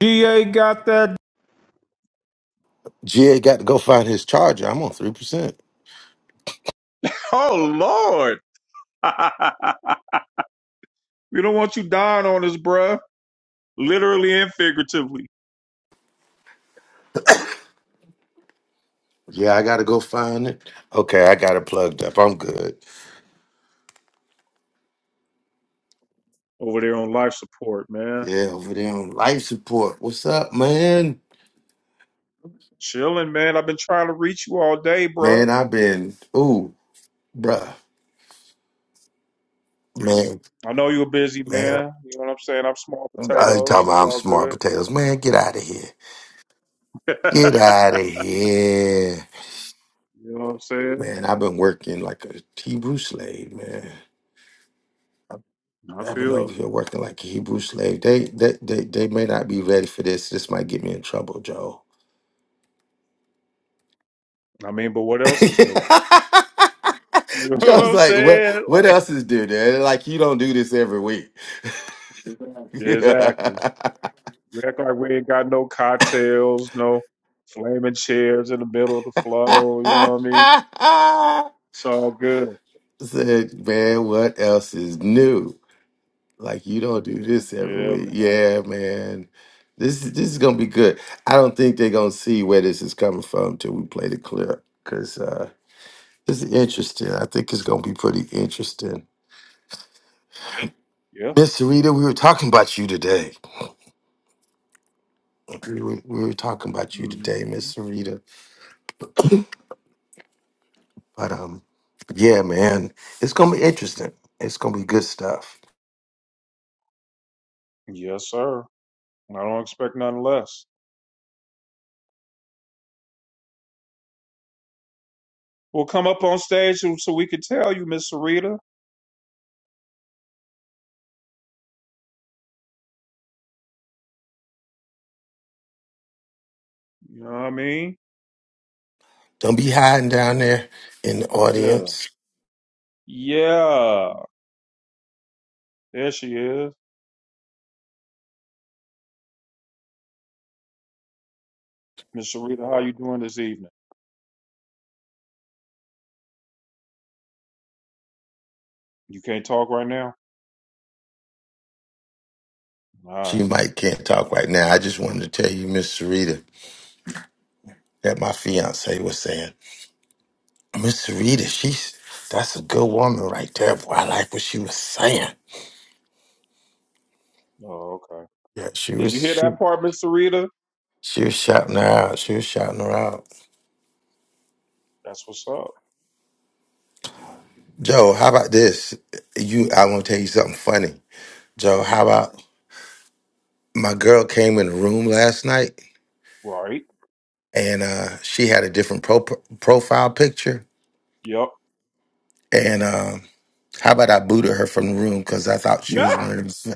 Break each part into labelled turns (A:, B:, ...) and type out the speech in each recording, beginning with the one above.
A: GA got that.
B: GA got to go find his charger. I'm on three percent.
A: Oh, Lord. we don't want you dying on us, bruh. Literally and figuratively.
B: Yeah, I got to go find it. Okay, I got it plugged up. I'm good.
A: Over there on life support, man.
B: Yeah, over there on life support. What's up, man?
A: Chilling, man. I've been trying to reach you all day, bro.
B: Man, I've been ooh, bruh. Man,
A: I know you're busy,
B: man,
A: man. You know what I'm saying? I'm small
B: I ain't
A: potatoes.
B: talking
A: It's
B: about I'm
A: all
B: smart
A: good.
B: potatoes. Man, get out of here.
A: you
B: Get out of here,
A: know what I'm saying?
B: man. I've been working like a Hebrew slave, man.
A: I
B: i don't
A: feel
B: know if
A: you.
B: you're working like a Hebrew slave. They, they, they, they may not be ready for this. This might get me in trouble, Joe.
A: I mean, but what else is new? You know
B: I
A: what
B: was
A: I'm
B: like, what
A: saying?
B: what
A: Like,
B: else is there? Dad? Like you don't do this every week.
A: exactly. We act like we ain't got no cocktails, no flaming chairs in the middle of the flow. You know what I mean? It's all good.
B: Said, man, what else is new? Like you don't do this every
A: Yeah,
B: week.
A: man.
B: Yeah, man. This is this is gonna be good. I don't think they're gonna see where this is coming from till we play the clip. Cause uh this is interesting. I think it's gonna be pretty interesting.
A: Yeah.
B: Miss Sarita, we were talking about you today. we were, we were talking about you today,
A: Mhm.
B: Miss Sarita. But um, yeah, man, it's gonna be interesting. It's gonna be good stuff.
A: Yes, sir. I don't expect nothing less. We'll come up on stage so so we can tell you, Miss Sarita. You know what I mean?
B: Don't be hiding down there in the
A: Yeah.
B: audience.
A: Yeah. There she is. Miss Sarita, how you doing this evening? You can't talk right now? All
B: She
A: right.
B: might can't talk right now. I just wanted to tell you, Miss Sarita, that my fiance was saying, Miss Sarita, she's that's a good woman right there. Boy, I like what she was saying.
A: Oh, okay.
B: Yeah, she
A: Did you
B: was
A: hear
B: she
A: that part, Miss Sarita?
B: she was shouting her out. She was shouting her out.
A: That's what's up.
B: Joe, how about this? You, I want to tell you something funny. Joe,
A: Mm.
B: how about my girl came in the room last night
A: Right.
B: and uh, she had a different pro- profile picture.
A: Yep.
B: And um, how about I booted her from the room because I thought she was one of them.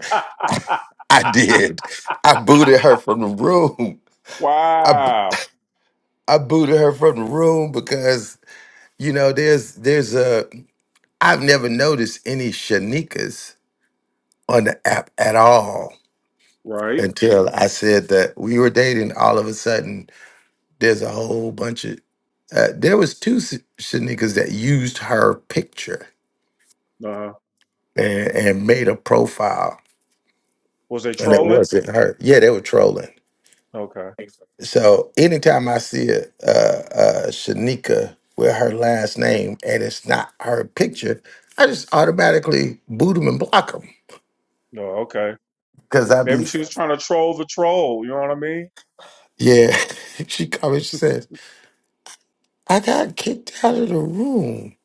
B: I did. I booted her from the room. I, bo-
A: wow.
B: I booted her from the room because you know there's there's a I've never noticed any Shanikas on the app at all
A: Right.
B: until I said that we were dating. All of a sudden, There's a whole bunch of uh, there was two Sh- Shanikas that used her picture
A: Uh,
B: and, and made a profile,
A: was they
B: and it
A: trolling?
B: wasn't her. Yeah, they were trolling.
A: Okay.
B: So anytime I see a, a, a Shanika with her last name and it's not her picture, I just automatically boot them and block them
A: No. okay.
B: because I
A: Maybe
B: be
A: she was trying to troll the troll. You know what I mean?
B: yeah. she comes. She says, "I got kicked out of the room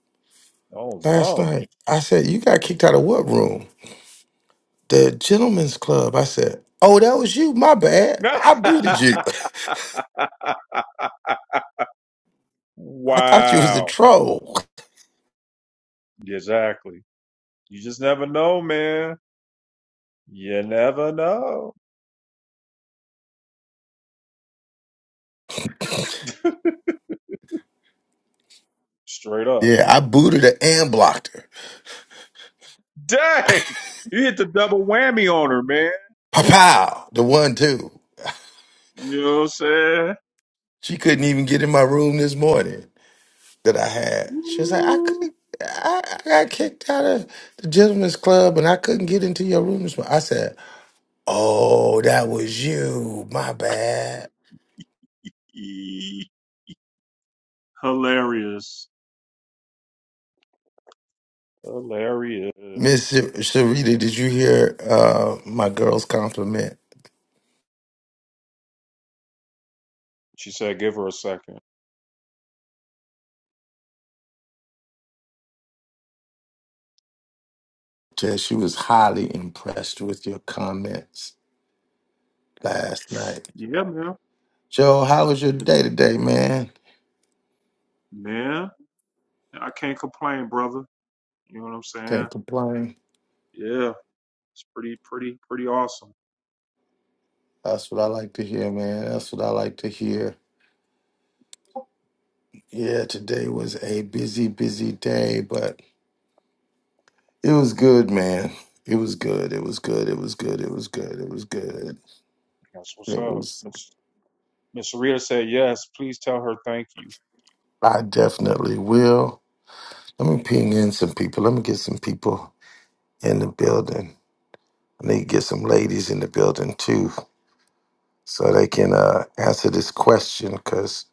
A: Oh
B: last night." I said, "You got kicked out of what room?" The gentleman's club. I said, Oh, that was you. My bad.
A: no.
B: I booted you. I thought you was a
A: wow.
B: troll.
A: Exactly. You just never know, man. You never know. Straight up.
B: Yeah, I booted her and blocked her.
A: Dang. You hit the double whammy on her, man.
B: Pow, the one too.
A: You know what I'm saying?
B: She couldn't even get in my room this morning that I had. She was like, I
A: Ooh,
B: couldn't. I, I got kicked out of the gentleman's club and I couldn't get into your room this morning. I said, Oh, that was you. My bad.
A: ee. Hilarious. Hilarious.
B: Miss Sharita, did you hear uh, my girl's compliment?
A: She said, give her a second.
B: Jess, she was highly impressed with your comments last night.
A: Yeah, man.
B: Joe, how was your day today, man?
A: Man, I can't complain, brother. You know what I'm saying?
B: Can't complain.
A: Yeah. It's pretty, pretty, pretty awesome.
B: That's what I like to hear, man. That's what I like to hear. Yeah, today was a busy, busy day, but it was good, man. It was good. It was good. It was good. It was good. It was good.
A: That's what's
B: It
A: up.
B: was.
A: Miss Miss Rita said yes. Please tell her thank you.
B: I definitely will. Let me ping in some people. Let me get some people in the building. I need to get some ladies in the building too. so they can uh, answer this question because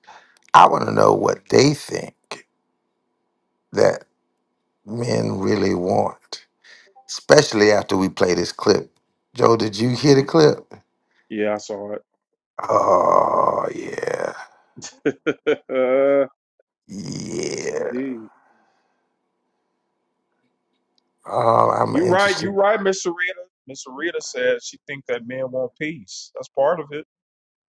B: I want to know what they think that men really want, especially after we play this clip. Joe, did you hear the clip?
A: Yeah, I saw
B: Oh yeah,
A: it. yes,
B: yeah.
A: indeed.
B: Oh, I'm
A: You right. You
B: interested.
A: right, Miss Rita. Miss Rita said she think that men want peace. That's part of it.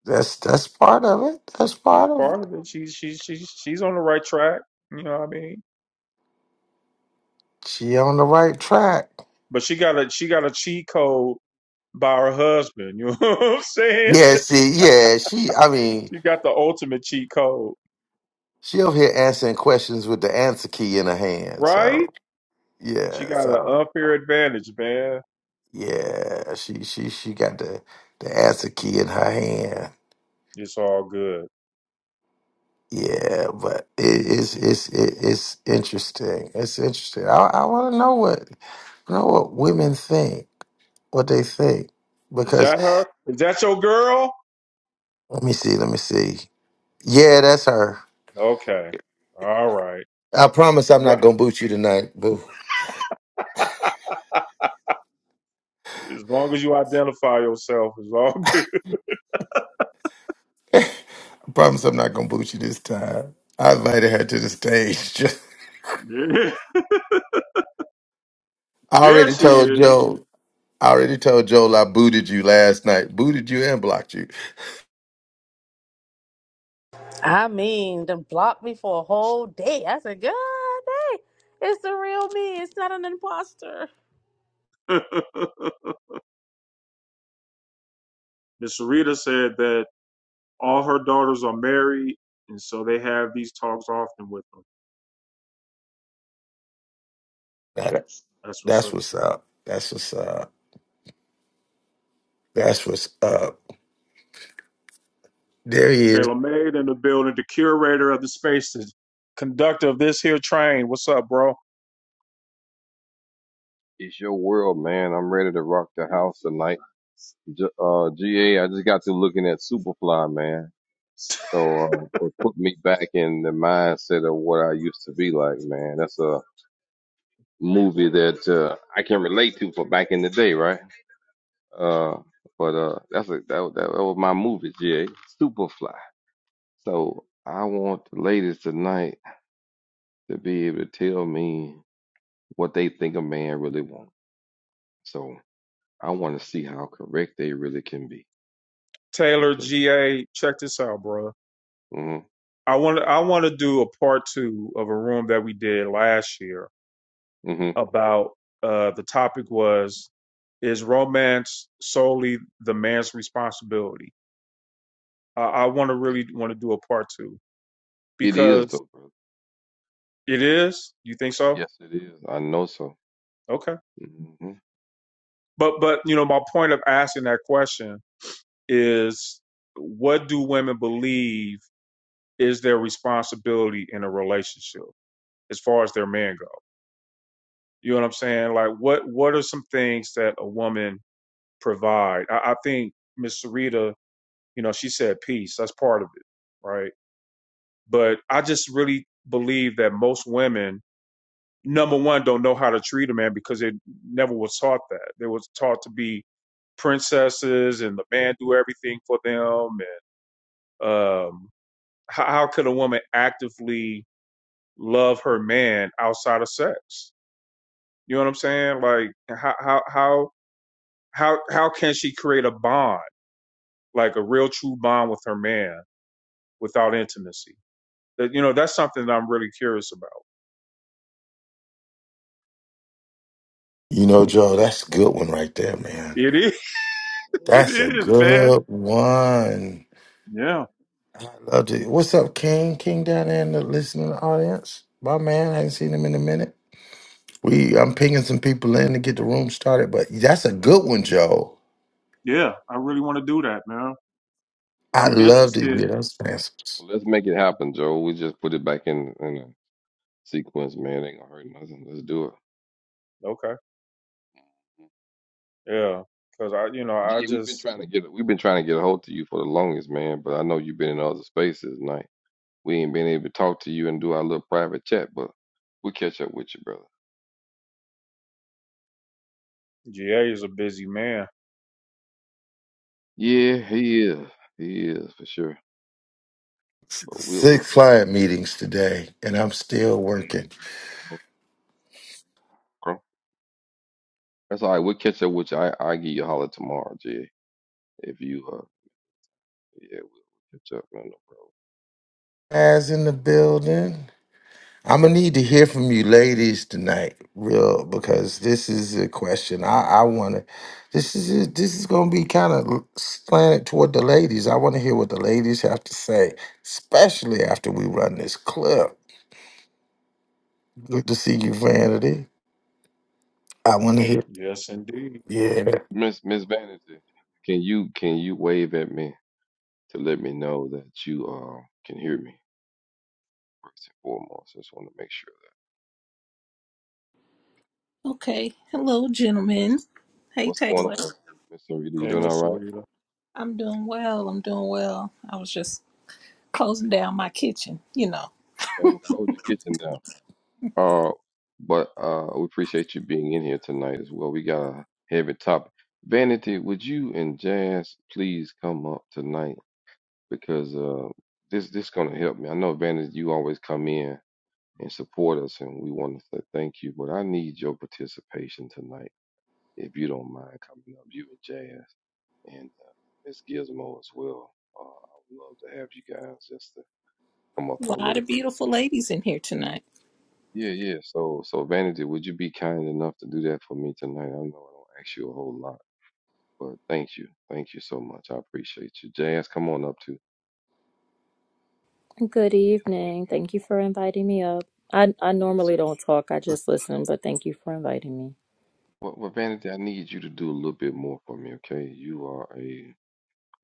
B: That's that's part of it. That's
A: That's
B: part of
A: part
B: it.
A: of it. She's she's she's she's on the right track. You know what I mean?
B: She on the right track.
A: But she got a she got a cheat code by her husband. You know what I'm saying?
B: Yeah, see, yeah, she. I mean,
A: She got the ultimate cheat code,
B: she over here answering questions with the answer key in her hand.
A: right?
B: So
A: She
B: yeah,
A: got an
B: so
A: unfair advantage, man.
B: Yeah, she she she got the the answer key in her hand.
A: It's all good.
B: Yeah, but it, it's it's it, it's interesting. It's interesting. I I want to know what know what women think, what they think,
A: Is
B: because
A: that her? Is that your girl?
B: let me see, let me see. Yeah, that's her.
A: Okay. All right.
B: I promise I'm
A: Right.
B: not gonna boot you tonight, boo.
A: As long as you identify yourself, it's all good.
B: I promise I'm not gonna boot you this time. I invited her to the stage.
A: Yeah.
B: I
A: There
B: already
A: she
B: told
A: is.
B: Joe. I already told Joel I booted you last night. Booted you and blocked you.
C: I mean, them blocked me for a whole day. I said, God dang, it's the real me. It's not an imposter.
A: Miss Rita said that all her daughters are married, and so they have these talks often with them.
B: That's
A: That's what's
B: that's
A: up.
B: what's up. That's what's up. That's what's up. There he is.
A: Taylor Made in the building, the curator of the space, the conductor of this here train. What's up, bro?
D: It's your world, man. I'm ready to rock the house tonight. J- uh, GA, I just got to looking at Superfly, man. So uh, it put me back in the mindset of what I used to be like, man. That's a movie that uh, I can relate to for back in the day, right? Uh, but uh, that's a, that, that, that was my movie, GA, Superfly. So I want the ladies tonight to be able to tell me what they think a man really wants. So I want to see how correct they really can be
A: Taylor
D: because
A: GA, check this out, bro.
D: hmm
A: I want I want to do a part two of a room that we did last year
D: hmm
A: about uh, the topic was is romance solely the man's responsibility? I, I want to
D: yeah,
A: really want to do a part two
D: it is
A: because
D: though, brother.
A: it is. You think so?
D: Yes, it is. I know so.
A: Okay,
D: hmm
A: but but you know my point of asking that question is what do women believe is their responsibility in a relationship as far as their man go? You know what I'm saying? Like what what are some things that a woman provide. I, I think Miss Sarita, you know, she said peace. That's part of it, right? But I just really believe that most women, number one, don't know how to treat a man because they never was taught that. They was taught to be princesses and the man do everything for them. And um, how, how could a woman actively love her man outside of sex? You know what I'm saying? Like how how how how how can she create a bond, like a real true bond with her man? without intimacy. That you know, that's something that I'm really curious about.
B: You know, Joe, that's a good one right there, man.
A: It is, it
B: That's
D: Mhm.
B: a
A: is, man.
B: good one.
A: Yeah,
B: I love it. What's up, King? King down there in the listening audience. My man, I ain't seen him in a minute. We I'm pinging some people in to get the room started, but that's a good one, Joe.
A: yeah. I really want to do that, man, because
B: I
A: I'm
B: love to
A: interested.
B: hear those answers.
D: Well, let's make it happen, Joe. We just put it back in in a sequence, man. Ain't gonna hurt nothing. Let's do it.
A: Okay, yeah, because I, you know, I
D: Gee, we've been
A: just
D: trying to get we've been trying to get a hold to you for the longest, man. But I know you've been in other spaces, night. We ain't been able to talk to you and do our little private chat, but we'll catch up with you, brother.
A: GA is a busy man.
D: Yeah, he is. He is for sure. But we'll we'll
B: Six
D: catch
B: client meetings today, and I'm still working.
D: up. That's all right. We'll catch up with you. I I'll give you a holler tomorrow, Jay. If you uh yeah, we'll catch up. man, no problem.
B: As in the building. I'm gonna need to hear from you ladies tonight, real, because this is a question I, I wanna. This is this is gonna be kind of slanted toward the ladies. I want to hear what the ladies have to say, especially after we run this clip. Good to see you, Vanity. I want to hear.
A: Yes, indeed.
B: Yeah,
D: Miss Miss Vanity, can you can you wave at me to let me know that you uh can hear me first and foremost? Just want to make sure
E: Okay. Hello,
D: that that's you.
E: gentlemen. Hey,
D: What's going
E: Taylor.
D: on, Miss Sarita? You
A: Hey,
D: doing all
A: Miss
D: right?
A: Sarita.
E: I'm doing well. I'm doing well. I was just closing down my kitchen. You know,
D: Okay, well close your kitchen down. Uh but uh we appreciate you being in here tonight as well. We got a heavy topic. Vanity, would you and Jazz please come up tonight? because uh, this this gonna help me. I know Vanessa, you always come in and support us, and we want to say thank you. But I need your participation tonight, if you don't mind coming up, you and Jazz and uh, Miss Gizmo as well. Uh, I would love to have you guys just to come up
E: a
D: for a
E: lot
D: little
E: of
D: bit.
E: beautiful ladies in here tonight.
D: Yeah, yeah. So, so Vanity, would you be kind enough to do that for me tonight? I know I don't ask you a whole lot, but thank you, thank you so much. I appreciate you. Jazz, come on up too.
F: Good
D: Gizmo,
F: evening. Thank you for inviting me up. I, I normally
D: okay?
F: don't talk, I just listen, but thank you for inviting me.
D: Well, well, Vanity, I need you to do a little bit more for me, okay? You are a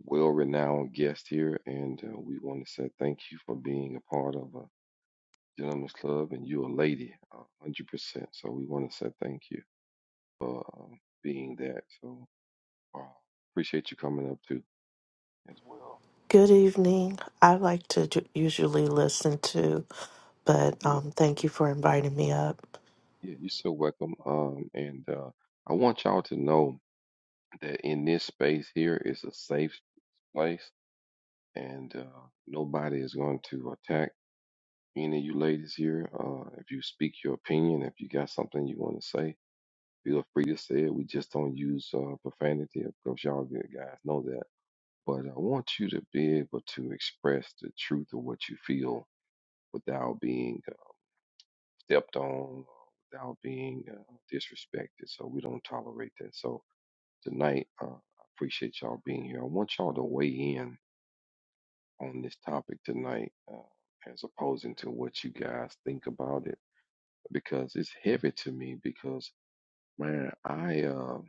D: well-renowned guest here, and uh, we want to say thank you for being a part of a gentleman's club, and you're a lady, a hundred percent. So we want to say thank you for uh, being that. So uh, appreciate you coming up too, as well.
G: Good evening. I like to ju- usually listen to, but
D: You
G: um,
D: know,
G: thank you for inviting me up.
D: yeah, you're so welcome. Um, and uh, I want y'all to know that in this space here is a safe place, and uh, nobody is going to attack. Any of you ladies here, uh, if you speak your opinion, if you got something you want to say, feel free to say it. We just don't use uh, profanity. Of course, y'all good guys know that. But I want you to be able to express the truth of what you feel without being uh, stepped on, without being uh, disrespected. So we don't tolerate that. So tonight, uh, I appreciate y'all being here. I want y'all to weigh in on this topic tonight, uh, as opposed to what you guys think about it because it's heavy to me because man, I um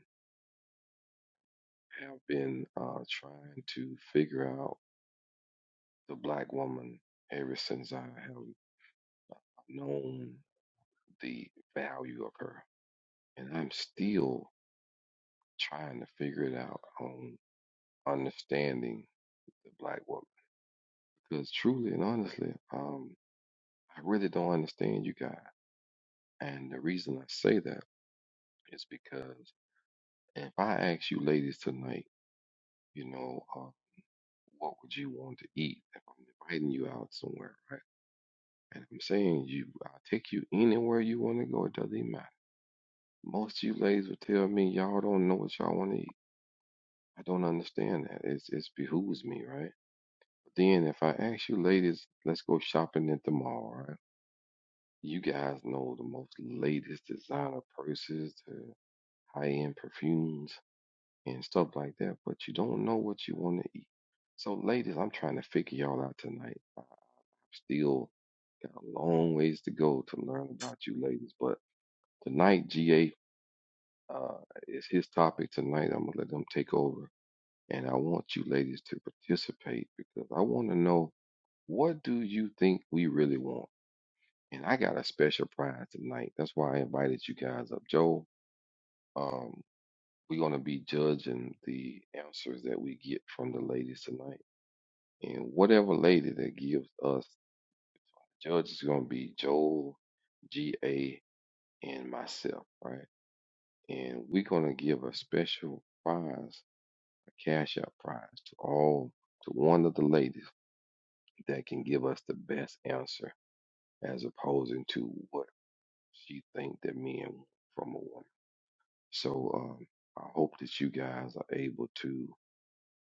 D: have been uh, trying to figure out the black woman ever since I have known the value of her, and I'm still trying to figure it out on understanding the black woman because truly and honestly, um, I really don't understand you guys, and the reason I say that is because if I ask you ladies tonight, you know. what would you want to eat if I'm inviting you out somewhere, right? And I'm saying you, I'll take you anywhere you want to go. It doesn't matter. Most of you ladies would tell me y'all don't know what y'all want to eat. I don't understand that. It's it's behooves me, right? But Then if I ask you ladies, let's go shopping at the mall, right? You guys know the most latest designer purses, the high-end perfumes and stuff like that, but you don't know what you want to eat. So ladies, I'm trying to figure y'all out tonight. I Still got a long ways to go to learn about you ladies. But tonight, GA uh, is his topic tonight. I'm going to let them take over. And I want you ladies to participate because I want to know what do you think we really want? And I got a special prize tonight. That's why I invited you guys up. Joe, um, we're going to be judging the answers that we get from the ladies tonight. And whatever lady that gives us, judge is going to be Joel, GA, and myself, right? And we're gonna give a special prize, a cash out prize to all to one of the ladies that can give us the best answer as opposing to what she think that men want from a woman. So um I hope that you guys are able to,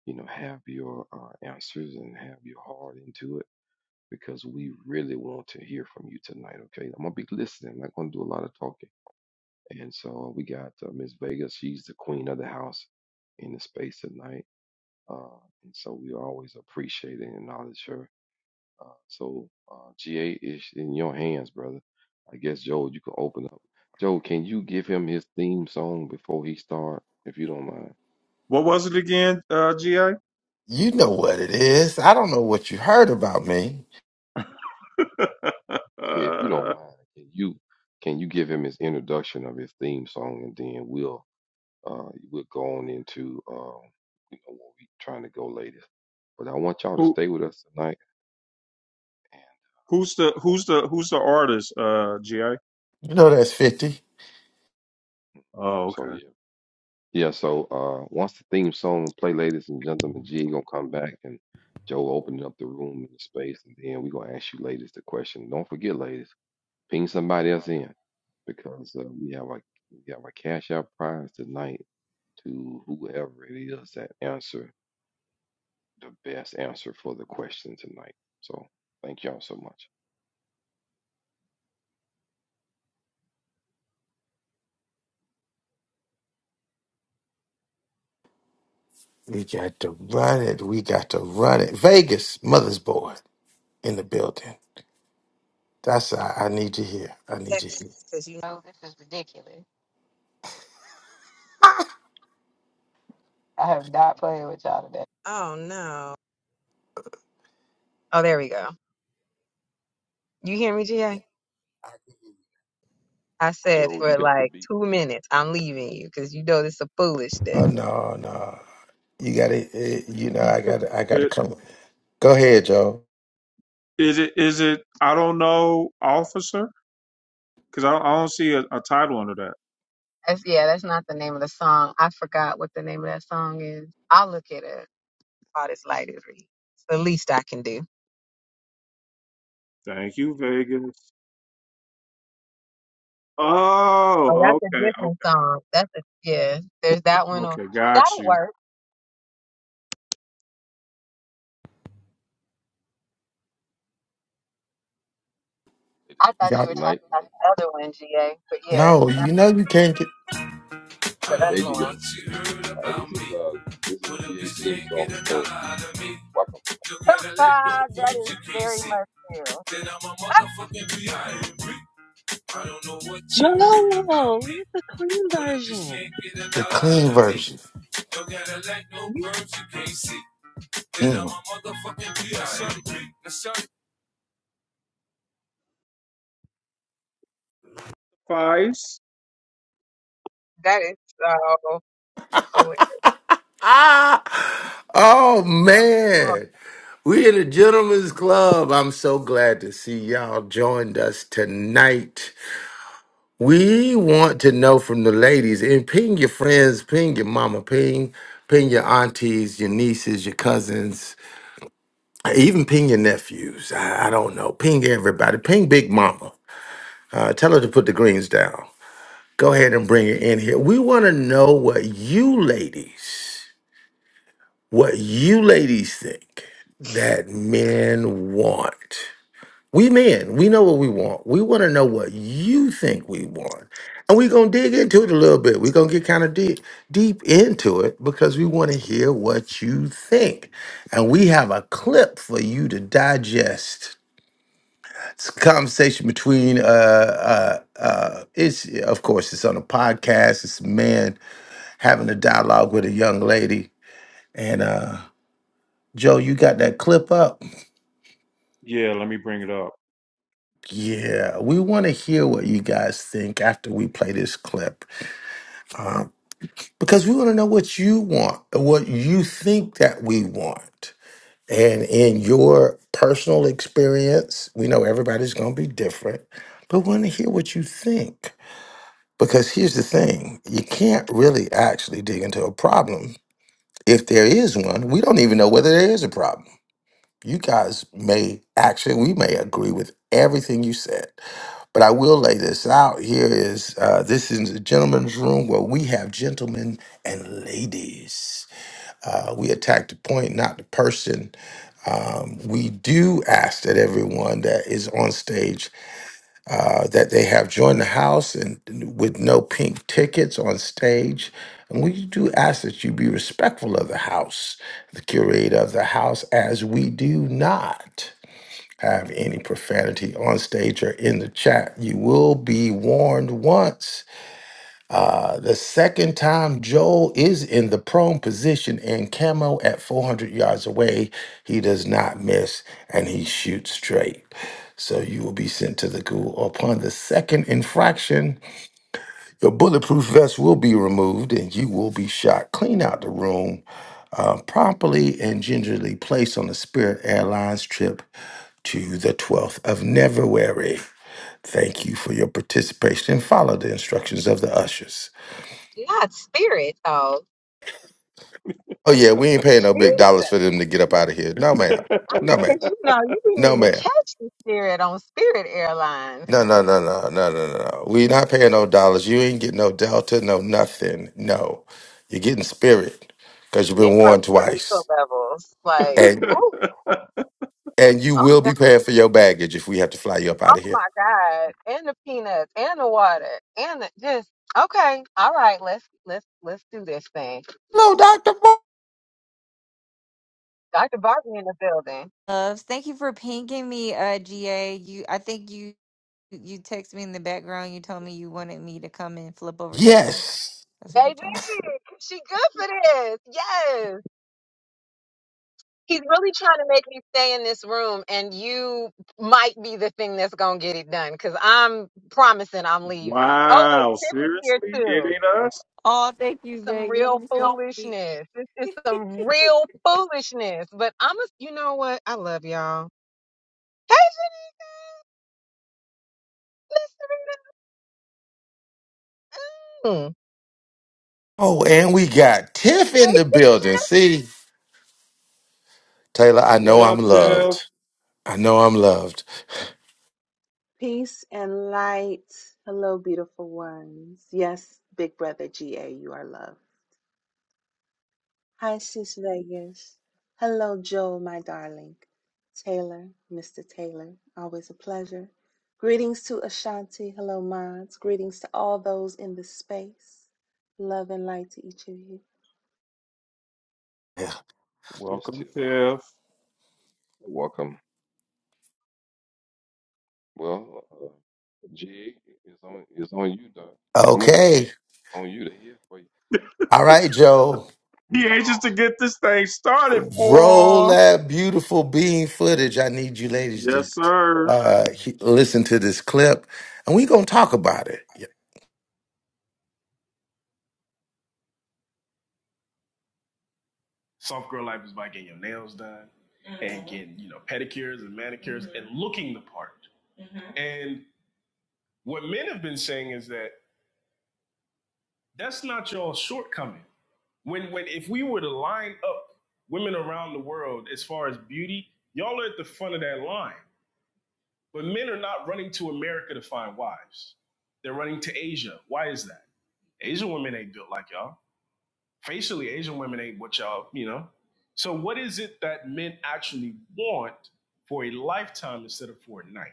D: you know, have your uh, answers and have your heart into it because we really want to hear from you tonight, okay? I'm gonna be listening. I'm not gonna do a lot of talking And so we got uh, Miss Vega. She's the queen of the house in the space tonight. Uh, and so we always appreciate and acknowledge her. Uh, so uh, GA is in your hands, brother. I guess Joe, you can open up. Joe, can you give him his theme song before he start, if you don't mind?
A: What was it again, uh, GA?
B: you know what it is. I don't know what you heard about me.
D: Yeah, if you don't
A: Uh,
D: mind, can you can you give him his introduction of his theme song, and then we'll uh, we'll go on into uh, you know what we trying to go later. But I want y'all to
A: who?
D: stay with us tonight
A: Who's the who's the who's the artist, uh, GA?
B: You know that's fifty.
A: Oh,
D: So
A: okay.
D: yeah, yeah. So uh, once the theme song play, ladies and gentlemen, G gonna come back and Joe opening up the room and the space, and then we gonna ask you ladies the question. Don't forget, ladies, ping somebody else in because uh, we have our we have our cash out prize tonight to whoever it is that answer the best answer for the question tonight. So thank y'all so much.
B: We got to run it. We got to run it. Vegas, mother's board in the building. That's I, I need to hear. I need to
H: seconds
B: hear.
H: because you. know this is ridiculous. I have not played with y'all today. Oh no. Oh, there we go. You hear me, GA? I said
D: Joe, you
H: for
D: got the
H: like
D: beat.
H: two minutes, I'm leaving you because you know this is
B: Oh
H: foolishness.
B: no, no. You got to, you know, I got, to I got to
A: It,
B: come. Go ahead, Joe.
A: is it is it? I don't know, officer, because I, I don't see a, a title under that.
H: That's yeah, that's not the name of the song. I forgot what the name of that song is. I'll look at it up this light is read. It's the least I can do.
A: Thank you, Vegas.
H: Oh,
A: Oh,
H: that's a
A: okay,
H: different
A: okay,
H: song. That's a yeah. There's that one. On,
A: okay, got
H: that'll
A: you.
H: work.
D: Latest
H: I
D: with
H: thought
D: us
B: Yeah.
H: you were talking
D: tonight.
H: about the other one, GA, but yeah,
B: No, you
H: that's
B: know, you can't get
H: the other
D: There you
H: one.
D: go. All right, this is uh this is GA theme song. So. welcome. for the club.
H: that is very much you. Joel, where's the clean version?
B: the clean version.
H: You-
B: Mm.
A: Vice.
H: That is so hilarious.
B: Ah, oh
H: Well,
B: man, we in the gentleman's club. I'm so glad to see y'all joined us tonight. We want to know from the ladies and ping your friends, ping your mama, ping, ping your aunties, your nieces, your cousins. Even ping your nephews. I, I don't know. Ping everybody. Ping Big Mama. Uh, tell her to put the greens down. Go ahead and bring her in here. We want to know what you ladies, what you ladies think that men want. We men, we know what we want. We want to know what you think we want. And we're going to dig into it a little bit. We're going to get kind of deep, deep into it because we want to hear what you think. And we have a clip for you to digest It's a conversation between uh uh uh it's of course it's on a podcast, it's a man having a dialogue with a young lady. And uh Joe, you got that clip up?
A: Yeah, let me bring it up.
B: Yeah, we want to hear what you guys think after we play this clip. Um, because we want to know what you want, what you think that we want. And in your personal experience, we know everybody's going to be different, but we want to hear what you think. Because here's the thing you can't really actually dig into a problem if there is one. We don't even know whether there is a problem. You guys may actually, we may agree with everything you said, but I will lay this out. Here is uh, this is a gentleman's room where we have gentlemen and ladies. Uh, we attack the point, not the person. Um, we do ask that everyone that is on stage uh, that they have joined the house and with no pink tickets on stage. And we do ask that you be respectful of the house, the curator of the house, as we do not have any profanity on stage or in the chat. You will be warned once uh, the second time Joel is in the prone position and camo at 400 yards away, he does not miss and he shoots straight. So you will be sent to the ghoul. Upon the second infraction, your bulletproof vest will be removed and you will be shot clean out the room, uh, promptly and gingerly placed on the Spirit Airlines trip to the 12th of February. Thank you for your participation and follow the instructions of the ushers.
H: God's spirit, though.
B: Oh yeah, we ain't paying no big dollars
H: Jesus.
B: for them to get up out of here. No ma'am.
H: I
B: No
H: cause
B: ma'am.
H: you know, you be
B: No
H: needing to
B: ma'am.
H: catch the spirit on Spirit Airlines,
B: No
H: at
B: no no
H: the
B: no no no no. no. We not paying no dollars. You ain't getting no delta, no nothing. No, you're getting spirit because you've been
H: neuro
B: warned
H: spiritual
B: twice,
H: levels. Like,
B: and
H: oh,
B: and you
H: oh,
B: will
H: God,
B: be paying for your baggage if we have to fly you up
H: oh
B: out of here.
H: my God, and the peanuts, and the water, and the, just okay. All right, let's let's let's do this thing.
B: Hello, Doctor. Mo.
H: Dr. Barbie in the building.
I: loves. Thank you for pinging me, uh, GA. You, I think you you text me in the background. You told me you wanted me to come and flip over tables.
B: Yes.
I: That's what you
H: Baby,
I: told
H: she good
I: me.
H: for this. Yes. He's really trying to make me stay in this room, and you might be the thing that's going to get it done because I'm promising I'm leaving. Oh, wait,
A: wow,
H: Tiff is here
A: seriously? It
H: too.
A: ain't us?
I: Oh, thank you,
H: It's Some real
I: Megan. Help me.
H: foolishness. This is some real foolishness. But I'm a, you know what? I love y'all. Hey, Jenny, listen.
B: Oh, and we got Tiff in the building. See, Taylor, I
A: What
B: know I'm
A: up, Tiff?
B: loved. I know I'm loved.
J: Peace and light. Hello, beautiful ones. Yes, big brother GA, you are love. Hi, sis Vegas. Hello, Joel, my darling. Taylor, Mr. Taylor, always a pleasure. Greetings to Ashanti. Hello, mods. Greetings to all those in the space. Love and light to each of you.
B: Yeah.
D: That's Miss
A: Welcome,
D: Tiff.
A: Tiff.
D: Welcome. Well, uh, GA, it's on, it's on you, Doc. Come on.
B: Okay.
D: On you to hear for you.
B: All right, Joe.
A: He anxious to get this thing started,
B: Roll
A: boy.
B: that beautiful bean footage. I need you ladies to
A: Yes, sir.
B: uh, he- listen to this clip, and we are gonna talk about it. Yeah.
A: Soft girl life is by getting your nails done and getting, you know, pedicures and manicures and looking the part. And what men have been saying is that that's not y'all's shortcoming. when when if we were to line up women around the world as far as beauty, y'all are at the front of that line. But men are not running to America to find wives. They're running to Asia. Why is that? Asian women ain't built like y'all. Facially, Asian women ain't what y'all, you know. So what is it that men actually want for a lifetime instead of for a night?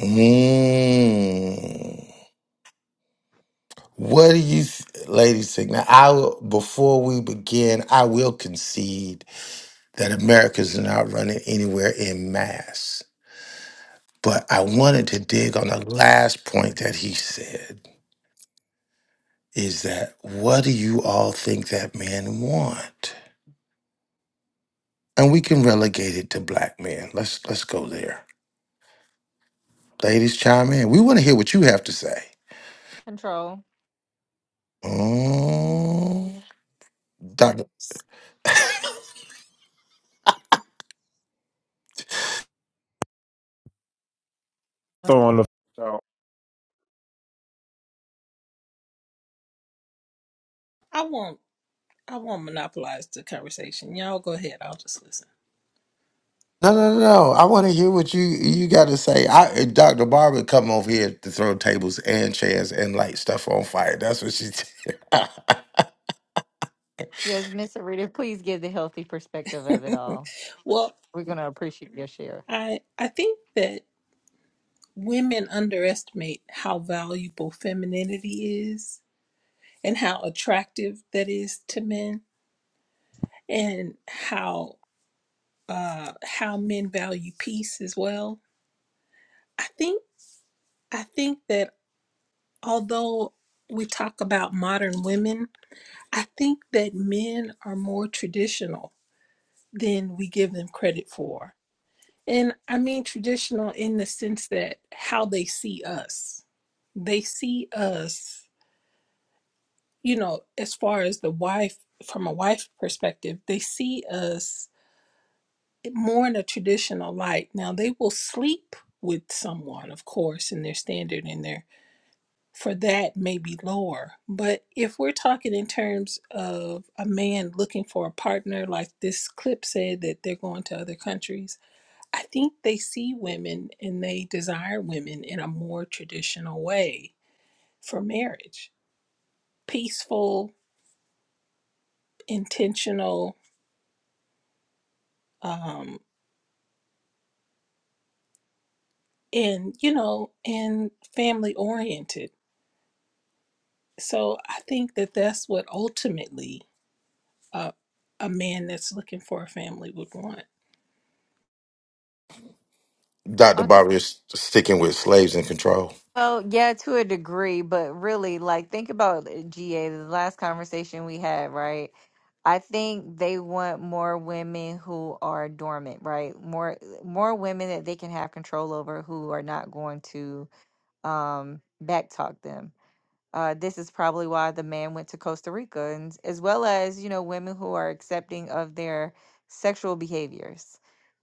B: Mm. What do you, th- ladies, think? Now, I will, before we begin, I will concede that America's not running anywhere in mass, but I wanted to dig on the last point that he said. Is that what do you all think that man want? and we can relegate it to black men. Let's let's go there. Ladies, chime in. We want to hear what you have to say.
I: Control.
B: Mm, Doctor,
A: Throwing the f- out.
E: I won't. I won't monopolize the conversation. Y'all go ahead. I'll just listen.
B: no, no, no, no. I want to hear what you you got to say. I eh, Doctor Barbara come over here to throw tables and chairs and light stuff on fire. That's what she did.
I: Yes, Miss Arita, please give the healthy perspective of it all.
E: well,
I: We're gonna appreciate your share.
E: I I think that women underestimate how valuable femininity is and how attractive that is to men and how uh how men value peace as well. I think I think that although we talk about modern women, I think that men are more traditional than we give them credit for. And I mean traditional in the sense that how they see us. They see us, you know, as far as the wife, from a wife perspective, they see us more in a traditional light. Now, they will sleep with someone, of course, in their standard in their for that may be lower. But if we're talking in terms of a man looking for a partner, like this clip said that they're going to other countries, I think they see women and they desire women in a more traditional way for marriage peaceful, intentional, um, and, you know, and family oriented. So I think that that's what ultimately uh, a man that's looking for a family would want.
B: Doctor
I: Okay.
B: Barbara is sticking with slaves in control.
I: Well, yeah, to a degree, but really, like, think about uh, GA, the last conversation we had, right? I think they want more women who are dormant, right? More more women that they can have control over who are not going to um backtalk them. Uh, this is probably why the man went to Costa Rica, and as well as you know women who are accepting of their sexual behaviors.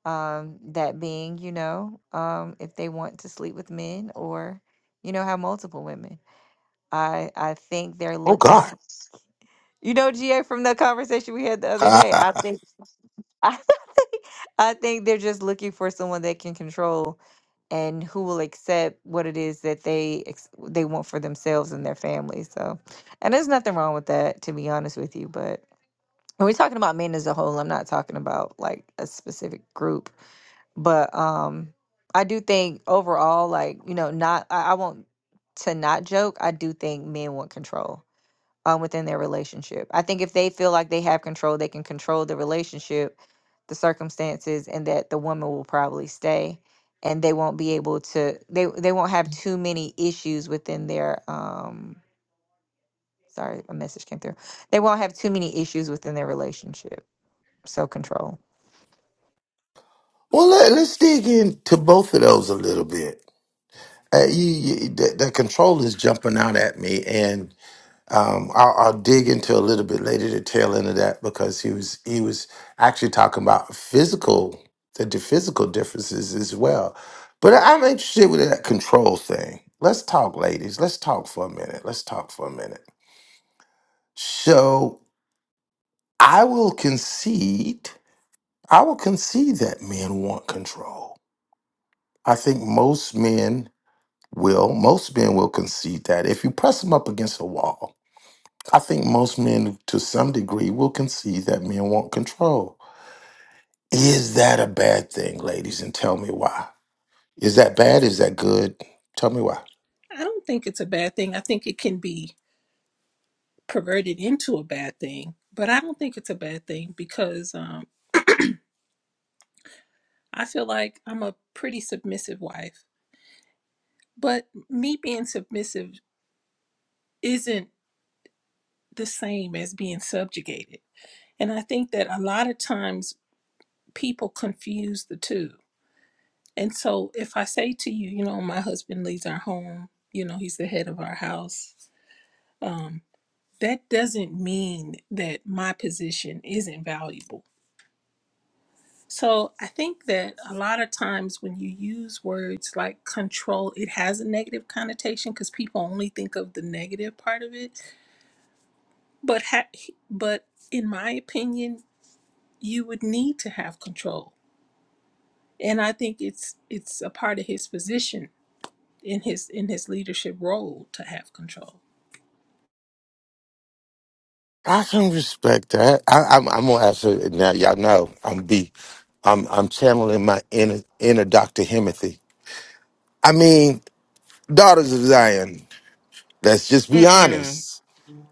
I: Um, that being, you know, um, if they want to sleep with men or you know have multiple women. I I think they're
B: Oh
I: looking.
B: God.
I: You know, GA from the conversation we had the other day. I
B: well,
I: think. I think I think they're just looking for someone that can control and who will accept what it is that they ex- they want for themselves and their family. So, and there's nothing wrong with that, to be honest with you. But when we're talking about men as a whole, I'm not talking about like a specific group. But um, I do think overall, like you know, not I, I want to not joke. I do think men want control um, within their relationship. I think if they feel like they have control, they can control the relationship, the circumstances, and that the woman will probably stay, and they won't be able to. They they won't have too many issues within their. Um, sorry, a message came through. They won't have too many issues within their relationship. So control.
B: let, let's dig into both of those a little bit. Uh, you, you, the, the control is jumping out at me, and Um, I'll, I'll dig into a little bit later the tail end of that because he was he was actually talking about physical the, the physical differences as well. But I'm interested with that control thing. Let's talk, ladies. Let's talk for a minute. Let's talk for a minute. So I will concede. I will concede that men want control. I think most men will. Most men will concede that if you press them up against a wall I think most men, to some degree, will concede that men want control. Is that a bad thing, ladies? And tell me why. Is that bad? Is that good? Tell me why.
E: I don't think it's a bad thing. I think it can be perverted into a bad thing, but I don't think it's a bad thing because um, I feel like I'm a pretty submissive wife. But me being submissive isn't the same as being subjugated. And I think that a lot of times people confuse the two. And so if I say to you, you know, my husband leads our home, you know, he's the head of our house, um, that doesn't mean that my position isn't valuable So I think that a lot of times when you use words like control, it has a negative connotation because people only think of the negative part of it. But ha- but in my opinion, you would need to have control, and I think it's it's a part of his position in his in his leadership role to have control.
B: I can respect that. I, I'm, I'm gonna answer it now. Y'all know I'm be, I'm, I'm channeling my inner, inner Dr. Himothy. I mean, daughters of Zion. Let's just be
H: Hey, Mm-mm.
B: honest.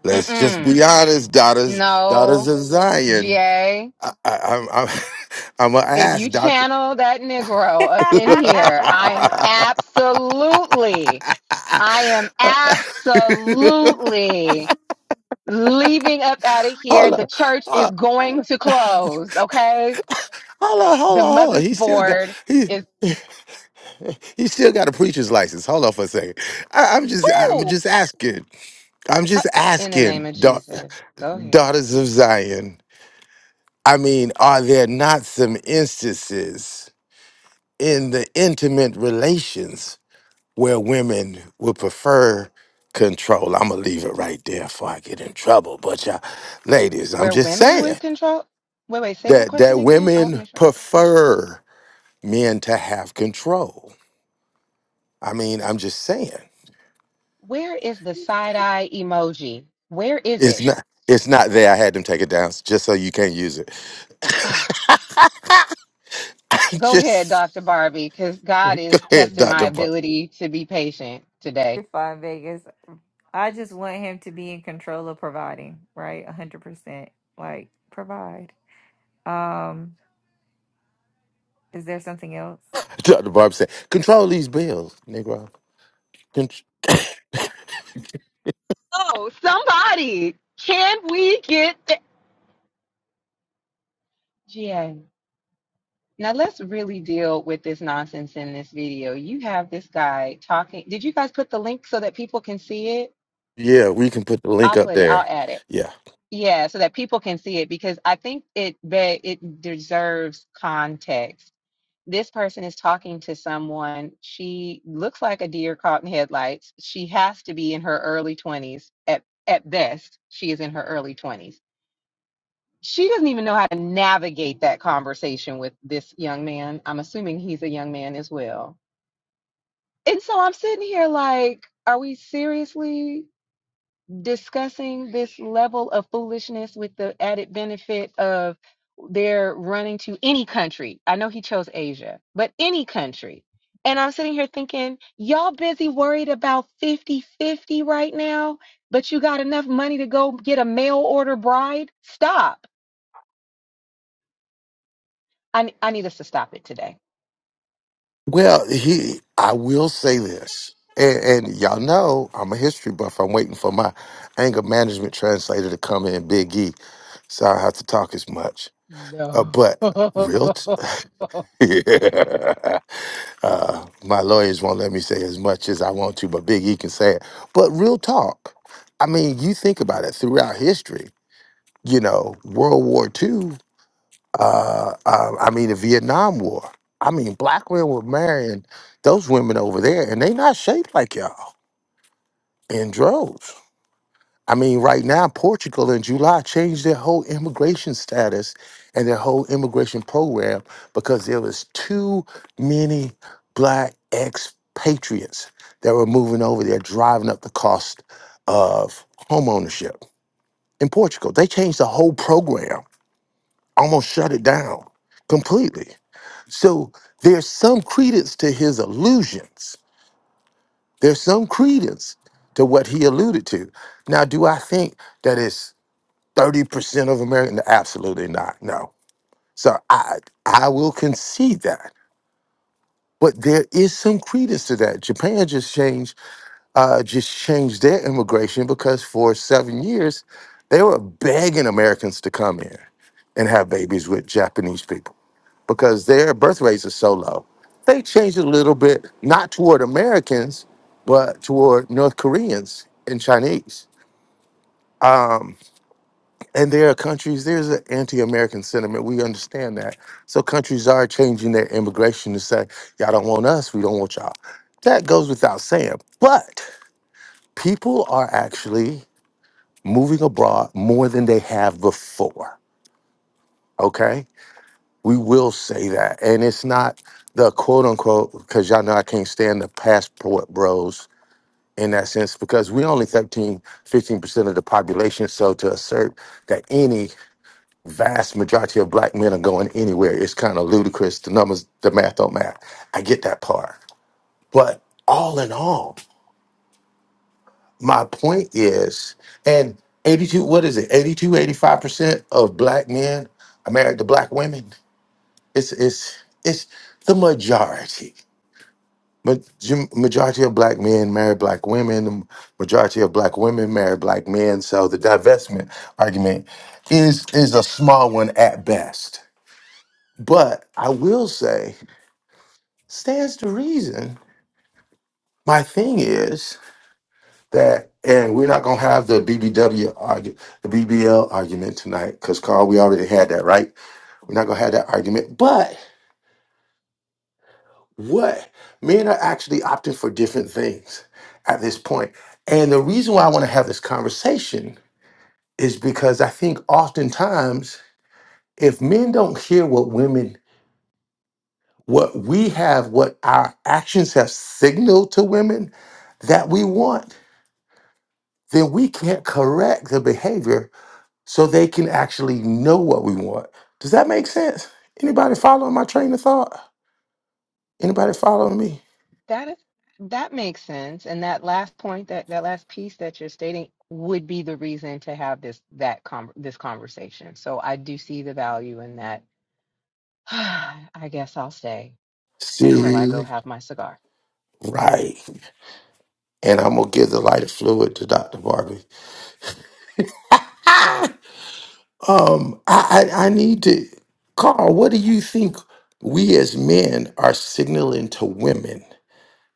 B: Let's just
H: Mm-mm.
B: be honest, daughters, daughters
H: No.
B: of Zion.
H: GA.
B: I, I'm I'm I'm gonna
H: If you
B: ask Doctor.
H: channel that
I: You're
H: Negro up in here, I am absolutely, I am absolutely leaving up out of here.
B: Hold
H: The
B: on,
H: church
B: hold
H: is
B: on,
H: going to close, okay?
B: hold on, hold
H: The
B: on, hold on.
H: mother's
B: He still got
H: board
B: he
H: is
B: he still got a preacher's license. Hold on for a second. I, I'm just I'm
H: Ooh,
B: just asking. I'm
H: uh,
B: just
H: in the name
B: asking,
H: of
B: da-
H: Jesus. Go ahead.
B: daughters of Zion. I mean, are there not some instances in the intimate relations where women would prefer control? I'm gonna leave it right there before I get in trouble. But y'all, ladies, I'm
H: Where
B: just
H: women
B: saying.
H: would control. Wait, wait, say that
B: that
H: question
B: that
H: again. I want to
B: women
H: make sure I heard you.
B: prefer men to have control. I mean, I'm just saying.
H: Where is the side eye emoji? Where is
B: It's
H: it?
B: not it's not there. I had them take it down just so you can't use it.
H: Ah.
B: I
H: Go ahead, Dr.
B: just
H: Barbie, because
B: go
H: God is
B: ahead,
H: testing my
B: Dr. Bar-
H: ability to be patient today.
I: fine, Vegas. I just want him to be in control of providing, right? one hundred percent. Like provide. Um, is there something else?
B: Dr. Barb said, control these bills, Negro. Con-
H: Oh, somebody, can we get the GA? Now let's really deal with this nonsense in this video. You have this guy talking. Did you guys put the link so that people can see it?
B: yeah, we can put the link
H: I'll
B: up
H: put it. I'll
B: there.
H: add it.
B: Yeah.
H: Yeah, so that people can see it because I think it be, it deserves context this person is talking to someone. She looks like a deer caught in headlights. She has to be in her early 20s. At, at best, she is in her early 20s. She doesn't even know how to navigate that conversation with this young man. I'm assuming he's a young man as well. And so I'm sitting here like, are we seriously discussing this level of foolishness with the added benefit of they're running to any country. I know he chose Asia, but any country. And I'm sitting here thinking, y'all busy worried about fifty-fifty right now, but you got enough money to go get a mail order bride? Stop. I, I need us to stop it today.
B: Well, he, I will say this, and, and y'all know I'm a history buff. I'm waiting for my anger management translator to come in, Big E, so I don't have to talk as much. Uh,
H: No.
B: but real, t- uh, my lawyers won't let me say as much as I want to, but Big E can say it. But real talk, I mean, you think about it throughout history. You know, World War Two uh, uh, I mean, the Vietnam War. I mean, black men were marrying those women over there, and they not shaped like y'all in droves. I mean, right now, Portugal in July changed their whole immigration status and their whole immigration program because there was too many black expatriates that were moving over there, driving up the cost of home ownership in Portugal. They changed the whole program, almost shut it down completely So there's some credence to his allusions. There's some credence to what he alluded to. Now, do I think that it's 30% of Americans? Absolutely not. No. So I I will concede that. But there is some credence to that. Japan just changed uh, just changed their immigration because for seven years they were begging Americans to come in and have babies with Japanese people because their birth rates are so low. They changed it a little bit, not toward Americans, but toward North Koreans and Chinese. Um, and there are countries, there's an anti American sentiment. We understand that. So countries are changing their immigration to say, y'all don't want us, we don't want y'all. That goes without saying. But people are actually moving abroad more than they have before. Okay. We will say that. And it's not the quote unquote, because y'all know I can't stand the passport bros in that sense, because we only 13, 15% of the population. So to assert that any vast majority of black men are going anywhere is kind of ludicrous. The numbers, the math don't math. I get that part. But all in all, my point is, and 82, what is it? 82, 85% of black men are married to black women. It's, it's, it's the majority. But Jim- majority of black men marry black women. The majority of black women marry black men. So the divestment argument is is a small one at best. But I will say, stands to reason. My thing is that, and we're not gonna have the BBW argument, the BBL argument tonight, because Carl, we already had that, right? We're not gonna have that argument. But What? Men are actually opting for different things at this point. And the reason why I want to have this conversation is because I think oftentimes if men don't hear what women, what we have, what our actions have signaled to women that we want, then we can't correct the behavior so they can actually know what we want. Does that make sense? Anybody following my train of thought? Anybody following me?
H: That is that makes sense. And that last point, that that last piece that you're stating would be the reason to have this that con this conversation. So I do see the value in that. I guess I'll stay until I go
B: Seriously,
H: have my cigar.
B: right. and I'm gonna give the lighter fluid to Dr. Barbie. Ah! Um, I, I I need to, Carl. What do you think we as men are signaling to women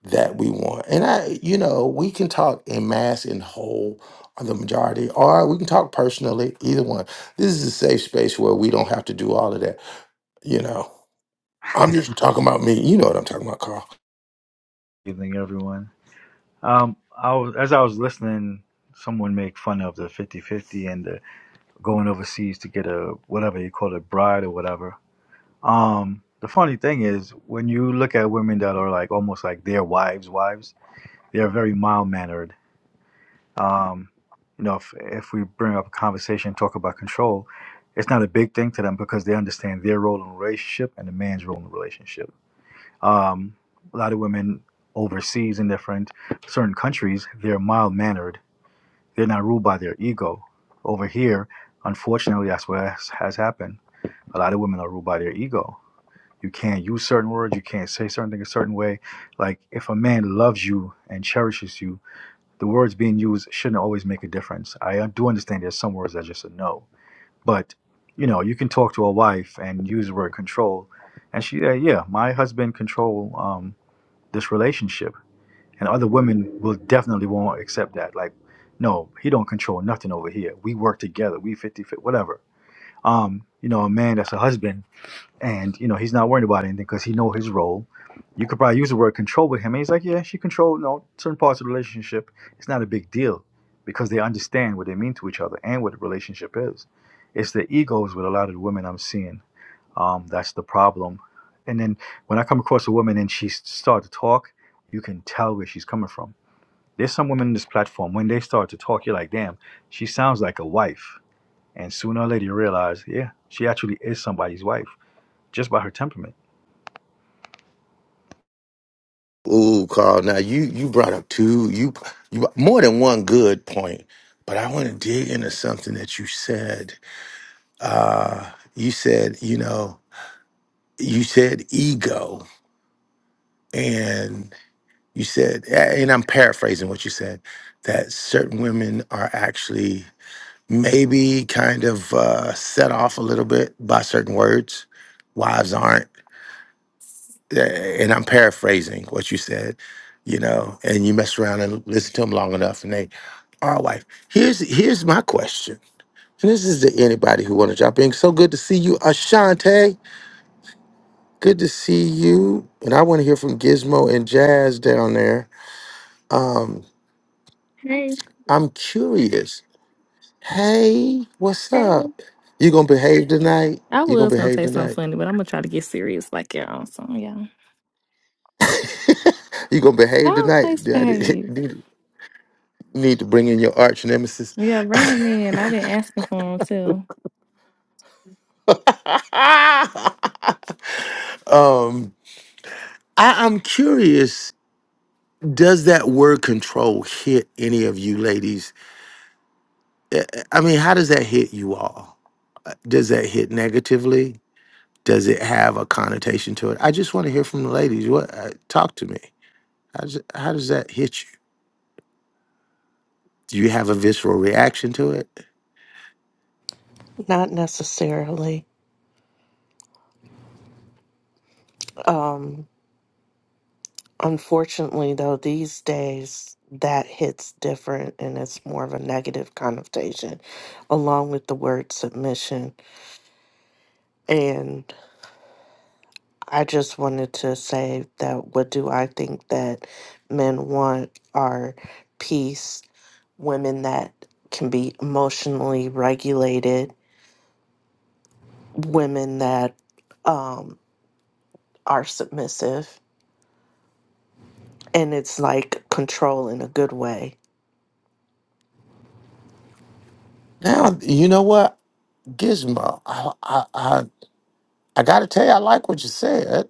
B: that we want? And I, you know, we can talk in mass and whole on the majority, or we can talk personally. Either one. This is a safe space where we don't have to do all of that. You know, I'm just talking about me. You know what I'm talking about, Carl.
K: evening, everyone. Um, I was, as I was listening, someone make fun of the 50-50 and the going overseas to get a whatever you call it, bride or whatever. Um, the funny thing is, when you look at women that are like almost like their wives' wives, they are very mild mannered. Um, you know, if if we bring up a conversation, talk about control, it's not a big thing to them because they understand their role in the relationship and the man's role in the relationship um, a lot of women overseas in different certain countries, they're mild mannered. They're not ruled by their ego. Over here, unfortunately, that's what has, has happened. A lot of women are ruled by their ego. You can't use certain words. You can't say certain things a certain way. Like if a man loves you and cherishes you, the words being used shouldn't always make a difference. I do understand there's some words that just a no, but you know you can talk to a wife and use the word control, and she, uh, yeah, my husband control. um this relationship and other women will definitely won't accept that like no he don't control nothing over here we work together we fifty-fifty, whatever um you know a man that's a husband and you know he's not worried about anything because he know his role you could probably use the word control with him and he's like yeah she controlled no certain parts of the relationship it's not a big deal because they understand what they mean to each other and what the relationship is it's the egos with a lot of the women i'm seeing um, that's the problem. And then when I come across a woman and she starts to talk, you can tell where she's coming from. There's some women in this platform, when they start to talk, you're like, damn, she sounds like a wife. And sooner or later you realize, yeah, she actually is somebody's wife just by her temperament.
B: Ooh, Carl. Now you you brought up two you you more than one good point, but I want to dig into something that you said. You said you know you said ego, and you said, and I'm paraphrasing what you said, that certain women are actually maybe kind of uh, set off a little bit by certain words. Wives aren't. Yeah, and I'm paraphrasing what you said, you know, and you mess around and listen to them long enough, and they are wife. Here's here's my question, and this is to anybody who want to drop in. So good to see you, Ashante. Good to see you, and I want to hear from Gizmo and Jazz down there. Um,
L: Hey,
B: I'm curious. Hey, what's
L: hey.
B: up? You gonna behave tonight?
L: I
B: You gonna
L: was gonna
B: behave
L: say something
B: tonight?
L: funny, but I'm gonna try to get serious like y'all. So yeah.
B: you gonna behave
L: Oh,
B: tonight?
L: always
B: Do I did-
L: behave.
B: need need to bring in your arch nemesis.
L: Yeah, bring him in. I've been asking for him too.
B: um, I, I'm curious. Does that word control hit any of you ladies? I mean, how does that hit you all? Does that hit negatively? Does it have a connotation to it? I just want to hear from the ladies. What uh, talk to me? How does, how does that hit you? Do you have a visceral reaction to it?
G: Not necessarily. Um, unfortunately, though, these days that hits different and it's more of a negative connotation along with the word submission. And I just wanted to say that what do I think that men want are peace, women that can be emotionally regulated women that um, are submissive, and it's like control in a good way.
B: Now you know what Gizmo. I I I, I got to tell you, I like what you said,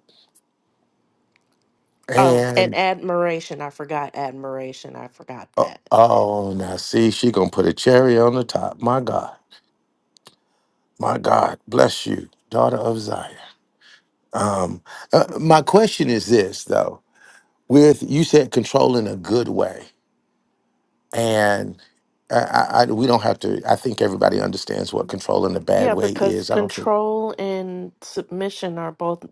G: Oh, and
B: and
G: admiration. I forgot admiration. I forgot
B: Oh,
G: that.
B: oh, now see, she gonna put a cherry on the top. My God, my God, bless you, daughter of Zion. Um, uh, my question is this though: with you said control in a good way, and I, I, I- we don't have to. I think everybody understands what control in a bad
G: Yeah,
B: way
G: because
B: is. I don't think
G: control and submission are both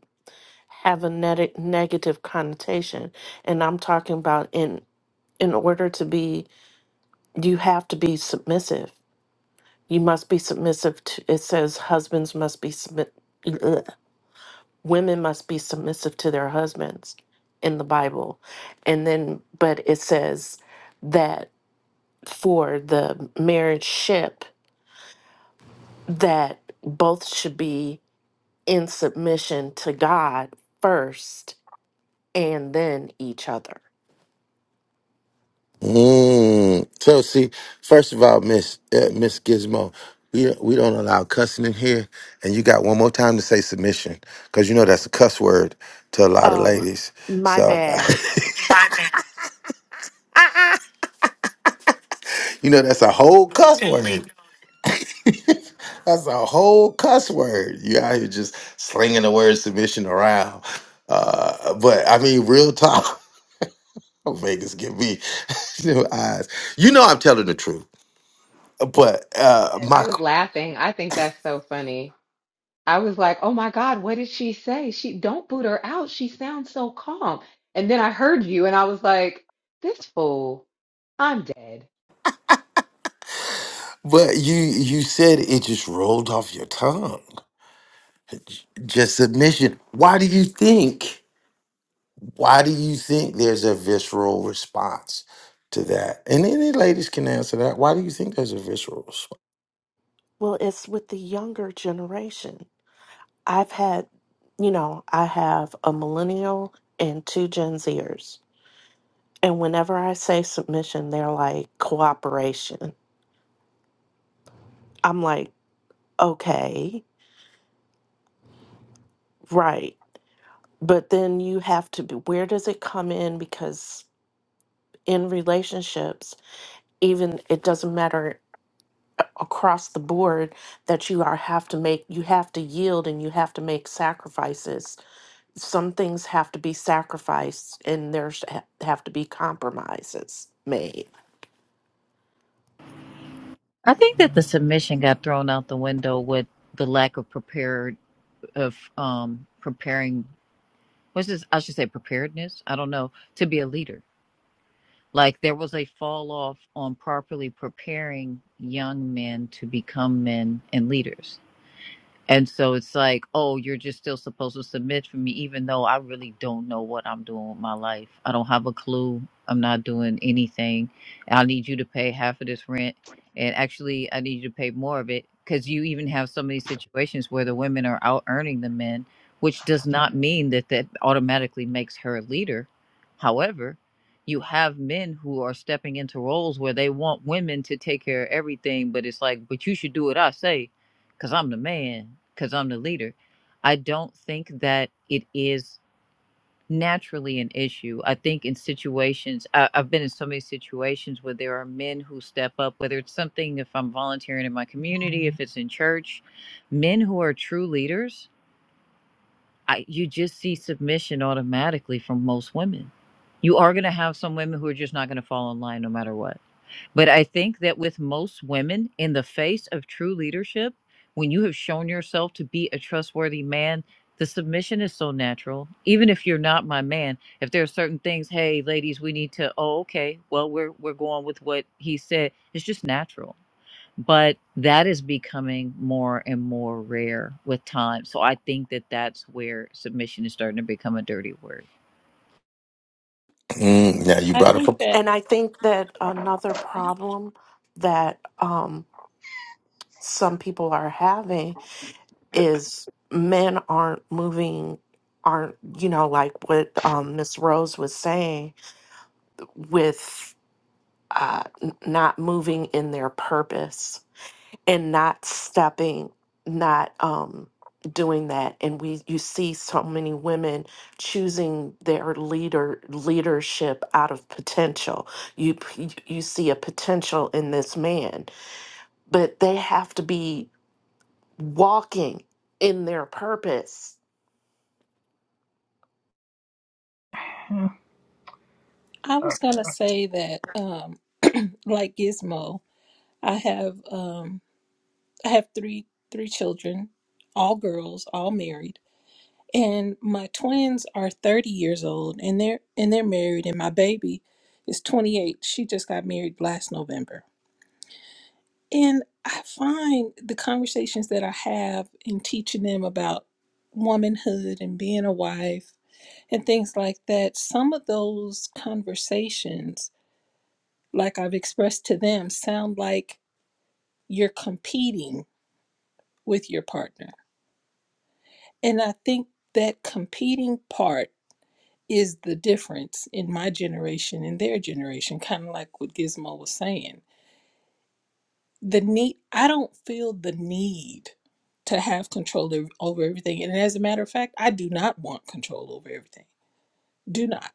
G: have a neg- negative connotation, and I'm talking about in in order to be, you have to be submissive. You must be submissive to. It says husbands must be submit. women must be submissive to their husbands in the Bible. And then, but it says that for the marriage ship, that both should be in submission to God first and then each other.
B: Mm. So see, first of all, Miss uh, Miss Gizmo, we we don't allow cussing in here, and you got one more time to say submission because you know that's a cuss word to a lot of
G: Oh,
B: ladies.
G: my
B: So
G: bad.
B: you know that's a whole cuss word. That's a whole cuss word. You out here just slinging the word submission around. Uh, but I mean, real talk. Vegas give me new eyes. You know I'm telling the truth. But uh,
H: And I
B: my
H: was laughing. I think that's so funny. I was like, "Oh my God, what did she say? She don't boot her out. She sounds so calm." And then I heard you, and I was like, "This fool, I'm dead.
B: But you you said it just rolled off your tongue. Just submission. Why do you think? Why do you think there's a visceral response to that? And any ladies can answer that. Why do you think there's a visceral response?
G: Well, it's with the younger generation. I've had, you know, I have a millennial and two Gen Zers And whenever I say submission, they're like cooperation. I'm like, okay, right. But then you have to be, where does it come in? Because in relationships, even it doesn't matter across the board that you are have to make you have to yield and you have to make sacrifices some things have to be sacrificed and there's ha- have to be compromises made
M: I think that the submission got thrown out the window with the lack of prepared of um preparing what's this I should say preparedness, I don't know, to be a leader. Like there was a fall off on properly preparing young men to become men and leaders. And so it's like, oh, you're just still supposed to submit for me, even though I really don't know what I'm doing with my life. I don't have a clue. I'm not doing anything. I need you to pay half of this rent. And actually, I need you to pay more of it because you even have so many situations where the women are out earning the men, which does not mean that that automatically makes her a leader. However, you have men who are stepping into roles where they want women to take care of everything, but it's like, but you should do what I say because I'm the man, because I'm the leader. I don't think that it is naturally an issue. I think in situations, I, I've been in so many situations where there are men who step up, whether it's something, if I'm volunteering in my community, if it's in church, men who are true leaders, I, you just see submission automatically from most women. You are going to have some women who are just not going to fall in line no matter what but I think that with most women, in the face of true leadership, when you have shown yourself to be a trustworthy man, the submission is so natural. Even if you're not my man, if there are certain things, hey, ladies, we need to. Oh, okay. Well, we're we're going with what he said. It's just natural but that is becoming more and more rare with time. So I think that that's where submission is starting to become a dirty word.
B: Mm, now you
E: I
B: brought
E: think
B: up a
E: that
G: and i think that another problem that um, some people are having is men aren't moving aren't you know like what um miss rose was saying with uh n- not moving in their purpose and not stepping not um doing that and we you see so many women choosing their leader leadership out of potential you you see a potential in this man but they have to be walking in their purpose.
E: I was gonna say that um, like Gizmo, I have. Um, I have three three children, all girls, all married, and my twins are 30 years old and they're and they're married and my baby is 28. She just got married last November. And I find the conversations that I have in teaching them about womanhood and being a wife and things like that, some of those conversations like I've expressed to them sound like you're competing with your partner And I think that competing part is the difference in my generation and their generation, kind of like what Gizmo was saying. The need, I don't feel the need to have control ov- over everything. And as a matter of fact, I do not want control over everything. Do not.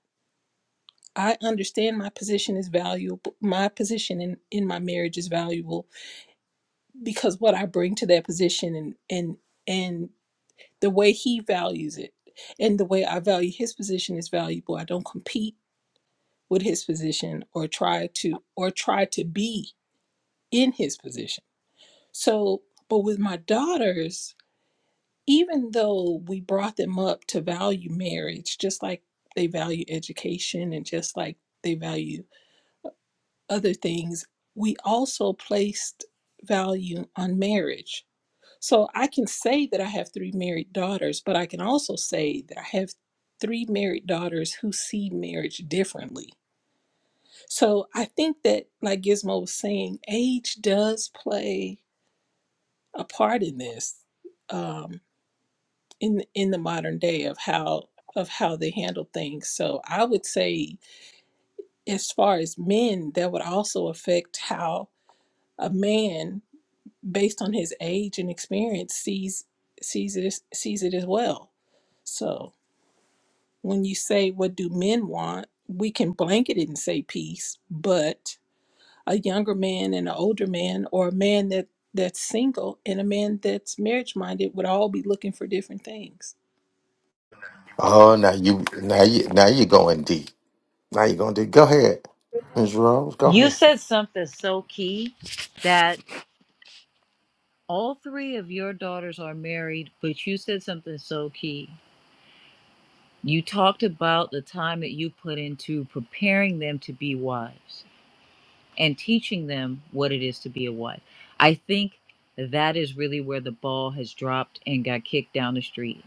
E: I understand my position is valuable. My position in, in my marriage is valuable because what I bring to that position and and and the way he values it and the way I value his position is valuable. I don't compete with his position or try to or try to be in his position. So, but with my daughters, even though we brought them up to value marriage just like they value education and just like they value other things, we also placed value on marriage So I can say that I have three married daughters, but I can also say that I have three married daughters who see marriage differently. So I think that, like Gizmo was saying, age does play a part in this, um, in in the modern day of how of how they handle things. So I would say, as far as men, that would also affect how a man, based on his age and experience, sees sees it as- sees it as well. So. when you say what do men want we can blanket it and say peace but a younger man and an older man or a man that that's single and a man that's marriage minded would all be looking for different things
B: Oh now you now you now you're going deep. Now you're going deep. Go ahead. Ms. Rose, go
M: You
B: ahead.
M: said something so key that all three of your daughters are married, but you said something so key. You talked about the time that you put into preparing them to be wives. and teaching them what it is to be a wife. I think that is really where the ball has dropped and got kicked down the street.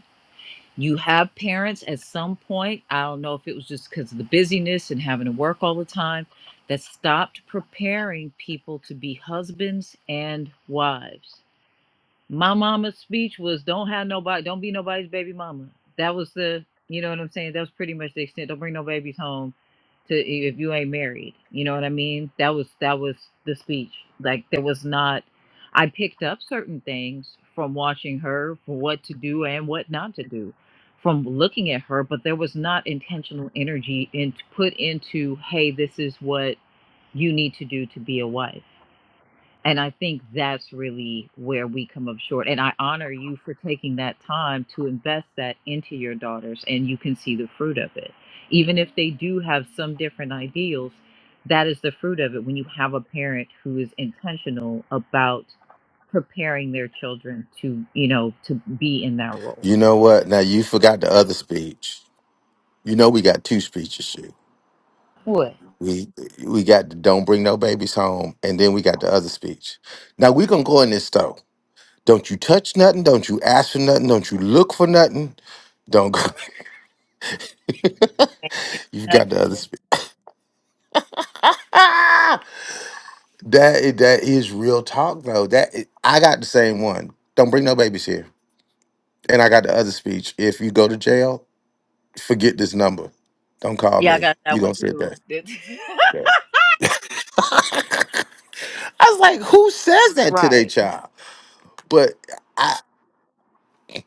M: You have parents at some point, I don't know if it was just because of the busyness and having to work all the time, that stopped preparing people to be husbands and wives. My mama's speech was don't have nobody, don't be nobody's baby mama. That was the, you know what I'm saying? That was pretty much the extent. Don't bring no babies home to if you ain't married. You know what I mean? That was that was the speech. Like there was not I picked up certain things from watching her for what to do and what not to do from looking at her, but there was not intentional energy in put into, hey, this is what you need to do to be a wife. And I think that's really where we come up short. And I honor you for taking that time to invest that into your daughters, and you can see the fruit of it. Even if they do have some different ideals, that is the fruit of it when you have a parent who is intentional about preparing their children to, you know, to be in that role.
B: You know what? Now you forgot the other speech. You know we got two speeches. here.
M: What?
B: We we got the don't bring no babies home, and then we got the other speech. Now we gonna go in this though. Don't you touch nothing. Don't you ask for nothing. Don't you look for nothing. Don't go. you got the other speech. That i- that is real talk though. That i- I got the same one. Don't bring no babies here, and I got the other speech. If you go to jail, forget this number. Don't call
M: Yeah, I
B: me.
M: got
B: You
M: that one
B: gonna sit
M: too.
B: there. I was like, who says that to their
G: Right.
B: child? But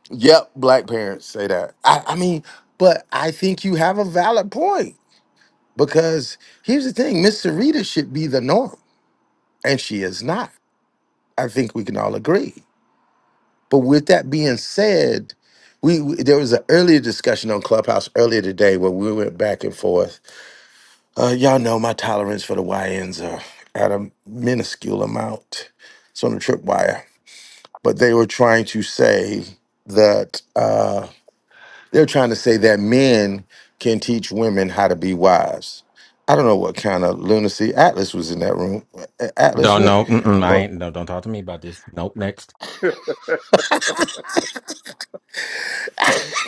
B: Yep, black parents say that. I, I mean, but I think you have a valid point because here's the thing Miss Sarita should be the norm, and she is not. I think we can all agree. But with that being said, we, we- there was an earlier discussion on Clubhouse earlier today where we went back and forth. Uh, y'all know my tolerance for the YNs are at a minuscule amount. It's on the tripwire. But they were trying to say that. Uh, They're trying to say that men can teach women how to be wives. I don't know what kind of lunacy Atlas was in that room. A- Atlas,
N: Don't
B: what?
N: know. Mm-mm, I ain't. No, don't talk to me about this. Nope. Next.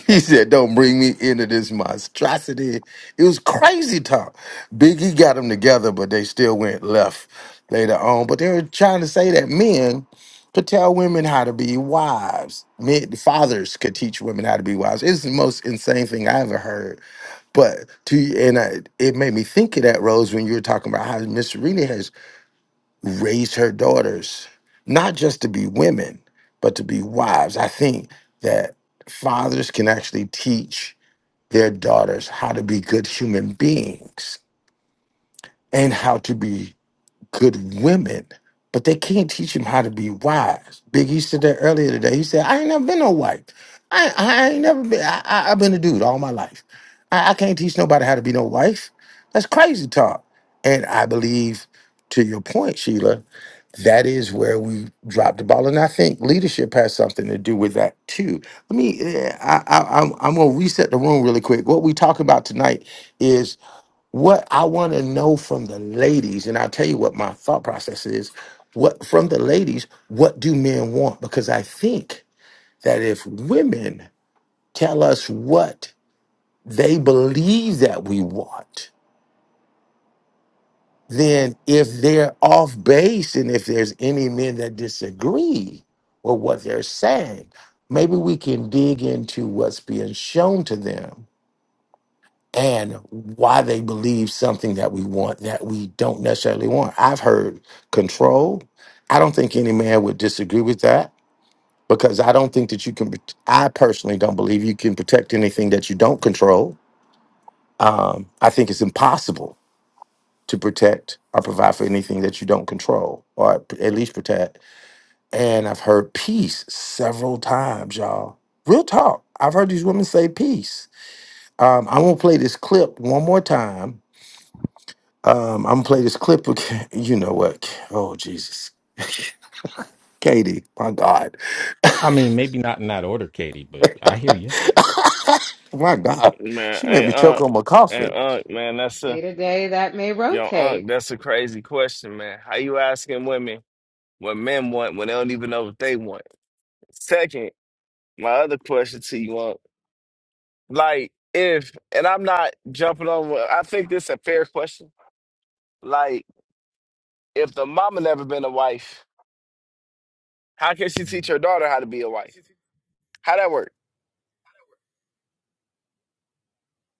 B: He said, don't bring me into this monstrosity. It was crazy talk. Biggie got them together, but they still went left later on. But they were trying to say that men could tell women how to be wives. Men, fathers could teach women how to be wives. It's the most insane thing I ever heard But to and I, it made me think of that Rose when you were talking about how Miss Serena has raised her daughters not just to be women, but to be wives. I think that fathers can actually teach their daughters how to be good human beings and how to be good women, but they can't teach them how to be wise. Biggie said that earlier today. He said, I ain't never been no wife. I, I ain't never been, I, I, I've been a dude all my life. I, I can't teach nobody how to be no wife. That's crazy talk. And I believe, to your point, Sheila, that is where we dropped the ball. And I think leadership has something to do with that too. Let me, eh, I, I, I'm, I'm going to reset the room really quick. What we talk about tonight is what I want to know from the ladies, and I'll tell you what my thought process is. What from the ladies, what do men want? Because I think that if women tell us what they believe that we want, then if they're off base and if there's any men that disagree with what they're saying, maybe we can dig into what's being shown to them and why they believe something that we want that we don't necessarily want. I've heard control. I don't think any man would disagree with that because I don't think that you can. I personally don't believe you can protect anything that you don't control. Um, I think it's impossible to protect or provide for anything that you don't control or at least protect. And I've heard peace several times, y'all. Real talk. I've heard these women say peace. Um, I'm gonna play this clip one more time Um, I'm gonna play this clip. Again. You know what? Oh Jesus, Katie, my God,
N: I mean, maybe not in that order, Katie, but I hear you.
B: my God,
O: Man,
B: she made
O: hey
B: me choke
O: Unc,
B: on my
O: hey
B: coffee.
O: Unc, man, that's a
H: Day to day, that may
O: yo Unc,
H: rotate."
O: that's a crazy question, man. How you asking women what men want when they don't even know what they want? Second, my other question to you, Unc, like if and I'm not jumping on. I think this a fair question. Like if the mama never been a wife, how can she teach her daughter how to be a wife? How that work?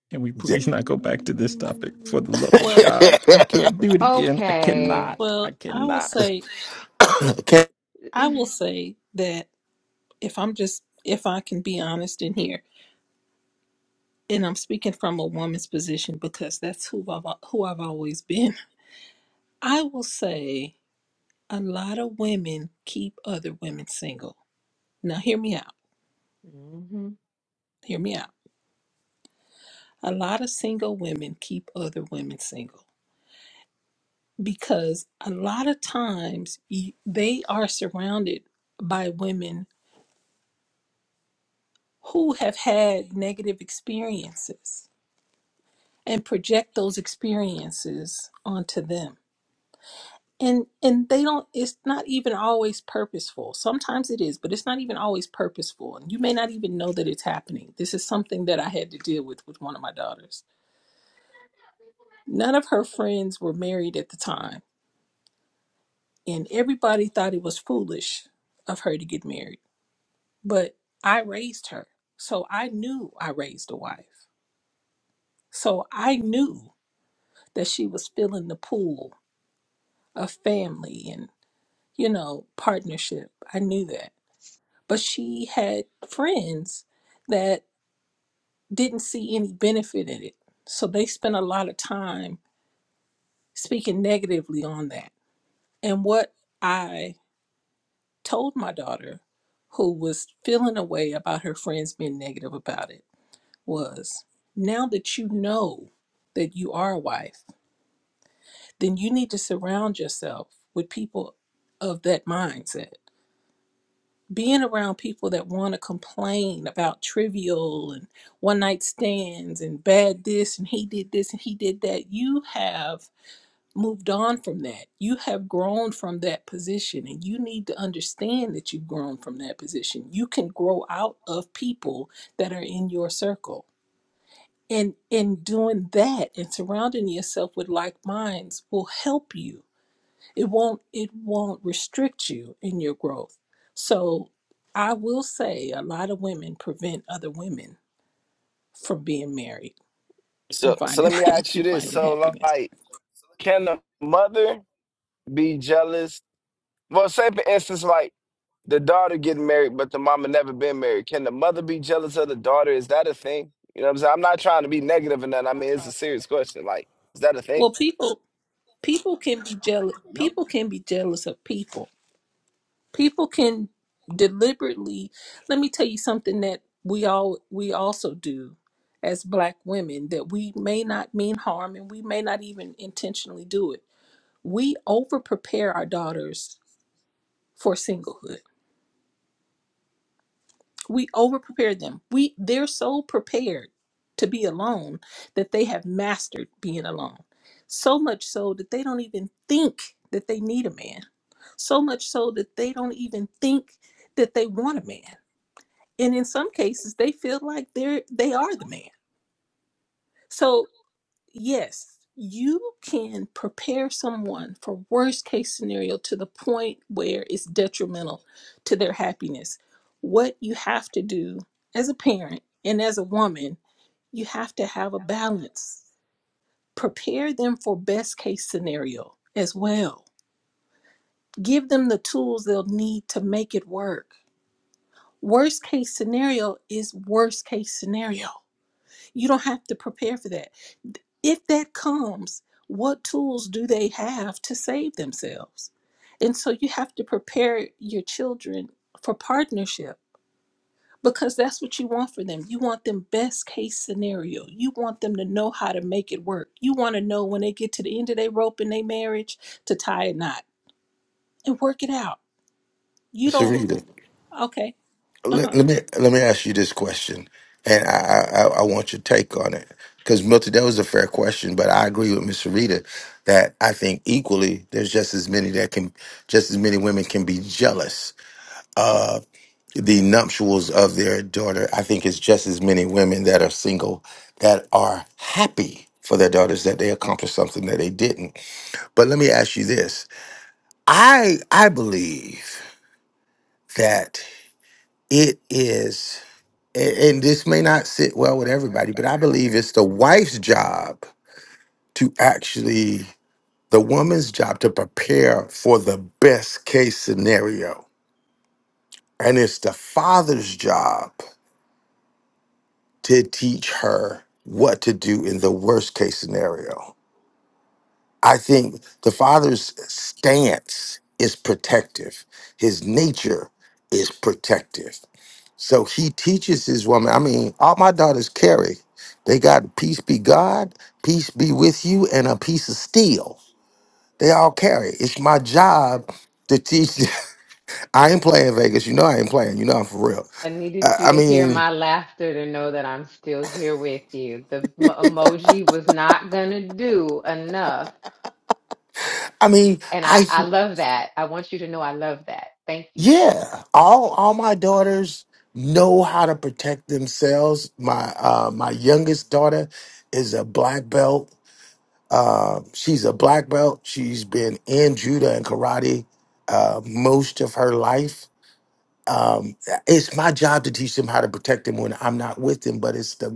N: Can we please
B: Dick.
N: not go back to this topic for the love of
E: well
N: God? I can't do it again. I cannot.
H: Okay.
N: I
E: well i will
N: cannot.
E: say
B: okay,
E: i will say that if i'm just if i can be honest in here and i'm speaking from a woman's position because that's who i've who i've always been i will say a lot of women keep other women single now hear me out
H: hmm
E: hear me out A lot of single women keep other women single because a lot of times you, they are surrounded by women who have had negative experiences and project those experiences onto them. And and they don't it's not even always purposeful. Sometimes it is, but it's not even always purposeful. And you may not even know that it's happening. This is something that I had to deal with with one of my daughters. None of her friends were married at the time And everybody thought it was foolish of her to get married. But I raised her. So I knew I raised a wife. So I knew that she was filling the pool of family and, you know, partnership. I knew that. But she had friends that didn't see any benefit in it. So they spent a lot of time speaking negatively on that. And what I told my daughter, who was feeling a way about her friends being negative about it, was now that you know that you are a wife, then you need to surround yourself with people of that mindset. Being around people that want to complain about trivial and one night stands and bad this and he did this and he did that, you have moved on from that. You have grown from that position, and you need to understand that you've grown from that position. You can grow out of people that are in your circle. And in doing that and surrounding yourself with like minds will help you. It won't it won't restrict you in your growth. So I will say a lot of women prevent other women from being married
O: So,
E: and
O: so
E: finding
O: let me ask you
E: and
O: this:
E: finding
O: so
E: happiness.
O: like, can the mother be jealous Well, say for instance, like the daughter getting married, but the mama never been married. Can the mother be jealous of the daughter? Is that a thing? You know what I'm saying? I'm not trying to be negative or nothing. I mean, it's a serious question. Like, is that a thing?
E: Well people people can be jealous
A: Yep.
E: people can be jealous of people people can deliberately let me tell you something that we all we also do as black women that we may not mean harm and we may not even intentionally do it we over prepare our daughters for singlehood we over prepared them we they're so prepared to be alone that they have mastered being alone so much so that they don't even think that they need a man so much so that they don't even think that they want a man and in some cases they feel like they're they are the man so yes, you can prepare someone for worst case scenario to the point where it's detrimental to their happiness. What you have to do as a parent and as a woman, you have to have a balance. Prepare them for best case scenario as well. Give them the tools they'll need to make it work. Worst case scenario is worst case scenario. You don't have to prepare for that if that comes, what tools do they have to save themselves? And so you have to prepare your children for partnership because that's what you want for them. You want them best case scenario. You want them to know how to make it work. You want to know when they get to the end of their rope in their marriage to tie a knot and work it out. You don't
B: Sarita,
E: okay.
B: let,
E: Uh-huh.
B: let me let me ask you this question, and I I, I I want your take on it because Milton, that was a fair question, but I agree with Miss Sarita that I think equally there's just as many that can just as many women can be jealous the nuptials of their daughter. I think it's just as many women that are single that are happy for their daughters that they accomplished something that they didn't. But let me ask you this. I I believe that it is a- and this may not sit well with everybody, but I believe it's the wife's job to actually the woman's job to prepare for the best case scenario. And it's the father's job to teach her what to do in the worst case scenario. I think the father's stance is protective, his nature is protective. So he teaches his woman. I mean, all my daughters carry. They got peace be God, peace be with you, and a piece of steel. They all carry. It's my job to teach. I ain't playing Vegas. You know I ain't playing. You know I'm for real.
H: I
B: I,
H: needed you
B: I
H: to hear
B: mean,
H: my laughter to know that I'm still here with you. The m- emoji was not going to do enough.
B: I mean,
H: And I,
B: I
H: I love that. I want you to know I love that. Thank you, though.
B: Yeah, all all my daughters know how to protect themselves. My uh my youngest daughter is a black belt. Uh, she's a black belt. She's been in judo and karate uh, most of her life. Um, it's my job to teach them how to protect them when I'm not with them, but it's the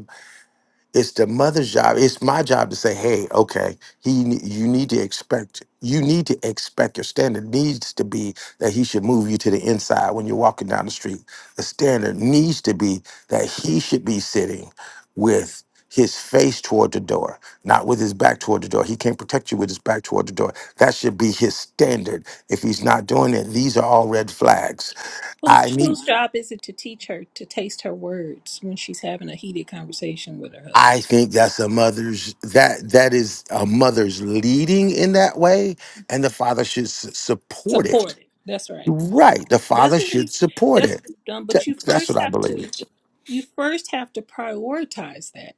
B: it's the mother's job. It's my job to say, "Hey, okay, he, ne- you need to expect, you need to expect your standard needs to be that he should move you to the inside when you're walking down the street. The standard needs to be that he should be sitting with his face toward the door, not with his back toward the door. He can't protect you with his back toward the door. That should be his standard. If he's not doing it, these are all red flags. I
E: Whose
B: need
E: whose job is it to teach her to taste her words when she's having a heated conversation with her husband?
B: I think that's a mother's that that is a mother's leading in that way, and the father should s- support it.
E: Support it. That's right.
B: Right, the
E: That's
B: father
E: what
B: should
E: we
B: support
E: that's
B: it.
E: what we've done.
B: Th-
E: But you
B: That's
E: first
B: what I
E: have
B: believe.
E: to you first have to prioritize that.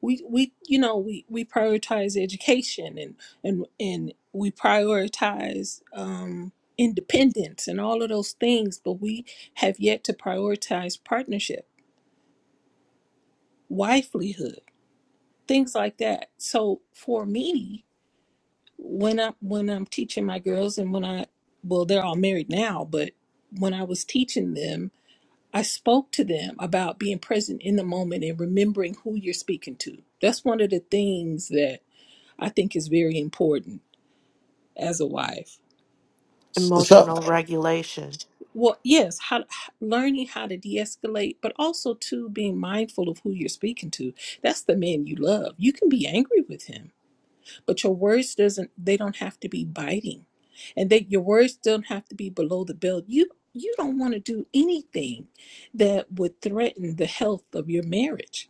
E: We we you know we we prioritize education and and and we prioritize um independence and all of those things, but we have yet to prioritize partnership, wifelyhood, things like that. So for me, when I when I'm teaching my girls and when I well they're all married now, but when I was teaching them I spoke to them about being present in the moment and remembering who you're speaking to. That's one of the things that I think is very important as a wife.
B: S- So
G: Emotional regulation.
E: Well, yes, how learning how to de-escalate, but also to being mindful of who you're speaking to. That's the man you love. You can be angry with him, but your words doesn't they don't have to be biting. And that your words don't have to be below the belt. You you don't want to do anything that would threaten the health of your marriage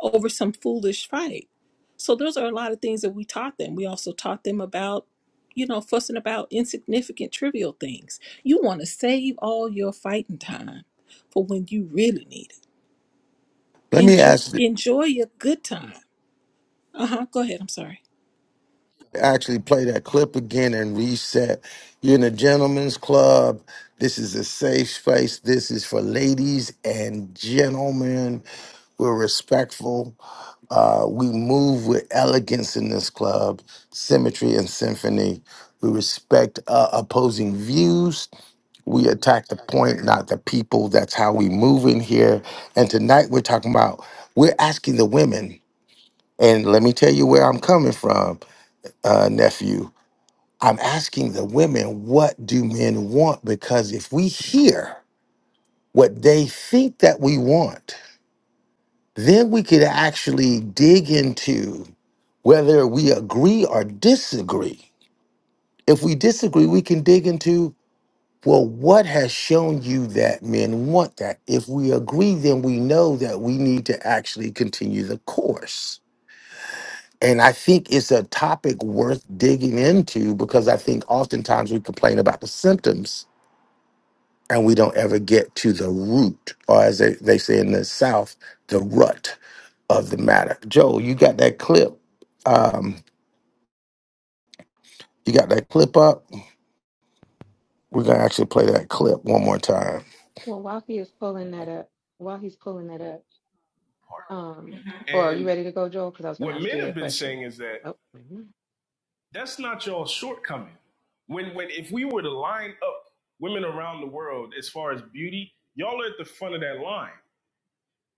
E: over some foolish fight. So those are a lot of things that we taught them. We also taught them about, you know, fussing about insignificant, trivial things. You want to save all your fighting time for when you really need it.
B: let me
E: Enjoy,
B: ask you-
E: enjoy your good time. Uh huh. Go ahead. I'm sorry.
B: actually play that clip again and reset. You're in a gentleman's club. This is a safe space. This is for ladies and gentlemen. We're respectful Uh, we move with elegance in this club, symmetry and symphony. We respect uh, opposing views. We attack the point, not the people. That's how we move in here. And tonight we're talking about, we're asking the women, and let me tell you where I'm coming from, uh, nephew. I'm asking the women, what do men want? Because if we hear what they think that we want, then we could actually dig into whether we agree or disagree. If we disagree, we can dig into, well, what has shown you that men want that? If we agree, then we know that we need to actually continue the course. And I think it's a topic worth digging into because I think oftentimes we complain about the symptoms and we don't ever get to the root, or as they, they say in the South, the rut of the matter. Joe, you got that clip. Um, you got that clip up. We're gonna actually play that clip one more time.
H: Well, while he is pulling that up, while he's pulling that up, um, or are you
A: And
H: ready to go, Joel? Because I was going
A: what
H: to ask
A: men
H: Jay a
A: have been
H: question.
A: saying is that
H: Oh, wait a minute.
A: that's not your shortcoming. When when if we were to line up women around the world as far as beauty, y'all are at the front of that line.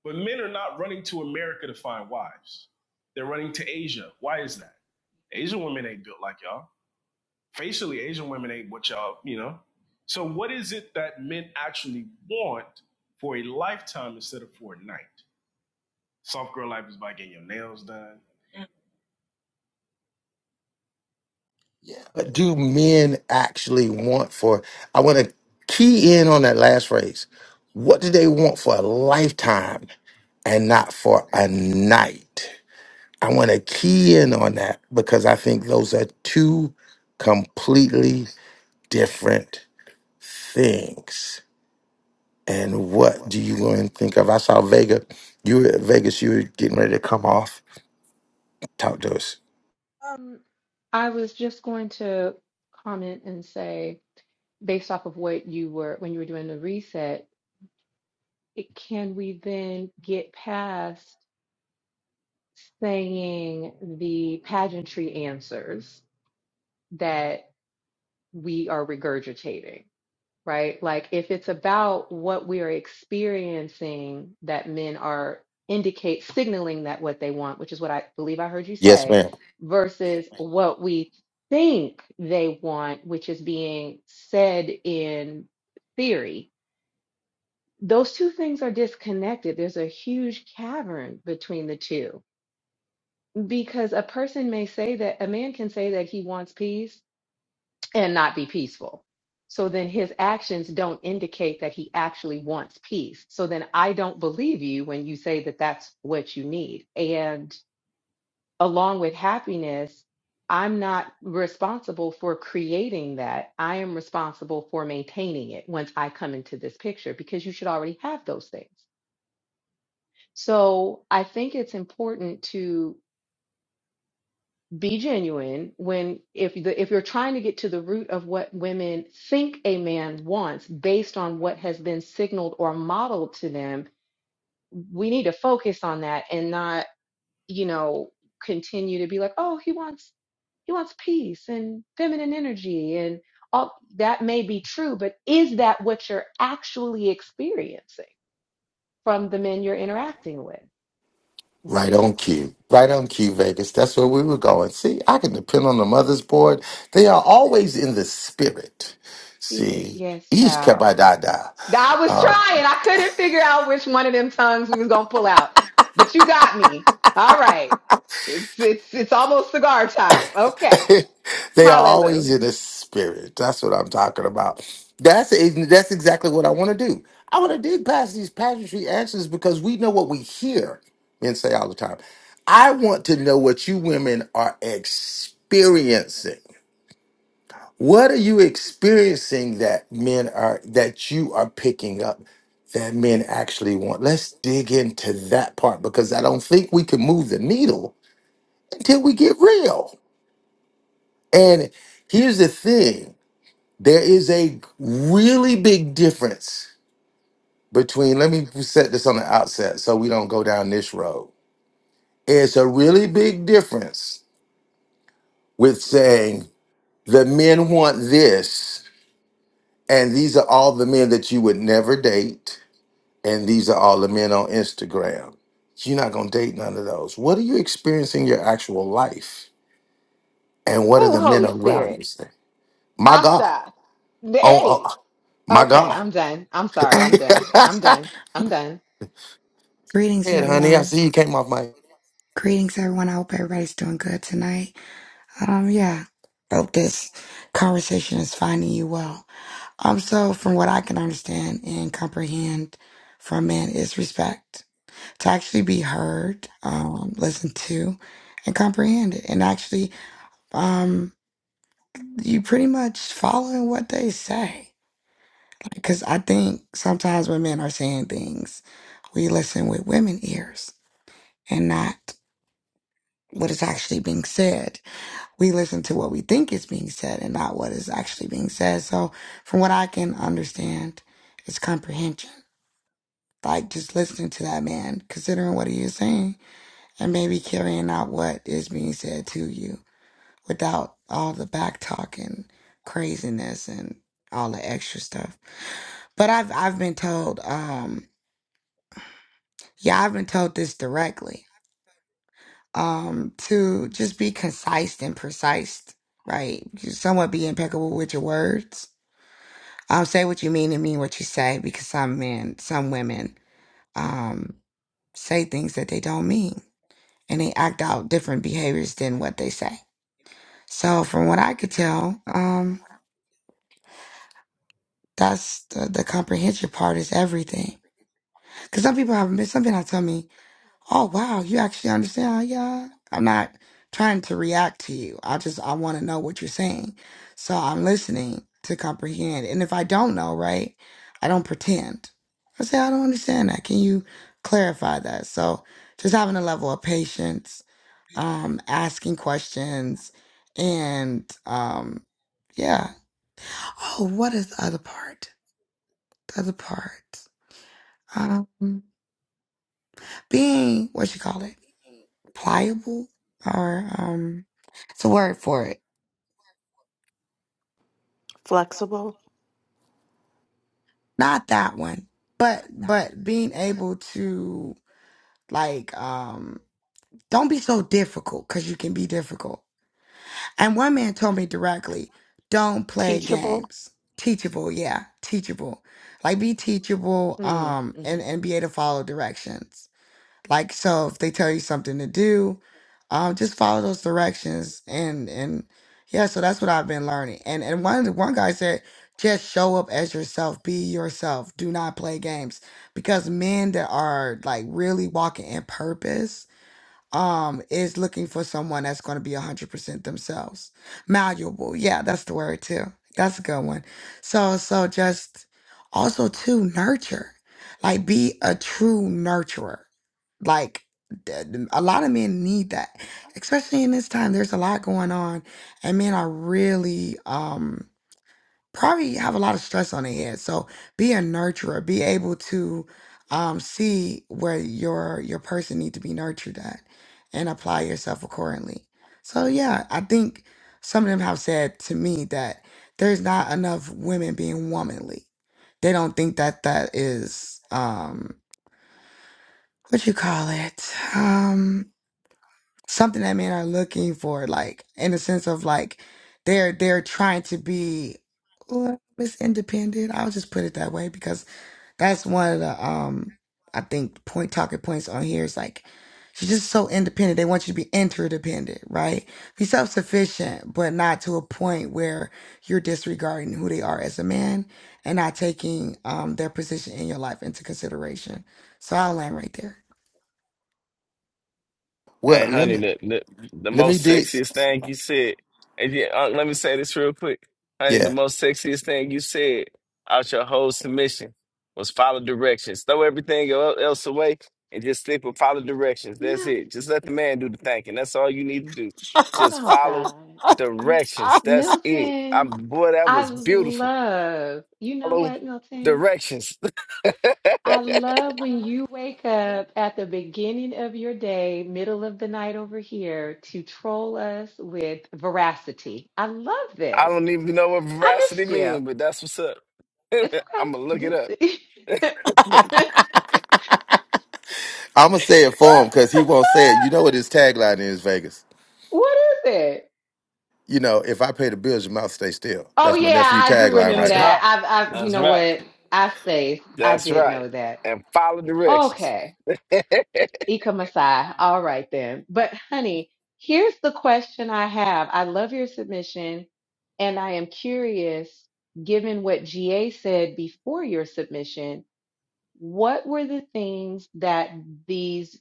A: But men are not running to America to find wives. They're running to Asia. Why is that? Asian women ain't built like y'all. Facially, Asian women ain't what y'all, you know. So what is it that men actually want for a lifetime instead of for a night? Soft girl life is by getting your nails done.
B: What do men actually want for? I want to key in on that last phrase. What do they want for a lifetime and not for a night? I want to key in on that because I think those are two completely different things. And what do you learn? Think of. I saw Vega. You were at Vegas. You were getting ready to come off. Talk to us.
H: Um, I was just going to comment and say, based off of what you were when you were doing the reset, it, can we then get past saying the pageantry answers that we are regurgitating? right? Like if it's about what we are experiencing that men are indicate signaling that what they want, which is what I believe I heard you
B: Yes,
H: say,
B: ma'am.
H: versus what we think they want, which is being said in theory. Those two things are disconnected. There's a huge cavern between the two because a person may say that a man can say that he wants peace and not be peaceful. So then his actions don't indicate that he actually wants peace. So then I don't believe you when you say that that's what you need. And along with happiness, I'm not responsible for creating that. I am responsible for maintaining it once I come into this picture because you should already have those things. So I think it's important to. be genuine when if the if you're trying to get to the root of what women think a man wants based on what has been signaled or modeled to them we need to focus on that and not you know continue to be like oh he wants he wants peace and feminine energy and all that may be true but is that what you're actually experiencing from the men you're interacting with
B: Right on cue. Right on cue, Vegas. That's where we were going. See, I can depend on the mother's board. They are always in the spirit.
H: She- is,
B: See,
H: yes
B: Ish
H: child
B: Kabadada.
H: I was trying. I couldn't figure out which one of them tongues we was gonna pull out. But you got me. All right. It's it's it's almost cigar time. Okay.
B: they are
H: Hallelujah.
B: always in the spirit. That's what I'm talking about. That's that's exactly what I want to do. I want to dig past these pageantry answers because we know what we hear men say all the time. I want to know what you women are experiencing. What are you experiencing that men are that you are picking up that men actually want? Let's dig into that part because I don't think we can move the needle until we get real. And here's the thing there is a really big difference between, let me set this on the outset so we don't go down this road. It's a really big difference with saying the men want this, and these are all the men that you would never date, and these are all the men on Instagram. You're not going to date none of those. What are you experiencing in your actual life? And what are
H: Oh,
B: the men
H: Holy
B: around
H: Spirit.
B: you saying? My God.
H: Asha. The
B: Oh,
H: eight.
B: oh my
H: Okay,
B: God.
H: I'm done. I'm sorry.
P: Oh,
H: I'm done. I'm done. I'm done.
P: greetings,
B: Hey, honey. I
P: everyone.
B: see you came off my.
P: Greetings, everyone. I hope everybody's doing good tonight. Um, yeah, hope this conversation is finding you well. Um, so from what I can understand and comprehend from men is respect to actually be heard, um, listened to, and comprehended, and actually, um, you pretty much following what they say. Because I think sometimes when men are saying things, we listen with women ears and not. what is actually being said. We listen to what we think is being said and not what is actually being said. So, from what I can understand, it's comprehension. Like just listening to that man, considering what he is saying, and maybe carrying out what is being said to you without all the back talk and craziness and all the extra stuff. But I've I've been told, um, yeah, I've been told this directly um, to just be concise and precise, right? somewhat be impeccable with your words. Um, say what you mean and mean what you say because some men, some women, um, say things that they don't mean and they act out different behaviors than what they say. So, from what I could tell, um, that's the, the comprehension part is everything. Because some people have been, some people have told me Oh wow, you actually understand, yeah. I'm not trying to react to you. I just I want to know what you're saying. So I'm listening to comprehend. And if I don't know, right, I don't pretend. I say I don't understand that. Can you clarify that? So just having a level of patience, um, asking questions and um yeah. Oh, what is the other part? The other part. Um being what you call it? pliable or um it's a word for it
G: Flexible,
P: not that one but but being able to like um don't be so difficult because you can be difficult and one man told me directly don't play
G: teachable.
P: games teachable yeah teachable like be teachable
H: Mm,
P: um and
H: hmm
P: and be able to follow directions Like so, if they tell you something to do, um, just follow those directions and and yeah. So that's what I've been learning. And and one of the- one guy said, just show up as yourself, be yourself. Do not play games because men that are like really walking in purpose um is looking for someone that's going to be 100% themselves malleable yeah that's the word too that's a good one so so just also to nurture like be a true nurturer like th- th- a lot of men need that especially in this time there's a lot going on and men are really um probably have a lot of stress on their head. So be a nurturer. Be able to um, see where your your person need to be nurtured at, and apply yourself accordingly. So yeah, I think some of them have said to me that there's not enough women being womanly. They don't think that that is um, what you call it. um something that men are looking for, like in the sense of like they're they're trying to be well, Miss Independent. I'll just put it that way because that's one of the um I think point talking points on here is like she's just so independent. They want you to be interdependent, right? Be self sufficient, but not to a point where you're disregarding who they are as a man and not taking um their position in your life into consideration. So I'll land right there.
O: Hey,
B: Well, let me
O: honey, the, the the
B: let me
O: most
B: dig.
O: sexiest thing you said, and yeah, uh, let me say this real quick, honey. The
B: Yeah,
O: most sexiest thing you said out your whole submission was follow directions. Throw everything el- else away and just stick with follow directions. That's
H: Milton.
O: it. Just let the man do the thinking. That's all you need to do. Just
H: Oh
O: follow
H: God.
O: directions. That's it.
H: Milton.
O: I'm boy, that
H: I
O: was beautiful.
H: love. You know
O: Follow
H: what, Milton?
O: directions. I
H: I love when you wake up at the beginning of your day, middle of the night over here, to troll us with veracity. I love this.
O: don't even know what
H: I
O: veracity
H: missed you.
O: mean, but that's what's up.
H: It's
O: I'm gonna look it
H: okay.
O: up.
H: D-
B: I'm gonna say it for him because he won't say it. You know what his tagline is, Vegas.
H: what is it?
B: You know, if I pay the bills, your mouth stay still.
H: Oh
B: That's my
H: yeah,
B: nephew
H: I do
B: tagline
H: remember
B: right
O: That's
B: there.
H: that.
O: right.
H: I've, I've, you
O: That's
H: know
O: right.
H: what? I spaced. I
O: That's
H: did
O: right.
H: know that.
O: And follow directions.
H: Okay. Ika Masai. All right then. But honey, here's the question I have. I love your submission and I am curious, given what GA said before your submission, what were the things that these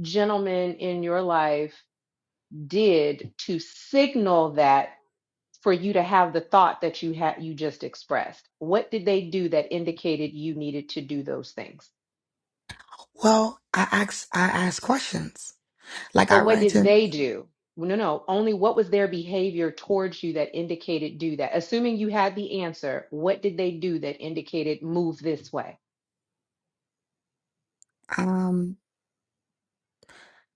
H: gentlemen in your life did to signal that for you to have the thought that you had you just expressed? What did they do that indicated you needed to do those things?
P: Well, I ask I ask questions. Like I
H: But
P: run
H: what did
P: into
H: they do? No, no, only what was their behavior towards you that indicated do that? Assuming you had the answer, what did they do that indicated move this way?
P: um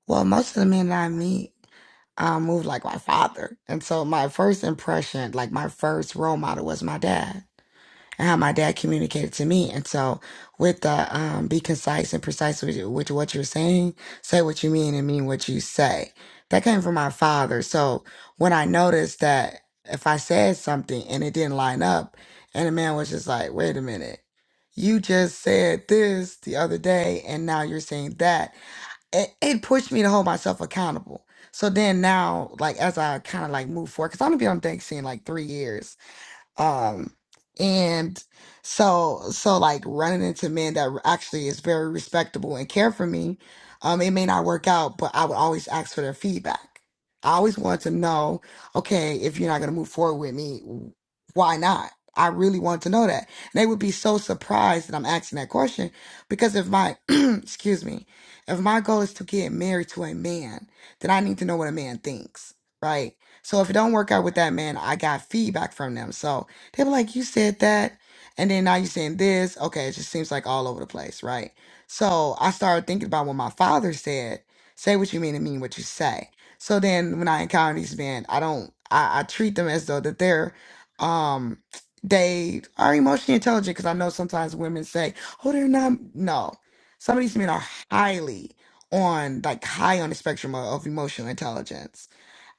P: well most of the men that I meet um move like my father. And so my first impression, like my first role model was my dad and how my dad communicated to me. And so with the um be concise and precise with, with what you're saying, say what you mean and mean what you say. That came from my father. So when I noticed that if I said something and it didn't line up and the man was just like, wait a minute you just said this the other day and now you're saying that it, it pushed me to hold myself accountable. So then now, like as I kind of like move forward, because I've only been on the dating scene like three years, um, and so, so like running into men that actually is very respectable and care for me, um, it may not work out, but I would always ask for their feedback. I always want to know, okay, if you're not going to move forward with me, why not? I really want to know that. And they would be so surprised that I'm asking that question because if my, excuse me, if my goal is to get married to a man, then I need to know what a man thinks, right? So if it don't work out with that man, I got feedback from them. So, they were like, you said that. And then now you're saying this. Okay, it just seems like all over the place, right? So I started thinking about what my father said. Say what you mean and mean what you say. So then when I encounter these men, I don't I, I treat them as though that they're um they are emotionally intelligent because I know sometimes women say, Oh, they're not no. Some of these men are highly on like high on the spectrum of, of emotional intelligence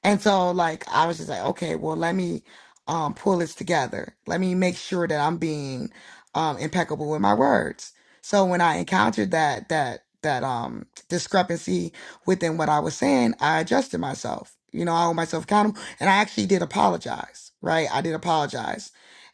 P: and so like I was just like, okay, well let me um pull this together. Let me make sure that I'm being um impeccable with my words. So when I encountered that that that um discrepancy within what I was saying, I adjusted myself. You know, I hold myself accountable and I actually did apologize, right? I did apologize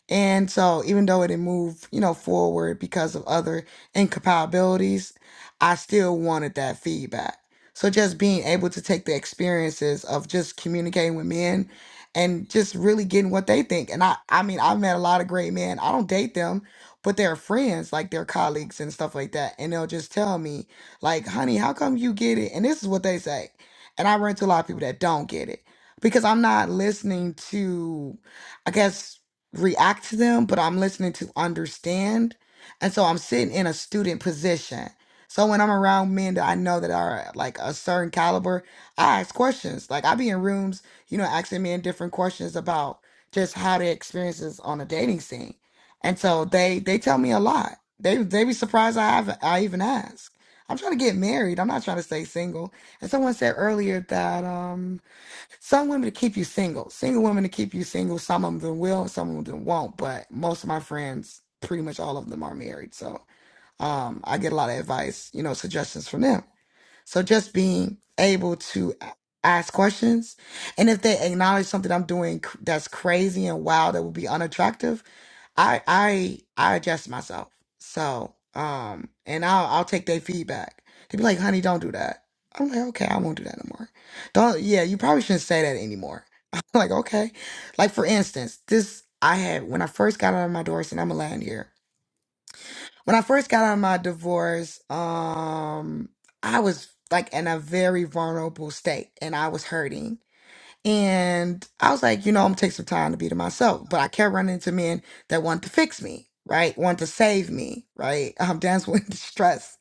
P: and so, even though it didn't move, you know, forward because of other incompatibilities, I still wanted that feedback. So, just being able to take the experiences of just communicating with men and just really getting what they think. And I, I mean, I've met a lot of great men. I don't date them, but they're friends, like they're colleagues and stuff like that. And they'll just tell me, like, honey, how come you get it? And this is what they say. And I run into a lot of people that don't get it because I'm not listening to, I guess, react to them, but I'm listening to understand. And so I'm sitting in a student position. So when I'm around men that I know that are like a certain caliber, I ask questions. Like I be in rooms, you know, asking men different questions about just how their experiences on a dating scene. And so they they tell me a lot. They they be surprised I have I even ask. I'm trying to get married. I'm not trying to stay single. And someone said earlier that um some women to keep you single. Single women to keep you single. Some of them will, some of them won't. But most of my friends, pretty much all of them are married. So um, I get a lot of advice, you know, suggestions from them. So just being able to a- ask questions. And if they acknowledge something I'm doing cr- that's crazy and wild that would be unattractive, I I I adjust myself. So um, and I'll I'll take their feedback. They be like, "Honey, don't do that." I'm like, "Okay, I won't do that no more." Don't. Yeah, you probably shouldn't say that anymore. I'm like, okay. Like for instance, this I had when I first got out of my divorce, and I'm a land here. When I first got out of my divorce, um, I was like in a very vulnerable state, and I was hurting and I was like, you know, I'm gonna take some time to be to myself. But I kept running into men that want to fix me, right? Want to save me, right? Um, that's when distress.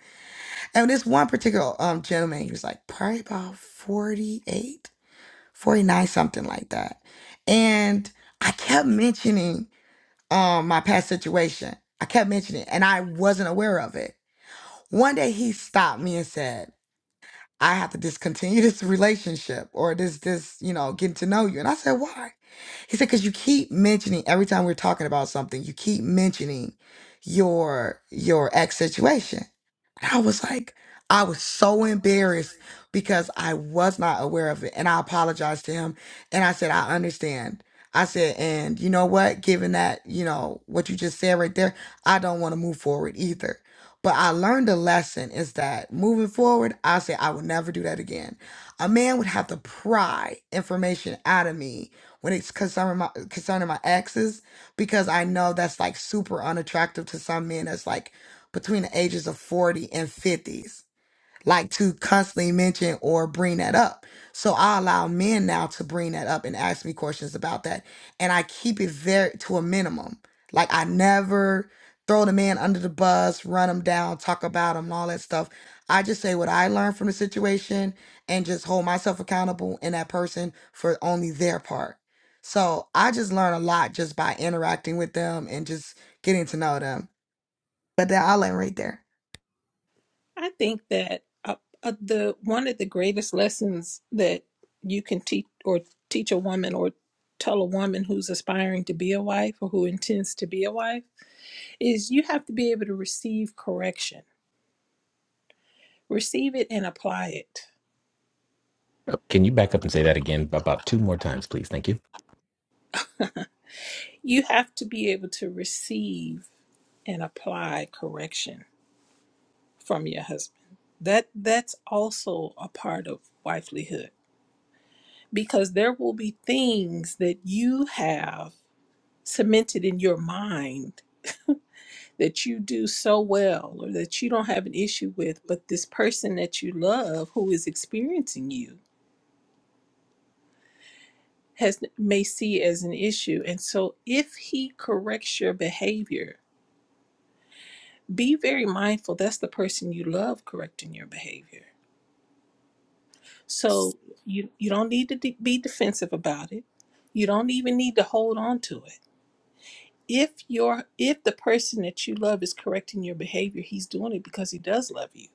P: And this one particular um gentleman, he was like probably about 48, 49, something like that. And I kept mentioning um my past situation. I kept mentioning it, and I wasn't aware of it. One day he stopped me and said, I have to discontinue this relationship or this this, you know, getting to know you. And I said, why? He said, because you keep mentioning every time we're talking about something, you keep mentioning your your ex situation. And I was like, I was so embarrassed because I was not aware of it. And I apologized to him. And I said, I understand. I said, and you know what? Given that, you know, what you just said right there, I don't want to move forward either. But I learned a lesson is that moving forward, I said, I will never do that again. A man would have to pry information out of me when it's concerning my, concerning my exes, because I know that's like super unattractive to some men. That's like, between the ages of 40 and 50s like to constantly mention or bring that up. So I allow men now to bring that up and ask me questions about that. And I keep it very to a minimum. Like I never throw the man under the bus, run him down, talk about him, and all that stuff. I just say what I learned from the situation and just hold myself accountable and that person for only their part. So I just learn a lot just by interacting with them and just getting to know them. But then I'll end right there.
E: I think that uh, uh, the one of the greatest lessons that you can teach or teach a woman or tell a woman who's aspiring to be a wife or who intends to be a wife is you have to be able to receive correction, receive it and apply it.
N: Oh, Can you back up and say that again about two more times, please? Thank you.
E: You have to be able to receive and apply correction from your husband. That that's also a part of wifelyhood because there will be things that you have cemented in your mind that you do so well or that you don't have an issue with, but this person that you love who is experiencing you has may see as an issue. And so if he corrects your behavior, be very mindful that's the person you love correcting your behavior. So you you don't need to de- be defensive about it. You don't even need to hold on to it. If your if the person that you love is correcting your behavior, he's doing it because he does love you.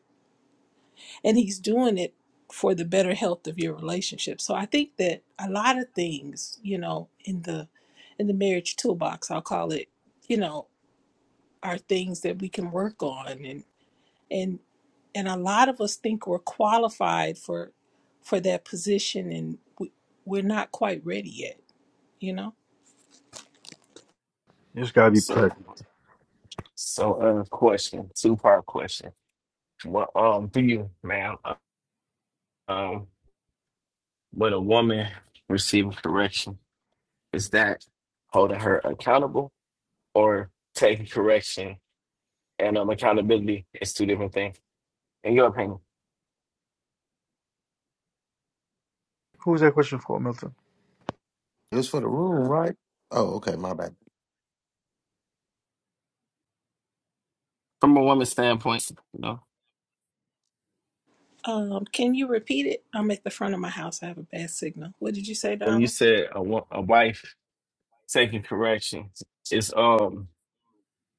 E: And he's doing it for the better health of your relationship. So I think that a lot of things, you know, in the in the marriage toolbox, I'll call it, you know, are things that we can work on and and and a lot of us think we're qualified for for that position and we, we're not quite ready yet you know
K: You just gotta be
O: so,
K: pleasant.
O: so uh, question, two part question. Well, um, for you, ma'am, uh, um, when a woman receives correction, is that holding her accountable or taking correction and um accountability is two different things? In your opinion,
K: Who's that question for, Milton?
B: It was for the room, right? Oh, okay, my bad.
O: from a woman's standpoint, you know,
E: um can you repeat it i'm at the front of my house i have a bad signal what did you say
O: when you
E: darling
O: said a, wo- a wife taking correction, it's um.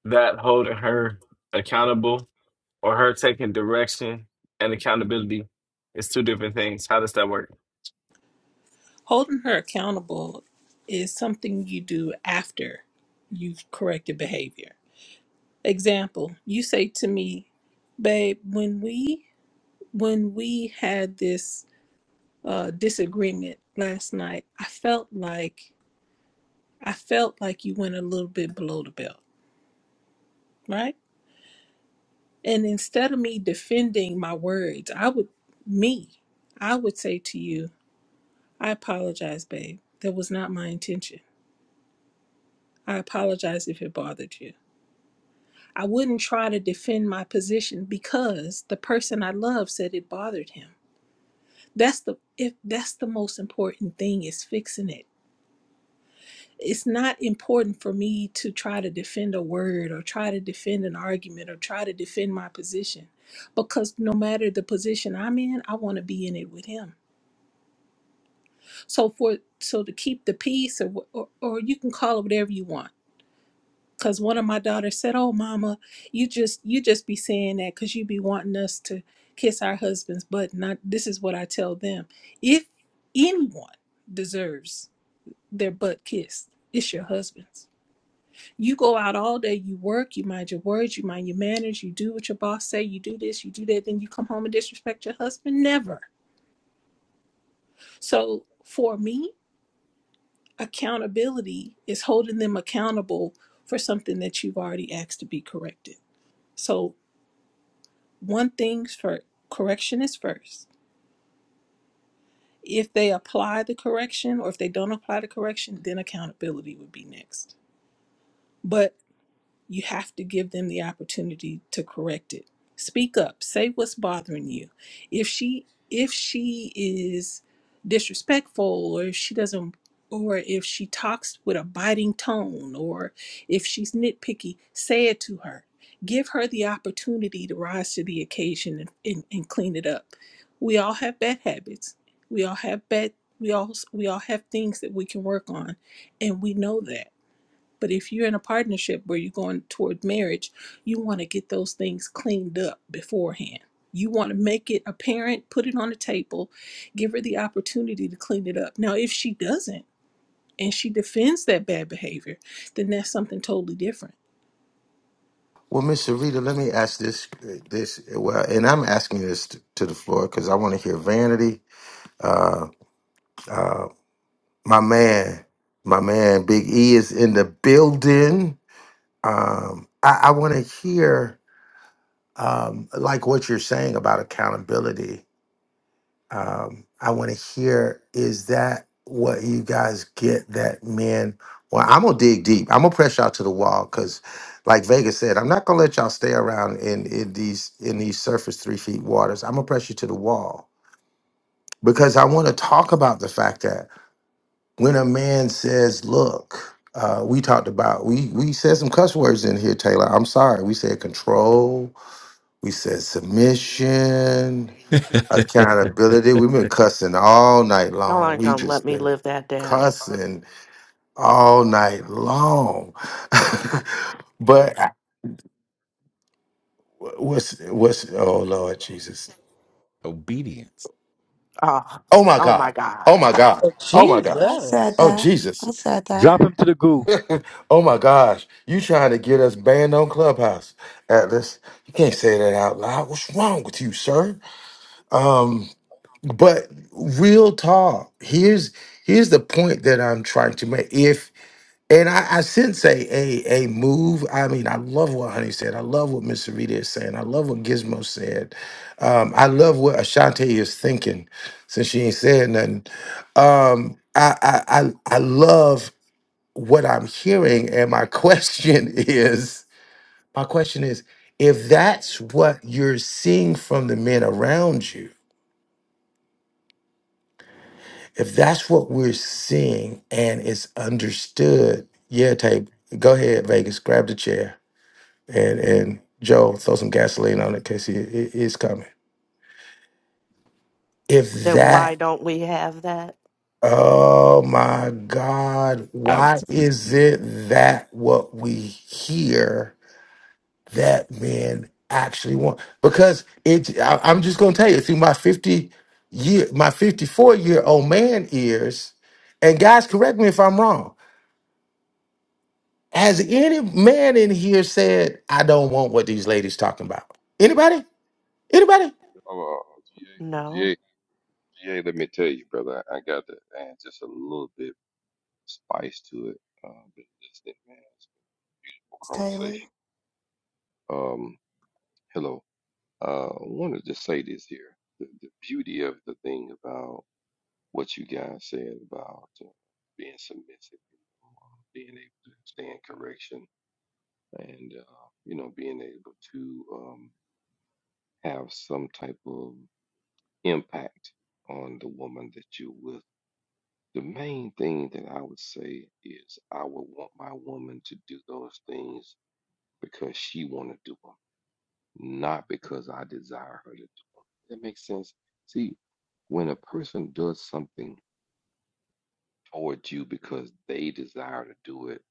O: that holding her accountable or her taking direction and accountability is two different things. How does that work?
E: holding her accountable is something you do after you've corrected behavior example you say to me babe when we when we had this uh, disagreement last night, I felt like I felt like you went a little bit below the belt, right? And instead of me defending my words, I would me, I would say to you, I apologize, babe. That was not my intention. I apologize if it bothered you. I wouldn't try to defend my position because the person I love said it bothered him. That's the if that's the most important thing is fixing it it's not important for me to try to defend a word or try to defend an argument or try to defend my position because no matter the position I'm in, I want to be in it with him. So for so to keep the peace or wh- or, or you can call it whatever you want. Cause one of my daughters said, "Oh, mama, you just you just be saying that because you be wanting us to kiss our husbands." But not this is what I tell them: if anyone deserves their butt kissed, it's your husband you go out all day, you work, you mind your words, you mind your manners, you do what your boss say, you do this, you do that, then you come home and disrespect your husband. Never. So for me, accountability is holding them accountable for something that you've already asked to be corrected. So one thing's for correction is first. If they apply the correction or if they don't apply the correction, then accountability would be next. But. you have to give them the opportunity to correct it speak up say what's bothering you if she if she is disrespectful or if she doesn't or if she talks with a biting tone or if she's nitpicky say it to her give her the opportunity to rise to the occasion and, and, and clean it up we all have bad habits we all have bad we all we all have things that we can work on and we know that but if you're in a partnership where you're going toward marriage, you want to get those things cleaned up beforehand. You want to make it apparent, put it on the table, give her the opportunity to clean it up. Now, if she doesn't and she defends that bad behavior, then that's something totally different.
B: Well, Miss Sharita, let me ask this. This well, and I'm asking this t- to the floor because I want to hear Vanity. Uh, uh, my man, my man, Big E is in the building. Um, I, I want to hear. um, like what you're saying about accountability. Um, I want to hear is that what you guys get that men? Well, I'm gonna dig deep. I'm gonna press y'all to the wall because, like Vega said, I'm not gonna let y'all stay around in in these in these surface three feet waters. I'm gonna press you to the wall because I want to talk about the fact that when a man says, "Look," uh, we talked about we we said some cuss words in here, Taylor. I'm sorry. We said control. We said submission. Accountability. We've been cussing all night
G: Y'all
B: long.
G: aren't
B: We
G: going to let
B: just
G: me
B: been
G: live that down.
B: cussing all night long. but I- what's what's oh Lord Jesus.
N: Obedience.
G: Oh,
B: Oh my
G: oh my
B: God. Oh
G: God.
B: my God. Oh my
P: I
B: gosh.
P: said
C: Jesus.
B: Oh
P: that.
B: Jesus.
P: I said that,
K: Drop him to the goo.
B: oh my gosh. You trying to get us banned on Clubhouse, Atlas. You can't say that out loud. What's wrong with you, sir? Um, but real talk. Here's here's the point that I'm trying to make. And I, I sense a, a a move. I mean, I love what Honey said. I love what Miss Rita is saying. I love what Gizmo said. Um, I love what Ashante is thinking, since she ain't saying nothing. Um, I, I I I love what I'm hearing, and my question is, my question is, if that's what you're seeing from the men around you, if that's what we're seeing and it's understood, yeah, tape. Go ahead, Vegas. Grab the chair. and and Joe throw some gasoline on it because he it, it's coming. If
G: Then why
B: that,
G: don't we have that?
B: oh my God,
N: I
B: why
N: was,
B: is it that what we hear that men actually want? Because it, I, I'm just gonna tell you through my 50 year, my 54 year old man ears, and guys, correct me if I'm wrong. Has any man in here said I don't want what these ladies talking about? Anybody? Anybody?
D: Oh, uh,
G: No,
D: GA, let me tell you, brother, I got to add just a little bit spice to it. Uh, been listening, man. It's been a beautiful
P: Ms. Taylor.
D: conversation. Um, hello. Uh, I want to just say this here. The, the beauty of the thing about what you guys said about uh, being submissive, you know, um, being able to stand correction and uh, you know being able to um, have some type of impact on the woman that you're with the main thing that i would say is i would want my woman to do those things because she want to do them not because i desire her to do them that makes sense see when a person does something towards you because they desire to do it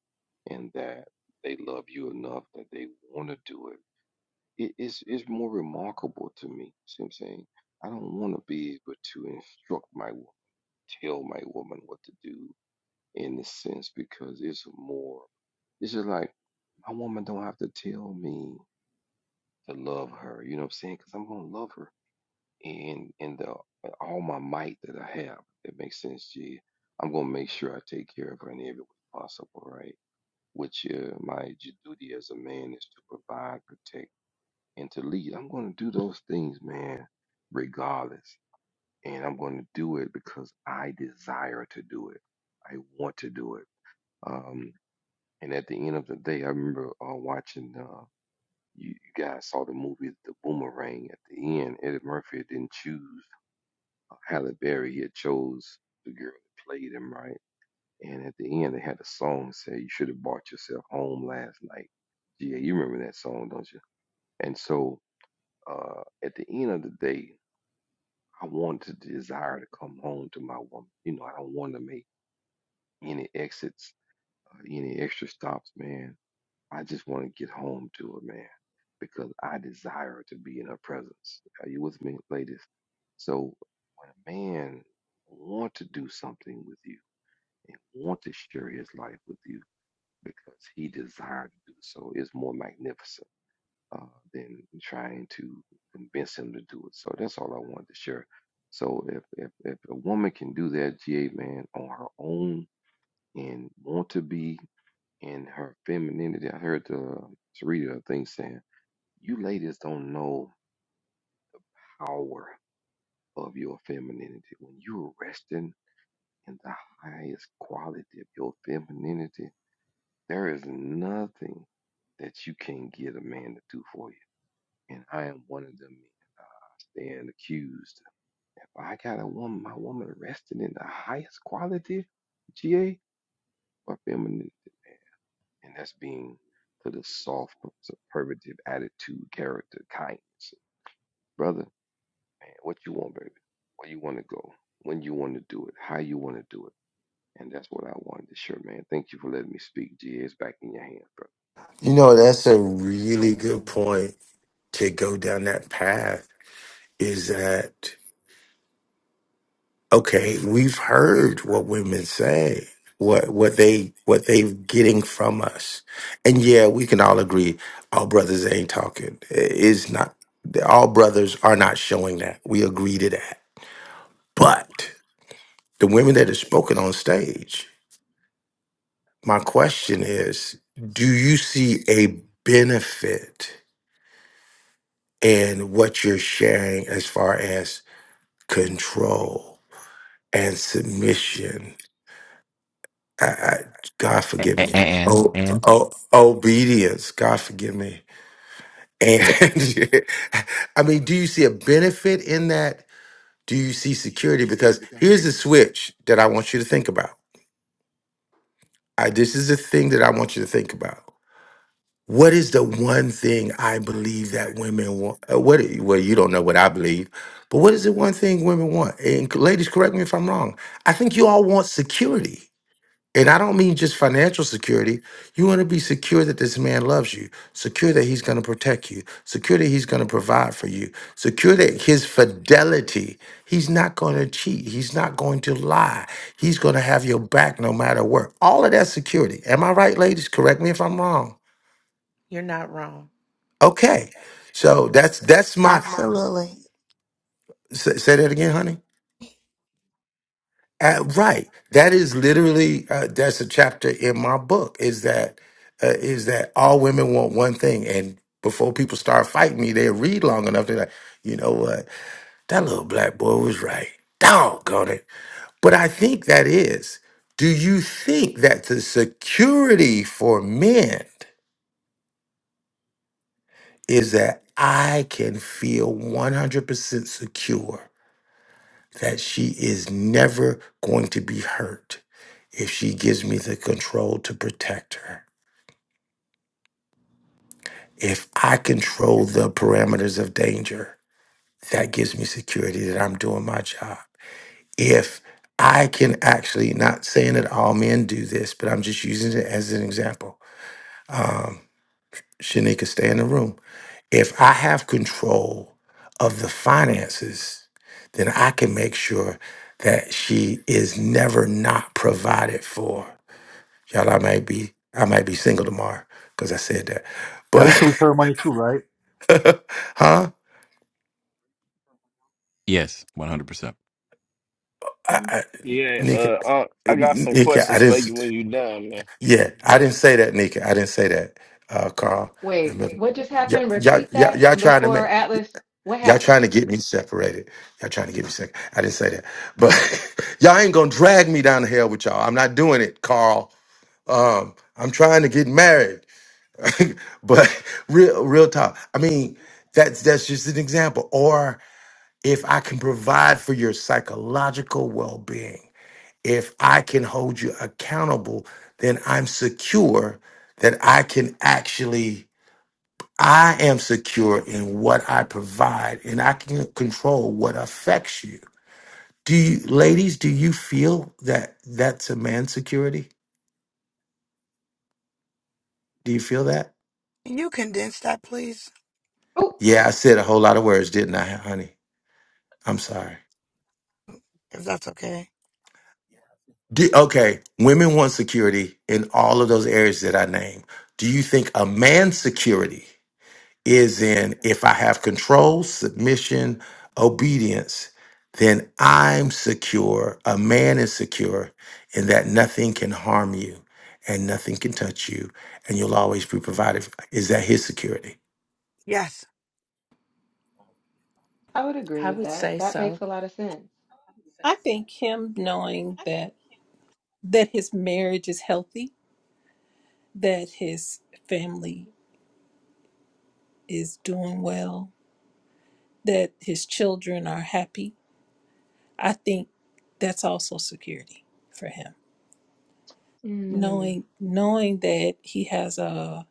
D: and that they love you enough that they want to do it it, it's it's more remarkable to me. See what I'm saying? I don't want to be able to instruct my woman, tell my woman what to do in the sense because it's more. It's just like my woman don't have to tell me to love her. You know what I'm saying? Because I'm gonna love her in in the in all my might that I have. That makes sense, G. I'm gonna make sure I take care of her in every way possible, right? Which uh, my duty as a man is to provide, protect and to lead. I'm going to do those things, man, regardless. And I'm going to do it because I desire to do it. I want to do it. Um, and at the end of the day, I remember uh, watching, uh, you, you guys saw the movie The Boomerang. At the end, Eddie Murphy didn't choose uh, Halle Berry. He had chose the girl that played him, right? And at the end, they had a song say, You should have brought yourself home last night. Yeah, you remember that song, don't you? And so uh, at the end of the day, I want to desire to come home to my woman. You know, I don't want to make any exits, uh, any extra stops, man. I just want to get home to her, man, because I desire to be in her presence. Are you with me, ladies? So when a man want to do something with you and want to share his life with you because he desires to do so, it's more magnificent uh, than trying to convince him to do it. So that's all I wanted to share. So if if, if a woman can do that, GA man, on her own and want to be in her femininity, I heard the Sarita I think saying, you ladies don't know power of your femininity. When you're resting in the highest quality of your femininity, there is nothing that you can't get a man to do for you. And I am one of them men stand accused If I got a woman, my woman resting in the highest quality GA or femininity, and that's being to the soft, superlative attitude, character, kindness. Brother, man, what you want, baby? Where you want to go? When you want to do it? How you want to do it? And that's what I wanted to share, man. Thank you for letting me speak, GA. It's back in your hands, brother.
B: You know, that's a really good point to go down that path is that okay, we've heard what women say, what what they what they're getting from us. And yeah, we can all agree all brothers ain't talking. It's not all brothers are not showing that. We agree to that. But the women that are spoken on stage, my question is, do you see a benefit in what you're sharing as far as control and submission. I, I, God
N: a-
B: forgive
N: a-
B: me.
N: and
B: Oh,
N: and
B: oh, obedience. God forgive me. And I mean, do you see a benefit in that? Do you see security? Because here's the switch that I want you to think about. I, this is the thing that I want you to think about. What is the one thing I believe that women want? uh, What? Well, you don't know what I believe, but what is the one thing women want? And ladies, correct me if I'm wrong. I think you all want security. And I don't mean just financial security. You want to be secure that this man loves you, secure that he's going to protect you, secure that he's going to provide for you, secure that his fidelity, he's not going to cheat, he's not going to lie, he's going to have your back no matter what. All of that security. Am I right, ladies? Correct me if I'm wrong.
G: you're not wrong.
B: Okay. So that's that's my
P: Absolutely.
B: say, say that again, honey. Uh, right. That is literally uh, that's a chapter in my book. Is that uh, is that all women want one thing, and before people start fighting me, they read long enough. They're like, you know what? That little black boy was right. Doggone it. But I think that is. Do you think that the security for men is that I can feel one hundred percent secure? that she is never going to be hurt if she gives me the control to protect her. If I control the parameters of danger, that gives me security that I'm doing my job. If I can actually, not saying that all men do this, but I'm just using it as an example. Shanika, stay in the room. If I have control of the finances, then I can make sure that she is never not provided for Y'all, I might be I might be single tomorrow because I said that.
K: That includes
B: But
K: her money too, right?
B: huh?
N: yes, one hundred percent.
B: I,
H: Mm.
B: I,
O: Yeah, uh,
B: Nika,
O: uh, I got some
B: Nika, I
O: questions
B: didn't.
O: for you when you done, man.
B: Yeah, I didn't say that, Nika. I didn't say that, uh, Carl. And
H: Wait,
B: look,
H: what just
B: y'all,
H: happened?
B: y'all,
H: Repeat
B: y'all,
H: that
B: y'all trying to
H: before
B: make
H: Atlas. What
B: y'all
H: happened?
B: trying to get me separated. Y'all trying to get me sick. I didn't say that, but y'all ain't gonna drag me down the hell with y'all. I'm not doing it, Carl. Um, I'm trying to get married. but real real talk i mean that's that's just an example or if i can provide for your psychological well-being if i can hold you accountable then i'm secure that i can actually i am secure in what i provide and i can control what affects you do you ladies do you feel that that's a man's security do you feel that
P: Can You condense that, please,
H: Oh,
B: yeah i said a whole lot of words didn't i honey i'm sorry
P: if that's okay.
B: Do, okay, women want security in all of those areas that I named. Do you think a man's security is in if I have control, submission, obedience, then I'm secure. A man is secure in that nothing can harm you and nothing can touch you and you'll always be provided. for. Is that his security?
P: Yes,
H: I would agree
G: I
H: with
G: would
H: that.
G: say
H: That
G: so.
H: makes a lot of sense.
E: I think him knowing that that his marriage is healthy, that his family is doing well, that his children are happy, I think that's also security for him.
H: Mm.
E: knowing knowing that he has a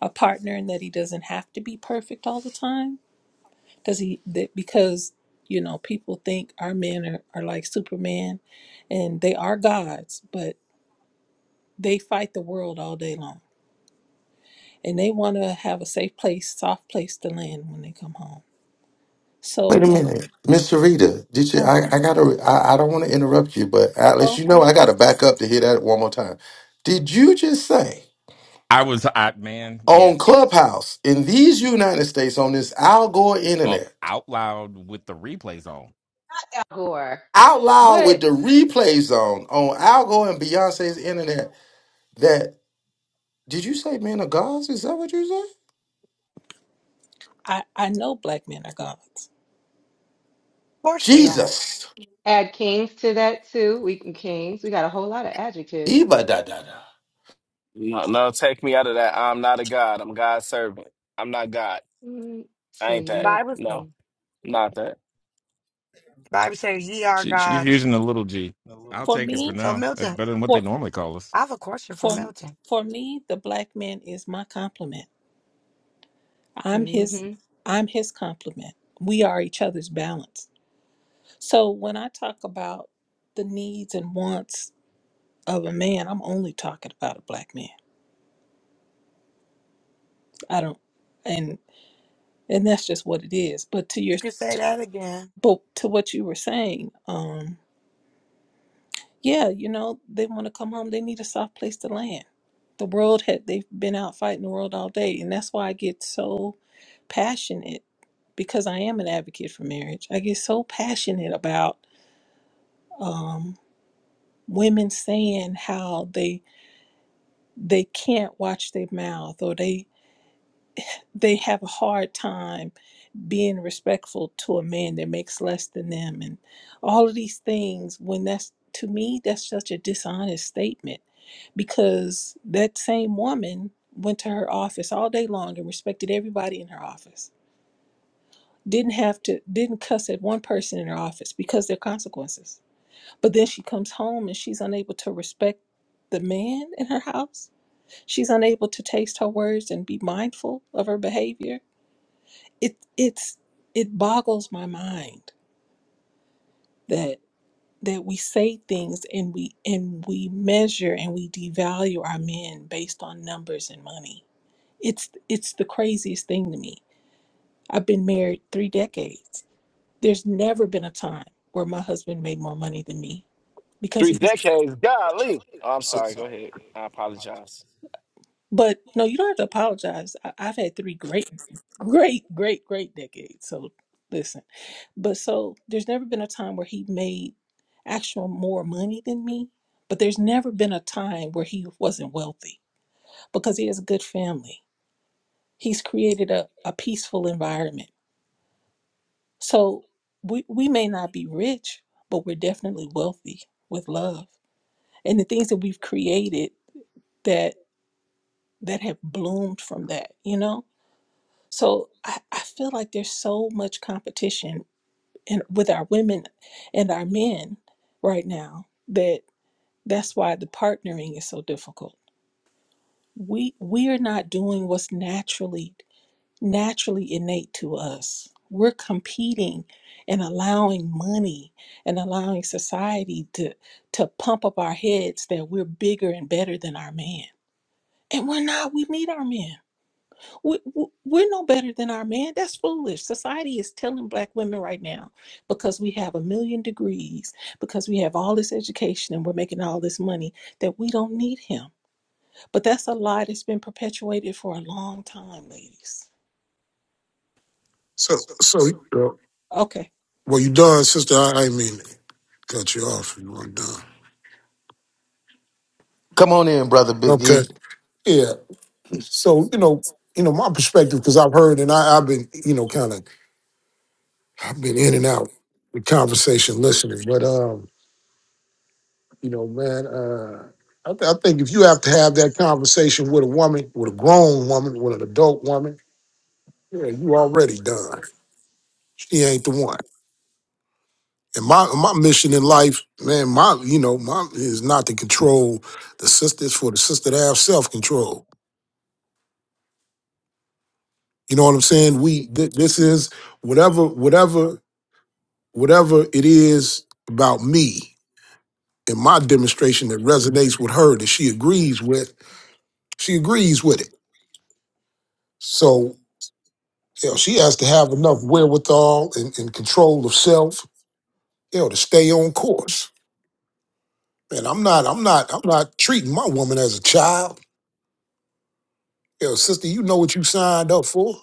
E: a partner and that he doesn't have to be perfect all the time does he that because you know people think our men are, are like superman and they are gods but they fight the world all day long and they want to have a safe place soft place to land when they come home so
B: Wait a minute, Miss Rita. Did you?
E: uh,
B: I, I gotta. I, I don't want to interrupt you, but
E: uh,
B: Atlas, you
E: okay.
B: know I gotta back up to hear that one more time. Did you just say?
N: I was, I man,
B: on
N: yes,
B: Clubhouse in these United States on this Al Gore
N: uh,
B: internet
N: out loud with the replays on.
H: Gore.
B: out loud with
H: What?
B: the replay zone on Al Gore and Beyonce's internet that did you say man of God? Is that what you said?
E: i i know black men are gods
P: of course they are.
B: Jesus.
H: Add kings to that too. We can kings. We got a whole lot of adjectives.
B: Iba da da da.
O: No, no, take me out of that. I'm not a god. I'm God's servant. I'm not God.
H: Mm, let's
O: I
H: see
O: ain't
P: The
H: you.
O: that.
H: got.
P: Bible, the
O: No,
H: Mm,
O: not that.
P: Bible says, ye are
N: She, she's
P: gods.
N: using a little G. I'll
E: for
N: take it for
E: me
P: So,
N: now. That's
P: Milton,
N: better than what they
E: for
N: normally call us.
P: I have a question for
E: for
P: Milton.
E: for me the black man is my compliment I'm
H: mhm.
E: his I'm his complement. We are each other's balance. So when I talk about the needs and wants of a man, I'm only talking about a black man. I don't and and that's just what it is. But to
P: You
E: your
P: can say that again.
E: but to what you were saying, um yeah, you know, they want to come home, they need a soft place to land. The world had they've been out fighting the world all day and that's why I get so passionate because I am an advocate for marriage. I get so passionate about um. women saying how they they can't watch their mouth or they they have a hard time being respectful to a man that makes less than them and all of these things when that's to me that's such a dishonest statement because that same woman went to her office all day long and respected everybody in her office didn't have to didn't cuss at one person in her office because there are consequences but then she comes home and she's unable to respect the man in her house She's unable to taste her words and be mindful of her behavior. It it's it boggles my mind that that we say things and we and we measure and we devalue our men based on numbers and money. It's it's the craziest thing to me. I've been married 3 decades. There's never been a time where my husband made more money than me because
O: Three
E: he's
O: decades, golly. Oh, I'm
Q: So,
O: sorry. Go ahead. I apologize.
E: but no, you don't have to apologize. I, I've had 3 great Great, great, great decade. So listen, but so there's never been a time where he made actual more money than me, but there's never been a time where he wasn't wealthy because he has a good family. He's created a, a peaceful environment. So we, we may not be rich, but we're definitely wealthy with love and the things that we've created that that have bloomed from that, you know? So I, I feel like there's so much competition and with our women and our men right now that that's why the partnering is so difficult we we're not doing what's naturally naturally innate to us we're competing and allowing money and allowing society to to pump up our heads that we're bigger and better than our man and we're not we need our men we, we- we're no better than our man. That's foolish. Society is telling black women right now because we have a million degrees, because we have all this education and we're making all this money that we don't need him. But that's a lie that's been perpetuated for a long time, ladies.
Q: so, so uh,
E: Okay.
Q: well, you done, sister. I, I didn't mean to cut you off. You weren't done.
B: Come on in, brother Big
Q: Okay.
B: E.
Q: Yeah. So you know, you know, my perspective because I've heard and I, I've been, you know, kind of, I've been in and out with conversation listening. But um, you know, man, uh, I, th- I think if you have to have that conversation with a woman, with a grown woman, with an adult woman, yeah, you already done. She ain't the one. And my my mission in life, man, my you know, my is not to control the sisters for the sister to have self control. You know what I'm saying? We th- this is whatever whatever whatever it is about me and my demonstration that resonates with her that she agrees with. She agrees with it. So you know, she has to have enough wherewithal and, and control of self, you know, to stay on course. Man, I'm not I'm not I'm not treating my woman as a child. Yo, sister, you know what you signed up for.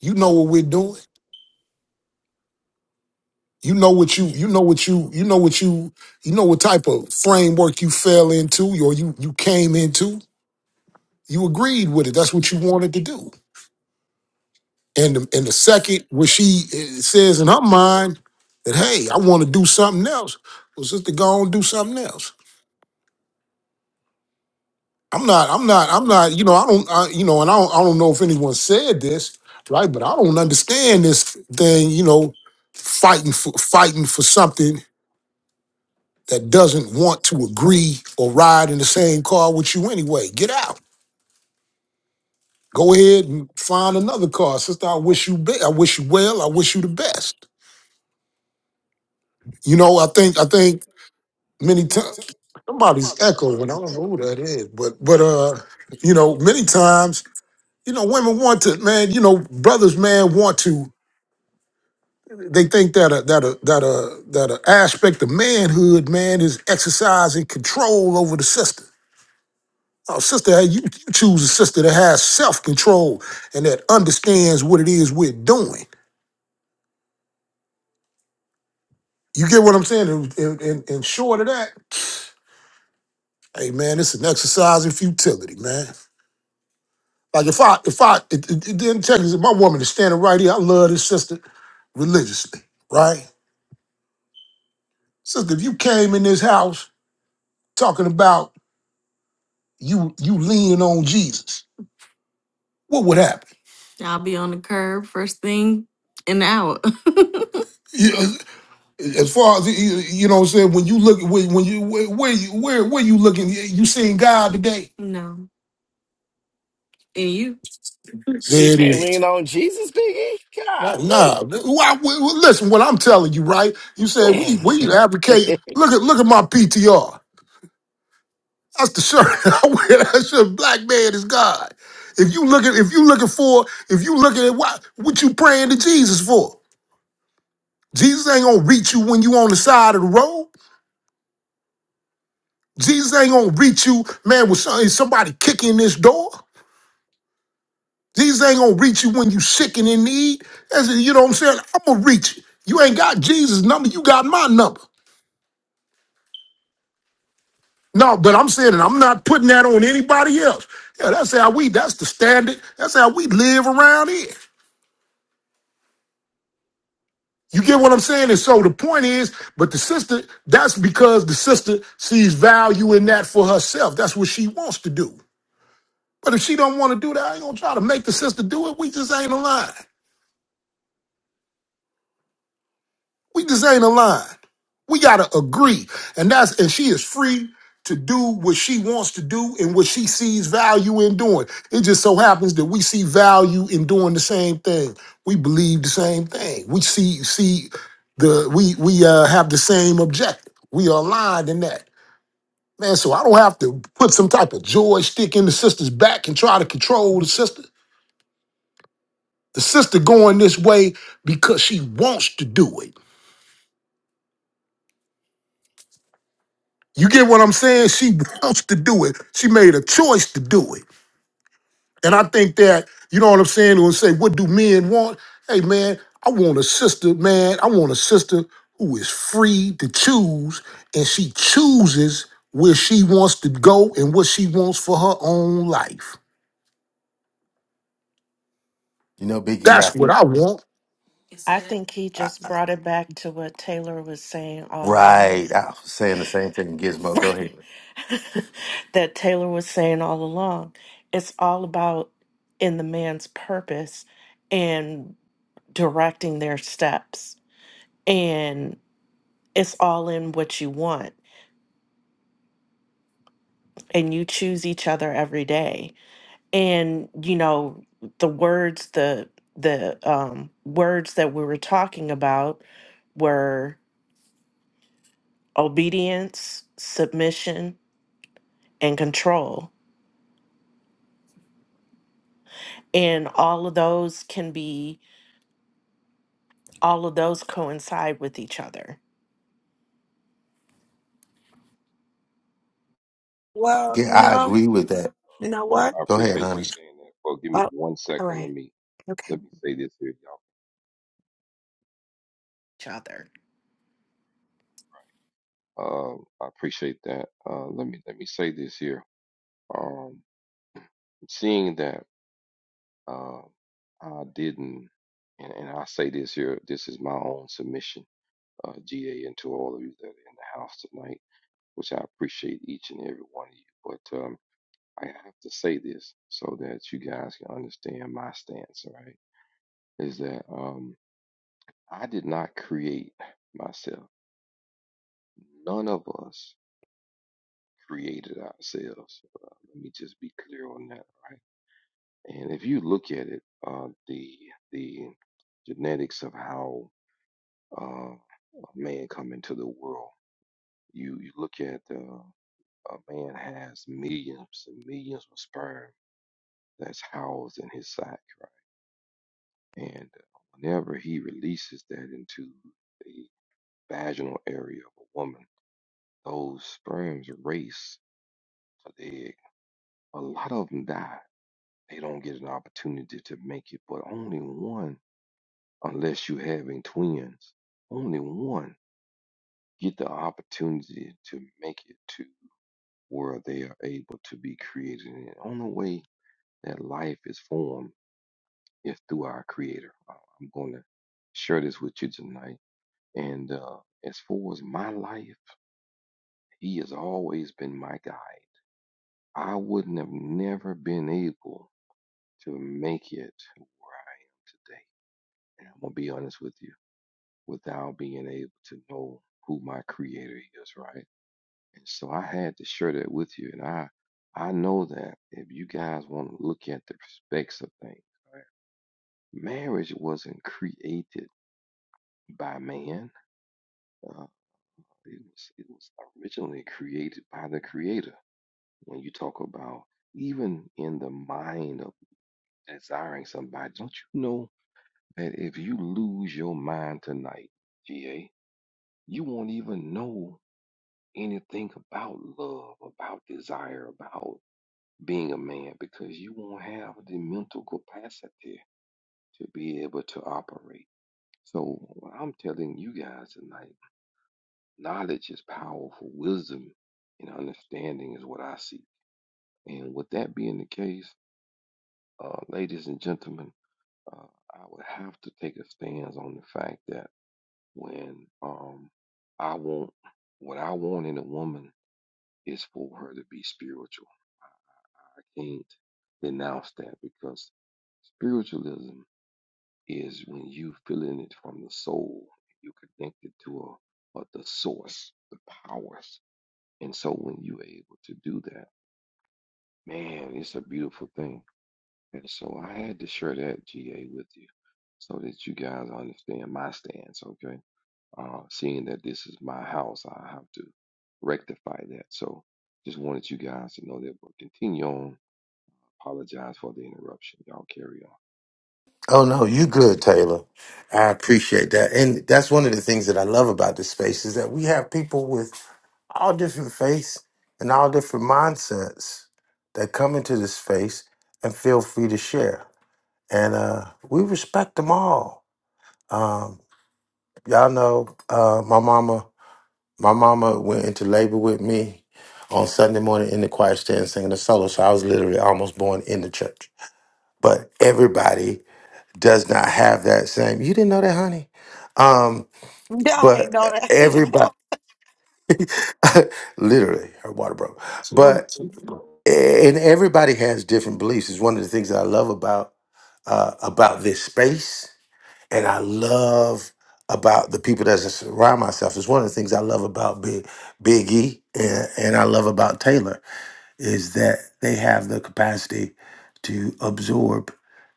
Q: You know what we're doing. You know what you you know what you you know what you you know what type of framework you fell into or you you came into. You agreed with it. That's what you wanted to do. And the, and the second where she eh, says in her mind that hey, I want to do something else. Well, sister, go on and do something else. I'm not, I'm not, I'm not, you know, I don't, I, you know, and I don't, I don't know if anyone said this, right? But I don't understand this thing, you know, fighting for, fighting for something that doesn't want to agree or ride in the same car with you anyway. Get out. Go ahead and find another car. Sister, I wish you, be- I wish you well. I wish you the best. You know, I think, I think many times, somebody's echoing. I don't know who that is, but, but, uh, you know, many times you know, women want to, man. You know, brothers, man, want to. They think that a that a that a that a aspect of manhood, man, is exercising control over the sister. Oh, sister, hey, you, you choose a sister that has self control and that understands what it is we're doing. You get what I'm saying? And, and, and and short of that, hey man, it's an exercise in futility, man. Like if I if I it, it, it didn't tell you my woman is standing right here, I love this sister religiously, right? Sister, if you came in this house talking about you you lean on Jesus, what would happen? I'll be on the curb first thing in the hour. You- As far as you you know, what I'm saying when you look when when you where where you where where you looking, you seeing God today? No. And you?
O: She
Q: There it
O: can't
Q: is.
O: lean on Jesus,
Q: Nah,
O: Biggie.
Q: nah. Why, well, listen, what I'm telling you, right? You said we we
O: Golly.
Q: advocate. Look at look at my PTR. That's the shirt I wear. That shirt, black man is God. If you looking, if you looking for, if you looking at what, what you praying to Jesus for? Jesus ain't gonna reach you when you on the side of the road. Jesus ain't gonna reach you, man, with some- somebody kicking this door. Jesus ain't gonna reach you when you sick and in need. That's, it, you know what I'm saying? I'm gonna reach you. You ain't got Jesus' number, you got my number. No, but I'm saying it, I'm not putting that on anybody else. Yeah, that's how we, that's the standard. That's how we live around here. You get what I'm saying? And so the point is, but the sister, that's because the sister sees value in that for herself. That's what she wants to do. But if she don't want to do that, I ain't gonna try to make the sister do it. We just ain't aligned. We just ain't aligned. We gotta agree. And that's and she is free to do what she wants to do and what she sees value in doing. It just so happens that we see value in doing the same thing. We believe the same thing. We see see the we we uh, have the same objective. We are aligned in that. Man, so I don't have to put some type of joystick in the sister's back and try to control the sister. The sister going this way because she wants to do it. You get what I'm saying? She wants to do it. She made a choice to do it. And I think that, you know what I'm saying, when say, what do men want? Hey man, I want a sister, man. I want a sister who is free to choose and she chooses where she wants to go and what she wants for her own life.
B: You know Big E, I
Q: That's what
B: think
Q: I want.
G: I think he
B: I-
G: just
B: I-
G: brought it back to what Taylor was saying all
B: right.
G: along.
B: I was saying the same thing, Gizmo. Go ahead.
G: that Taylor was saying all along. It's all about in the man's purpose and directing their steps. And it's all in what you want. And you choose each other every day. And you know, the words, the the um words that we were talking about were obedience, submission, and control. And all of those can be all of those coincide with each other.
P: Well,
B: Yeah,
P: you
B: I
P: know,
D: Appreciate
B: agree with that.
P: you know what?
D: it. I
B: Go ahead,
D: appreciate you
B: honey.
D: saying that. Well, give me
P: Oh,
D: one
P: all
D: second. Let
P: right.
D: me
P: Okay.
D: let me say this here,
G: Each other.
D: y'all. Uh, I appreciate that. Uh, let me let me say this here. Um, seeing that uh, I didn't, and, and I say this here, this is my own submission, uh, GA, and to all of you that are in the house tonight, which I appreciate each and every one of you. But um, I have to say this so that you guys can understand my stance, all right? Is that um, I did not create myself. None of us created ourselves. Uh, let me just be clear on that, right? And if you look at it, uh, the the genetics of how uh, a man come into the world, you you look at uh, a man has millions and millions of sperm that's housed in his sac, right? And uh, whenever he releases that into the vaginal area of a woman, those sperms race to the egg. A lot of them die. They don't get an opportunity to make it, but only one unless you're having twins. Only one get the opportunity to make it to where they are able to be created. And the only way that life is formed is through our Creator. I- I'm going to share this with you tonight. And uh, as far as my life, He has always been my guide. I wouldn't have never been able to make it to where I am today. And I'm going to be honest with you. without being able to know who my creator is, right? And so I had to share that with you. And I I know that if you guys want to look at the specs of things, right? Marriage wasn't created by man. Uh, it was it was originally created by the creator. When you talk about even in the mind of desiring somebody, don't you know that if you lose your mind tonight, GA, you won't even know anything about love, about desire, about being a man because you won't have the mental capacity to be able to operate. So what I'm telling you guys tonight, knowledge is powerful. Wisdom and understanding is what I seek. And with that being the case, uh, ladies and gentlemen, uh, I would have to take a stance on the fact that when um, I want what I want in a woman is for her to be spiritual I can't denounce that because spiritualism is when you feeling it from the soul. You connect it to a, a the source, the powers. And so when you're able to do that, man, it's a beautiful thing. And so I had to share that GA with you so that you guys understand my stance, okay? Uh, seeing that this is my house, I have to rectify that. So just wanted you guys to know that we'll continue on Apologize for the interruption. Y'all carry
B: Oh no, you good, Taylor. I appreciate that. And that's one of the things that I love about this space is that we have people with all different faiths and all different mindsets that come into this space and feel free to share. And uh, we respect them all. Um, y'all know uh, my mama. My mama went into labor with me on Sunday morning in the choir stand singing a solo. So I was literally almost born in the church. But everybody does not have that same. You didn't know that, honey. Um,
P: No, I ain't
B: but
P: know that.
B: everybody, literally, her water broke. But and everybody has different beliefs. It's one of the things that I love about uh, about this space, and I love about the people that I surround myself. It's one of the things I love about Big Big E, and, and I love about Taylor is that they have the capacity to absorb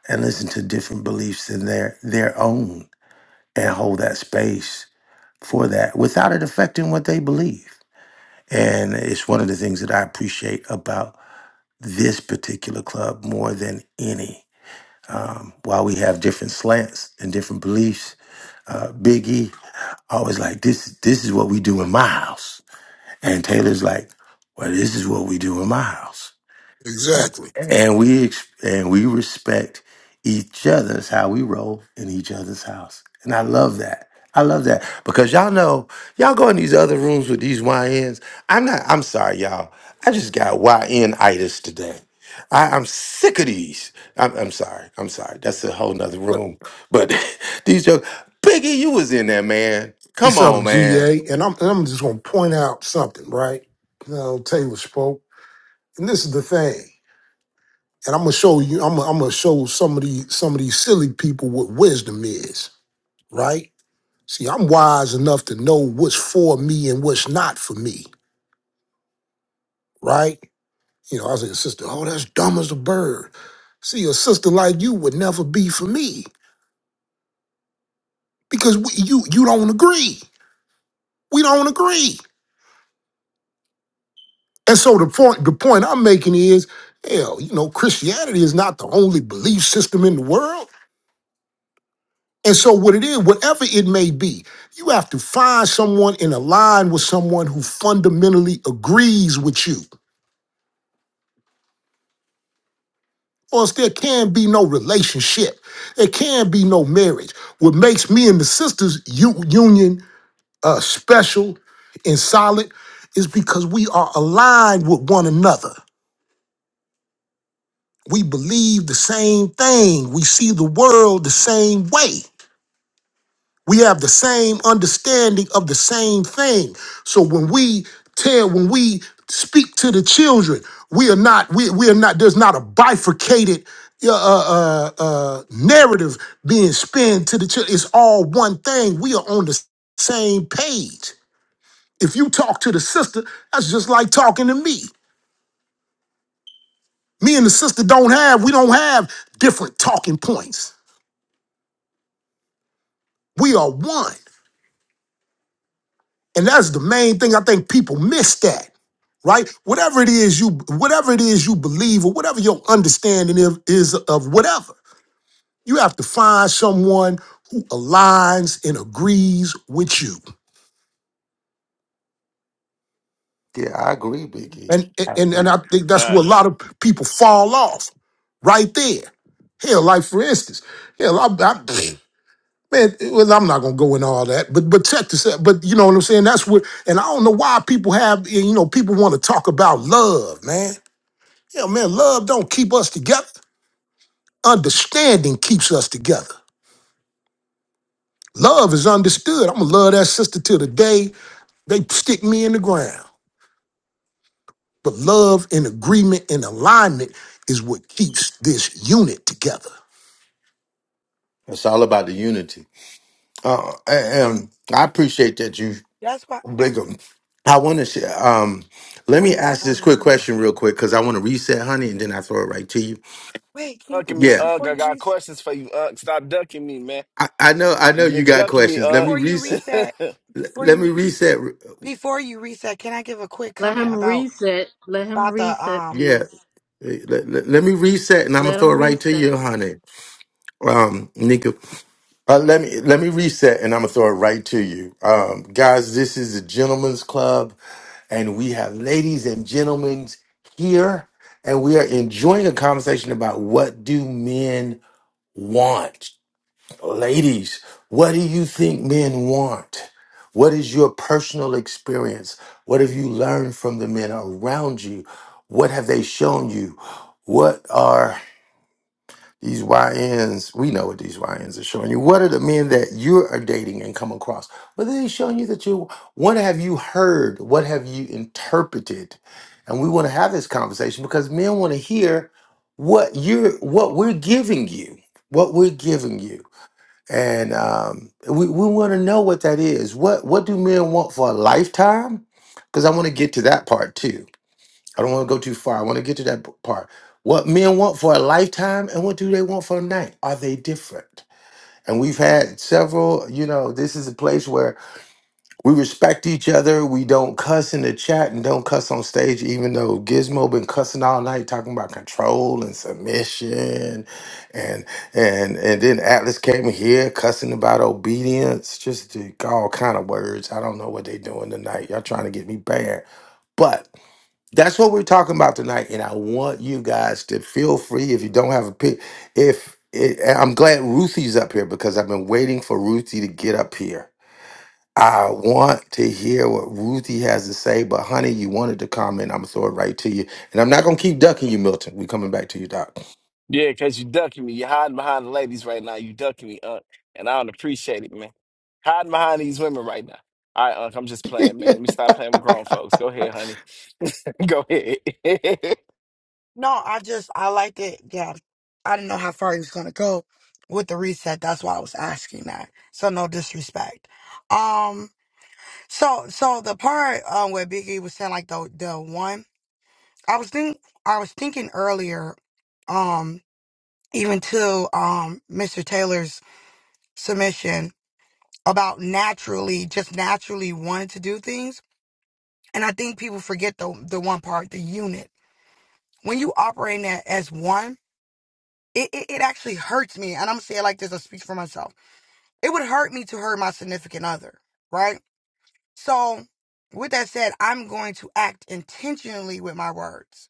B: and listen to different beliefs than their their own and hold that space for that without it affecting what they believe. And it's one of the things that I appreciate about this particular club more than any. Um, while we have different slants and different beliefs, uh, Big E always like this. This is what we do in my house, and Taylor's like, well, this is what we do in my house.
Q: Exactly.
B: and we ex- and we respect each other's how we roll in each other's house and i love that i love that because y'all know y'all go in these other rooms with these yns i'm not i'm sorry y'all i just got yn itis today I, I'm sick of these. I'm, I'm sorry. I'm sorry. That's a whole nother
Q: But
B: room. But these jokes. Biggie, you was in there, man.
Q: it's
B: Come
Q: something,
B: on, man.
Q: GA, and I'm, and I'm just gonna point out something, right? You know, Taylor spoke. And this is the thing. and I'm gonna show you. I'm gonna, I'm gonna show some of these some of these silly people what wisdom is, right? See, I'm wise enough to know what's for me and what's not for me, right? You know, I was like, sister, oh, that's dumb as a bird. See, a sister like you would never be for me because we, you you don't agree. We don't agree. And so the point the point I'm making is, hell, you know, Christianity is not the only belief system in the world. And so, what it is, whatever it may be, you have to find someone and align with someone who fundamentally agrees with you. Or else there can be no relationship. There can be no marriage. What makes me and the sisters u- union uh, special and solid is because we are aligned with one another. We believe the same thing. We see the world the same way. We have the same understanding of the same thing. So when we tell, when we speak to the children, we are not, we, we are not, there's not a bifurcated uh, uh, uh, uh, narrative being spun to the children. It's all one thing. We are on the same page. If you talk to the sister, that's just like talking to me. Me and the sister don't have, we don't have different talking points. We are one. And that's the main thing I think people miss that, right? Whatever it is you whatever it is you believe or whatever your understanding of, is of whatever, you have to find someone who aligns and agrees with you.
B: Yeah, I agree, Biggie.
Q: And
B: I
Q: and and
B: agree.
Q: I think that's where a lot
O: Facts.
Q: of people fall off right there. Hell, like for instance, hell, I, I man, well, I'm not gonna go in all that, but but check this out. But you know what I'm saying? That's what, and I don't know why people have, you know, people want to talk about love, man. Yeah, man, love don't keep us together. Understanding keeps us together. Love is understood. I'm gonna love that sister till the day they stick me in the ground. But love and agreement and alignment is what keeps this unit together.
B: It's all about the unity. Uh, and I appreciate that you.
P: that's why
B: Blinkum. I want to share. Um,
P: I
B: let
P: had a
B: me
P: quick
B: ask this
P: comment.
B: quick question real quick because I want to reset, honey, and then I throw it right to you.
P: Wait, can,
O: ducking me,
P: wait,
B: Yeah,
O: Ugg.
P: before
O: I
P: you
O: got
P: reset,
O: questions for you, Ugg. Stop ducking me, man.
B: I, I know. I know
O: You've
B: you
O: been
B: got
O: ducking me,
B: questions. Let
O: Ugg.
B: me
P: before you
B: reset.
P: reset,
B: Let
P: before
B: let me
P: you,
B: reset.
P: before you reset, can I give a quick
C: Let
P: comment
C: him
P: about
C: reset. Let him
P: About the
C: reset,
P: um
B: Yeah,
C: please.
B: let, let- let me reset, and I'm gonna
C: Let
B: throw
C: him
B: it right
P: Okay.
B: to
C: reset.
B: you, honey. Um, Nika, uh, let me let me reset, and I'm gonna throw it right to you, um, guys. This is the Gentlemen's Club, and we have ladies and gentlemen here, and we are enjoying a conversation about what do men want? Ladies, what do you think men want? What is your personal experience? What have you learned from the men around you? What have they shown you? What are these YNs? We know what these YNs are showing you. What are the men that you are dating and come across? What are they showing you that you, what have you heard? What have you interpreted? And we want to have this conversation because men want to hear what you're, what we're giving you, what we're giving you and um, we, we want to know what that is. What what do men want for a lifetime? Because I want to get to that part too. I don't want to go too far. I want to get to that p- part. What men want for a lifetime and what do they want for a night? Are they different? And we've had several. You know, this is a place where we respect each other. We don't cuss in the chat and don't cuss on stage, even though Gizmo been cussing all night talking about control and submission and and and then Atlas came in here cussing about obedience, just the- all kind of words. I don't know what they doing tonight. Y'all trying to get me banned. But that's what we're talking about tonight. And I want you guys to feel free if you don't have a pick. If it, I'm glad Ruthie's up here because I've been waiting for Ruthie to get up here I want to hear what Ruthie has to say, but honey, you wanted to comment. I'm gonna throw it right to you. And I'm not gonna keep ducking you, Milton. we coming back to you, Doc.
O: yeah, because you ducking me. You're hiding behind the ladies right now. You ducking me, Ugg. And I don't appreciate it, man. Hiding behind these women right now. All right, Ugg, I'm just playing, man. Let me stop playing with grown folks. Go ahead, honey. Go ahead.
P: no, I just I liked it. Yeah. I didn't know how far he was gonna go with the reset. That's why I was asking that. So no disrespect. Um so so the part um where Biggie was saying like the the one I was think I was thinking earlier, um, even to um Mr. Taylor's submission about naturally, just naturally wanting to do things. And I think people forget the the one part, the unit. When you operate that as one It, it, it actually hurts me. And I'm saying it like this, I speak for myself. It would hurt me to hurt my significant other, right? So, with that said, I'm going to act intentionally with my words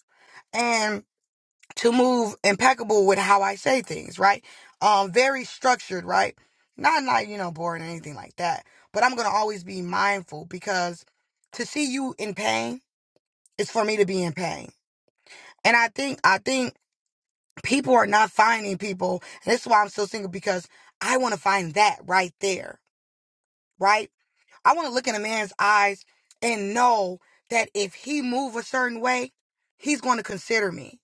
P: and to move impeccable with how I say things, right? Um, very structured, right? Not like, you know, boring or anything like that. But I'm going to always be mindful because to see you in pain is for me to be in pain. And I think, I think people are not finding people. And that's why I'm still single because I want to find that right there, right? I want to look in a man's eyes and know that if he move a certain way, he's going to consider me.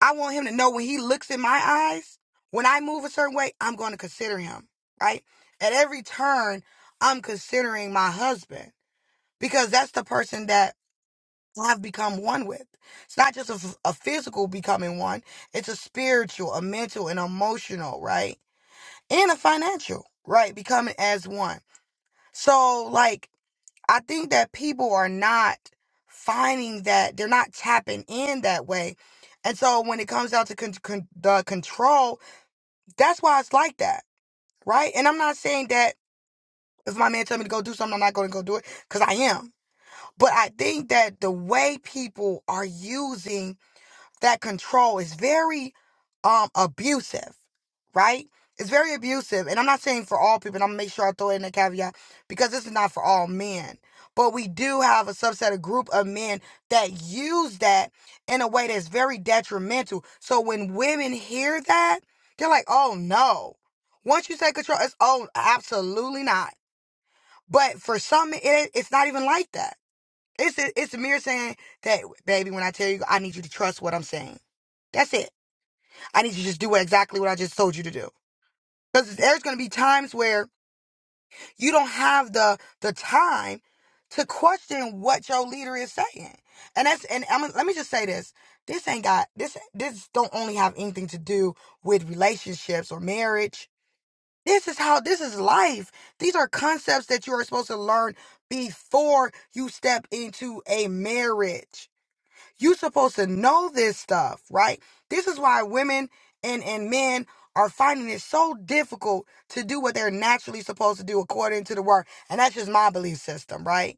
P: I want him to know when he looks in my eyes, when I move a certain way, I'm going to consider him, right? At every turn, I'm considering my husband because that's the person that have become one with. It's not just a, f- a physical becoming one, it's a spiritual, a mental, and emotional, right? And a financial, right? Becoming as one. So, like, I think that people are not finding that, they're not tapping in that way. And so, when it comes down to con- con- the control, that's why it's like that, right? And I'm not saying that if my man tell me to go do something, I'm not going to go do it because I am. But I think that the way people are using that control is very um abusive, right? It's very abusive. And I'm not saying for all people, and I'm gonna make sure I throw in a caveat because this is not for all men. But we do have a subset, a group of men that use that in a way that's very detrimental. So when women hear that, they're like, oh no. Once you take control, it's oh absolutely not. But for some, it, it's not even like that. It's it's mere saying that, baby, when I tell you, I need you to trust what I'm saying. That's it. I need you to just do exactly what I just told you to do. Because there's going to be times where you don't have the the time to question what your leader is saying. And that's and I'm, let me just say this: this ain't got this. This don't only have anything to do with relationships or marriage. This is how this is life. These are concepts that you are supposed to learn before you step into a marriage you are supposed to know this stuff, right? This is why women and, and men are finding it so difficult to do what they're naturally supposed to do according to the word. And that's just my belief system, right?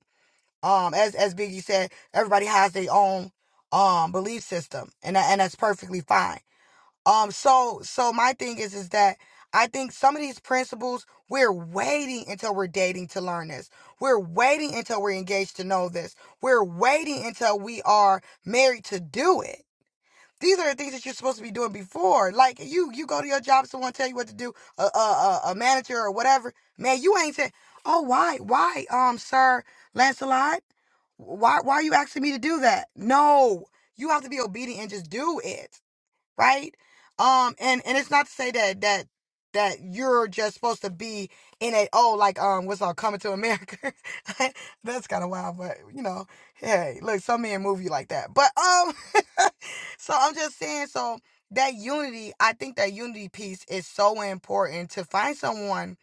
P: Um, as as Biggie said, everybody has their own um belief system, and that, and that's perfectly fine. Um, so so my thing is is that I think some of these principles we're waiting until we're dating to learn this. We're waiting until we're engaged to know this. We're waiting until we are married to do it. These are the things that you're supposed to be doing before. Like you, you go to your job, someone tell you what to do, a a, a, a manager or whatever. Man, you ain't saying, "Oh, why, why, um, sir Lancelot, why, why are you asking me to do that?" No, you have to be obedient and just do it right? Um, and and it's not to say that that that you're just supposed to be in a oh like um what's all coming to America. That's kind of wild, but you know, hey, look, some men move you like that. But um, so I'm just saying, so that unity, I think that unity piece is so important to find someone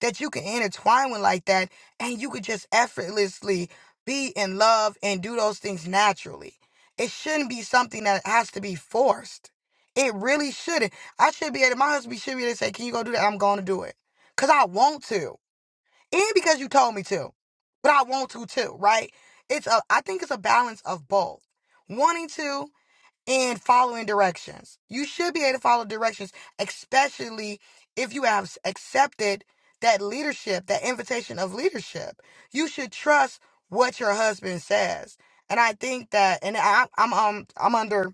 P: that you can intertwine with like that, and you could just effortlessly be in love and do those things naturally. It shouldn't be something that has to be forced it really shouldn't. I should be able. My husband should be able to say, "Can you go do that?" I'm going to do it because I want to, and because you told me to. But I want to too, right? It's a. I think it's a balance of both, wanting to and following directions. You should be able to follow directions, especially if you have accepted that leadership, that invitation of leadership. You should trust what your husband says, and I think that. And I, I'm um I'm under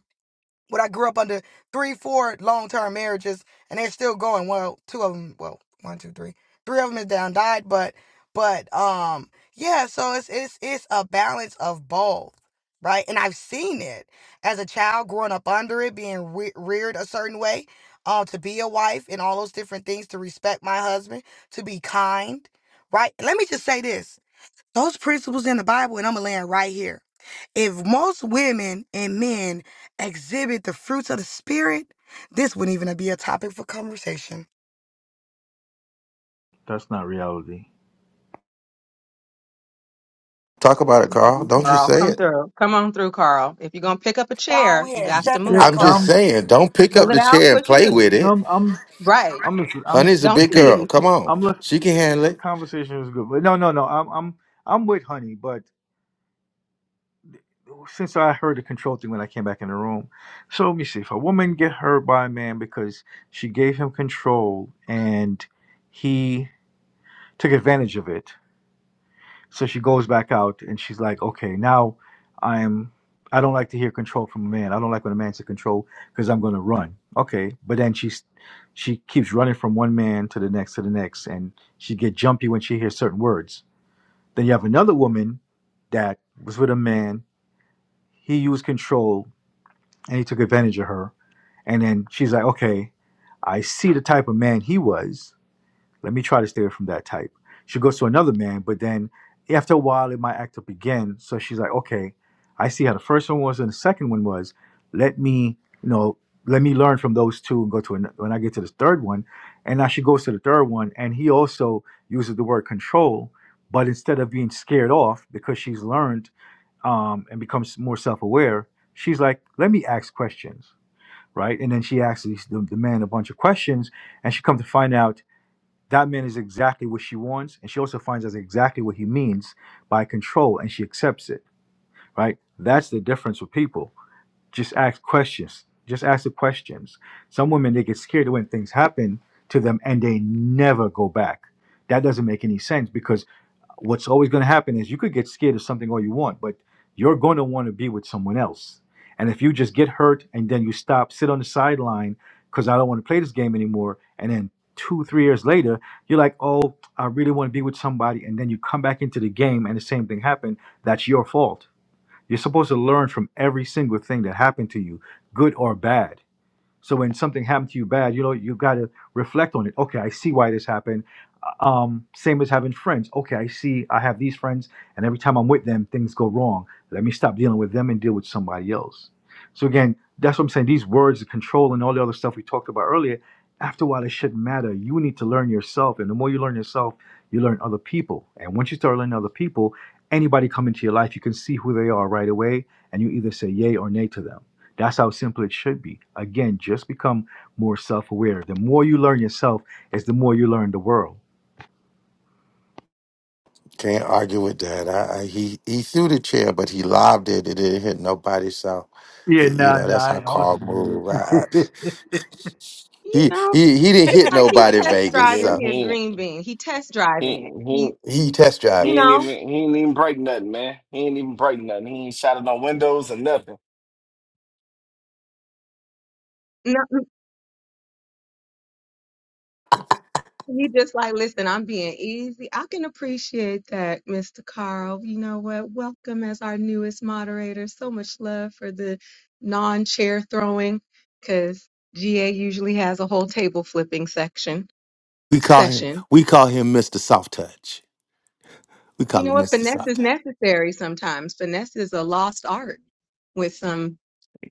P: but I grew up under three, four long term marriages, and they're still going. Well, two of them, well, one, two, three, three of them is down died, but, but, um, yeah. So it's it's it's a balance of both, right? And I've seen it as a child growing up under it, being re- reared a certain way, uh, to be a wife and all those different things, to respect my husband, to be kind, right? Let me just say this: those principles in the Bible, and I'm gonna land right here if most women and men exhibit the fruits of the spirit, this wouldn't even be a topic for conversation.
K: That's not reality.
B: Talk about it,
H: Love
B: Carl.
H: you,
B: Don't just
H: Carl,
B: say
H: come
B: it.
H: through. Come on through, Carl. If you're gonna pick up a
P: Go
H: chair, you
P: ahead,
H: got
B: Y-
H: to
P: step in
H: move
K: Yeah,
P: that
B: I'm
H: it.
B: just
P: car.
K: I'm,
B: saying, don't pick
H: Pull
B: up
H: it
B: the
H: out,
B: chair
H: push
B: and
H: it
B: play with
H: in.
B: it.
K: I'm, I'm,
H: Right.
K: I'm, I'm,
B: Honey's a
H: Don't
B: big girl.
H: tease.
B: Come on.
K: I'm,
B: She can handle
K: The
B: it.
K: conversation was good, but no, no, no. I'm I'm I'm with Honey, but since I heard the control thing when I came back in the room, so let me see. If a woman get hurt by a man because she gave him control and he took advantage of it, so she goes back out and she's like, okay, now I'm. I don't like to hear control from a man. I don't like when a man's in control because I'm going to run. Okay, but then she's she keeps running from one man to the next to the next, and she get jumpy when she hears certain words Then you have another woman that was with a man. He used control and he took advantage of her. And then she's like, okay, I see the type of man he was. Let me try to stay away from that type. She goes to another man, but then after a while, it might act up again. So she's like, okay, I see how the first one was and the second one was. Let me, you know, let me learn from those two and go to another. When I get to the third one, and now she goes to the third one, and he also uses the word control, but instead of being scared off because she's learned um, and becomes more self-aware, she's like, let me ask questions, right? And then she asks these- the, the man a bunch of questions, and she comes to find out that man is exactly what she wants, and she also finds out exactly what he means by control, and she accepts it. Right? That's the difference with people. Just ask questions. Just ask the questions. Some women they get scared when things happen to them, and they never go back. That doesn't make any sense because what's always going to happen is you could get scared of something all you want, but you're going to want to be with someone else. And if you just get hurt and then you stop, sit on the sideline because I don't want to play this game anymore, and then two, three years later, you're like, oh, I really want to be with somebody, and then you come back into the game and the same thing happened, that's your fault. You're supposed to learn from every single thing that happened to you, good or bad. So when something happened to you bad, you know, you got to reflect on it. Okay, I see why this happened um, same as having friends. Okay, I see I have these friends, and every time I'm with them, things go wrong. Let me stop dealing with them and deal with somebody else. So again, that's what I'm saying. These words, the control, and all the other stuff we talked about earlier, after a while, it shouldn't matter. You need to learn yourself, and the more you learn yourself, you learn other people. And once you start learning other people, anybody come into your life, you can see who they are right away, and you either say yay or nay to them. That's how simple it should be. Again, just become more self-aware. The more you learn yourself, is the more you learn the world.
B: Can't argue with that. I, I, he he threw the chair, but he lobbed it. It didn't hit nobody. So,
K: Yeah,
B: you
K: no,
B: know,
K: no,
B: that's
K: I,
B: how
K: I wasn't
B: Carl
K: going to
B: moved. I, I,
K: do it.
H: You
B: he
H: know,
B: he he didn't
H: it's
B: hit
H: like he
B: nobody
H: test
B: Vegas.
O: yeah,
H: driving
B: So
O: he
H: his
O: ain't,
H: green bean. He test
O: he,
H: driving it.
O: ain't- he,
H: He,
O: ain't-
B: he test
O: he
H: you
B: driving
O: ain't even
H: know,
B: it.
O: he ain't even break nothing, man. He ain't even break nothing. He ain't shattered no windows or nothing.
H: no- he just like, listen, I'm being easy. I can appreciate that, Mr. Carl. You know what? Welcome as our newest moderator. So much love for the non-chair throwing, because GA usually has a whole table flipping section
B: We call him
H: session
B: we call him Mr. Soft Touch. We
H: You
B: call
H: know
B: him
H: what?
B: Mr.
H: Finesse
B: Soft
H: is
B: Touch.
H: necessary sometimes. Finesse is a lost art with some.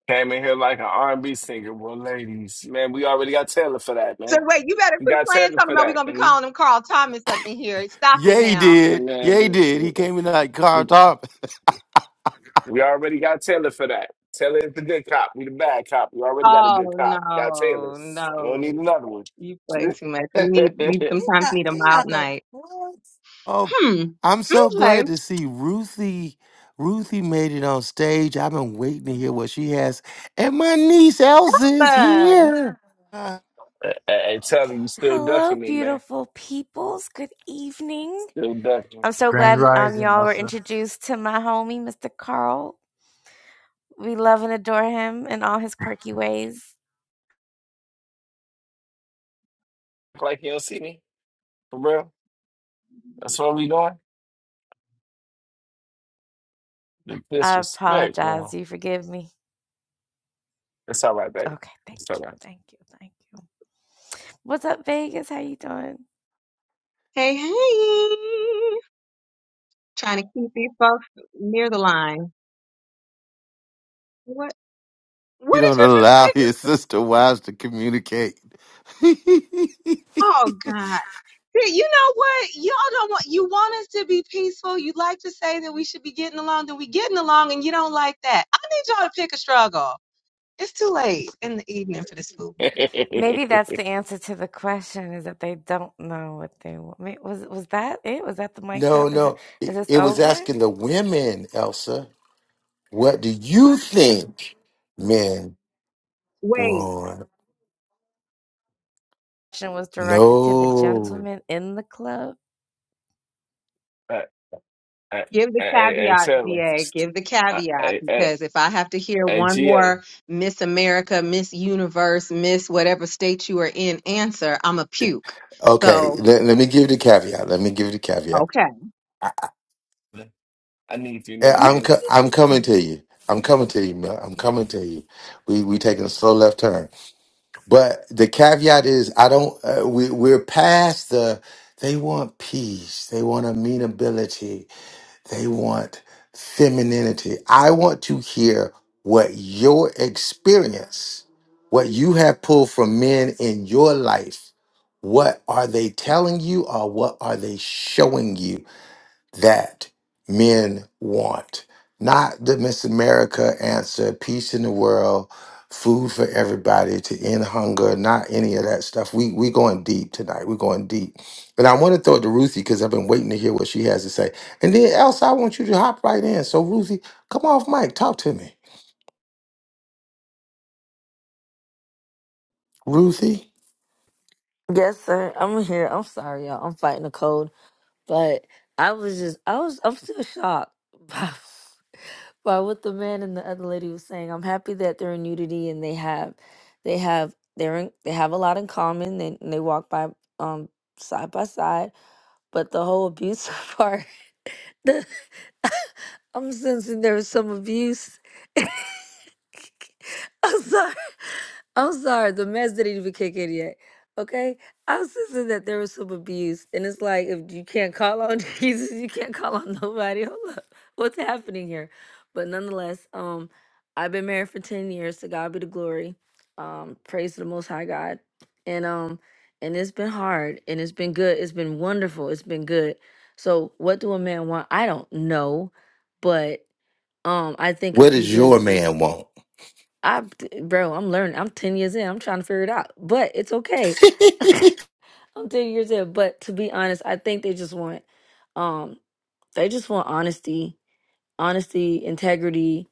O: Came in here like an R&B singer. Well, ladies, man, we already got Taylor for that,
H: So
O: man.
H: wait, you better
O: We
H: quit
O: got
H: playing
O: Taylor
H: talking
O: for
H: about we're
O: that.
H: gonna be
O: And,
H: calling him Carl Thomas up in here. Stop it
B: Yeah, he
H: now.
O: and
B: did.
O: man,
B: Yeah, he
O: we,
B: did.
O: we,
B: He came in like car
O: we
B: top.
O: we already got Taylor for that. Taylor is the good cop. We the bad cop. We already got a good
H: Oh
O: cop. We got Taylor.
H: no,
O: We don't need
H: no.
O: another one.
H: You play
O: hey,
H: too much. We need we
P: He
H: sometimes
P: not,
H: need a
P: he not
H: mild
P: the
H: night.
P: what?
B: Oh,
H: Hmm.
B: I'm so
H: Okay.
B: glad to see Ruthie. Ruthie made it on stage. I've been waiting to hear what she has. And my niece Elsa is
H: Uh,
B: here.
P: Uh,
O: Taylor, you still
R: Hello,
O: ducking me, man.
R: beautiful peoples. Good evening.
O: Still ducking. Act
R: I'm so
K: Grand
R: glad um,
K: Rising,
R: y'all were
K: Elsa.
R: introduced to my homie, Mr. Carl. We love and adore him and all his quirky ways.
O: Like you don't see me? For real? That's what we doing? The
R: I
O: disrespect,
R: apologize.
O: bro.
R: You forgive me.
O: It's all right, baby.
R: Okay, thank
O: It's all
R: you, thank you, thank you. What's up, Vegas? How you doing?
H: hey, hey. Trying to keep these folks near the line. What
B: You
H: what did
B: don't
H: you just
B: allow
H: say?
B: his sister wives to communicate.
H: Oh God. See, you know what? Y'all don't want you want us to be peaceful. You like to say that we should be getting along, then we getting along and you don't like that. I need y'all to pick a struggle. It's too late in the evening for this food.
O: right.
R: Maybe that's the answer to the question: is that they don't know what they want. Wait, Was was that it? Was that the mic
B: no,
R: drop? Is it?
B: no. It,
R: Is this
B: it was
R: over?
B: asking the women, Elsa, what do you think men
H: Wait.
B: want?
R: Question was directed to the
B: No.
R: gentleman in the club.
O: Hey,
H: Give the
O: hey, hey, hey,
H: caveat,
O: Taylor.
H: GA. Give the
O: Hey,
H: caveat
O: hey, hey,
H: because if I have to hear
O: hey,
H: one
O: GA.
H: more Miss America, Miss Universe, Miss whatever state you are in answer, I'm a puke.
B: Okay,
H: So,
B: let, let me give you the caveat. Let me give you the caveat.
H: okay.
O: I need a few
B: Eh,
O: minutes of
B: I'm
O: you.
B: co- I'm coming to you. I'm coming to you, man. I'm coming to you. We we taking a slow left turn, but the caveat is I don't. Uh, we we're past the. They want peace. They want amenability. They want femininity. I want to hear what your experience, what you have pulled from men in your life. What are they telling you, or what are they showing you? that men want. Not the Miss America answer, peace in the world, food for everybody to end hunger, not any of that stuff. We we going deep tonight. We're going deep. But I want to throw it to Ruthie because I've been waiting to hear what she has to say. And then Elsa, I want you to hop right in. So Ruthie, come off mic, talk to me. Ruthie,
S: Yes, sir. I'm here. I'm sorry, y'all. I'm fighting a cold, but I was just, I was, I'm still shocked by, by what the man and the other lady was saying. I'm happy that they're in unity and they have, they have, they're in, they have a lot in common. They and they walk by, um, side by side. But the whole abuse part, the, I'm sensing there was some abuse. I'm sorry. I'm sorry. The mess didn't even kick in yet. Okay? I was just saying that there was some abuse. And it's like, if you can't call on Jesus, you can't call on nobody. Hold up. What's happening here? But nonetheless, um, I've been married for 10 years. To God be the glory. Um, praise to the most high God. And um, and it's been hard and it's been good. It's been wonderful. It's been good. So what do a man want? I don't know. But um, I think if
B: what
S: we
B: does your
S: just
B: man want?
S: I, bro, I'm learning. I'm 10 years in. I'm trying to figure it out, but it's okay. I'm 10 years in. But to be honest, I think they just want, um, they just want honesty, honesty, integrity,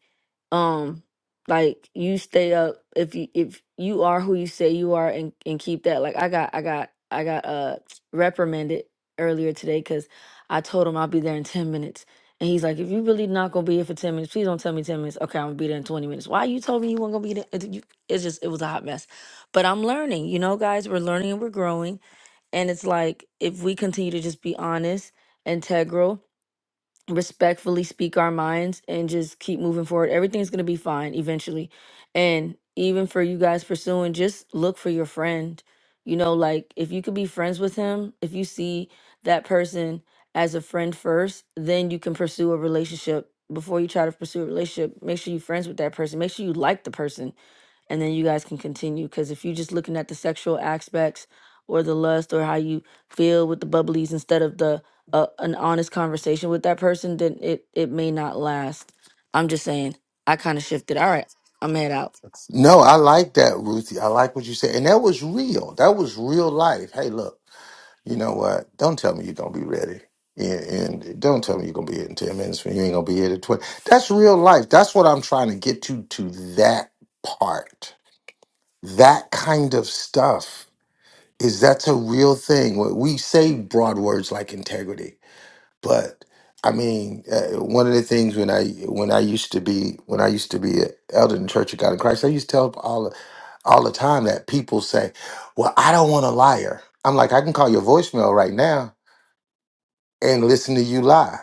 S: um like you stay up if you if you are who you say you are and and keep that like i got i got i got uh reprimanded earlier today because i told him i'll be there in 10 minutes and he's like if you really not gonna be here for 10 minutes please don't tell me 10 minutes okay i'm gonna be there in 20 minutes why you told me you weren't gonna be there It- you- it's just it was a hot mess but i'm learning you know guys we're learning and we're growing and it's like if we continue to just be honest integral respectfully speak our minds and just keep moving forward. Everything's going to be fine eventually. And even for you guys pursuing, just look for your friend. You know, like if you could be friends with him, if you see that person as a friend first, then you can pursue a relationship. Before you try to pursue a relationship, make sure you're friends with that person. Make sure you like the person and then you guys can continue. Because if you're just looking at the sexual aspects or the lust or how you feel with the bubblies instead of the uh, an honest conversation with that person, then it it may not last. I'm just saying. I kind of shifted. All right, I'm head out.
B: No, I like that, Ruthie. I like what you said. And that was real. That was real life. Hey, look, you know what? Don't tell me you're going to be ready. And, and don't tell me you're going to be here in 10 minutes when you ain't going to be here at 20. That's real life. That's what I'm trying to get to, to that part. That kind of stuff is that's a real thing. What We say broad words like integrity, but I mean, uh, one of the things when I when I used to be when I used to be an elder in the Church of God in Christ, I used to tell all all the time that people say, Well, I don't want a liar. I'm like, I can call your voicemail right now and listen to you lie.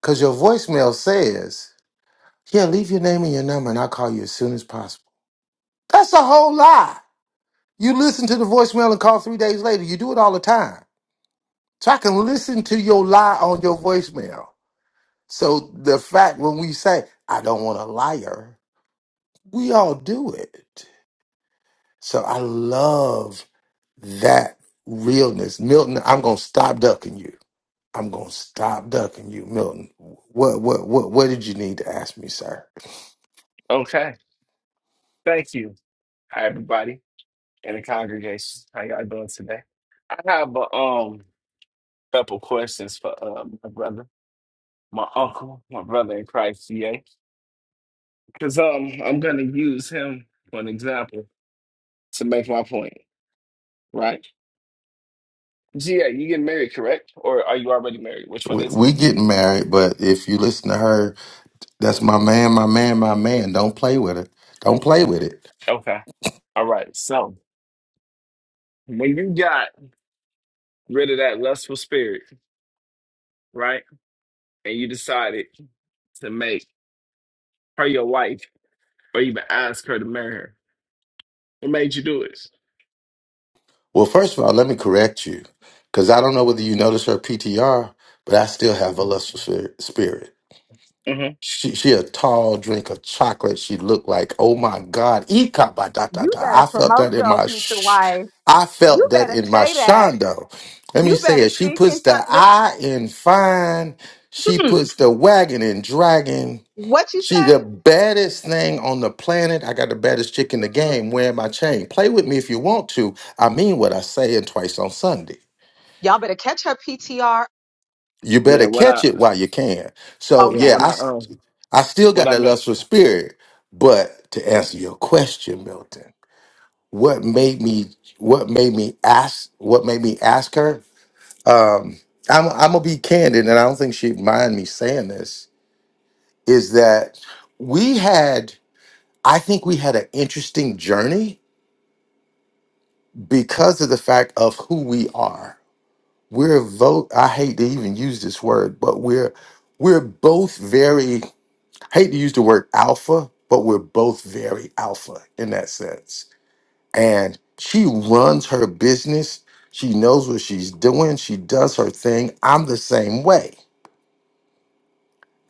B: Because your voicemail says, Yeah, leave your name and your number and I'll call you as soon as possible. That's a whole lie. You listen to the voicemail and call three days later. You do it all the time. So I can listen to your lie on your voicemail. So the fact when we say, I don't want a liar, we all do it. So I love that realness. Milton, I'm gonna stop ducking you. I'm gonna stop ducking you, Milton. What what what what did you need to ask me, sir?
O: Okay. Thank you. Hi, everybody in the congregation. How y'all doing today? I have a um couple questions for uh, my brother, my uncle, my brother in Christ, GA. Because um, I'm going to use him for an example to make my point, right? GA, you getting married, correct? Or are you already married? Which one
B: We,
O: is it?
B: we getting married, but if you listen to her, that's my man, my man, my man. Don't play with it. Don't play with it.
O: Okay. All right. So when you got rid of that lustful spirit, right? And you decided to make her your wife or even ask her to marry her. What made you do it?
B: Well, first of all, let me correct you because I don't know whether you noticed her PTR, but I still have a lustful spirit.
O: hmm
B: She she a tall drink of chocolate. She looked like oh my god, Ika ba da da
H: You
B: da.
H: better
B: I felt
H: promote
B: that in
H: your
B: my
H: future
B: sh-
H: wife.
B: I
H: You
B: felt that
H: better
B: in my
H: say that
B: shondo. Let me
H: You
B: say
H: better
B: it. She
H: speak
B: puts
H: in time.
B: the
H: Let-
B: I in fine. She
H: Hmm.
B: puts the wagon in dragon.
H: What you
B: She
H: say?
B: the baddest thing on the planet. I got the baddest chick in the game wearing my chain. Play with me if you want to. I mean what I say and twice on Sunday.
H: Y'all better catch her PTR.
B: You
O: Yeah,
B: better
O: what I
B: catch it while you can. So
O: yeah,
H: Okay.
B: yeah,
O: what I
B: I
O: um
B: I still
O: what
B: got
O: I
B: that
O: meant
B: lustful spirit. But to
O: yeah,
B: answer your question, Milton, what made me what made me ask what made me ask her? Um, I'm I'm gonna be candid, and I don't think she'd mind me saying this, is that we had I think we had an interesting journey because of the fact of who we are. We're vote I hate to even use this word, but we're we're both very I hate to use the word alpha, but we're both very alpha in that sense and she runs her business. She knows what she's doing. She does her thing. I'm the same way.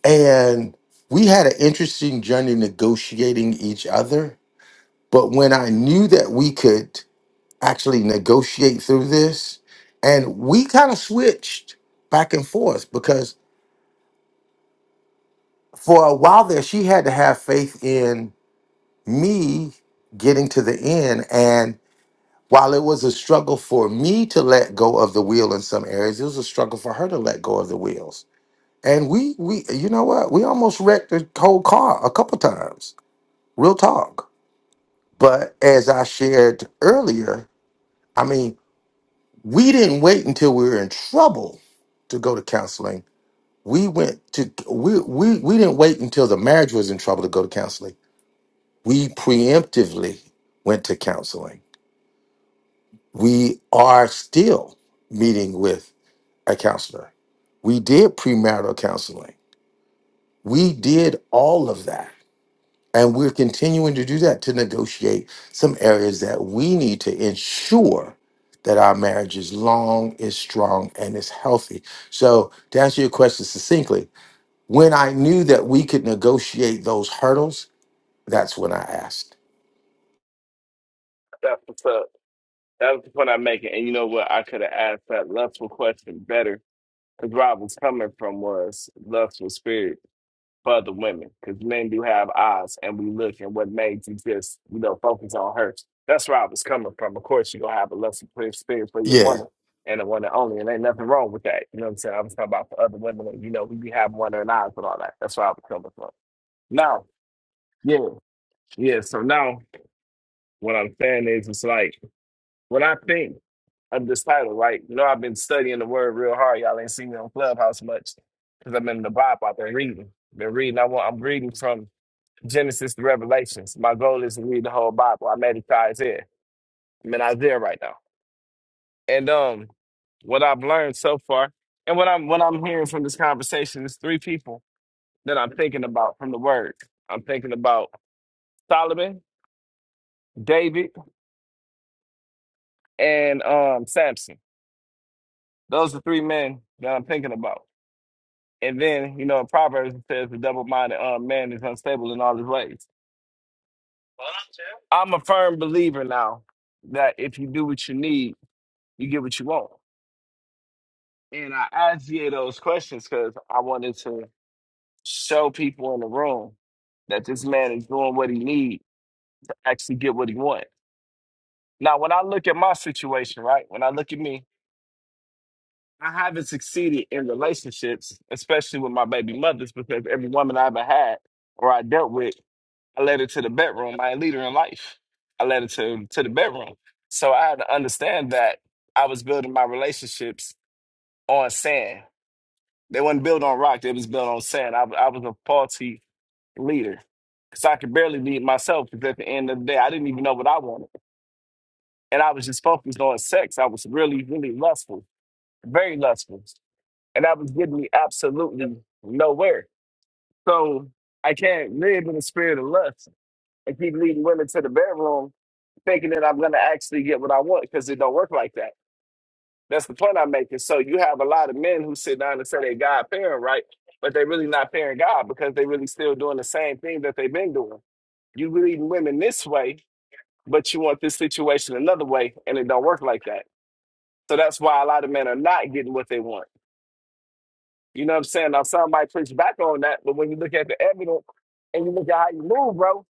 B: And we had an interesting journey negotiating each other. But when I knew that we could actually negotiate through this, and we kind of switched back and forth because for a while there, she had to have faith in me getting to the end. and. While it was a struggle for me to let go of the wheel in some areas, it was a struggle for her to let go of the wheels. And we, we, you know what? We almost wrecked the whole car a couple times. Real talk. But as I shared earlier, I mean, we didn't wait until we were in trouble to go to counseling. We went to we we we didn't wait until the marriage was in trouble to go to counseling. We preemptively went to counseling. We are still meeting with a counselor. We did premarital counseling. We did all of that. And we're continuing to do that to negotiate some areas that we need to ensure that our marriage is long, is strong, and is healthy. So, to answer your question succinctly, when I knew that we could negotiate those hurdles, that's when I asked.
O: that's what's up. That was the point I'm making. And you know what? I could have asked that lustful question better. Because Rob was coming from was lustful spirit. for the women because men do have eyes and we look and what made you just you know focus on her that's where i was coming from of course you're gonna have a less supportive spirit for your
B: Yeah.
O: woman and the one and only and ain't nothing wrong with that you know what i'm saying i was talking about for other women and you know we be having one or an eyes and all that that's where i was coming from now yeah yeah so now what i'm saying is it's like when i think of this title right you know i've been studying the word real hard y'all ain't seen me on clubhouse much because i've been in the bible i've been reading been reading i want i'm reading from Genesis to Revelations. My goal is to read the whole Bible. I'm at Isaiah. I'm in Isaiah right now. And um, what I've learned so far, and what I'm what I'm hearing from this conversation is three people that I'm thinking about from the Word. I'm thinking about Solomon, David, and um Samson. Those are three men that I'm thinking about. And then you know, in Proverbs it says the double-minded um, man is unstable in all his ways. Well, I'm too. I'm a firm believer now that if you do what you need, you get what you want. And I asked you those questions because I wanted to show people in the room that this man is doing what he needs to actually get what he wants. Now, when I look at my situation, right, when I look at me, I haven't succeeded in relationships, especially with my baby mothers, because every woman I ever had or I dealt with, I led her to the bedroom. I ain't lead her in life. I led her to, to the bedroom. So I had to understand that I was building my relationships on sand. They wasn't built on rock. They was built on sand. I, I was a faulty leader because I could barely lead myself. Because at the end of the day, I didn't even know what I wanted, and I was just focused on sex. I was really, really lustful, very lustful, and that was getting me absolutely nowhere. So I can't live in the spirit of lust and keep leading women to the bedroom thinking that I'm going to actually get what I want because it don't work like that. That's the point I'm making. So you have a lot of men who sit down and say they God parent, right? But they really not parent God because they really still doing the same thing that they've been doing. You leading women this way, but you want this situation another way, and it don't work like that. So that's why a lot of men are not getting what they want. You know what I'm saying? Now some might preach back on that, but when you look at the evidence and you look at how you move, bro,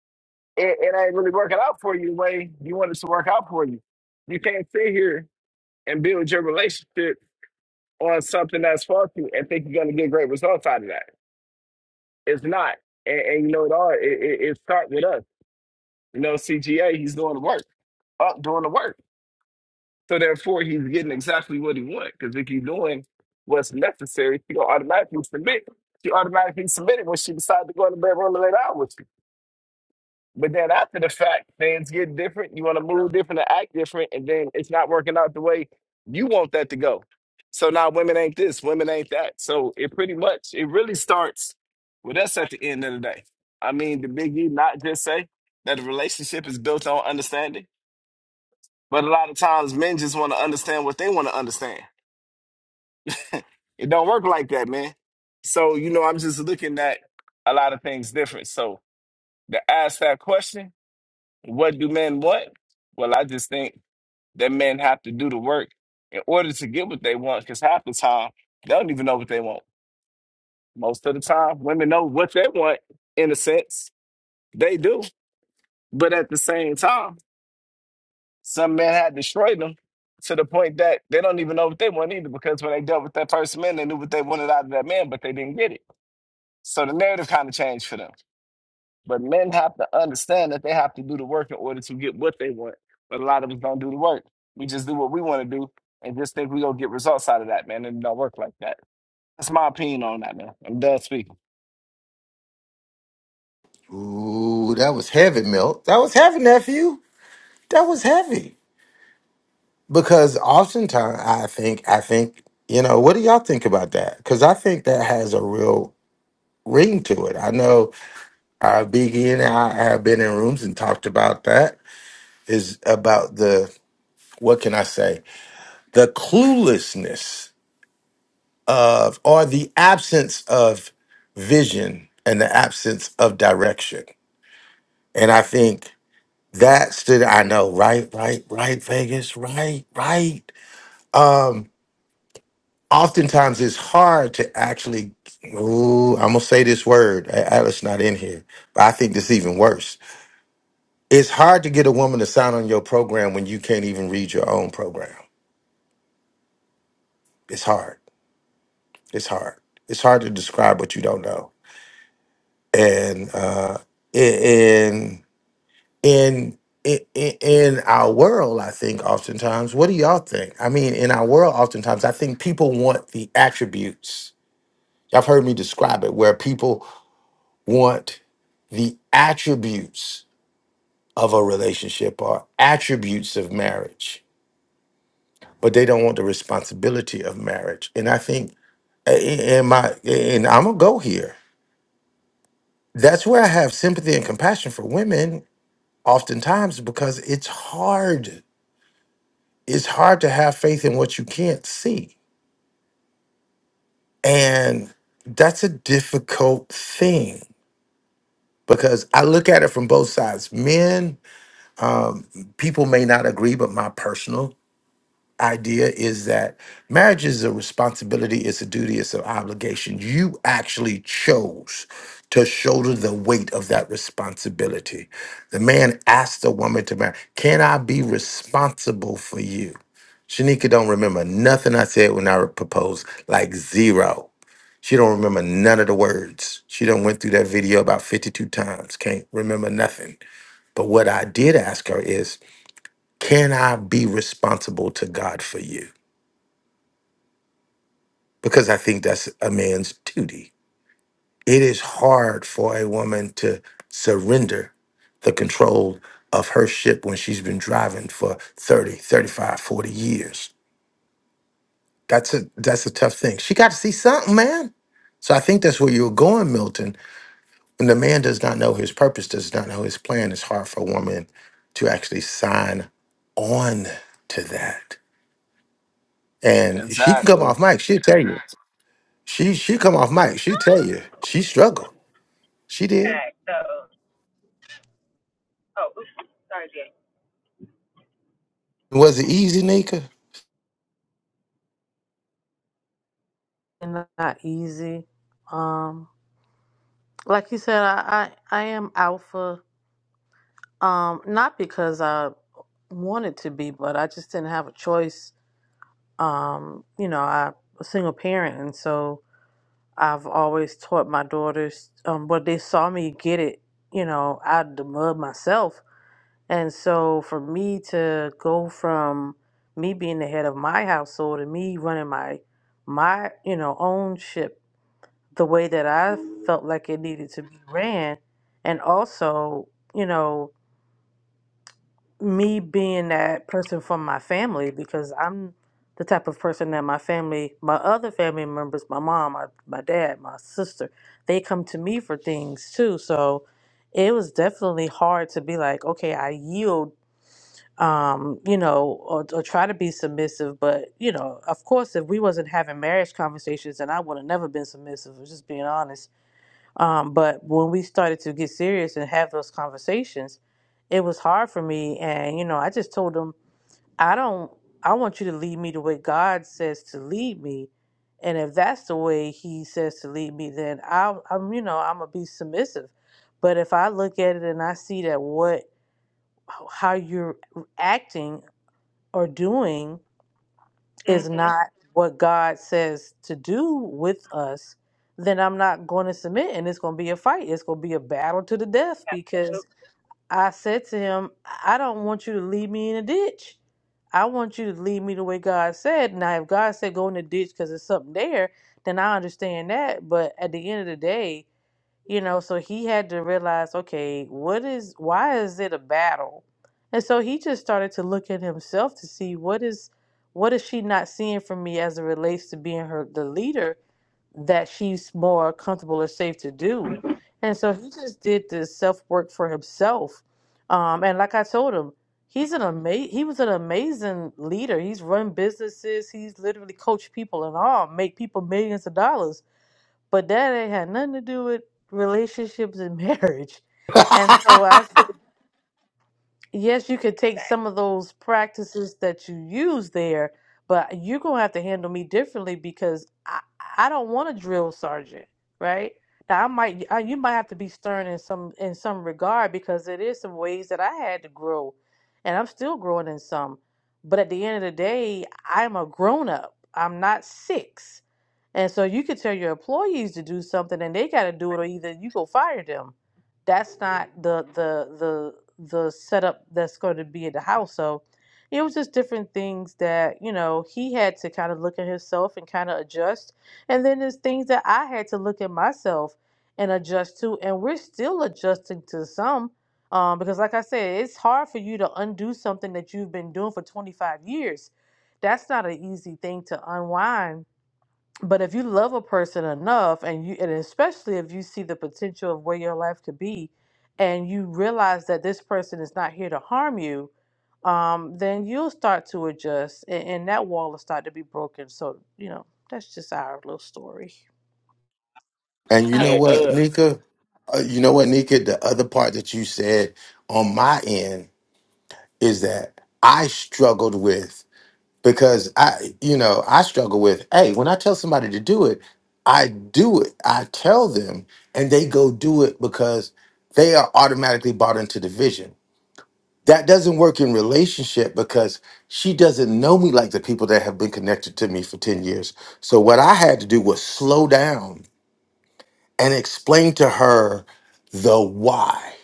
O: it, it ain't really working out for you the way you want it to work out for you. You can't sit here and build your relationship on something that's faulty and think you're going to get great results out of that. It's not. And, and you know, it all it, it, it starts with us. You know, CGA, he's doing the work, up doing the work. So therefore, he's getting exactly what he wants. Because if he's doing what's necessary, she gonna automatically submit. She automatically submitted when she decided to go in the bedroom and lay down with you. But then after the fact, things get different. You want to move different and act different, and then it's not working out the way you want that to go. So now women ain't this, women ain't that. So it pretty much it really starts with us at the end of the day. I mean, the biggie not just say that the relationship is built on understanding, but a lot of times men just want to understand what they want to understand. It don't work like that, man. So you know, I'm just looking at a lot of things different. So to ask that question What do men want? Well, I just think that men have to do the work in order to get what they want, because half the time they don't even know what they want. Most of the time, women know what they want, in a sense. They do. But at the same time, some men had destroyed them to the point that they don't even know what they want either, because when they dealt with that first man, they knew what they wanted out of that man, but they didn't get it. So the narrative kind of changed for them. But men have to understand that they have to do the work in order to get what they want. But a lot of us don't do the work. We just do what we want to do and just think we're going to get results out of that, man. And it don't work like that. That's my opinion on that, man. I'm done speaking.
B: Ooh, that was heavy, Milt. That was heavy, nephew. That was heavy. Because oftentimes I think I think, you know, what do y'all think about that? Because I think that has a real ring to it. I know uh Biggie and I have been in rooms and talked about that. Is about the what can I say? The cluelessness of or the absence of vision and the absence of direction. And I think that stood I know, right, right, right, Vegas, right, right. Um, oftentimes it's hard to actually ooh, i'm gonna say this word A- alice not in here but i think this is even worse it's hard to get a woman to sign on your program when you can't even read your own program it's hard it's hard it's hard to describe what you don't know and uh in in in, in our world i think oftentimes what do y'all think i mean in our world oftentimes i think people want the attributes y'all have heard me describe it where people want the attributes of a relationship or attributes of marriage, but they don't want the responsibility of marriage. And I think, a- a- and my, and I'm gonna go here. That's where I have sympathy and compassion for women, oftentimes because it's hard. It's hard to have faith in what you can't see, and that's a difficult thing because I look at it from both sides. Men, um, people may not agree, but my personal idea is that marriage is a responsibility, it's a duty, it's an obligation. You actually chose to shoulder the weight of that responsibility. The man asked the woman to marry, Can I be responsible for you? Shanika don't remember nothing I said when I proposed, like zero. She don't remember none of the words. She done went through that video about 52 times. Can't remember nothing. But what I did ask her is, can I be responsible to God for you? because I think that's a man's duty. It is hard for a woman to surrender the control of her ship when she's been driving for 30, 35, 40 years. That's a that's a tough thing. She got to see something, man. So I think that's where you're going, Milton. When the man does not know his purpose, does not know his plan, it's hard for a woman to actually sign on to that. And she can come
O: Exactly.
B: off mic. She'll tell you. She she come off mic. She'll tell you. She struggled. She did.
H: Sorry.
B: Was it easy, Nika?
C: And not easy. Um, like you said, I, I, I am alpha. Um, not because I wanted to be, but I just didn't have a choice. Um, you know, I a single parent and so I've always taught my daughters, um, but they saw me get it, you know, out of the mud myself. And so for me to go from me being the head of my household and me running my my, you know, own ship the way that I felt like it needed to be ran and also, you know, me being that person from my family because I'm the type of person that my family, my other family members, my mom, my, my dad, my sister, they come to me for things too. So it was definitely hard to be like, okay, I yield, um, you know, or, or try to be submissive. But, you know, of course, if we wasn't having marriage conversations, then I would have never been submissive, just being honest um, but when we started to get serious and have those conversations, it was hard for me. And, you know, I just told him, I don't, I want you to lead me the way God says to lead me. And if that's the way he says to lead me, then I'll, I'm, you know, I'm going to be submissive. But if I look at it and I see that what, how you're acting or doing is
H: Mm-hmm.
C: not what God says to do with us, then I'm not going to submit and it's going to be a fight. It's going to be a battle to the death because I said to him, I don't want you to leave me in a ditch. I want you to lead me the way God said. Now, if God said go in the ditch because there's something there, then I understand that. But at the end of the day, you know so he had to realize okay what is why is it a battle and so he just started to look at himself to see what is what is she not seeing from me as it relates to being her the leader that she's more comfortable or safe to do and so he just did this self work for himself um and like i told him he's an ama- he was an amazing leader he's run businesses he's literally coached people and all make people millions of dollars but that ain't had nothing to do with relationships and marriage. And so I said, yes, you could take some of those practices that you use there, but you're gonna have to handle me differently because I, I don't want a drill sergeant, right? Now I might I, you might have to be stern in some in some regard because it is some ways that I had to grow, and I'm still growing in some. But at the end of the day, I'm a grown up. I'm not six and so you could tell your employees to do something and they got to do it or either you go fire them. That's not the the the the setup that's going to be in the house. So it was just different things that, you know, he had to kind of look at himself and kind of adjust. And then there's things that I had to look at myself and adjust to. And we're still adjusting to some um, because, like I said, it's hard for you to undo something that you've been doing for 25 years. That's not an easy thing to unwind but if you love a person enough, and you, and especially if you see the potential of where your life could be, and you realize that this person is not here to harm you, um, then you'll start to adjust, and, and that wall will start to be broken. So you know that's just our little story.
B: and you
E: I,
B: know
O: Hey,
B: what,
O: uh,
B: Nika? Uh, you know what, Nika? The other part that you said on my end is that I struggled with because I, you know, I struggle with, hey, when I tell somebody to do it, I do it. I tell them and they go do it because they are automatically bought into the vision. that doesn't work in relationship because she doesn't know me like the people that have been connected to me for 10 years. So what I had to do was slow down and explain to her the why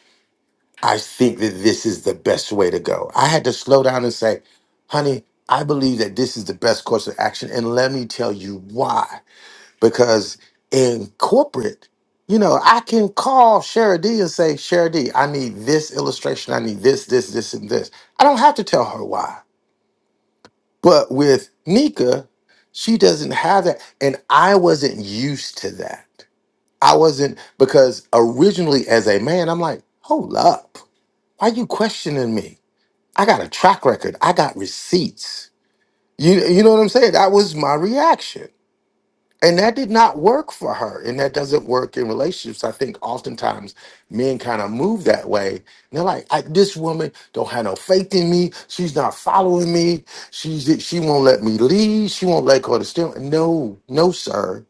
B: I think that this is the best way to go. I had to slow down and say, "Honey, I believe that this is the best course of action and let me tell you why." because in corporate, you know, I can call Shara D and say, Shara D, I need this illustration. I need this, this, this, and this. I don't have to tell her why. But with Nika, she doesn't have that. And I wasn't used to that. I wasn't, because originally as a man, I'm like, hold up. Why you questioning me? I got a track record. I got receipts. You, you know what I'm saying? That was my reaction. And that did not work for her. And that doesn't work in relationships. I think oftentimes men kind of move that way. And they're like, I, this woman don't have no faith in me. She's not following me. She's she won't let me lead. She won't let go of the steering. No, no, sir.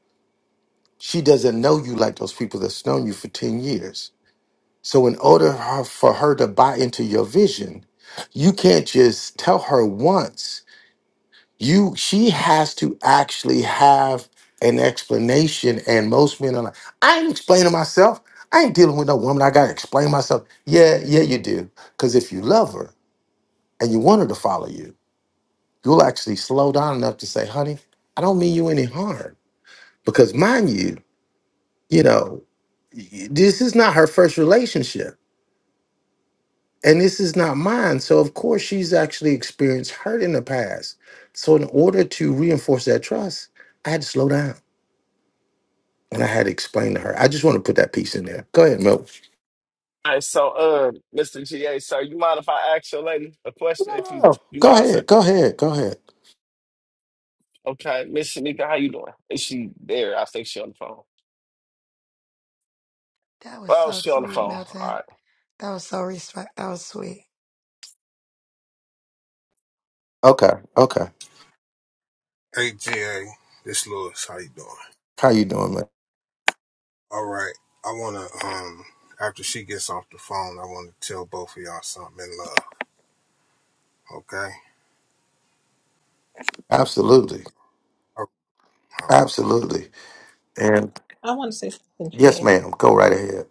B: She doesn't know you like those people that's known you for 10 years. So in order her- for her to buy into your vision, you can't just tell her once you she has to actually have an explanation and most men are like i ain't explaining myself i ain't dealing with no woman i gotta explain myself yeah yeah you do because if you love her and you want her to follow you you'll actually slow down enough to say honey i don't mean you any harm because mind you you know y- this is not her first relationship and this is not mine so of course she's actually experienced hurt in the past so in order to reinforce that trust i had to slow down And I had to explain to her. I just want to put that piece in there. Go ahead, Mel.
O: hey, so, uh, Mr. GA, sir, you mind if I ask your lady a question?
B: No,
O: If
B: no,
O: you,
B: no.
O: you
B: Go
O: mind, sir?
B: ahead. Go ahead. Go ahead.
O: Okay, Miss Shanika, how you doing? Is she there? I think she on the phone.
P: that was
O: Oh,
P: so
O: she on the
P: sweet,
O: phone. All
P: Milton.
O: right.
P: That was so respect. That was sweet.
B: Okay. Okay.
T: Hey GA, this Lewis. How you doing?
B: How you doing, man?
T: All right. I wanna um after she gets off the phone, I wanna tell both of y'all something in love. Okay?
B: Absolutely.
T: All right, all right.
B: Absolutely. And
E: I want to say something,
B: yes,
E: GA.
B: ma'am. Go right ahead.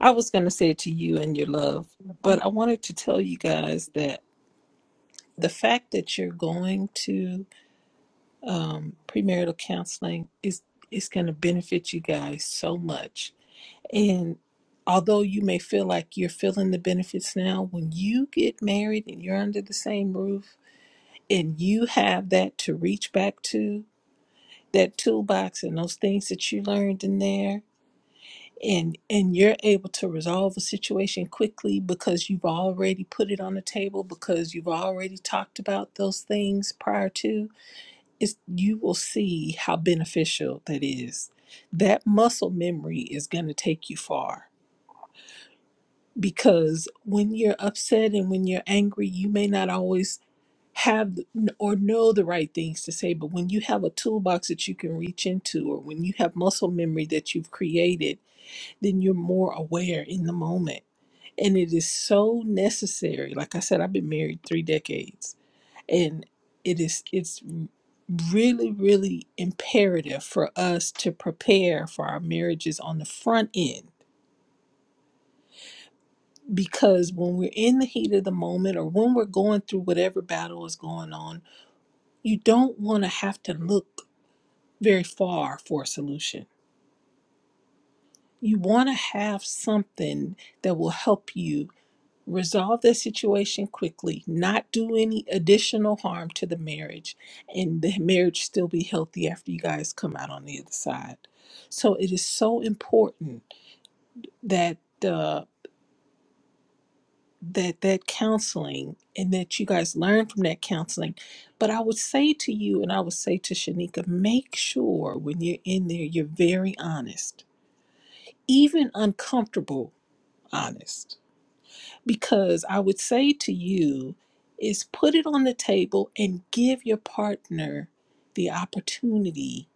E: I was going to say it to you and your love, but I wanted to tell you guys that the fact that you're going to um, premarital counseling is, is going to benefit you guys so much And although you may feel like you're feeling the benefits now, when you get married and you're under the same roof and you have that to reach back to, that toolbox and those things that you learned in there, and and you're able to resolve a situation quickly because you've already put it on the table because you've already talked about those things prior to, it's, you will see how beneficial that is. That muscle memory is going to take you far because when you're upset and when you're angry, you may not always have or know the right things to say. But when you have a toolbox that you can reach into, or when you have muscle memory that you've created, then you're more aware in the moment. And it is so necessary. Like I said, I've been married three decades, and it is it's really really imperative for us to prepare for our marriages on the front end because when we're in the heat of the moment or when we're going through whatever battle is going on, you don't want to have to look very far for a solution. You want to have something that will help you resolve the situation quickly, not do any additional harm to the marriage, and the marriage still be healthy after you guys come out on the other side. So it is so important that. the. that that counseling and that you guys learn from that counseling. But I would say to you, and I would say to Shanika, make sure when you're in there, you're very honest, even uncomfortable honest. Because I would say to you, is put it on the table and give your partner the opportunity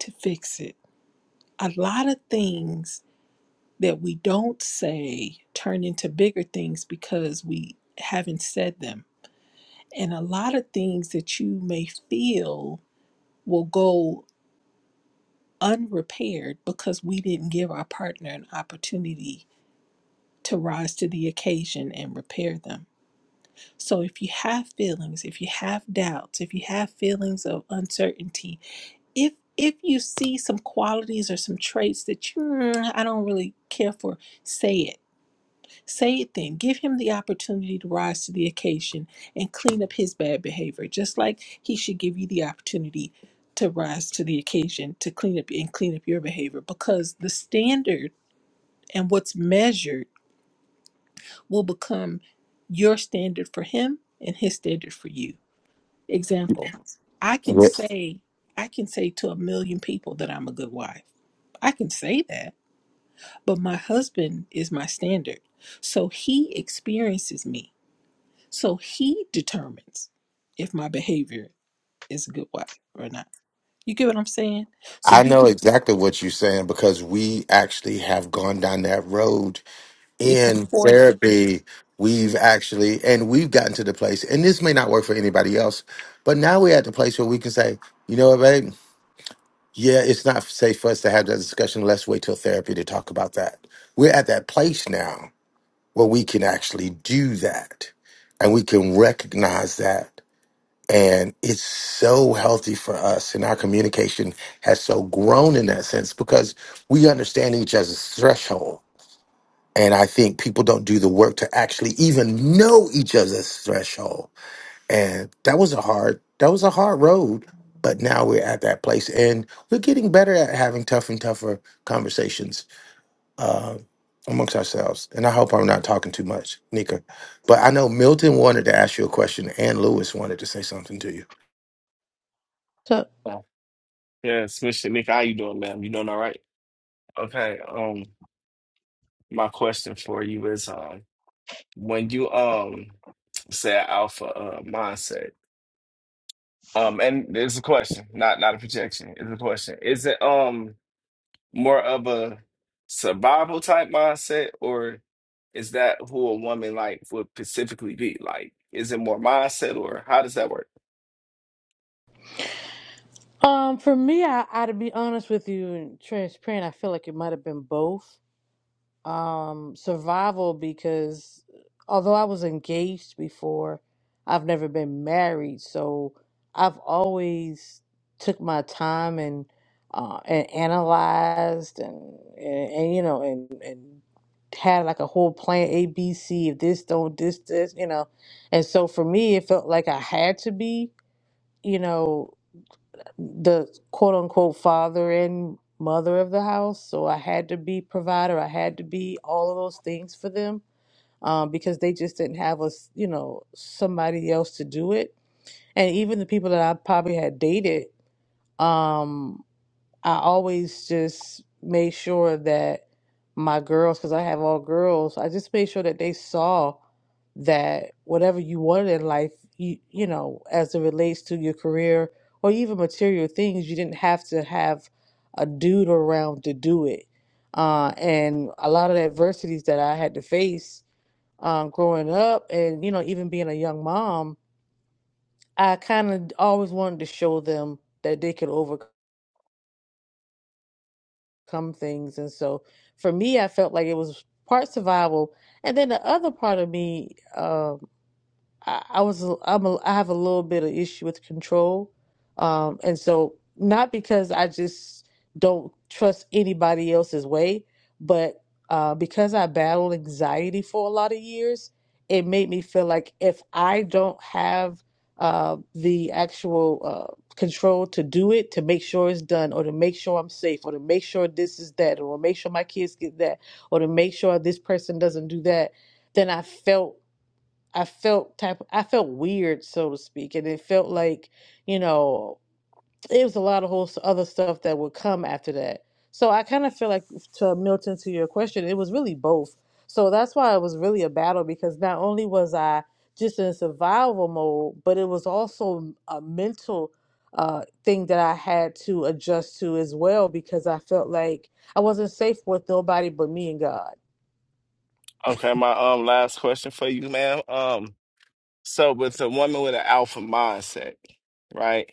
E: to fix it. A lot of things that we don't say turn into bigger things because we haven't said them And a lot of things that you may feel will go unrepaired because we didn't give our partner an opportunity to rise to the occasion and repair them. So if you have feelings, if you have doubts, if you have feelings of uncertainty, if if you see some qualities or some traits that you "Mm, I don't really care for, say it Say it then. Give him the opportunity to rise to the occasion and clean up his bad behavior, just like he should give you the opportunity to rise to the occasion to clean up and clean up your behavior because the standard and what's measured will become your standard for him and his standard for you. Example, I can
B: Yes.
E: say I can say to a million people that I'm a good wife. I can say that, but my husband is my standard. So he experiences me. So he determines if my behavior is a good wife or not. You get what I'm saying? So
B: I
E: you
B: know exactly what you're saying because we actually have gone down that road
E: it's
B: in
E: important.
B: therapy. We've actually, and we've gotten to the place, and this may not work for anybody else, but now we're at the place where we can say, you know what, babe? Yeah, it's not safe for us to have that discussion. Let's wait till therapy to talk about that. We're at that place now where we can actually do that and we can recognize that. And it's so healthy for us. And our communication has so grown in that sense because we understand each other's threshold. And I think people don't do the work to actually even know each other's threshold and that was a hard that was a hard road but now we're at that place and we're getting better at having tough and tougher conversations uh, amongst ourselves and i hope i'm not talking too much nika but i know milton wanted to ask you a question and lewis wanted to say something to you
C: So,
O: Yes, Miss Shanika, how you doing, ma'am? You doing all right? Okay. Um. my question for you is um when you um say a alpha uh mindset um and it's a question not not a projection it's a question is it um more of a survival type mindset or is that who a woman like would specifically be like is it more mindset or how does that work
C: Um, for me, I, I to be honest with you and transparent, I feel like it might have been both. Um, survival because uh, although I was engaged before, I've never been married, so I've always took my time and uh, and analyzed and, and and you know and and had like a whole plan A B C if this don't this this you know, and so for me it felt like I had to be you know the quote unquote father and mother of the house. So I had to be provider. I had to be all of those things for them um, because they just didn't have us, you know, somebody else to do it. And even the people that I probably had dated, um, I always just made sure that my girls, because I have all girls, I just made sure that they saw that whatever you wanted in life, you you know, as it relates to your career or even material things, you didn't have to have a dude around to do it. Uh, and a lot of the adversities that I had to face um, growing up, and you know, even being a young mom, I kind of always wanted to show them that they could overcome. come things. And so for me, I felt like it was part survival. And then the other part of me uh, I, I was i I'm a, I have a little bit of issue with control, um, and so not because I just don't trust anybody else's way, but uh, because I battled anxiety for a lot of years, it made me feel like if I don't have uh, the actual uh, control to do it, to make sure it's done, or to make sure I'm safe, or to make sure this is that, or make sure my kids get that, or to make sure this person doesn't do that, then I felt I felt type I felt weird, so to speak, and it felt like you know it was a lot of whole s- other stuff that would come after that. So I kind of feel like to Milton to your question, it was really both. So that's why it was really a battle because not only was I just in survival mode, but it was also a mental uh, thing that I had to adjust to as well because I felt like I wasn't safe with nobody but me and God.
O: okay my um last question for you ma'am um so with a woman with an alpha mindset right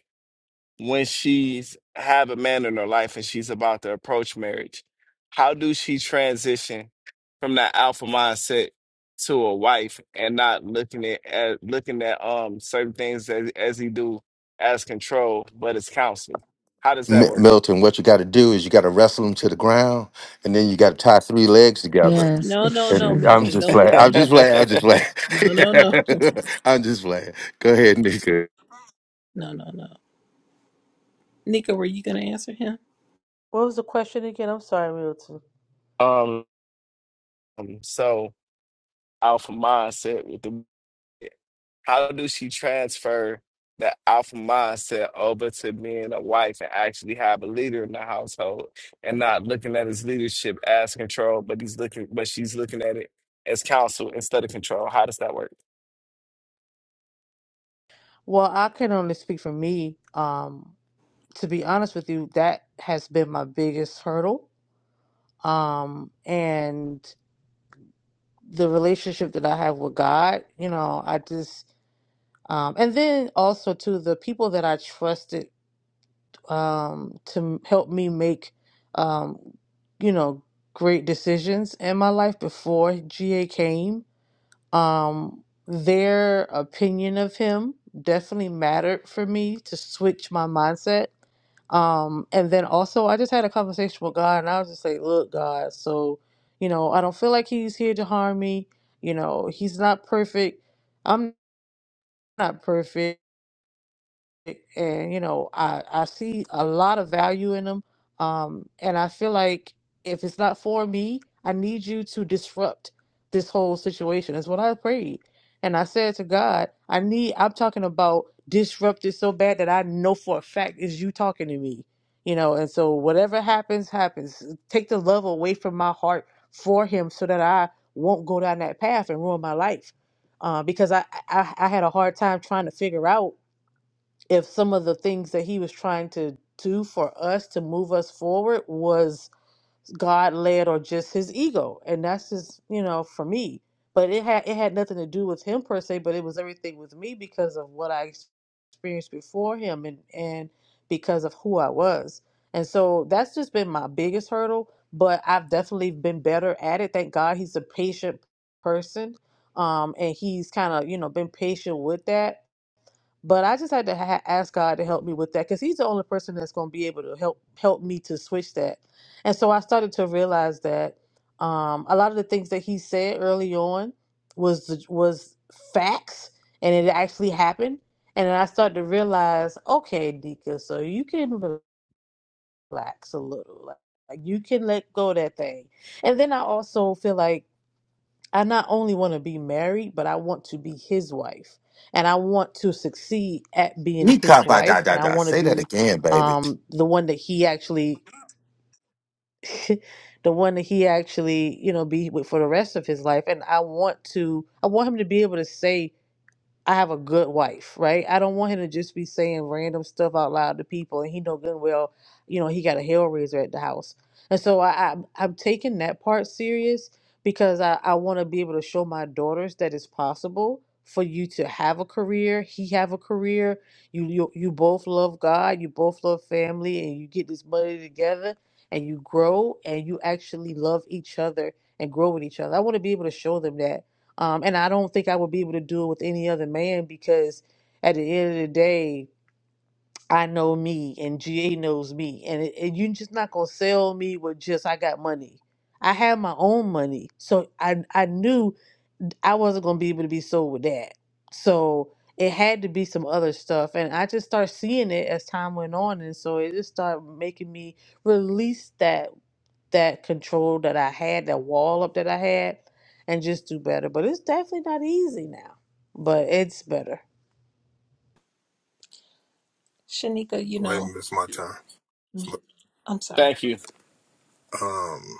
O: when she's have a man in her life and she's about to approach marriage how do she transition from that alpha mindset to a wife and not looking at, at looking at um certain things as, as he do as control but as counsel how does that
B: Mi-
O: work
B: milton what you got to do is you got to wrestle them to the ground and then you got to tie three legs together
S: Yes,
E: No, no,
S: it's
E: no,
B: and
S: true.
B: i'm
E: Milton.
B: just
E: Don't
B: playing
E: listen to
B: i'm just
E: him.
B: playing i'm just playing
E: No, no, no.
B: i'm just playing go ahead nika
E: No, no, no. Nika, were you gonna answer him?
C: What was the question again? I'm sorry, Milton.
O: um so alpha mindset with the How do she transfer the alpha mindset over to being a wife and actually have a leader in the household and not looking at his leadership as control, but he's looking but she's looking at it as counsel instead of control. How does that work?
C: Well, I can only speak for me. Um, to be honest with you, that has been my biggest hurdle. Um, and the relationship that I have with God, you know, I just, um, and then also to the people that I trusted um, to help me make, um, you know, great decisions in my life before GA came Um, their opinion of him definitely mattered for me to switch my mindset. Um, and then also, I just had a conversation with God, and I was just like, "Look, God, so you know, I don't feel like He's here to harm me. You know, He's not perfect. I'm not perfect and you know i i see a lot of value in them um and i feel like if it's not for me i need you to disrupt this whole situation is what i prayed and i said to god i need i'm talking about disrupted so bad that i know for a fact is you talking to me you know and so whatever happens happens take the love away from my heart for him so that i won't go down that path and ruin my life uh, because I, I i had a hard time trying to figure out if some of the things that he was trying to do for us to move us forward was God led or just his ego. And that's just, you know, for me. But it had it had nothing to do with him per se, but it was everything with me because of what I ex- experienced before him and, and because of who I was. And so that's just been my biggest hurdle. But I've definitely been better at it. Thank God he's a patient person. Um, and he's kind of, you know, been patient with that but I just had to ha- ask God to help me with that because He's the only person that's going to be able to help help me to switch that. And so I started to realize that um, a lot of the things that He said early on was the- was facts, and it actually happened. And then I started to realize, okay, Dika, so you can relax a little, like you can let go of that thing. And then I also feel like I not only want to be married, but I want to be his wife. And I want to succeed at being his wife. And I
B: Yee-ka-ba-da-da-da.
C: want to
B: Say that
C: be
B: again, baby.
C: um, the one that he actually, the one that he actually, you know, be with for the rest of his life. And I want to, I want him to be able to say, I have a good wife, right? I don't want him to just be saying random stuff out loud to people, and he know good and well, you know, he got a Hellraiser at the house, and so I, I I'm taking that part serious because I I want to be able to show my daughters that it's possible for you to have a career, he have a career, you you you both love God, you both love family, and you get this money together, and you grow, and you actually love each other and grow with each other. I want to be able to show them that um, and I don't think I would be able to do it with any other man because at the end of the day, I know me and GA knows me. And, it, and you're just not going to sell me with just, I got money. I have my own money. So I, I knew I wasn't going to be able to be sold with that. So it had to be some other stuff. And I just started seeing it as time went on. And so it just started making me release that that control that I had, that wall up that I had, and just do better. But it's definitely not easy now, but it's better.
E: Shanika, you
T: Go ahead
E: know,
T: and miss my time. It's my-
E: I'm sorry.
O: Thank you.
T: um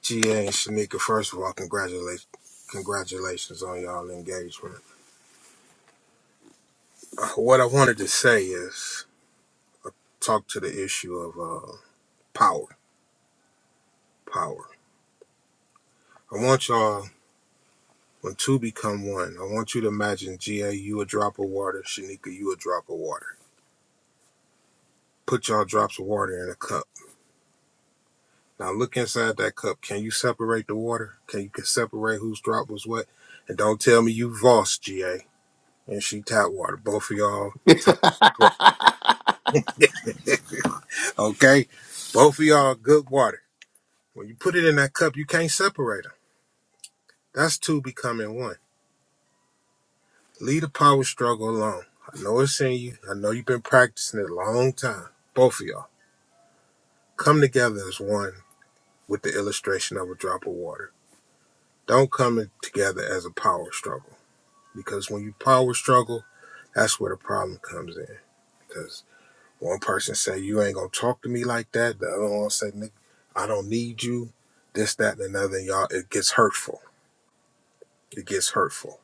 T: GA and Shanika, first of all, congratulations congratulations on y'all engagement. Uh, what I wanted to say is talk to the issue of uh power. Power. I want y'all when two become one, I want you to imagine GA, you a drop of water, Shanika, you a drop of water. Put y'all drops of water in a cup. Now look inside that cup. Can you separate the water? Can you can separate whose drop was what? And don't tell me you Voss GA and she tap water. Both of y'all tap water. Okay? Both of y'all good water. When you put it in that cup, you can't separate them. That's two becoming one. Leave the power struggle alone. I know it's in you. I know you've been practicing it a long time. Both of y'all. Come together as one with the illustration of a drop of water. Don't come together as a power struggle. because when you power struggle, that's where the problem comes in. Because one person say you ain't gonna talk to me like that, the other one say nigga I don't need you, this, that, and another. And y'all, it gets hurtful. It gets hurtful.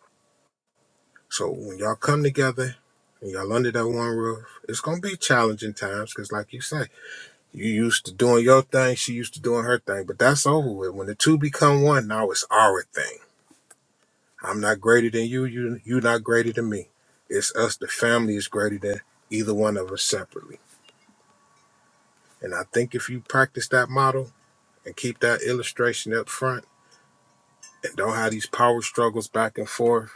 T: So when y'all come together and y'all under that one roof, it's gonna be challenging times. Because like you say, you used to doing your thing, she used to doing her thing, but that's over with. When the two become one, now it's our thing I'm not greater than you. You you not greater than me. It's us. The family is greater than either one of us separately. And I think if you practice that model and keep that illustration up front, and don't have these power struggles back and forth,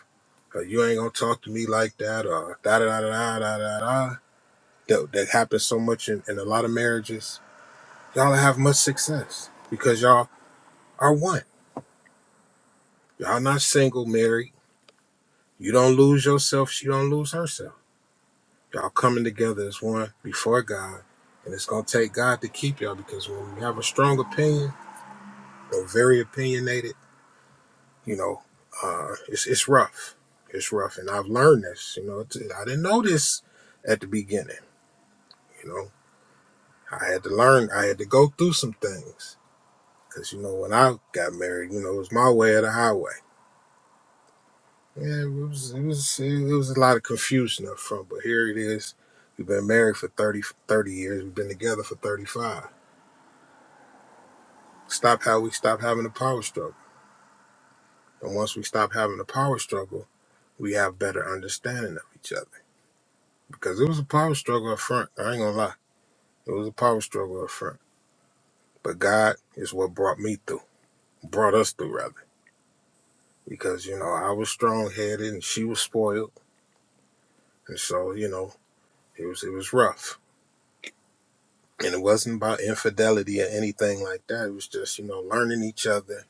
T: or you ain't gonna talk to me like that, or da da da da da da da. That, that happens so much in, in a lot of marriages. Y'all don't have much success because y'all are one. Y'all not single, married. You don't lose yourself. She don't lose herself Y'all coming together as one before God. And it's going to take God to keep y'all because when you have a strong opinion or very opinionated, you know, uh, it's, it's rough. It's rough. And I've learned this. You know, it's, I didn't know this at the beginning. You know, I had to learn, I had to go through some things. Because, you know, when I got married, you know, it was my way or the highway. Yeah, it was, it was, it was a lot of confusion up front. But here it is. We've been married for 30 30 years. We've been together for 35 Stop how we stop having a power struggle. And once we stop having a power struggle, we have better understanding of each other. Because it was a power struggle up front. I ain't gonna lie. It was a power struggle up front. But God is what brought me through, brought us through rather. Because, you know, I was strong headed and she was spoiled. And so, you know, it was it was rough. And it wasn't about infidelity or anything like that. It was just, you know, learning each other.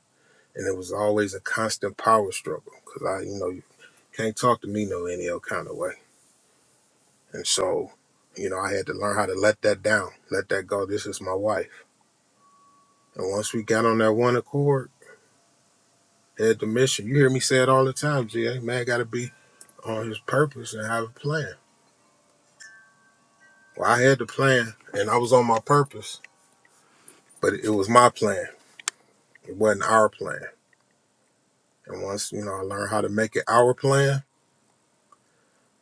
T: And it was always a constant power struggle. Cause I, you know, you can't talk to me no any old kind of way. And so, you know, I had to learn how to let that down, let that go. This is my wife. And once we got on that one accord, had the mission. You hear me say it all the time, GA. Man got to be on his purpose and have a plan. Well, I had the plan and I was on my purpose, but it was my plan. It wasn't our plan. And once, you know, I learned how to make it our plan,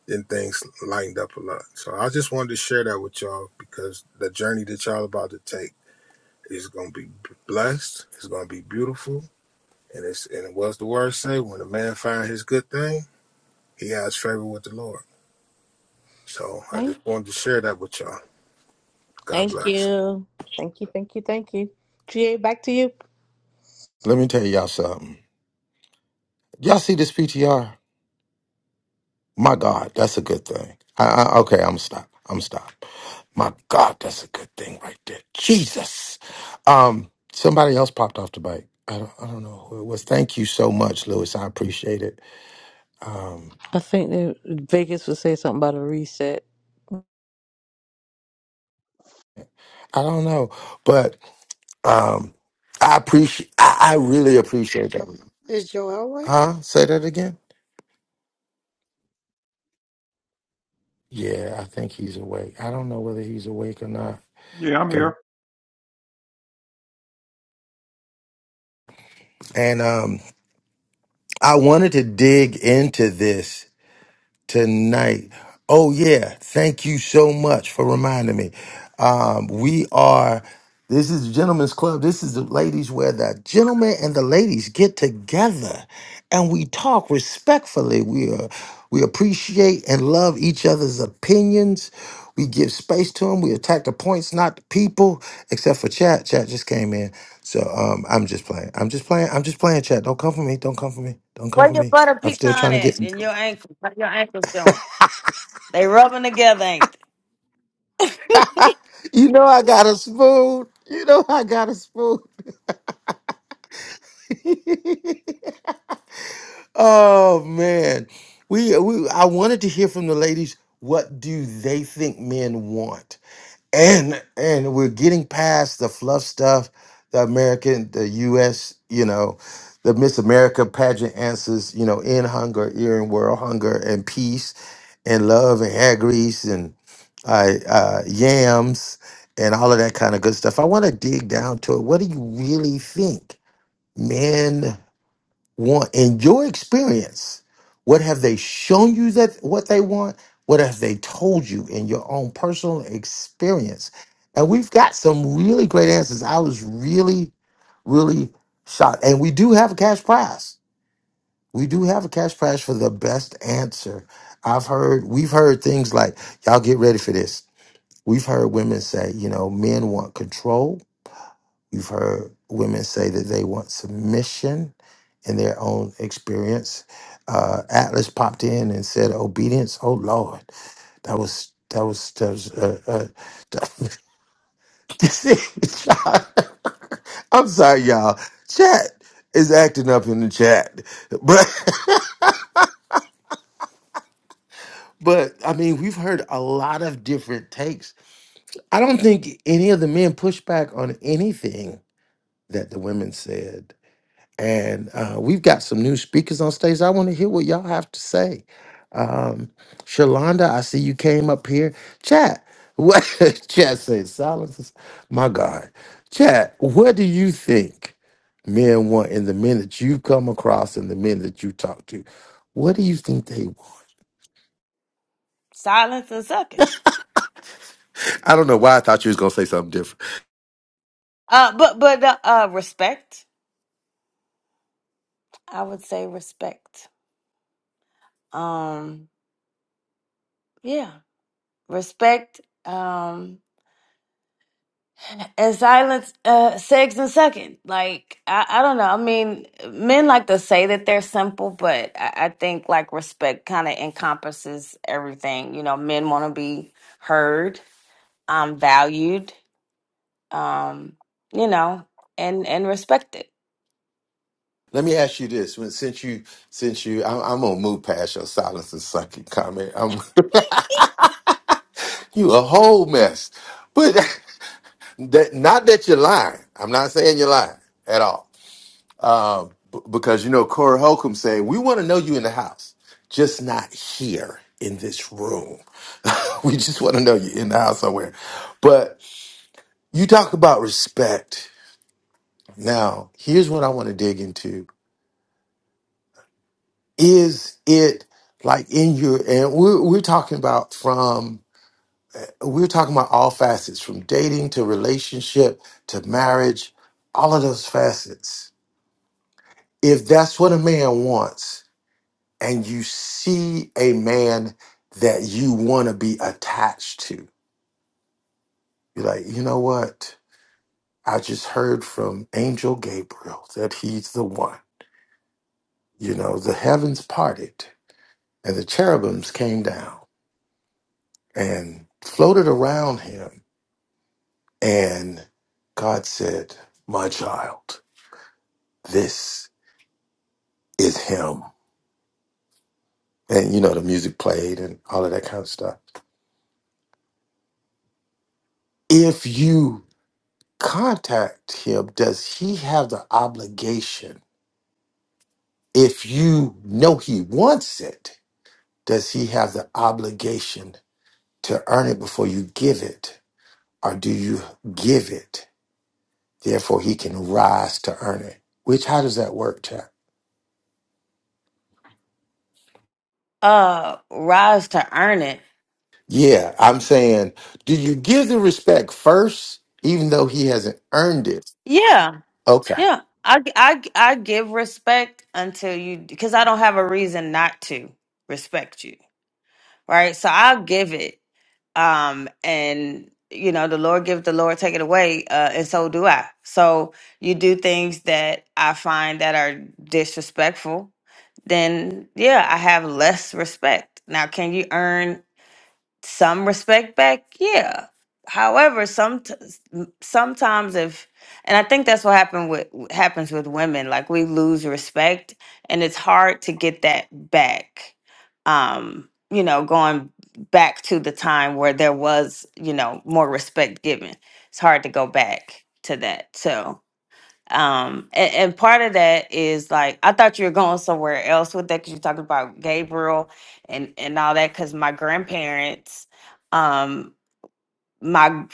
T: then things lightened up a lot. So I just wanted to share that with y'all because the journey that y'all about to take is going to be blessed. It's going to be beautiful And it's and what's the word say? When a man finds his good thing, he has favor with the Lord. So I
C: Thank,
T: just wanted to share that with y'all. God
C: thank
T: bless.
C: you, thank you, thank you, thank you. Ga, back to you.
B: Let me tell y'all something. Y'all see this PTR? My God, that's a good thing. I, I, okay, I'm gonna stop. I'm gonna stop. My God, that's a good thing right there. Jesus. Um, somebody else popped off the bike. I don't, I don't know who it was. Thank you so much, Lewis. I appreciate it. Um,
C: I think that Vegas would say something about a reset.
B: I don't know, but um, I appreciate. I, I really appreciate that.
P: Is Joel right?
B: Huh? Say that again. Yeah, I think he's awake. I don't know whether he's awake or not.
A: Yeah, I'm
B: Okay.
A: here.
B: And um, I wanted to dig into this tonight. Oh yeah, thank you so much for reminding me. Um, we are. This is the gentlemen's club. This is the ladies where the gentlemen and the ladies get together, and we talk respectfully. We are. We appreciate and love each other's opinions. We give space to them. We attack the points, not the people. Except for chat. Chat just came in, so um, I'm just playing. I'm just playing. I'm just playing. Chat. Don't come for me. Don't come for me. Don't come
U: Where
B: for
U: your
B: me.
U: butter
B: I'm still
U: pecan
B: trying to get.
U: at and your ankle? How your ankles doing? They rubbing together, ain't they?
B: you know I got a spoon. You know I got a spoon. oh man. We we I wanted to hear from the ladies what do they think men want? And and we're getting past the fluff stuff, the American, the US, you know, the Miss America pageant answers, you know, in hunger, ear in world hunger and peace and love and hair grease and uh, uh, yams and all of that kind of good stuff. I want to dig down to it. What do you really think men want in your experience? What have they shown you that what they want? What have they told you in your own personal experience? And we've got some really great answers. I was really, really shocked. And we do have a cash prize. We do have a cash prize for the best answer. I've heard, we've heard things like, y'all get ready for this. We've heard women say, you know, men want control. We've heard women say that they want submission in their own experience. Uh, Atlas popped in and said, obedience. Oh, Lord. That was, that was, that was, uh, uh, I'm sorry, y'all. Chat is acting up in the chat. but. But I mean, we've heard a lot of different takes. I don't think any of the men pushed back on anything that the women said. And uh, we've got some new speakers on stage. I want to hear what y'all have to say. Um, Shalonda, I see you came up here. Chat, what? Chat says silence. is- My God, Chat, what do you think men want in the men that you come across and the men that you talk to? What do you think they want?
U: Silence and sucking.
B: I don't know why I thought you was gonna say something different.
U: Uh, but but uh, uh, respect. I would say respect. Um, yeah, respect. Um, and silence, uh, sex and sucking. Like I, I don't know. I mean, men like to say that they're simple, but I, I think like respect kind of encompasses everything. You know, men want to be heard, um, valued um, you know, and and respect it.
B: Let me ask you this: when, since you, since you, I'm, I'm gonna move past your silence and sucking comment. I'm you a whole mess, but that not that you're lying. I'm not saying you're lying at all, um, b- because you know Corey Holcomb saying we want to know you in the house, just not here in this room. we just want to know you in the house somewhere. But you talk about respect. Now, here's what I want to dig into is it like in your and we're, we're talking about from we're talking about all facets from dating to relationship to marriage all of those facets if that's what a man wants and you see a man that you want to be attached to you're like you know what i just heard from angel gabriel that he's the one you know the heavens parted and the cherubims came down and floated around him And God said, My child, this is him. And you know, the music played and all of that kind of stuff. If you contact him, does he have the obligation? If you know he wants it, does he have the obligation to earn it before you give it? Or do you give it? Therefore, he can rise to earn it. Which, how does that work, Chad?
U: Uh, rise to earn it.
B: Yeah, I'm saying, do you give the respect first, even though he hasn't earned it?
U: Yeah,
B: Okay.
U: yeah. I I I give respect until you because I don't have a reason not to respect you, right? So I'll give it. Um, and you know, the Lord give, the Lord take it away, uh, and so do I. So you do things that I find that are disrespectful, then yeah, I have less respect. Now, can you earn? some respect back yeah however some sometimes if and i think that's what happened with happens with women like we lose respect and it's hard to get that back um you know going back to the time where there was you know more respect given it's hard to go back to that so um, and, and part of that is like I thought you were going somewhere else with that because you're talking about Gabriel and and all that. Because my grandparents, um, my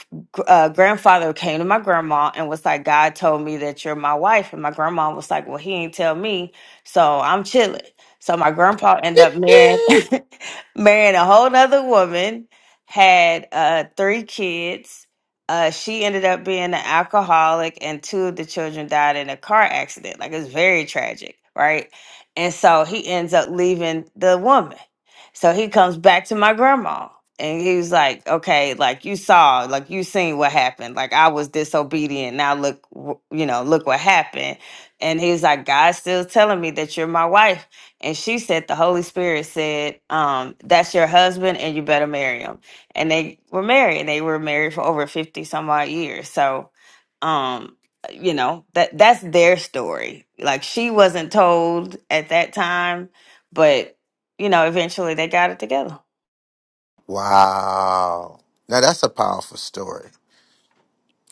U: uh, grandfather came to my grandma and was like, God told me that you're my wife. And my grandma was like, Well, he ain't tell me. So I'm chilling. So my grandpa ended up marrying, marrying a whole nother woman, had uh, three kids. Uh, she ended up being an alcoholic, and two of the children died in a car accident. Like, it's very tragic, right? And so he ends up leaving the woman. So he comes back to my grandma and he was like, okay, like you saw, like you seen what happened. Like I was disobedient. Now look, wh- you know, look what happened. And he's like, God's still telling me that you're my wife. And she said, the Holy Spirit said, um, that's your husband and you better marry him. And they were married. They were married for over 50 some odd years. So, um, you know, that that's their story. Like she wasn't told at that time, but you know, eventually they got it together.
B: wow. Now that's a powerful story.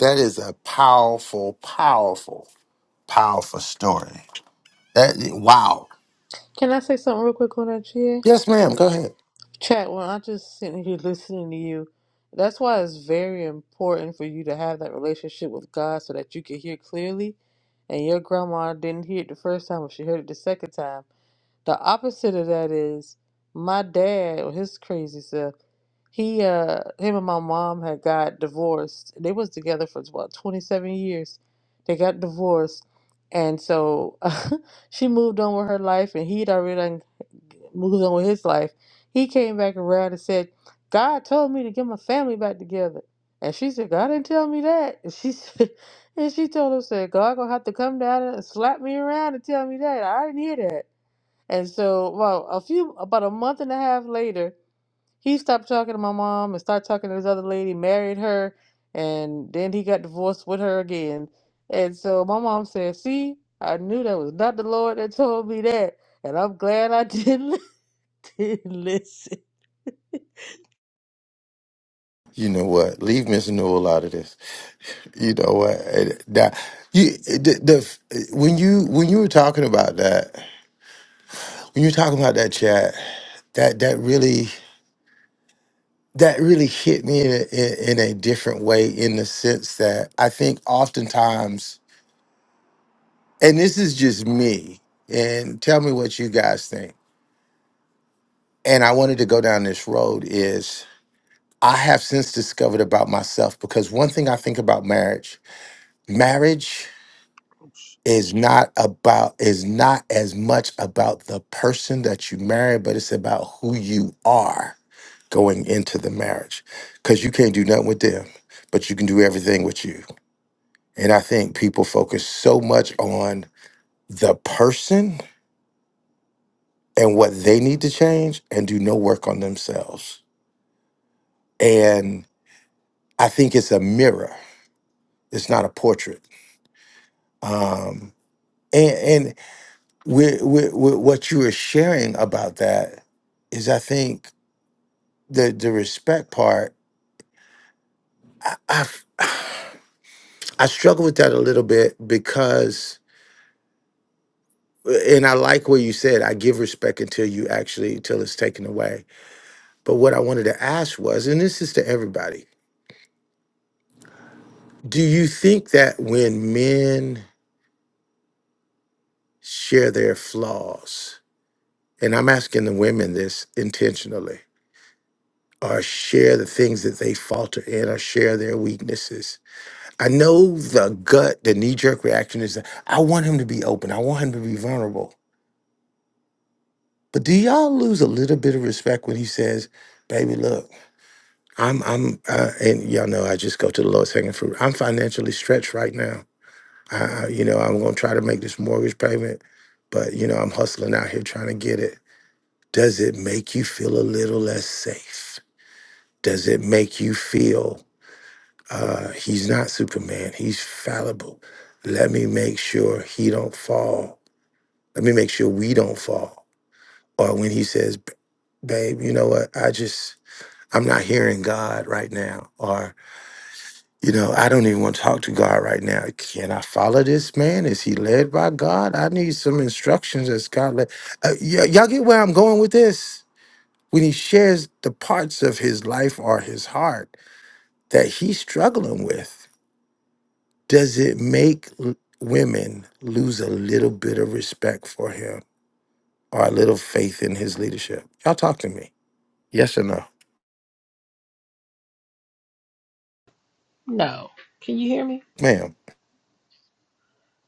B: That is a powerful, powerful, powerful story. That wow.
C: Can I say something real quick on that, Ga?
B: Yes, ma'am. Go ahead.
C: Chat, when I just sitting here listening to you, that's why it's very important for you to have that relationship with God so that you can hear clearly. And your grandma didn't hear it the first time, but she heard it the second time. The opposite of that is my dad or his crazy self. He, uh, him and my mom had got divorced. They was together for about 27 years. They got divorced. And so she moved on with her life and he'd already done moved on with his life. He came back around and said, God told me to get my family back together. And she said, God didn't tell me that. And she said, and she told him, said, God gonna have to come down and slap me around and tell me that. I didn't hear that. And so, well, a few about a month and a half later, he stopped talking to my mom and started talking to this other lady, married her, and then he got divorced with her again. And so my mom said, "See, I knew that was not the Lord that told me that, and I'm glad I didn't, didn't listen."
B: You know what? Leave Miss Newell out of this. You know what? It- That you eh, the, the eh, when you when you were talking about that when you were talking about that chat that that really that really hit me in a, in, in a different way in the sense that I think oftentimes, and this is just me, and tell me what you guys think. And I wanted to go down this road is I have since discovered about myself because one thing I think about marriage, marriage is not about is not as much about the person that you marry, but it's about who you are going into the marriage. Cause you can't do nothing with them, but you can do everything with you And I think people focus so much on the person and what they need to change and do no work on themselves. And I think it's a mirror, it's not a portrait. Um, and and we we we- what you were sharing about that is, I think, the, the respect part. I, I've, I struggle with that a little bit because, and I like what you said, I give respect until you actually, until it's taken away But what I wanted to ask was, and this is to everybody, do you think that when men share their flaws, and I'm asking the women this intentionally, or share the things that they falter in or share their weaknesses. I know the gut, the knee jerk reaction is that I want him to be open, I want him to be vulnerable. But do y'all lose a little bit of respect when he says, Baby, look, I'm, I'm, uh, and y'all know I just go to the lowest hanging fruit. I'm financially stretched right now. I, you know, I'm going to try to make this mortgage payment, but, you know, I'm hustling out here trying to get it. Does it make you feel a little less safe? Does it make you feel uh, he's not Superman? He's fallible. Let me make sure he don't fall. Let me make sure we don't fall. Or when he says, "B- babe, you know what? I just, I'm not hearing God right now. Or. You know, I don't even want to talk to God right now. Can I follow this man? Is he led by God? I need some instructions as God led. Uh, y- y'all get where I'm going with this? When he shares the parts of his life or his heart that he's struggling with, does it make l- women lose a little bit of respect for him or a little faith in his leadership? Y'all talk to me. Yes or no?
E: No. Can you hear me?
B: Ma'am.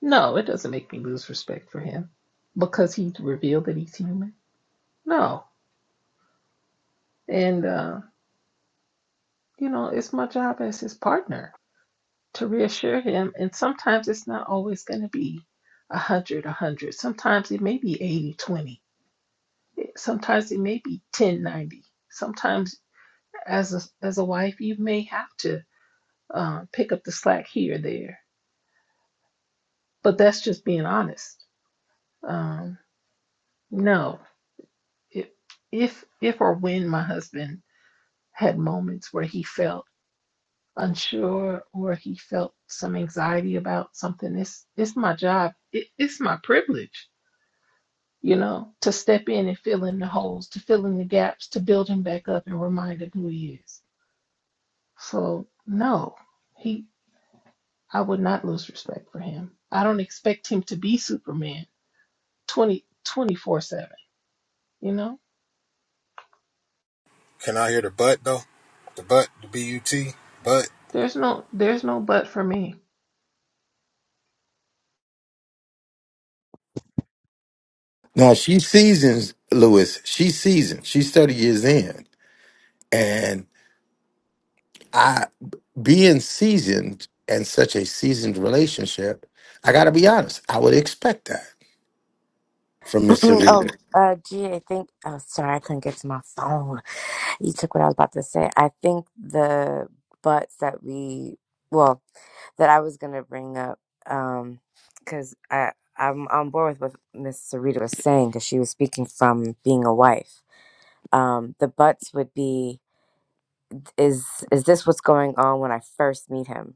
E: No, it doesn't make me lose respect for him because he revealed that he's human. No. And, uh, you know, it's my job as his partner. to reassure him. And sometimes it's not always going to be 100, 100. Sometimes it may be 80, 20. Sometimes it may be 10, 90. Sometimes as a, as a wife, you may have to uh, pick up the slack here or there. But that's just being honest. Um, no, if, if if or when my husband had moments where he felt unsure or he felt some anxiety about something, it's it's my job. It, it's my privilege you know, to step in and fill in the holes, to fill in the gaps, to build him back up and remind him who he is. So no, he I would not lose respect for him. I don't expect him to be Superman twenty, twenty-four 7 you know?
T: Can I hear the butt though? The butt, the B U T, butt.
E: There's no there's no but for me.
B: Now, she seasons, Lewis. She seasons. She's 30 years in. And. being seasoned and such a seasoned relationship, I got to be honest, I would expect that from Mr.
R: Mm,
B: Reader.
R: Oh, uh, gee, I think. Oh, sorry, I couldn't get to my phone. You took what I was about to say. I think the butts that we, well, that I was gonna bring up, um, because I I'm on board with what Miss Sarita was saying because she was speaking from being a wife. Um, the butts would be is is this what's going on when I first meet him,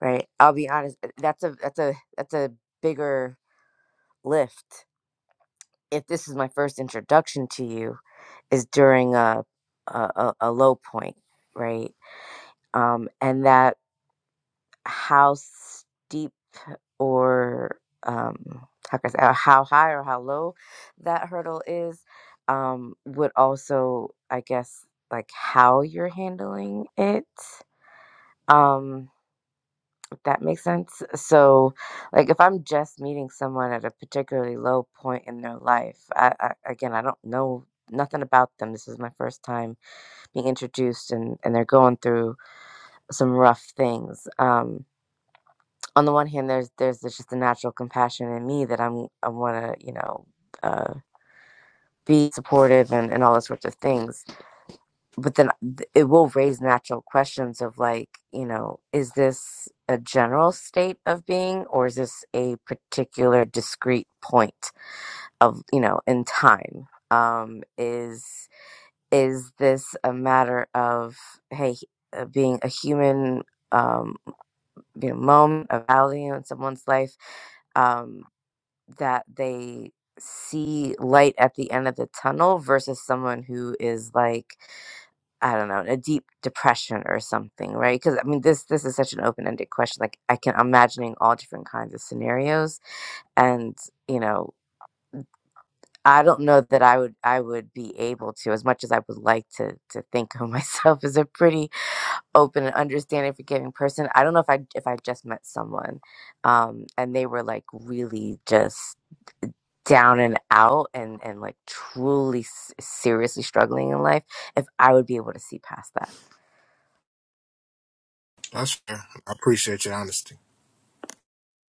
R: right? I'll be honest. eh, That's a that's a that's a bigger lift if this is my first introduction to you is during a a, a, a low point, right? Um, and that how steep or um, how can I say, uh, how high or how low that hurdle is um, would also, I guess, like how you're handling it. Um, if that makes sense. So, like, if I'm just meeting someone at a particularly low point in their life, I, I again, I don't know nothing about them. This is my first time being introduced and, and they're going through some rough things. Um, on the one hand, there's there's this just a natural compassion in me that I'm I want to you know uh, be supportive and, and all those sorts of things. But then th- it will raise natural questions of like you know is this a general state of being or is this a particular discrete point of you know in time? Um, is is this a matter of hey uh, being a human um you know moment of value in someone's life um that they see light at the end of the tunnel versus someone who is like i don't know in a deep depression or something right because i mean this this is such an open-ended question like i can I'm imagining all different kinds of scenarios and you know I don't know that I would I would be able to as much as I would like to to think of myself as a pretty open and understanding forgiving person i don't know if i if i just met someone um and they were like really just down and out and and like truly s- seriously struggling in life if i would be able to see past that
T: That's fair. I appreciate your honesty.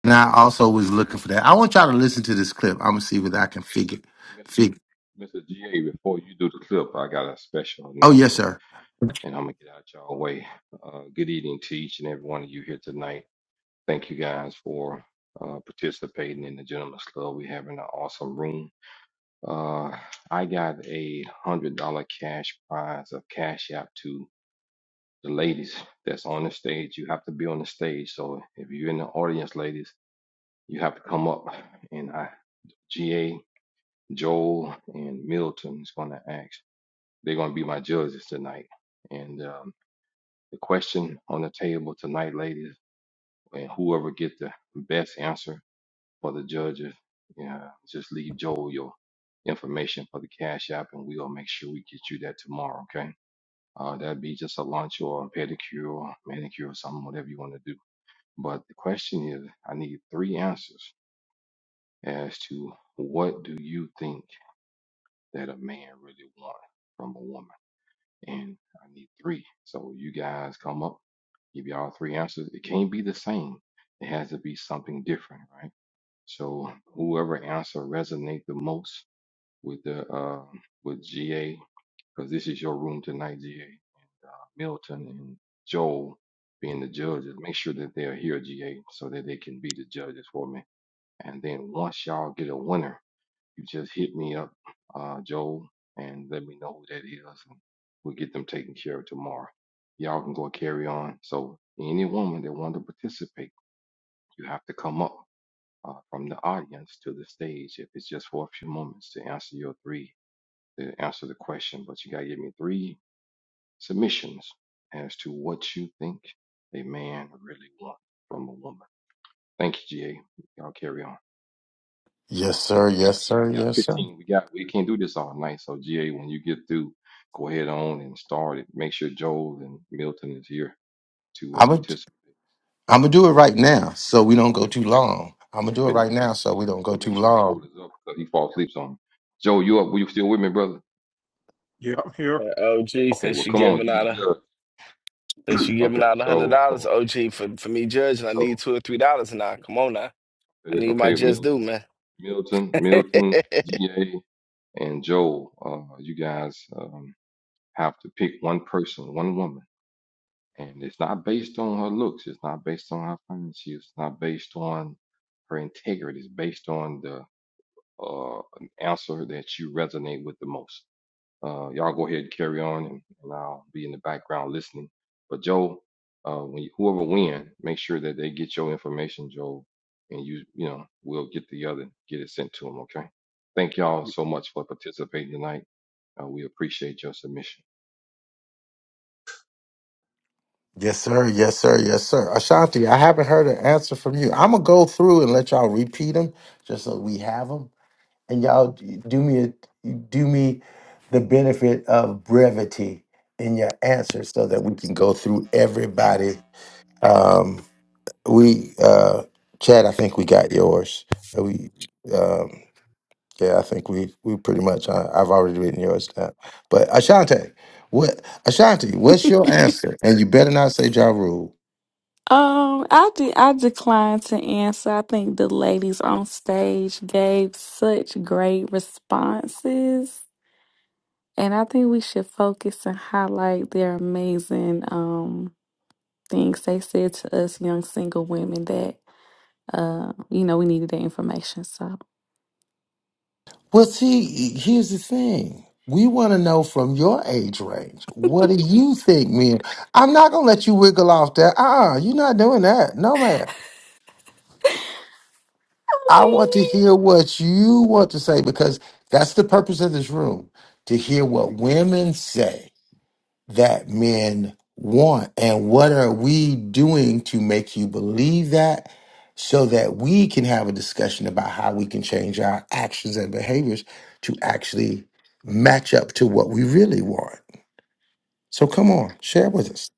B: And I also was looking for that. I want y'all to listen to this clip. I'm gonna see whether I can figure.
D: on. Mr.
B: Figure.
D: Mr. GA, before you do the clip, I got a special
B: Oh yes,
D: announcement
B: sir.
D: and I'm gonna get out y'all way. Uh, good evening to each and every one of you here tonight. Thank you guys for uh, participating in the Gentleman's Club. We're having an awesome room. Uh, I got a hundred dollar cash prize of Cash App to the ladies that's on the stage. You have to be on the stage. So if you're in the audience, ladies, you have to come up and I GA. Joel and Milton is going to ask. They're going to be my judges tonight. And um, the question on the table tonight, ladies, and whoever get the best answer for the judges, yeah, just leave Joel your information for the cash app, and we'll make sure we get you that tomorrow. Okay? Uh, that'd be just a lunch or a pedicure or manicure or something, whatever you want to do. But the question is, I need three answers as to what do you think that a man really wants from a woman and I need three. So you guys come up, give y'all three answers. It can't be the same. It has to be something different, right? So whoever answer resonate the most with the uh with GA, because this is your room tonight, GA, and uh, Milton and Joel being the judges. Make sure that they're here, GA, so that they can be the judges for me. And then once y'all get a winner you just hit me up, uh, Joel, and let me know who that is. And we'll get them taken care of tomorrow. Y'all can go carry on. So any woman that want to participate, you have to come up uh, from the audience to the stage if it's just for a few moments to answer your three, to answer the question. But you got to give me three submissions as to what you think a man really wants from a woman. Thank you, GA. Y'all carry on.
B: Yes,
D: and
B: sir.
D: we got
B: Yes,
D: we
B: sir.
D: got
B: Yes, sir.
D: 15 we got we can't do this all night so ga when you get through go ahead on and start it make sure joel and milton is here to uh,
B: I'm gonna
D: participate
B: I'm gonna do it right now, so we don't go
D: okay
B: too
D: well,
B: long. I'm gonna do it
D: okay
B: right
D: go
B: now,
D: ahead
B: so we don't
D: okay,
B: go
D: well make
B: too
D: sure joel
B: long.
D: is up because he falls asleep on joel you up you still with me brother
A: Yeah, I'm here.
O: Uh, OG
D: okay
O: says
D: well
O: she
D: come on
O: giving
D: you the
O: out a
D: judge
O: says she giving
D: okay
O: out a hundred
D: so
O: dollars.
D: so
O: OG for for me judging, I need
D: so
O: two or three dollars now. Come on now, I
D: eh,
O: need my
D: okay
O: just due,
D: milton
O: man.
D: milton milton ga and joel uh you guys um have to pick one person one woman And it's not based on her looks. It's not based on her fine It's not based on her integrity. It's based on the uh, answer that you resonate with the most. Uh, y'all go ahead and carry on, and, and I'll be in the background listening. But Joe, uh, when you, whoever win, make sure that they get your information, Joe, and you you know we'll get the other get it sent to them. Okay. Thank y'all so much for participating tonight. Uh, we appreciate your submission.
B: Yes, sir. Yes, sir. Yes, sir. Ashanti, I haven't heard an answer from you. I'm gonna go through and let y'all repeat them, just so we have them. and y'all d- do me a, do me the benefit of brevity in your answers so that we can go through everybody um we uh chad i think we got yours Uh, we um yeah i think we we pretty much uh, i've already written yours down but ashanti what ashanti what's your answer and you better not say ja Rule.
L: Um, I de- I declined to answer. I think the ladies on stage gave such great responses, and I think we should focus and highlight their amazing um things they said to us young single women that uh you know we needed that information. So.
B: Well, see, here's the thing. We want to know from your age range. What do you think, man? I'm not gonna let you wiggle off that. Uh, uh you're not doing that. No, man. I want to hear what you want to say because that's the purpose of this room—to hear what women say. that men want. And what are we doing to make you believe that so that we can have a discussion about how we can change our actions and behaviors to actually match up to what we really want? So come on, share with us.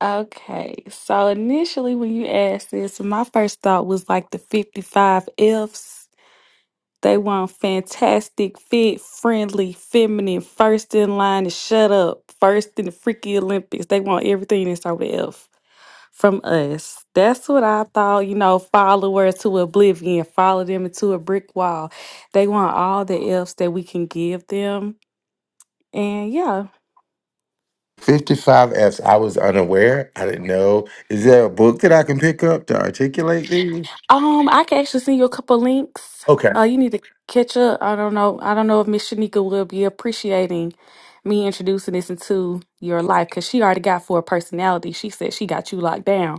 L: Okay, so initially when you asked this, my first thought was like the 55 Fs. They want fantastic, fit, friendly, feminine, first in line to shut up, first in the freaky Olympics. They want everything that's over F from us. That's what I thought, you know, followers to oblivion, follow them into a brick wall. They want all the Fs that we can give them. And yeah.
B: Fifty-five F's. I was unaware. I didn't know. Is there a book that I can pick up to articulate these?
L: Um, I can actually send you a couple links.
B: Okay.
L: Uh, you need to catch up. I don't know. I don't know if Miss Shanika will be appreciating me introducing this into your life because she already got four personality. She said she got you locked down.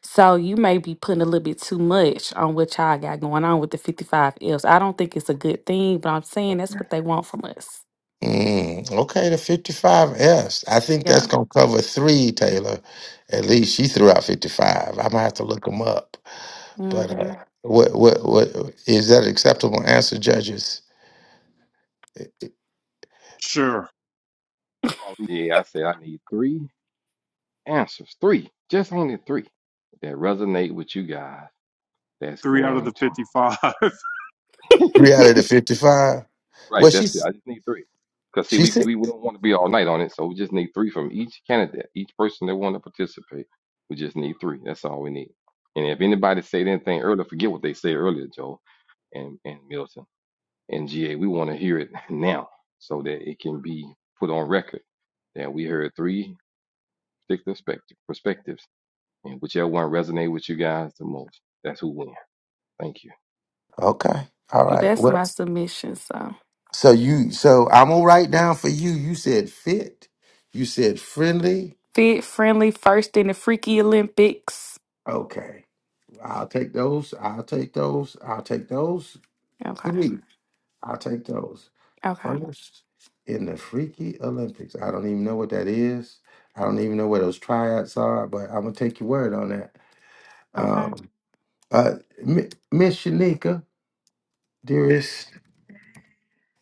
L: So you may be putting a little bit too much on what y'all got going on with the 55 Fs. I don't think it's a good thing, but I'm saying that's what they want from us.
B: Mm, okay, the fifty-five S. I think that's
L: Yeah.
B: going to cover three, Taylor. At least she threw out 55. I'm going to have to look them up. But
L: Mm-hmm.
B: uh, what, what, what is that acceptable answer, judges? Three
A: Sure.
D: Yeah, I said I need three. answers, three, just handed three that resonate with you guys. That's
A: Three out of
D: going
A: the
D: to
A: 55.
B: out of the 55?
D: right.
B: Well,
D: That's it.
B: she's,
D: I just need three. Cause see,
B: she
D: we
B: said,
D: we wouldn't want to be all night on it, so we just need three from each candidate, each person that want to participate. We just need three. That's all we need. And if anybody said anything earlier, forget what they said earlier, Joe and and Milton and GA. We want to hear it now so that it can be put on record that we heard three particular spect- perspectives, and whichever one resonated with you guys the most, that's who wins. Thank you.
B: okay. All
L: So
B: right.
L: that's
B: Well,
L: my submission. So
B: so you, so I'm going to write down for you. You said fit. You said friendly.
L: fit, friendly, first in the freaky Olympics.
B: Okay. I'll take those. I'll take those. I'll take those
L: Okay.
B: three. I'll take those.
L: Okay.
B: First in the Freaky Olympics. I don't even know what that is. I don't even know where those tryouts are, but I'm gonna take your word on that.
L: Okay.
B: Um, uh, Mi- Miss Shanika, dearest,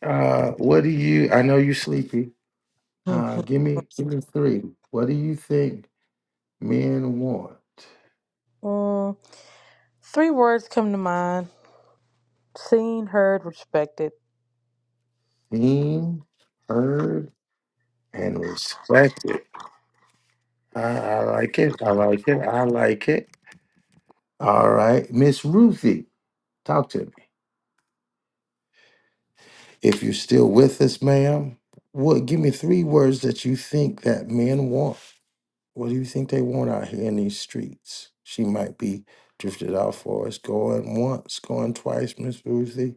B: uh, what do you? I know you're sleepy. Uh, give me, give me three. What do you think men want?
C: Mm, three words come to mind: seen, heard, respected.
B: Seen, heard, and respected. I, I like it. I like it. I like it. All right, Miss Ruthie, talk to me. If you're still with us, ma'am, what give me three words that you think that men want. What do you think they want out here in these streets? She might be drifted out for us. Going once, going twice, Miss Ruthie.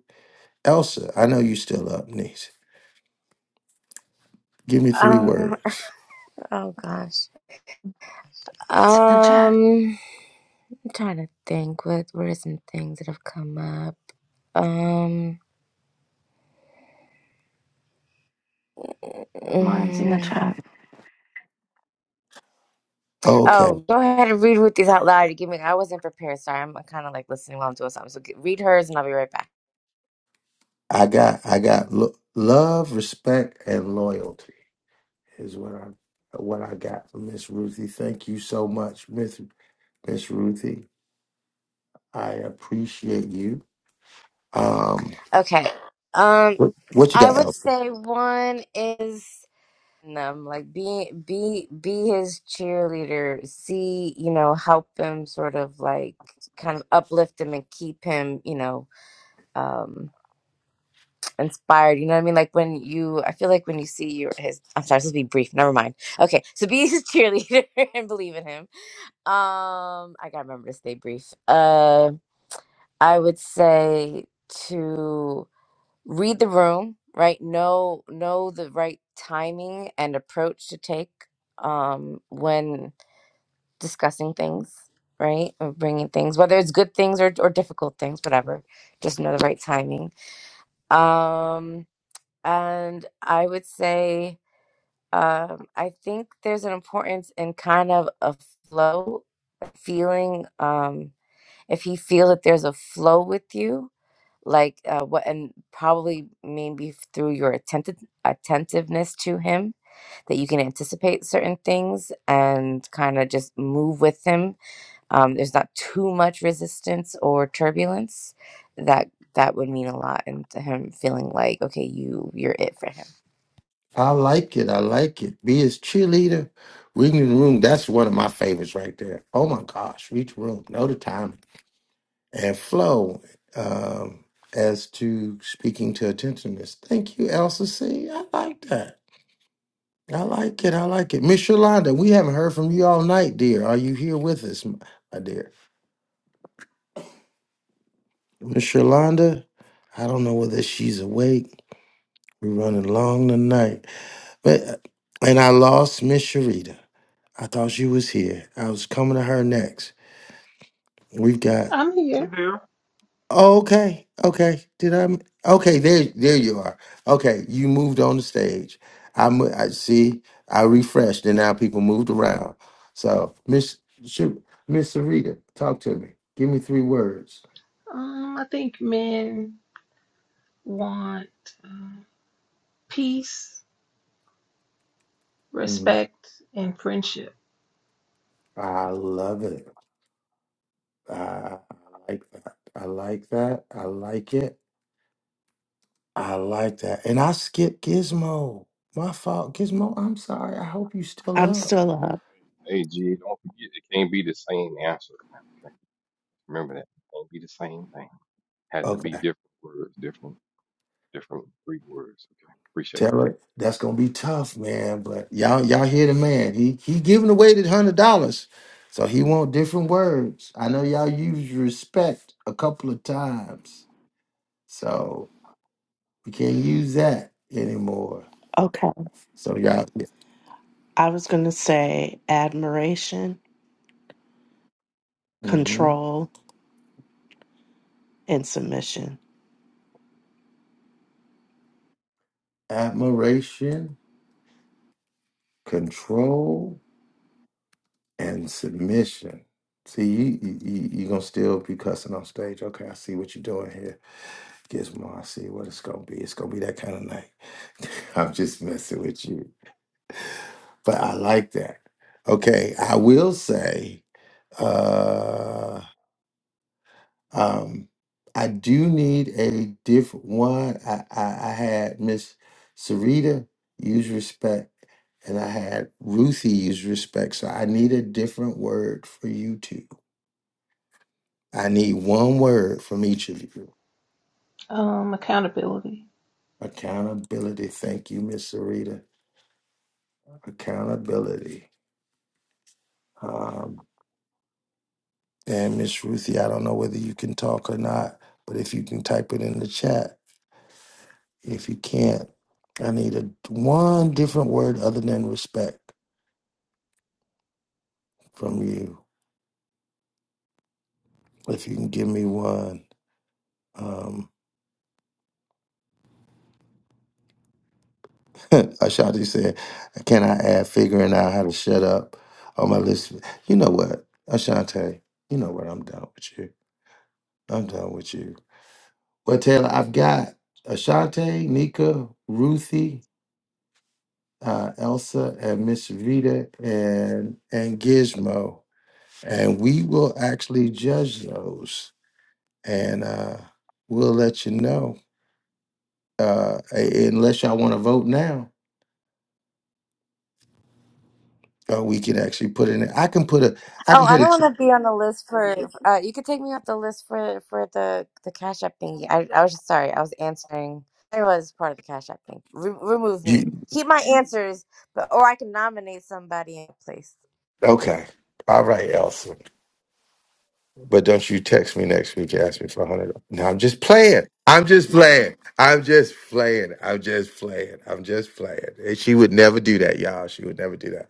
B: Elsa, I know you still up, niece. Give me three
R: Um,
B: words.
R: oh gosh.
S: In the chat.
R: Um, I'm trying to think. What what are some things that have come up? Um.
S: Mine's in the
R: mm,
S: chat.
B: Okay.
R: oh, go ahead and read with these out loud. You give me. I wasn't prepared. Sorry, I'm kind of like listening while I'm doing something. So g read hers, and I'll be right back.
B: I got I got lo- love, respect, and loyalty is what I what I got from Miss Ruthie. Thank you so much, Miss Miss Ruthie. I appreciate you. Um
R: Okay. Um,
B: What, what you
R: I
B: got,
R: would
B: Elsa?
R: say one is um, like be be be his cheerleader. See, you know, help him sort of like kind of uplift him and keep him, you know, um, inspired. You know what I mean? Like when you, I feel like when you see your his. I'm sorry, this will be brief. Never mind. Okay, so be his cheerleader and believe in him. Um, I gotta remember to stay brief. Uh, I would say to. read the room right know know the right timing and approach to take um when discussing things right or bringing things whether it's good things or, or difficult things whatever just know the right timing um and i would say um i think there's an importance in kind of a flow feeling um if he feels that there's a flow with you like uh, what and probably maybe through your attentive attentiveness to him that you can anticipate certain things and kind of just move with him um, there's not too much resistance or turbulence that that would mean a lot and to him feeling like okay you you're it for him
B: I like it. I like it. Be his cheerleader. Reading the room. That's one of my favorites right there. Oh my gosh. Read the room. Know the time and flow. Um, as to speaking to attentiveness. Thank you, Elsa C. I like that. I like it. I like it. Miss Yolanda, we haven't heard from you all night, dear. Are you here with us, m- my dear? Miss Yolanda, I don't know whether she's awake. We're running long tonight. But uh, and I lost Miss Sharita. I thought she was here. I was coming to her next. We've got.
E: I'm
A: See
E: here.
A: there?
B: Oh, okay. Okay. Did I? m- Okay. There. There you are. Okay. You moved on the stage. I. mo- I see. I refreshed, and now people moved around. So, Miss shoot, Miss Sarita, talk to me. Give me three words.
E: Um, I think men want peace,
B: Mhm.
E: respect, and friendship.
B: I love it. I I like that. I like that. I like it. I like that. And I skipped Gizmo. My fault, Gizmo. I'm sorry. I hope you still
G: I'm
B: up.
G: still up.
D: Hey, G, don't forget it can't be the same answer. Okay, remember that. It can't be the same thing. Has to be
B: Okay.
D: different words, different, different Greek words. Okay, appreciate
B: Tell her that's gonna be tough, man. But y'all, y'all hear the man. He he giving away the hundred dollars. So he want different words. I know y'all used respect a couple of times. So we can't use that anymore.
G: Okay.
B: So y'all
G: I was going to say admiration,
B: hmm
G: control, and submission.
B: admiration, control, and submission. See, you, you you you gonna still be cussing on stage. Okay, I see what you're doing Gizmo, I see what it's gonna be. It's gonna be that kind of night. I'm just messing with you, but I like that. Okay, I will say, uh, um, I do need a different one. I I, I had Miss Sarita use respect, and I had Ruthie use respect. So I need a different word for you two. I need one word from each of you.
E: Um, accountability.
B: Accountability. Thank you, Miss Sarita. Accountability. Um, and Miss Ruthie, I don't know whether you can talk or not, but if you can type it in the chat. If you can't, I need a one different word other than respect from you. If you can give me one. Um, Ashanti said, "Can I add figuring out how to shut up on my list?" You know what, Ashanti? You know what? I'm done with you. I'm done with you. Well, Taylor, I've got Ashanti, Nika, Ruthie. uh, Elsa and Miss Vita and and Gizmo, and we will actually judge those, and uh, we'll let you know. Uh, a- unless y'all want to vote now, uh, we can actually put in. I can put a. I
R: Oh,
B: can
R: I
B: put a.
R: don't want to be on the list for. Uh, you could take me off the list for for the the Cash App thingy. I I was sorry. I was answering. I was part of the Cash App thing. Re- remove me.
B: You,
R: Keep my answers, but or I can nominate somebody in place.
B: okay, all right, Elsa. But don't you text me next week and ask me for a hundred. No, I'm just playing. I'm just playing. I'm just playing. I'm just playing. I'm just playing. And she would never do that, y'all. She would never do that.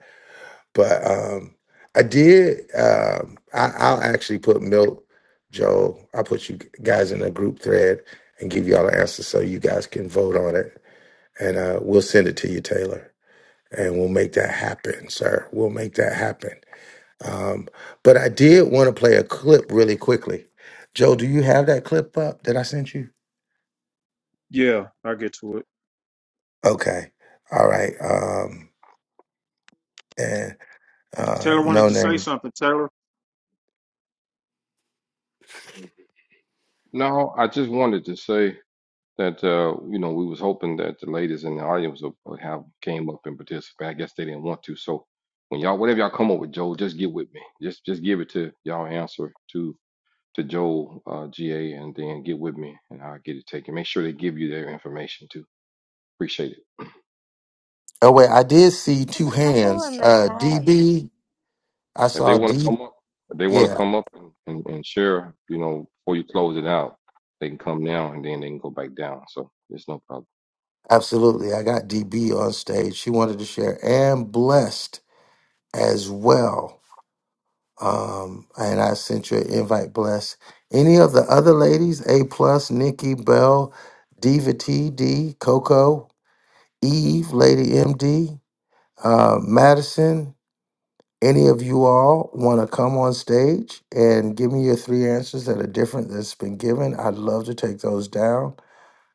B: But um, I did. Um, I, I'll actually put milk, Joe. I'll put you guys in a group thread and give y'all an answer so you guys can vote on it, and uh, we'll send it to you, Taylor, and we'll make that happen, sir. We'll make that happen. Um, but I did want to play a clip really quickly. Joe, do you have that clip up that I sent you?
A: Yeah, I get to it.
B: Okay. All right. Um, and uh,
A: Taylor wanted
B: no
A: to say
B: name.
A: something. Taylor?
D: it. Mm. No, I just wanted to say that uh, you know we was hoping that the ladies in the audience will will have came up and participate. I guess they didn't want to. So when y'all, whatever y'all come up with, Joel, just get with me. Just just give it to y'all answer to to Joel uh, GA, and then get with me, and I'll get it taken. Make sure they give you their information too. Appreciate it.
B: Oh wait, I did see
R: There's
B: two
R: a couple
B: hands.
R: in the
B: Uh,
R: chat.
B: DB I
D: If they
B: saw
D: want to
B: D.
D: come up, if they want to
B: Yeah,
D: come up and, and, and share, you know, before you close it out, they can come down and then they can go back down. So there's no problem.
B: absolutely. I got DB on stage. She wanted to share and blessed as well. Um, and I sent you an invite, blessed. Any of the other ladies, A plus, Nikki Bell, Diva T D, Coco, Eve, Lady MD, uh, Madison. Any of you all want to come on stage and give me your three answers that are different that's been given? I'd love to take those down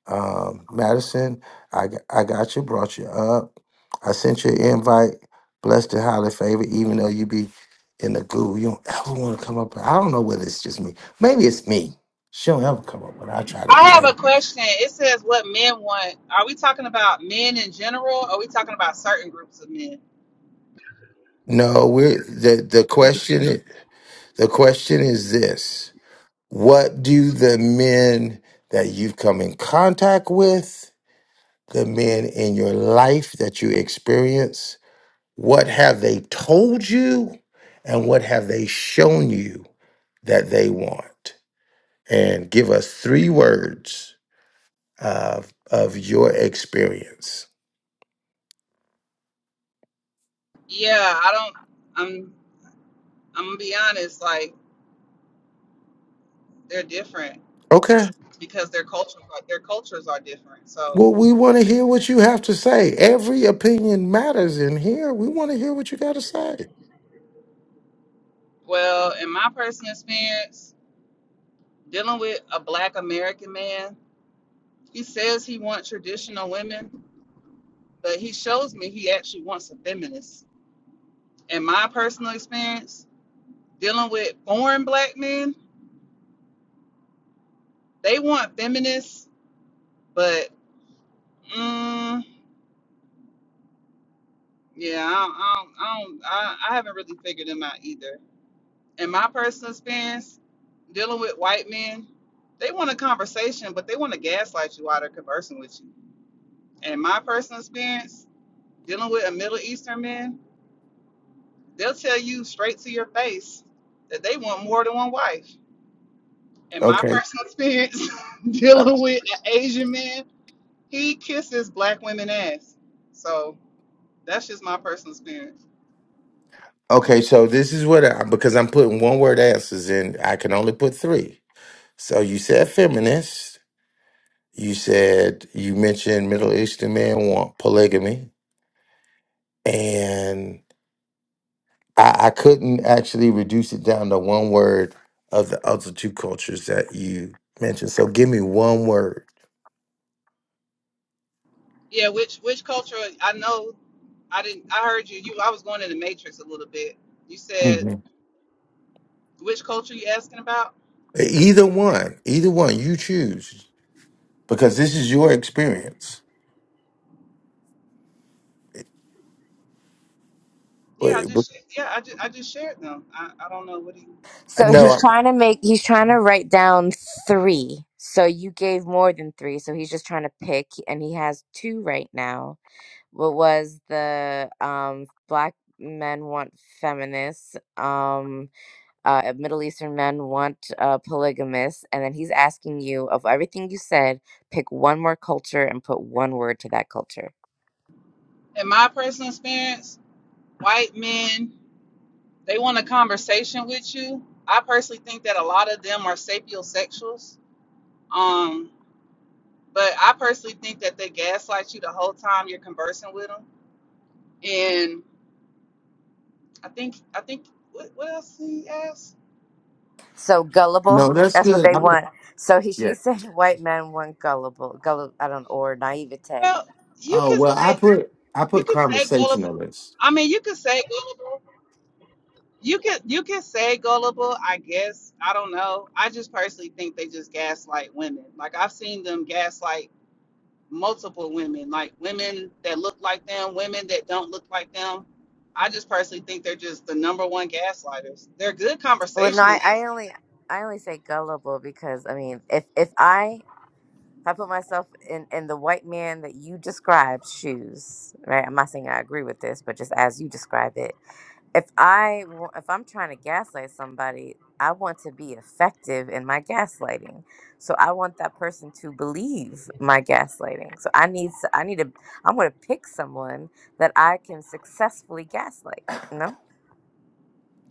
B: um, Madison, I, g- I got you, brought you up. I sent you an invite. Blessed and highly favored, even though you be in the goo. You don't ever want to come up. I don't know whether it's just me. Maybe it's me. She don't ever come up when I try to
V: I have
B: invite
V: a
B: her.
V: question. It says what men want. Are we talking about men in general? Or are we talking about certain groups of men?
B: No, we're the the
D: In general,
B: question the question is this. What do the men that you've come in contact with, the men in your life that you experience, What have they told you? And what have they shown you that they want? And give us three words of, of your experience.
V: Yeah, I don't. I'm. I'm gonna be honest. Like they're different
B: Okay.
V: because their cultures are, their cultures are different. So,
B: Well, we want to hear what you have to say. Every opinion matters in here. We want to hear what you got to say.
V: well, in my personal experience, dealing with a Black American man, he says he wants traditional women, but he shows me he actually wants a feminist. In my personal experience, dealing with foreign Black men, they want feminists, but Mm, yeah, I, don't, I, don't, I, don't, I, I haven't really figured them out either. In my personal experience, dealing with white men, they want a conversation, but they want to gaslight you while they're conversing with you. And in my personal experience, dealing with a Middle Eastern man, they'll tell you straight to your face that they want more than one wife. In my
B: Okay.
V: personal experience, dealing with an Asian man, he kisses black women ass. So that's just my personal experience.
B: Okay. So this is what I, because I'm putting one word answers in, I can only put three. So you said feminist. You said, you mentioned Middle Eastern men want polygamy. and I, I couldn't actually reduce it down to one word of the other two cultures that you mentioned. So give me one word,
V: Yeah, which which culture? I know I didn't. I heard you. You, I was going in the matrix a little bit. You said
B: Mhm.
V: which culture you asking about?
B: either one, either one you choose, because this is your experience.
V: Yeah, I
B: But- but-
V: just yeah, I just I just shared them. I, I don't know what do you.
R: So
B: No,
V: Yeah.
R: he's
B: I-
R: trying to make. He's trying to write down three. So you gave more than three. So he's just trying to pick, and he has two right now. What was the um black men want feminists? Um uh, Middle Eastern men want uh, polygamous, and then he's asking you of everything you said, pick one more culture and put one word to that culture.
V: In my personal experience, white men they want a conversation with you. I personally think that a lot of them are sapiosexuals. Um, but I personally think that they gaslight you the whole time you're conversing with them. And I think I think what what else he asked?
R: So gullible,
B: no, that's
R: that's what
B: good.
R: they
B: I put,
R: want. So he, she
B: yeah.
R: said white men want gullible, gullible. I don't or naivete.
V: Well, you
B: Oh
V: can
B: well, I
V: say
B: put I
V: you
B: put
V: can say gullible.
B: conversationalist.
V: I mean, you can say gullible. You can you can say gullible. I guess I don't know. I just personally think they just gaslight women. Like I've seen them gaslight multiple women, like women that look like them, women that don't look like them. I just personally think they're just the number one gaslighters. They're good
R: Well, no, I,
V: conversationalists.
R: I only I only say gullible because I mean, if if I if I put myself in in the white man that you described shoes, right? I'm not saying I agree with this, but just as you describe it, if I wa- if I'm trying to gaslight somebody, I want to be effective in my gaslighting. So I want that person to believe my gaslighting. So I need to. I need to I'm going to pick someone that I can successfully gaslight. No.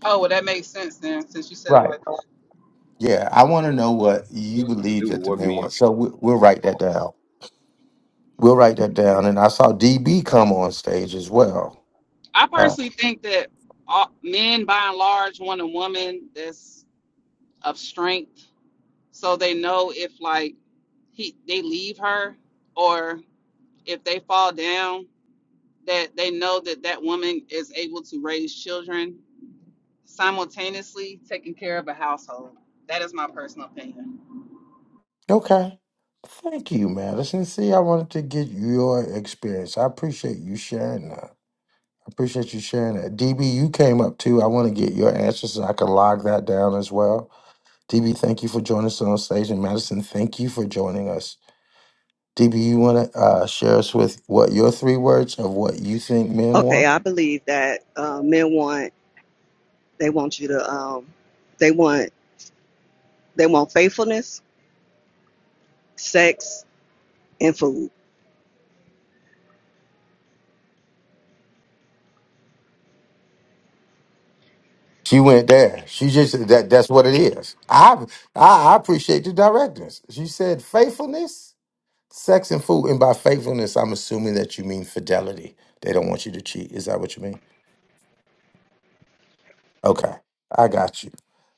V: Oh, well, that makes sense then, since you said it
B: Right.
V: like that.
B: Yeah, I want to know what you
D: what does it have to
B: believe
D: do with
B: that the
D: what
B: men
D: men
B: want. So
D: want?
B: we, we'll
D: I'm
B: write
D: lost.
B: that down. We'll write that down. And I saw DB come on stage as well.
V: I
B: Uh,
V: personally think that all, men by and large want a woman that's of strength so they know if like he they leave her or if they fall down that they know that that woman is able to raise children simultaneously taking care of a household that is my personal opinion
B: Okay. Thank you, Madison. See, I wanted to get your experience. I appreciate you sharing that. I appreciate you sharing that. DB, you came up too. I want to get your answers so I can log that down as well. DB, thank you for joining us on stage. And Madison, thank you for joining us. DB, you want to uh, share us with what your three words of what you think men
W: Okay,
B: want?
W: I believe that uh, men want they want you to um, they want they want faithfulness, sex, and food.
B: She went there. She just that that's what it is. I I, I appreciate the directness. She said faithfulness. Sex and food, and by faithfulness, I'm assuming that you mean fidelity. They don't want you to cheat. Is that what you mean? Okay, I got you.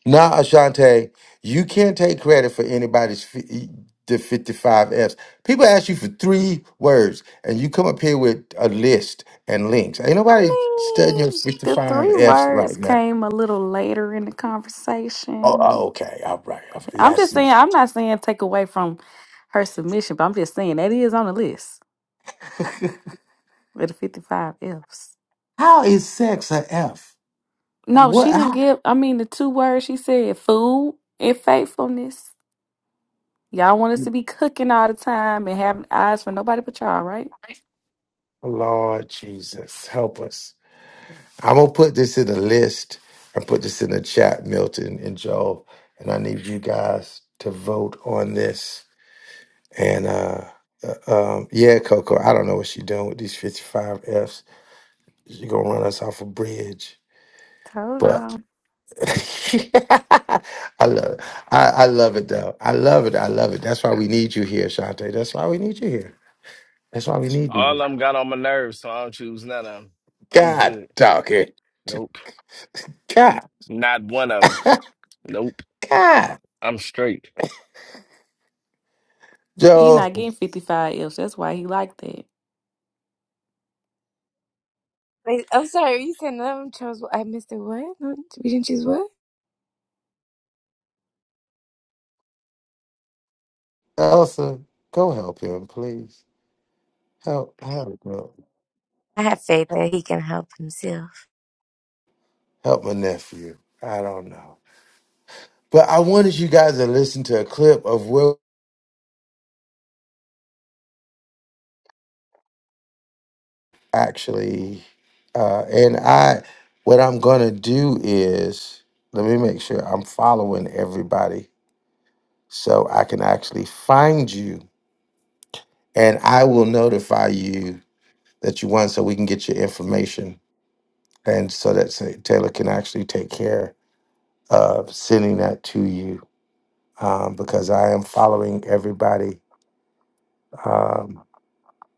B: Now, Ashante, you can't take credit for anybody's fi- e, the 55 Fs. People ask you for three words, and you come up here with a list and links. Ain't
L: I
B: nobody studying your
L: mean, the
B: 55
L: three
B: Fs
L: words
B: right now.
L: came a little later in the
B: Oh,
L: conversation.
B: oh, okay, all right. I
L: I'm
B: I
L: just
B: see.
L: saying, I'm not saying take away from her submission, but I'm just saying that is on the list with the 55 F's.
B: How is sex a F?
L: No,
B: What?
L: she didn't
B: How?
L: give, I mean, the two words she said, food and faithfulness. Y'all want us to be cooking all the time and having eyes for nobody but y'all, right?
B: Lord Jesus, help us. I'm gonna put this in a list. I put this in the chat, Milton and Joel, and I need you guys to vote on this. And uh, uh um, yeah, Coco, I don't know what she's doing with these 55 Fs. She's gonna run us off a bridge.
L: Told
B: But
L: y'all.
B: I love it. I, I love it though. I love it. I love it. That's why we need you here, Shante. That's why we need you here. That's why we need
O: All of
B: you.
O: them got on my nerves, so I don't choose none of them. I'm
B: God
O: good.
B: dog it.
O: Nope.
B: God.
O: Not one of them. Nope.
B: God.
O: I'm straight.
L: He
B: Joe.
L: not getting 55 F's. That's why he like that.
R: Wait, I'm sorry. Are You said no one chose. I missed it. What? No, We didn't choose what?
B: Elsa, go help him, please. Help, help,
R: I have faith
B: help,
R: that he can help himself.
B: help my nephew. I don't know, but I wanted you guys to listen to a clip of Will actually, uh, and I. What I'm gonna do is let me make sure I'm following everybody so I can actually find you, and I will notify you that you won, so we can get your information, and so that Taylor can actually take care of sending that to you. um, because I am following everybody. Um,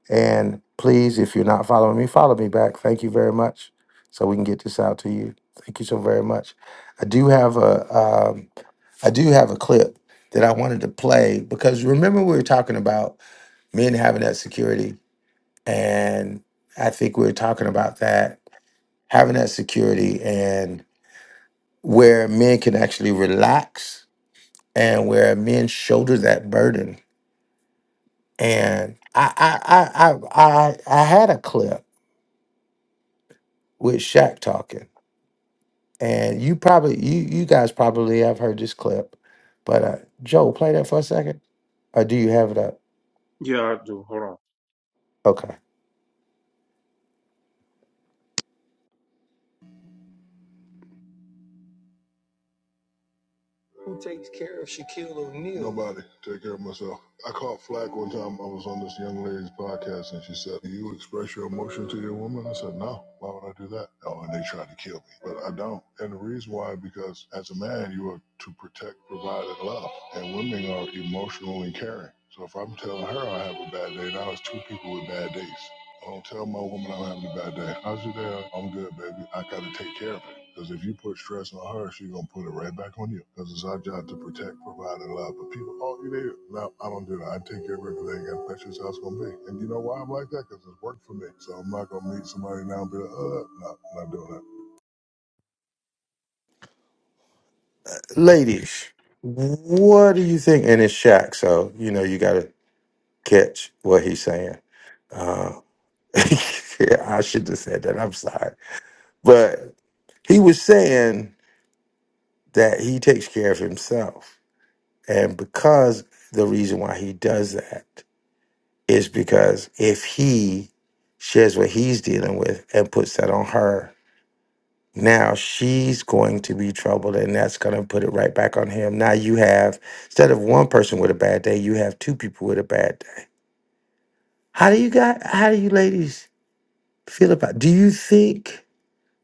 B: and please, if you're not following me, follow me back. Thank you very much. So we can get this out to you. Thank you so very much. I do have a um, I do have a clip that I wanted to play because remember we were talking about men having that security, and I think we were talking about that having that security and where men can actually relax and where men shoulder that burden and I I I I I, I had a clip with Shaq talking, and you probably you you guys probably have heard this clip, but uh, Joe, play that for a second, or do you have it up?
A: Yeah, I do. Hold on.
B: Okay, ladies, what do you think? And it's Shaq, so you know you got to catch what he's saying. Uh, yeah, I should have said that. I'm sorry, but he was saying that he takes care of himself And because the reason why he does that is because if he shares what he's dealing with and puts that on her, now she's going to be troubled and that's going to put it right back on him. Now you have, instead of one person with a bad day, you have two people with a bad day. How do you got? how do you ladies feel about, do you think,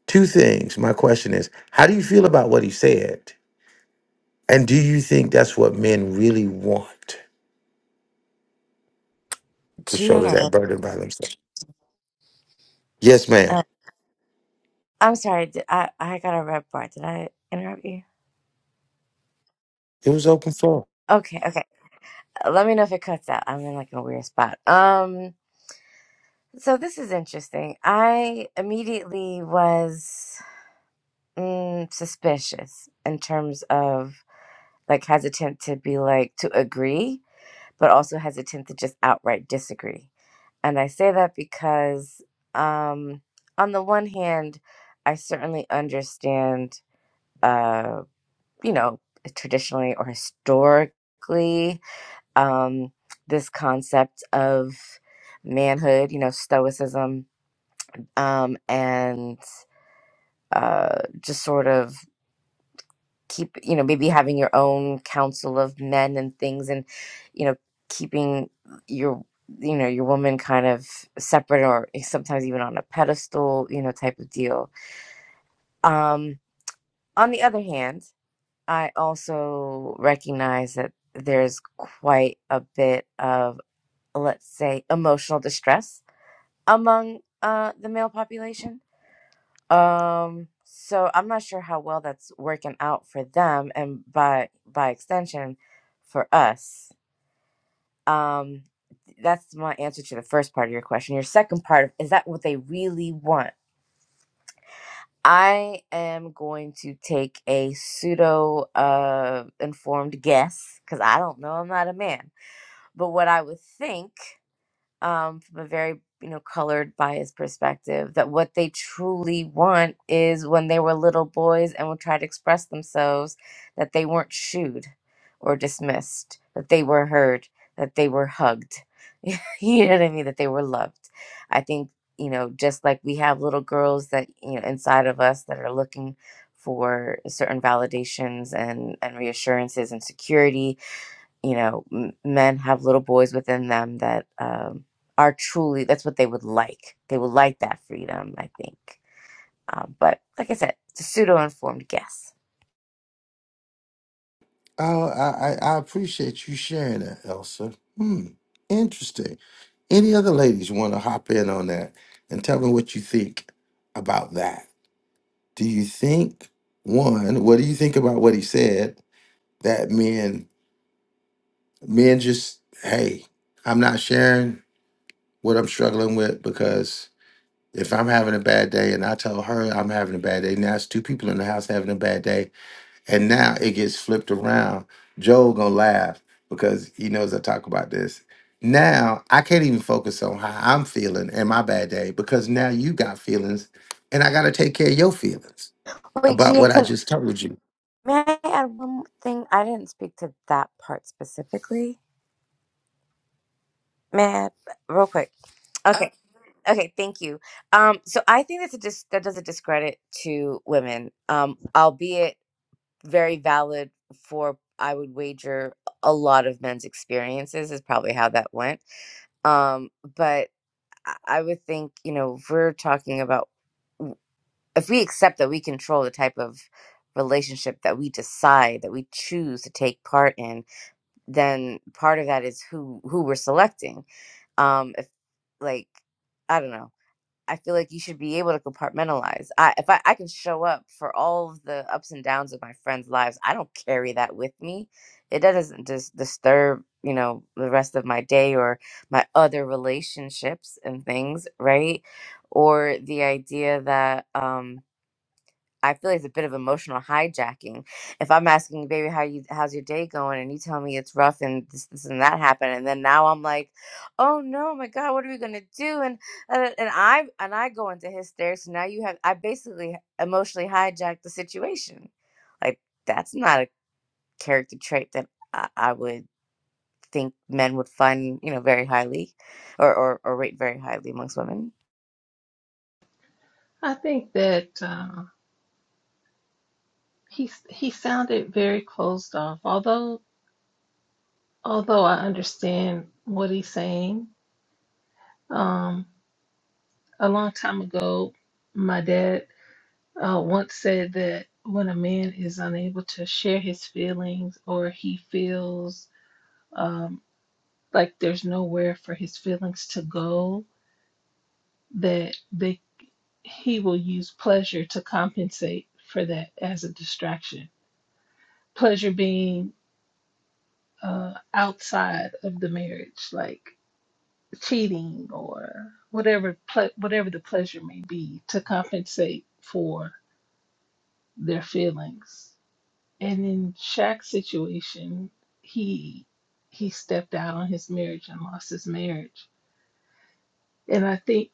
B: two things. My question is, how do you feel about what he said? And do you think that's what men really want to shoulder
R: Jen.
B: that burden by themselves? Yes, ma'am.
R: Uh, I'm sorry. Did I I got a red bar. Did I interrupt you?
B: It was open floor.
R: Okay. Okay. Let me know if it cuts out. I'm in like a weird spot. Um, so this is interesting. I immediately was mm, suspicious in terms of like hesitant to be like to agree, but also hesitant to just outright disagree. And I say that because, um, on the one hand, I certainly understand, uh, you know, traditionally or historically. um, this concept of manhood, you know, stoicism, um, and uh, just sort of keep, you know, maybe having your own council of men and things, and you know, keeping your you know your woman kind of separate or sometimes even on a pedestal you know type of deal um on the other hand i also recognize that there's quite a bit of let's say emotional distress among uh the male population. Um so I'm not sure how well that's working out for them and by by extension for us. Um that's my answer to the first part of your question. Your second part of is that what they really want? I am going to take a pseudo uh informed guess cuz I don't know, I'm not a man. But what I would think um, from a very you know colored biased perspective that what they truly want is when they were little boys and would try to express themselves that they weren't shooed or dismissed that they were heard that they were hugged you know what i mean that they were loved i think you know just like we have little girls that you know inside of us that are looking for certain validations and and reassurances and security you know m- men have little boys within them that um, are truly that's what they would like they would like that freedom i think um, but like i said it's a pseudo-informed guess
B: Oh, I, I, I appreciate you sharing that, Elsa. Hmm, interesting. Any other ladies want to hop in on that and tell me what you think about that? Do you think one? What do you think about what he said? That men, men just hey, I'm not sharing what I'm struggling with because if I'm having a bad day and I tell her I'm having a bad day, now it's two people in the house having a bad day And now it gets flipped around. Joe gonna laugh because he knows I talk about this. Now I can't even focus on how I'm feeling and my bad day because now you got feelings and I gotta take care of your feelings
R: wait
B: about
R: Gia,
B: what I
R: can
B: just told you.
R: may i add one more thing i didn't speak to that part specifically may I add- real quick okay okay thank you um so i think that's a dis- that does a discredit to women um albeit very valid for I would wager a lot of men's experiences is probably how that went. Um, but I I would think you know if we're talking about if we accept that we control the type of relationship that we decide that we choose to take part in, then part of that is who who we're selecting. Um, if like I don't know I feel like you should be able to compartmentalize. I if I, I can show up for all of the ups and downs of my friends' lives, I don't carry that with me. It doesn't just disturb, you know, the rest of my day or my other relationships and things, right? Or the idea that um I feel like it's a bit of emotional hijacking. If I'm asking you, baby, how you how's your day going, and you tell me it's rough and this this and that happened, and then now I'm like, oh no, my God, what are we gonna do? And uh, and I and I go into hysterics. Now you have I basically emotionally hijacked the situation. Like that's not a character trait that I, I would think men would find you know very highly, or or, or rate very highly amongst women.
E: I think that uh, He he sounded very closed off. Although although I understand what he's saying, um, a long time ago, my dad uh, once said that when a man is unable to share his feelings or he feels um, like there's nowhere for his feelings to go, that they he will use pleasure to compensate for that as a distraction. Pleasure being uh, outside of the marriage, like cheating or whatever ple- whatever the pleasure may be to compensate for their feelings. And in Shaq's situation, he he stepped out on his marriage and lost his marriage. And I think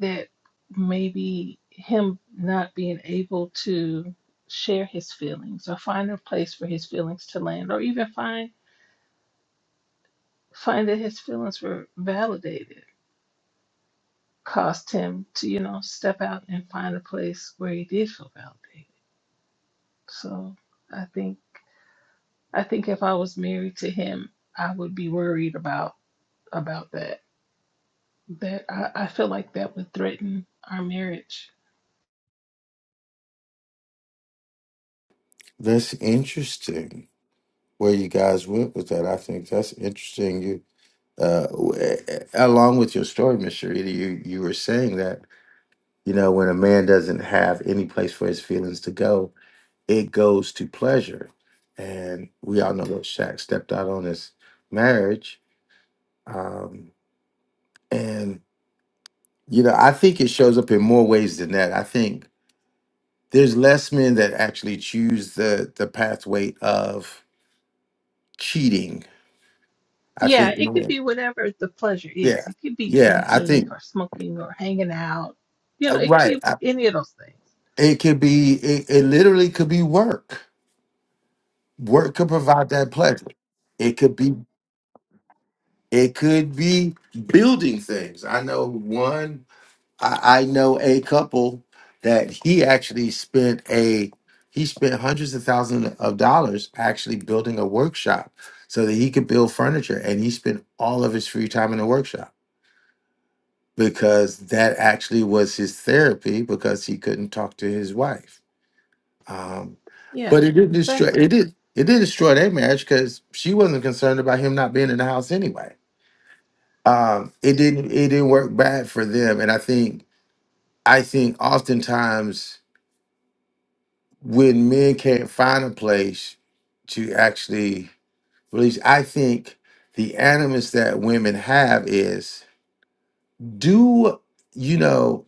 E: that maybe him not being able to share his feelings or find a place for his feelings to land or even find find that his feelings were validated caused him to, you know, step out and find a place where he did feel validated. So I think I think if I was married to him, I would be worried about about that. That I, I feel like that would threaten our marriage.
B: That's interesting where you guys went with that. I think that's interesting. You, uh, w- along with your story, Miss Sharita, you you were saying that you know when a man doesn't have any place for his feelings to go, it goes to pleasure. And we all know that Shaq stepped out on his marriage. Um, and, you know, I think it shows up in more ways than that. I think there's less men that actually choose the, the pathway of cheating. I
E: Yeah,
B: think,
E: it could
B: men-
E: be whatever the pleasure is.
B: yeah,
E: It could be
B: yeah, I
E: drinking
B: think,
E: or smoking or hanging out. You
B: uh,
E: know, it could
B: right.
E: be
B: I,
E: any of those things.
B: it could be, it, it literally could be work. Work could provide that pleasure. It could be, it could be building things. I know one I, I know a couple that he actually spent a he spent hundreds of thousands of dollars actually building a workshop so that he could build furniture and he spent all of his free time in the workshop because that actually was his therapy because he couldn't talk to his wife um, but
E: Yeah,
B: it didn't destroy
E: exactly.
B: it did it did destroy their marriage because she wasn't concerned about him not being in the house anyway um, it didn't it didn't work bad for them and i think i think oftentimes when men can't find a place to actually release, I think the animus that women have is do you know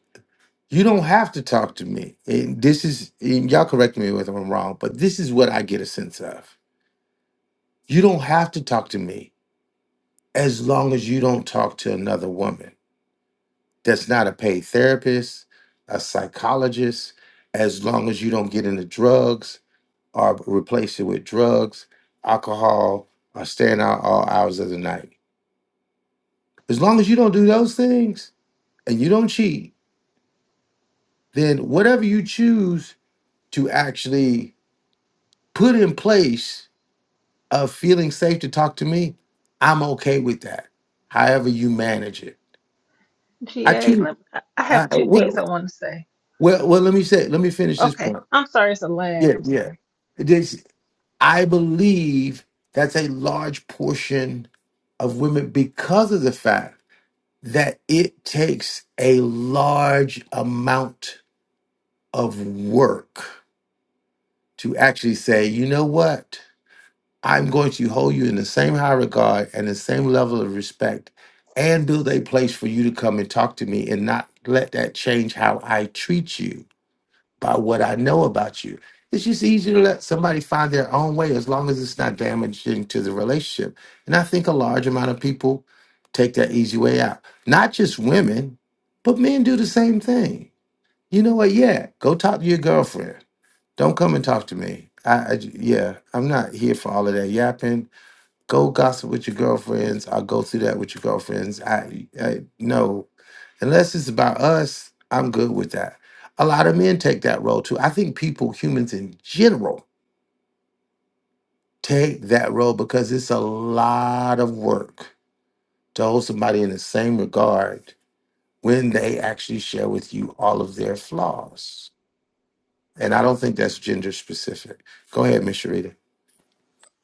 B: you don't have to talk to me and this is and y'all correct me if i'm wrong but this is what i get a sense of you don't have to talk to me as long as you don't talk to another woman that's not a paid therapist a psychologist as long as you don't get into drugs or replace it with drugs, alcohol, or staying out all hours of the night. As long as you don't do those things and you don't cheat, then whatever you choose to actually put in place of feeling safe to talk to me, I'm okay with that. However you manage it, I
E: GA,
B: choose.
E: let, I I
B: I,
E: have two things I
B: well,
E: want to say.
B: well, well. Let me say. Let me finish this
E: Okay,
B: point.
E: I'm sorry it's a lag.
B: Yeah,
E: I'm
B: yeah.
E: sorry.
B: This I believe that's a large portion of women because of the fact that it takes a large amount of work to actually say, you know what? I'm going to hold you in the same high regard and the same level of respect and build a place for you to come and talk to me and not let that change how I treat you by what I know about you. It's just easier to let somebody find their own way as long as it's not damaging to the relationship. And I think a large amount of people take that easy way out. Not just women, but men do the same thing. You know what? Yeah, go talk to your girlfriend. Don't come and talk to me. I, I j- yeah, I'm not here for all of that yapping. Go gossip with your girlfriends. I'll go through that with your girlfriends. I, I no. Unless it's about us, I'm good with that. A lot of men take that role too. I think people, humans in general, take that role because it's a lot of work to hold somebody in the same regard when they actually share with you all of their flaws. And I don't think that's gender specific. Go ahead, Miss Sharita.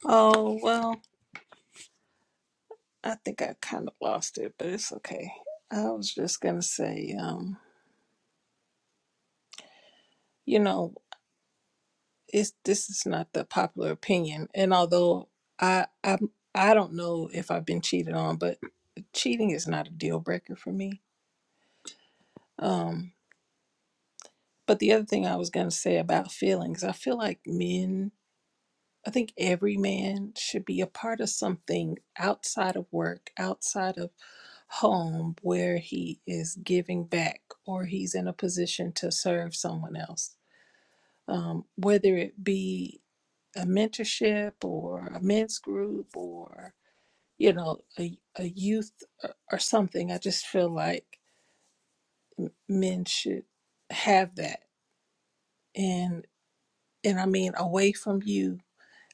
E: Oh well. I think I kind of lost it, but it's okay. I was just gonna say, um, you know, it's this is not the popular opinion, and although I I I don't know if I've been cheated on, but cheating is not a deal breaker for me. Um, but the other thing I was gonna say about feelings, I feel like men I think every man should be a part of something outside of work, outside of home, where he is giving back or he's in a position to serve someone else. Um, whether it be a mentorship or a men's group or, you know, a, a youth or, or something, I just feel like men should have that. And, and I mean, away from you,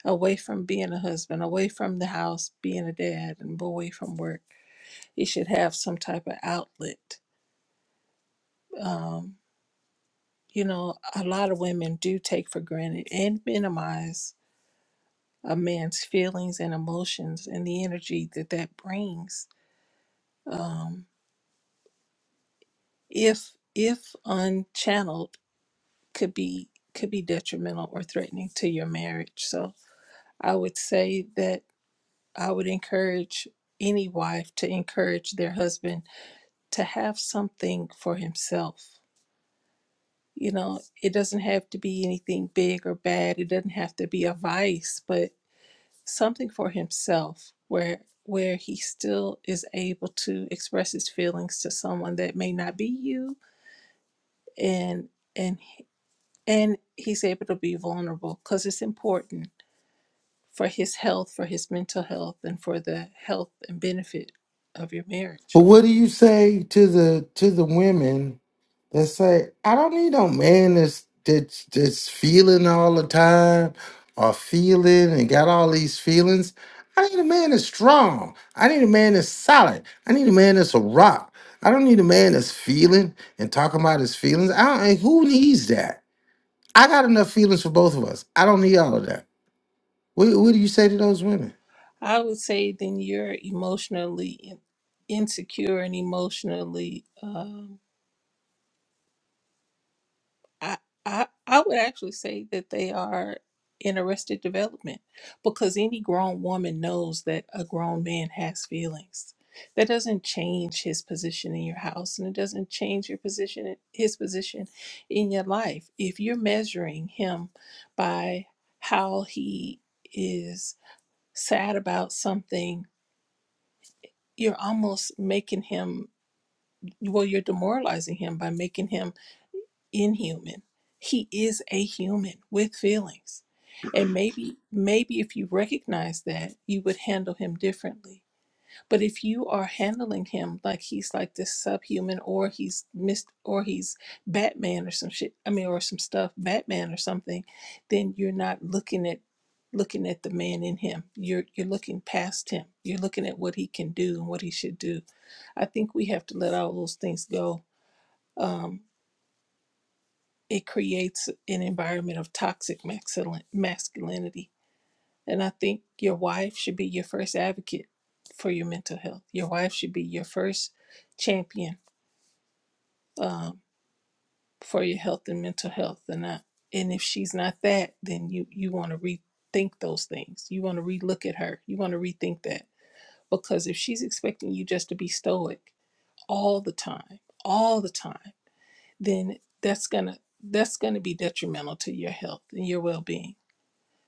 E: away from being a husband, away from the house, being a dad, and away from work. You should have some type of outlet. Um, you know, a lot of women do take for granted and minimize a man's feelings and emotions and the energy that that brings. Um, if if unchanneled, could be could be detrimental or threatening to your marriage. So I would say that I would encourage any wife to encourage their husband to have something for himself. You know, it doesn't have to be anything big or bad. It doesn't have to be a vice, but something for himself where where he still is able to express his feelings to someone that may not be you and and and he's able to be vulnerable cuz it's important for his health, for his mental health and for the health and benefit of your marriage.
B: But what do you say to the to the women They say I don't need no man that's that's that's feeling all the time or feeling and got all these feelings. I need a man that's strong. I need a man that's solid. I need a man that's a rock. I don't need a man that's feeling and talking about his feelings. I don't, and who needs that? I got enough feelings for both of us. I don't need all of that. What, what do you say to those women?
E: I would say then you're emotionally in- insecure and emotionally. Um, I, I I would actually say that they are in arrested development because any grown woman knows that a grown man has feelings. That doesn't change his position in your house, and it doesn't change your position, his position in your life. If you're measuring him by how he is sad about something you're almost making him well you're demoralizing him by making him inhuman he is a human with feelings and maybe maybe if you recognize that you would handle him differently but if you are handling him like he's like this subhuman or he's missed or he's batman or some shit i mean or some stuff batman or something then you're not looking at looking at the man in him you're you're looking past him you're looking at what he can do and what he should do I think we have to let all those things go. Um, it creates an environment of toxic maxilin- masculinity. And I think your wife should be your first advocate for your mental health. Your wife should be your first champion um, for your health and mental health. And I, and if she's not that, then you you want to rethink those things. You want to relook at her. You want to rethink that because if she's expecting you just to be stoic all the time, all the time then that's gonna that's gonna be detrimental to your health and your well-being.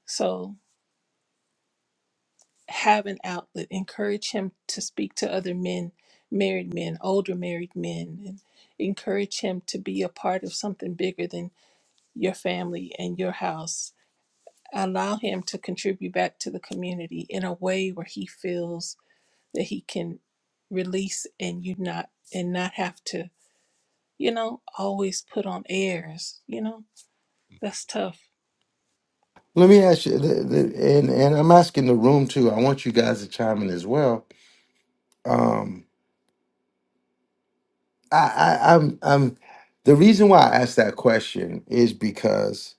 E: So have an outlet. Encourage him to speak to other men, married men, older married men, and encourage him to be a part of something bigger than your family and your house. Allow him to contribute back to the community in a way where he feels that he can release and you not and not have to, you know, always put on airs, you know. That's tough
B: Let me ask you, the, the, and and I'm asking the room too. I want you guys to chime in as well. I, I I'm I'm the reason why I asked that question is because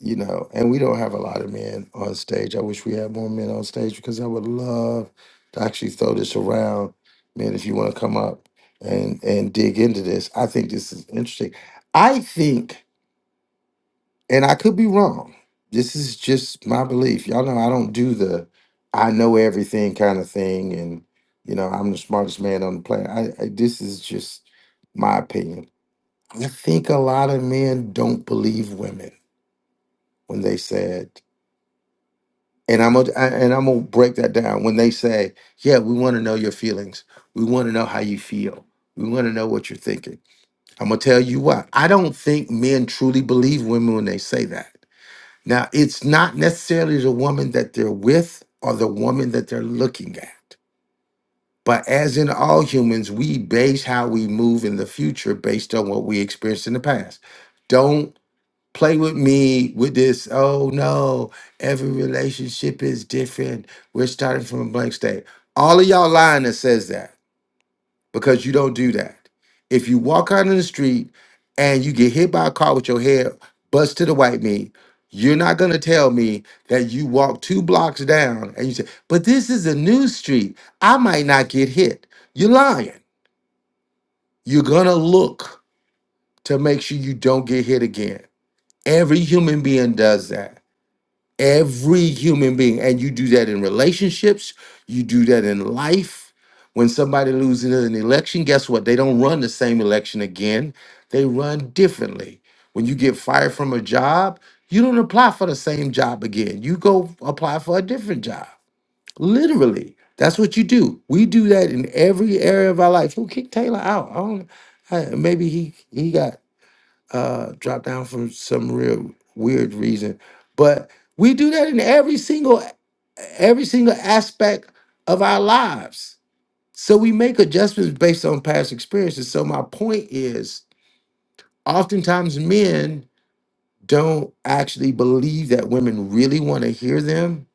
B: you know, and we don't have a lot of men on stage. I wish we had more men on stage because I would love to actually throw this around, man. If you want to come up and and dig into this, I think this is interesting. I think, and I could be wrong. This is just my belief. Y'all know I don't do the I know everything kind of thing, and you know I'm the smartest man on the planet. I, I this is just my opinion I think a lot of men don't believe women when they said, and I'm gonna I- and I'm gonna break that down. When they say, "Yeah, we want to know your feelings. We want to know how you feel. We want to know what you're thinking." I'm gonna tell you what. I don't think men truly believe women when they say that. Now, it's not necessarily the woman that they're with or the woman that they're looking at. But as in all humans, we base how we move in the future based on what we experienced in the past. Don't play with me with this. Oh no, every relationship is different. We're starting from a blank state. All of y'all lying that says that because you don't do that. If you walk out on the street and you get hit by a car with your head bust to the white meat, you're not gonna tell me that you walk two blocks down and you say, but this is a new street. I might not get hit. You're lying. You're gonna look to make sure you don't get hit again. Every human being does that. every human being and you do that in relationships you do that in life when somebody loses an election guess what they don't run the same election again they run differently when you get fired from a job you don't apply for the same job again you go apply for a different job literally that's what you do we do that in every area of our life who kicked taylor out i don't I, maybe he he got uh, dropped down from some real weird reason. But we do that in every single every single aspect of our lives. So we make adjustments based on past experiences. So my point is, oftentimes men don't actually believe that women really want to hear them.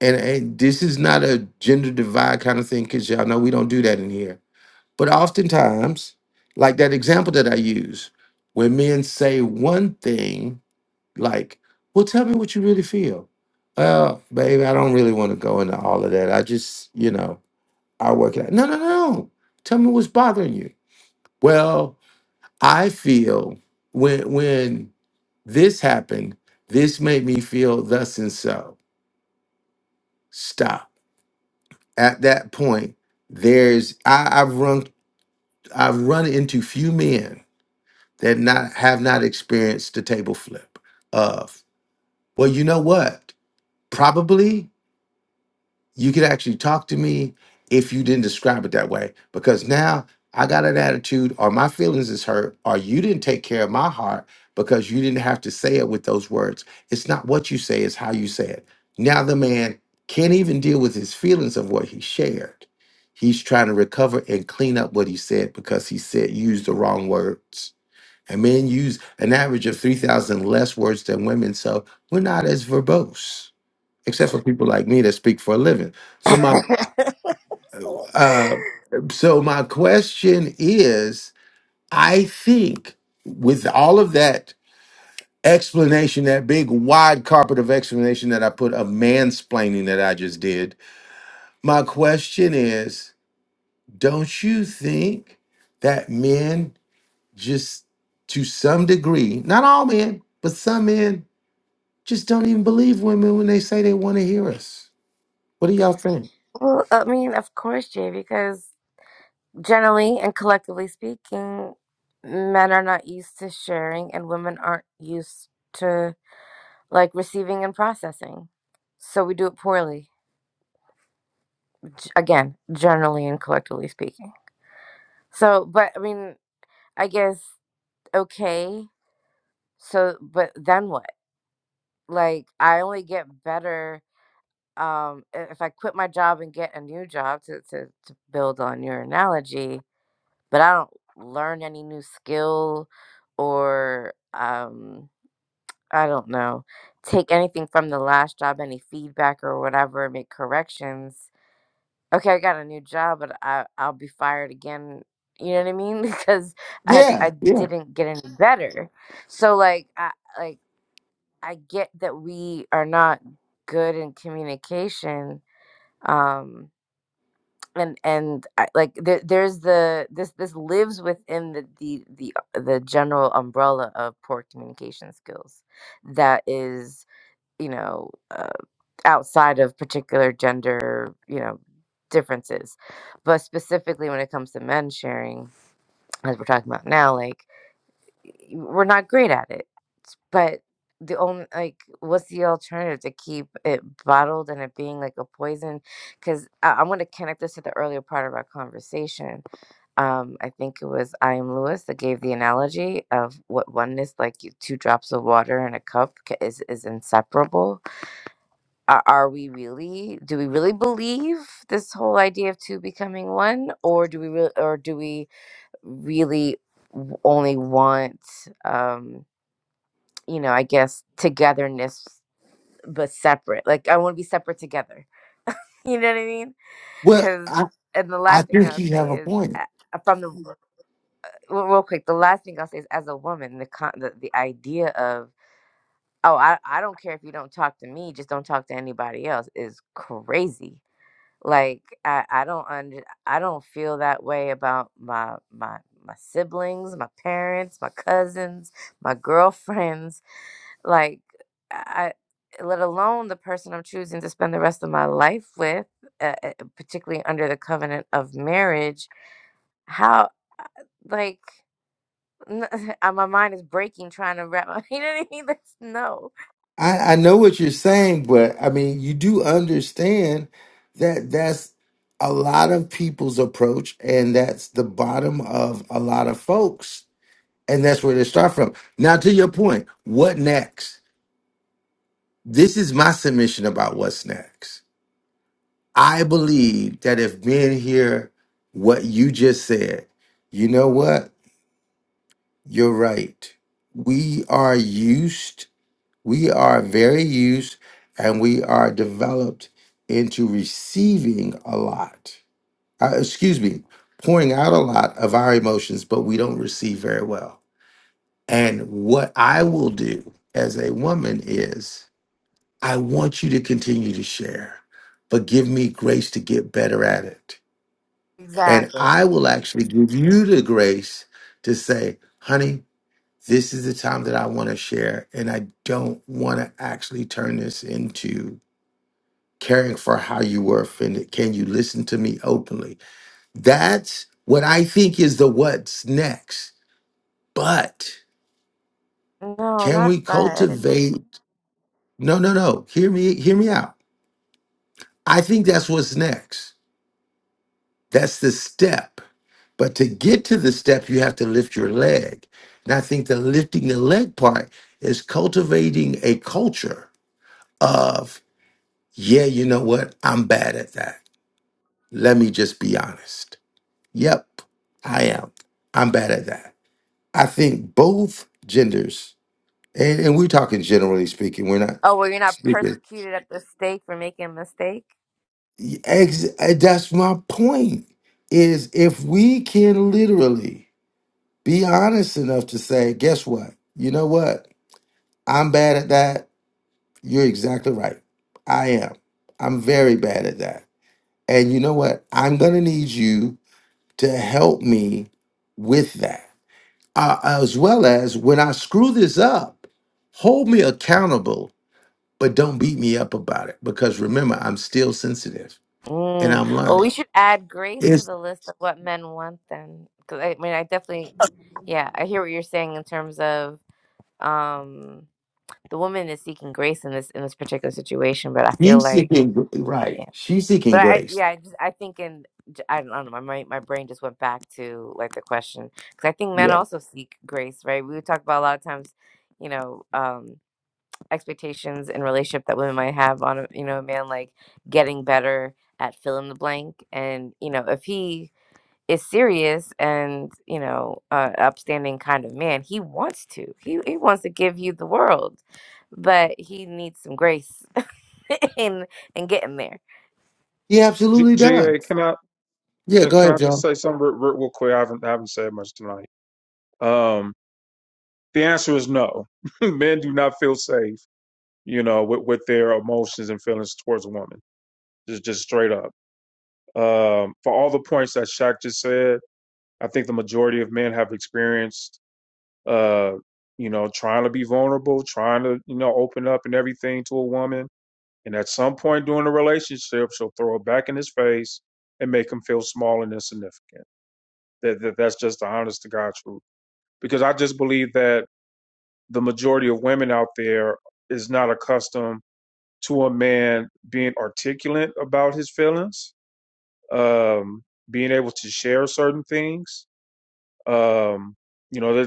B: And, and this is not a gender divide kind of thing, because y'all know we don't do that in here. But oftentimes, like that example that I use, when men say one thing like, well, tell me what you really feel. Well, baby, I don't really want to go into all of that. I just, you know, I work it out. No, no, no. Tell me what's bothering you. Well, I feel when when this happened, this made me feel thus and so. Stop. At that point, there's I, I've run I've run into few men that not have not experienced the table flip of, well, you know what? Probably you could actually talk to me if you didn't describe it that way because now i got an attitude or my feelings is hurt or you didn't take care of my heart because you didn't have to say it with those words it's not what you say it's how you say it now the man can't even deal with his feelings of what he shared he's trying to recover and clean up what he said because he said used the wrong words and men use an average of 3000 less words than women so we're not as verbose except for people like me that speak for a living. So my uh, so my question is, I think with all of that explanation, that big wide carpet of explanation that I put a mansplaining that I just did, my question is, don't you think that men just to some degree, not all men, but some men just don't even believe women when they say they want to hear us. What do y'all think?
R: Well, I mean, of course, Jay, because Generally and collectively speaking, men are not used to sharing and women aren't used to like receiving and processing. So we do it poorly. G- again, generally and collectively speaking. So, but I mean, I guess okay. So, but then what? Like I only get better um i- if I quit my job and get a new job to to, to build on your analogy but I don't learn any new skill or um I don't know, take anything from the last job, any feedback or whatever, make corrections. Okay, I got a new job, but I I'll be fired again. You know what I mean? Because I I
B: Yeah, yeah.
R: didn't get any better. So like I like I get that we are not good in communication. Um and and I, like there, there's the this this lives within the, the the uh, the general umbrella of poor communication skills that is you know uh, outside of particular gender you know differences but specifically when it comes to men sharing as we're talking about now like we're not great at it but the only like, what's the alternative to keep it bottled and it being like a poison? Because I, I want to connect this to the earlier part of our conversation. Um, I think it was I am Lewis that gave the analogy of what oneness, like you- two drops of water in a cup, ca- is is inseparable. Are, are we really? Do we really believe this whole idea of two becoming one, or do we really, or do we really w- only want? Um, you know, I guess togetherness but separate. Like I want to be separate together. You know what I mean?
B: Well,
R: Cuz
B: I,
R: and the
B: I
R: last thing
B: think
R: I'll
B: you have
R: say
B: a
R: is
B: point.
R: uh, from the Mhm. real real quick, the last thing I'll say is as a woman, the con- the, the idea of oh, I I don't care if you don't talk to me, just don't talk to anybody else is crazy. Like I I don't under, I don't feel that way about my my my siblings, my parents, my cousins, my girlfriends Like, I, let alone the person I'm choosing to spend the rest of my life with, uh, uh, particularly under the covenant of marriage. How, like, n- uh, my mind is breaking trying to wrap my, you know what I mean? That's, no.
B: I, I know what you're saying, but I mean, you do understand that that's a lot of people's approach, and that's the bottom of a lot of folks, and that's where they start from. Now, to your point, what next? This is my submission about what's next. I believe that if men hear what you just said, you know what? You're right. We are used We are very used and we are developed into receiving a lot, uh, excuse me, pouring out a lot of our emotions, but we don't receive very well. And what I will do as a woman is I want you to continue to share, but give me grace to get better at it. And
R: Exactly.
B: I will actually give you the grace to say, honey, this is the time that I want to share, and I don't want to actually turn this into caring for how you were offended. Can you listen to me openly? That's what I think is the what's next. But
R: No,
B: can
R: not
B: we
R: but.
B: cultivate? No, no, no. Hear me, hear me out. I think that's what's next. That's the step. But to get to the step, you have to lift your leg. And I think the lifting the leg part is cultivating a culture of Yeah, you know what? I'm bad at that. Let me just be honest. Yep, I am. I'm bad at that. I think both genders, and, and we're talking generally speaking, we're not
R: Oh, well, you're not
B: speaking.
R: persecuted at the stake for making a mistake?
B: Ex- eh, that's my point. Is if we can literally be honest enough to say, guess what? You know what? I'm bad at that. You're exactly right. I am. I'm very bad at that. And you know what? I'm going to need you to help me with that. Uh, as well as when I screw this up, hold me accountable, but don't beat me up about it. Because remember, I'm still sensitive and
R: Mm.
B: I'm
R: Well, we
B: learning.
R: should add grace to
B: It's
R: the list of what men want then. Because I mean, I definitely, yeah, I hear what you're saying in terms of, um, the woman is seeking grace in this in this particular situation but i feel
B: she's
R: like
B: seeking gr- right.
R: yeah
B: She's seeking
R: but i
B: grace.
R: yeah i just i think in j- i don't, I don't know my mind- my brain just went back to like the question because i think men
B: Yeah.
R: also seek grace right we would talk about a lot of times you know um expectations in relationship that women might have on a you know a man like getting better at fill in the blank and you know if he is serious and you know uh, upstanding kind of man he wants to he, he wants to give you the world but he needs some grace in in getting there
B: He
A: G-
B: absolutely
A: GA,
B: does.
A: can I
B: Yeah,
A: can,
B: go
A: can
B: ahead,
A: I just
B: Joe.
A: say something real, real real quick? I haven't I haven't said much tonight. Um, the answer is no. Men do not feel safe, you know, with, with their emotions and feelings towards a woman. Just just straight up. Um, for all the points that Shaq just said, I think the majority of men have experienced, uh, you know, trying to be vulnerable, trying to you know open up and everything to a woman. And at some point during the relationship, she'll throw it back in his face and make him feel small and insignificant. That, that that's just the honest to God truth. Because I just believe that the majority of women out there is not accustomed to a man being articulate about his feelings, um, being able to share certain things. Um, you know,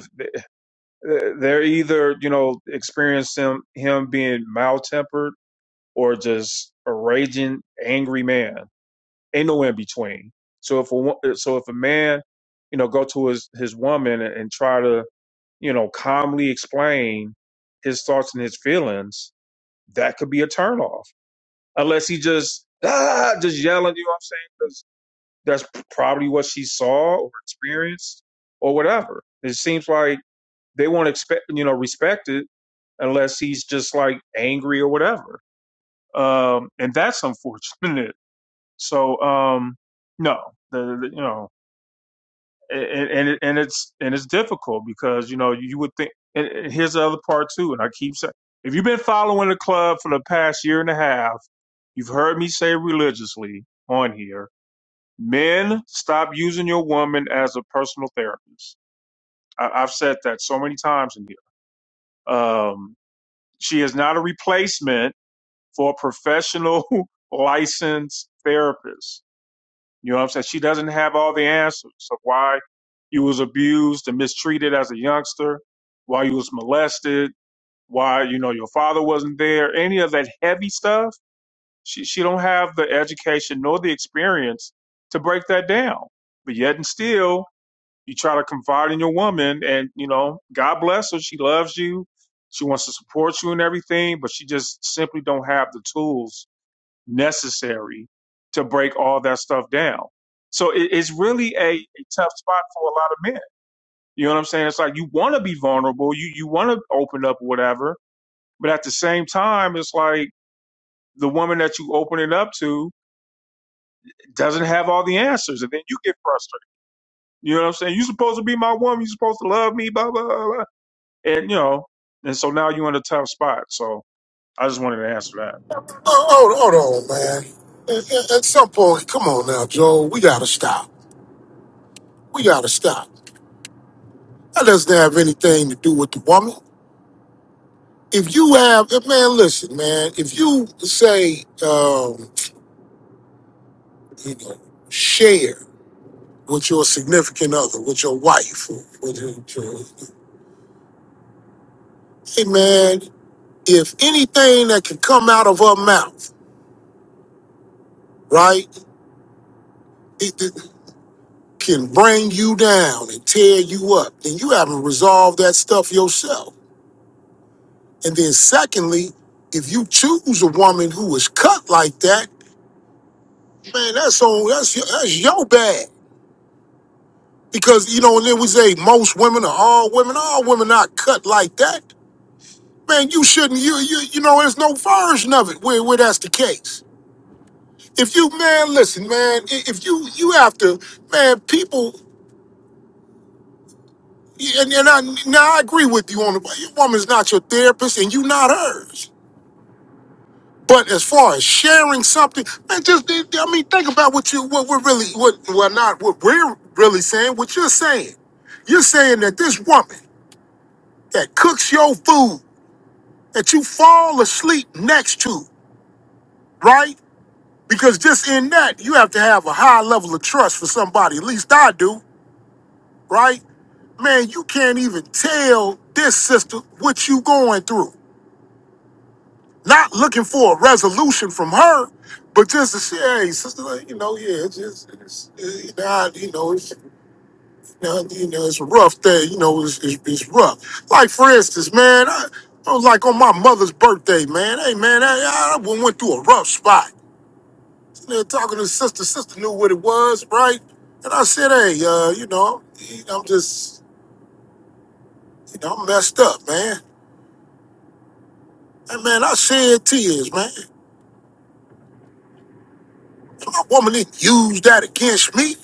A: they're, they're either you know experiencing him being mild tempered or just a raging angry man ain't nowhere in between. So if a wo- uh, so if a man, you know, go to his his woman and, and try to you know calmly explain his thoughts and his feelings, that could be a turnoff. Unless he just ah, just yelling, you know what I'm saying? 'Cause that's probably what she saw or experienced or whatever. It seems like they won't expect you know respect it unless he's just like angry or whatever. Um, and that's unfortunate. So um, no, the, the- you know. and and, and it's and it's difficult because you know you would think. And and here's the other part too, and I keep saying, if you've been following the club for the past year and a half, you've heard me say religiously on here, men stop using your woman as a personal therapist. I, I've said that so many times in here. Um, she is not a replacement for a professional licensed therapist You know what I'm saying? She doesn't have all the answers of why you was abused and mistreated as a youngster, why you was molested, why, you know, your father wasn't there, any of that heavy stuff. She she don't have the education nor the experience to break that down. But yet and still, you try to confide in your woman and, you know, God bless her. She loves you. She wants to support you and everything, but she just simply don't have the tools necessary to break all that stuff down. So it, it's really a, a tough spot for a lot of men. You know what I'm saying? It's like you want to be vulnerable, you you want to open up, whatever, but at the same time, it's like the woman that you open it up to doesn't have all the answers, and then you get frustrated. You know what I'm saying? You're supposed to be my woman. You're supposed to love me. Blah blah blah. blah. And you know, and so now you're in a tough spot. So I just wanted to answer that.
Q: Oh, hold, hold on, man. At, at- at some point, come on now, Joe. We gotta stop. We gotta stop. That doesn't have anything to do with the woman. If you have, eh, man, listen, man. If you say, um, you know, share. with your significant other, with your wife, or with your, your- hey man, if anything that can come out of her mouth, right, it, it can bring you down and tear you up, then you haven't resolved that stuff yourself. And then secondly, if you choose a woman who is cut like that, man, that's on that's your, that's your bad. Because you know, and then we say most women are all women, all women not cut like that. man, you shouldn't. You you you know, there's no version of it where where that's the case. If you man, listen, man, i- if you you have to, man, people. And, and I now I agree with you on the your woman's not your therapist and you not hers. But as far as sharing something, man, just I mean, think about what you what we're really what well not what we're really saying, what you're saying. You're saying that this woman that cooks your food that you fall asleep next to, right? Because just in that, you have to have a high level of trust for somebody. At least I do, right? Man, you can't even tell this sister what you going through. Not looking for a resolution from her, but just to say, hey, sister, like, you know, yeah, it's just, it's, it's not, you know, it's, you know, it's a rough day. You know, it's, it's, it's rough. Like, for instance, man, I, I was like on my mother's birthday, man. Hey, man, I, I went through a rough spot. there talking to sister. Sister knew what it was, right? And I said, hey, uh, you know, I'm just, you know, I'm messed up, man. And man, I shed tears, man. And my woman didn't use that against me,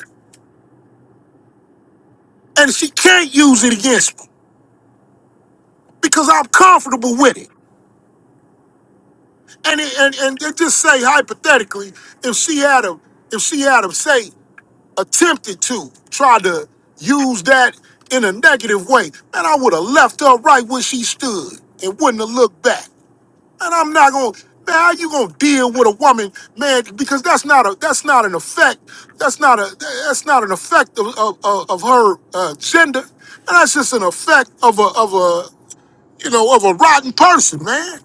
Q: and she can't use it against me because I'm comfortable with it. And it, and and it just say hypothetically, if she had a, if she had a say attempted to try to use that in a negative way, man, I would have left her right where she stood and wouldn't have looked back. And I'm not gonna. Man, how you gonna deal with a woman, man? Because that's not a that's not an effect. That's not a that's not an effect of of, of of her uh, gender, and that's just an effect of a of a you know of a rotten person, man.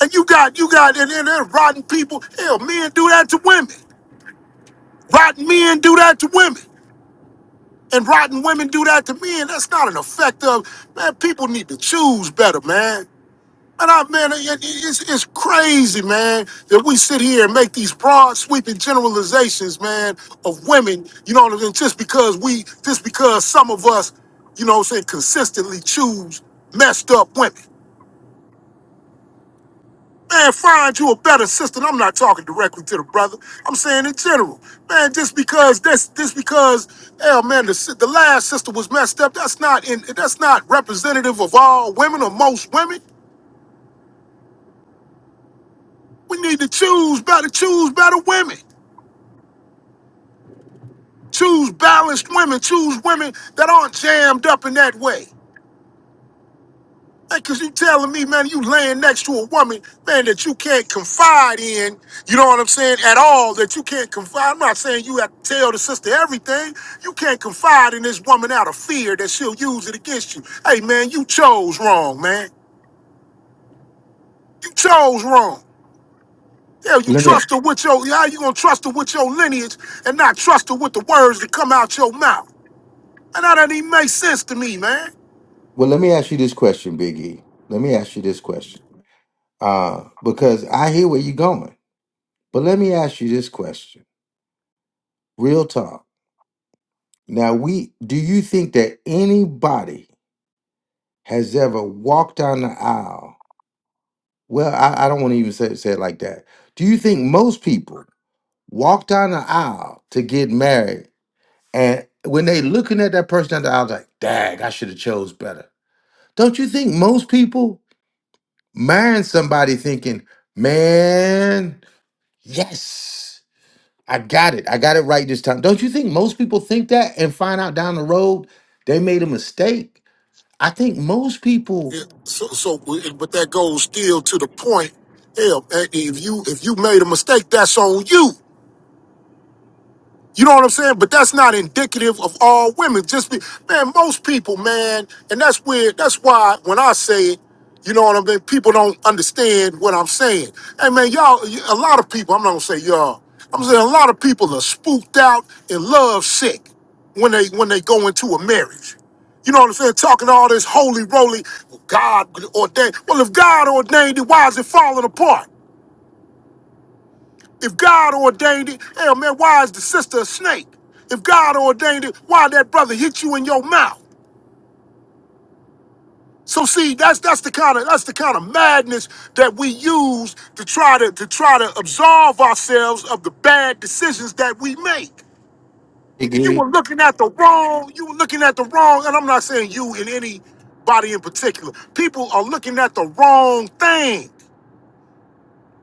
Q: And you got you got and, and, and rotten people. Hell, men do that to women. Rotten men do that to women, and rotten women do that to men. That's not an effect of man. People need to choose better, man. And I, man, it- it- it's, it's crazy, man, that we sit here and make these broad, sweeping generalizations, man, of women. You know what I mean? Just because we, just because some of us, you know, what I'm saying, consistently choose messed up women. Man, find you a better sister. And I'm not talking directly to the brother. I'm saying in general, man. Just because this, just because, hell, man, the, si- the last sister was messed up. That's not in. That's not representative of all women or most women. We need to choose better. Choose better women. Choose balanced women. Choose women that aren't jammed up in that way. Because you telling me, man, you laying next to a woman, man, that you can't confide in, you know what I'm saying, at all, that you can't confide. I'm not saying you have to tell the sister everything. You can't confide in this woman out of fear that she'll use it against you. Hey, man, you chose wrong, man. You chose wrong. Hell, you
B: Let me
Q: trust her with your, how you gonna trust her with your lineage and not trust her with the words that come out your mouth? And that doesn't even make sense to me, man.
B: well, let me ask you this question, Big E. Let me ask you this question. Uh, because I hear where you're going. But let me ask you this question. Real talk Now, we do you think that anybody has ever walked down the aisle? Well, I, I don't want to even say, say it like that. Do you think most people walk down the aisle to get married and when they looking at that person down the aisle, like, dag, I should have chose better. Don't you think most people marrying somebody thinking, man, yes, I got it. I got it right this time. Don't you think most people think that and find out down the road they made a mistake? I think most people
Q: Yeah, so, so, but that goes still to the point. Hell, eh, if you if you made a mistake, that's on you. You know what I'm saying? But that's not indicative of all women. Just be, man, most people, man, and that's weird. That's why when I say it, you know what I mean. People don't understand what I'm saying. Hey, man, y'all, a lot of people. I'm not gonna say y'all. I'm saying a lot of people are spooked out and love sick when they when they go into a marriage. You know what I'm saying? Talking all this holy roly, God ordained. Well, if God ordained it, why is it falling apart? If God ordained it, hell man, why is the sister a snake? If God ordained it, why that brother hit you in your mouth? So see, that's that's the kind of that's the kind of madness that we use to try to to try to absolve ourselves of the bad decisions that we make. You
B: agree.
Q: were looking at the wrong, you were looking at the wrong, and I'm not saying you in anybody in particular. People are looking at the wrong thing.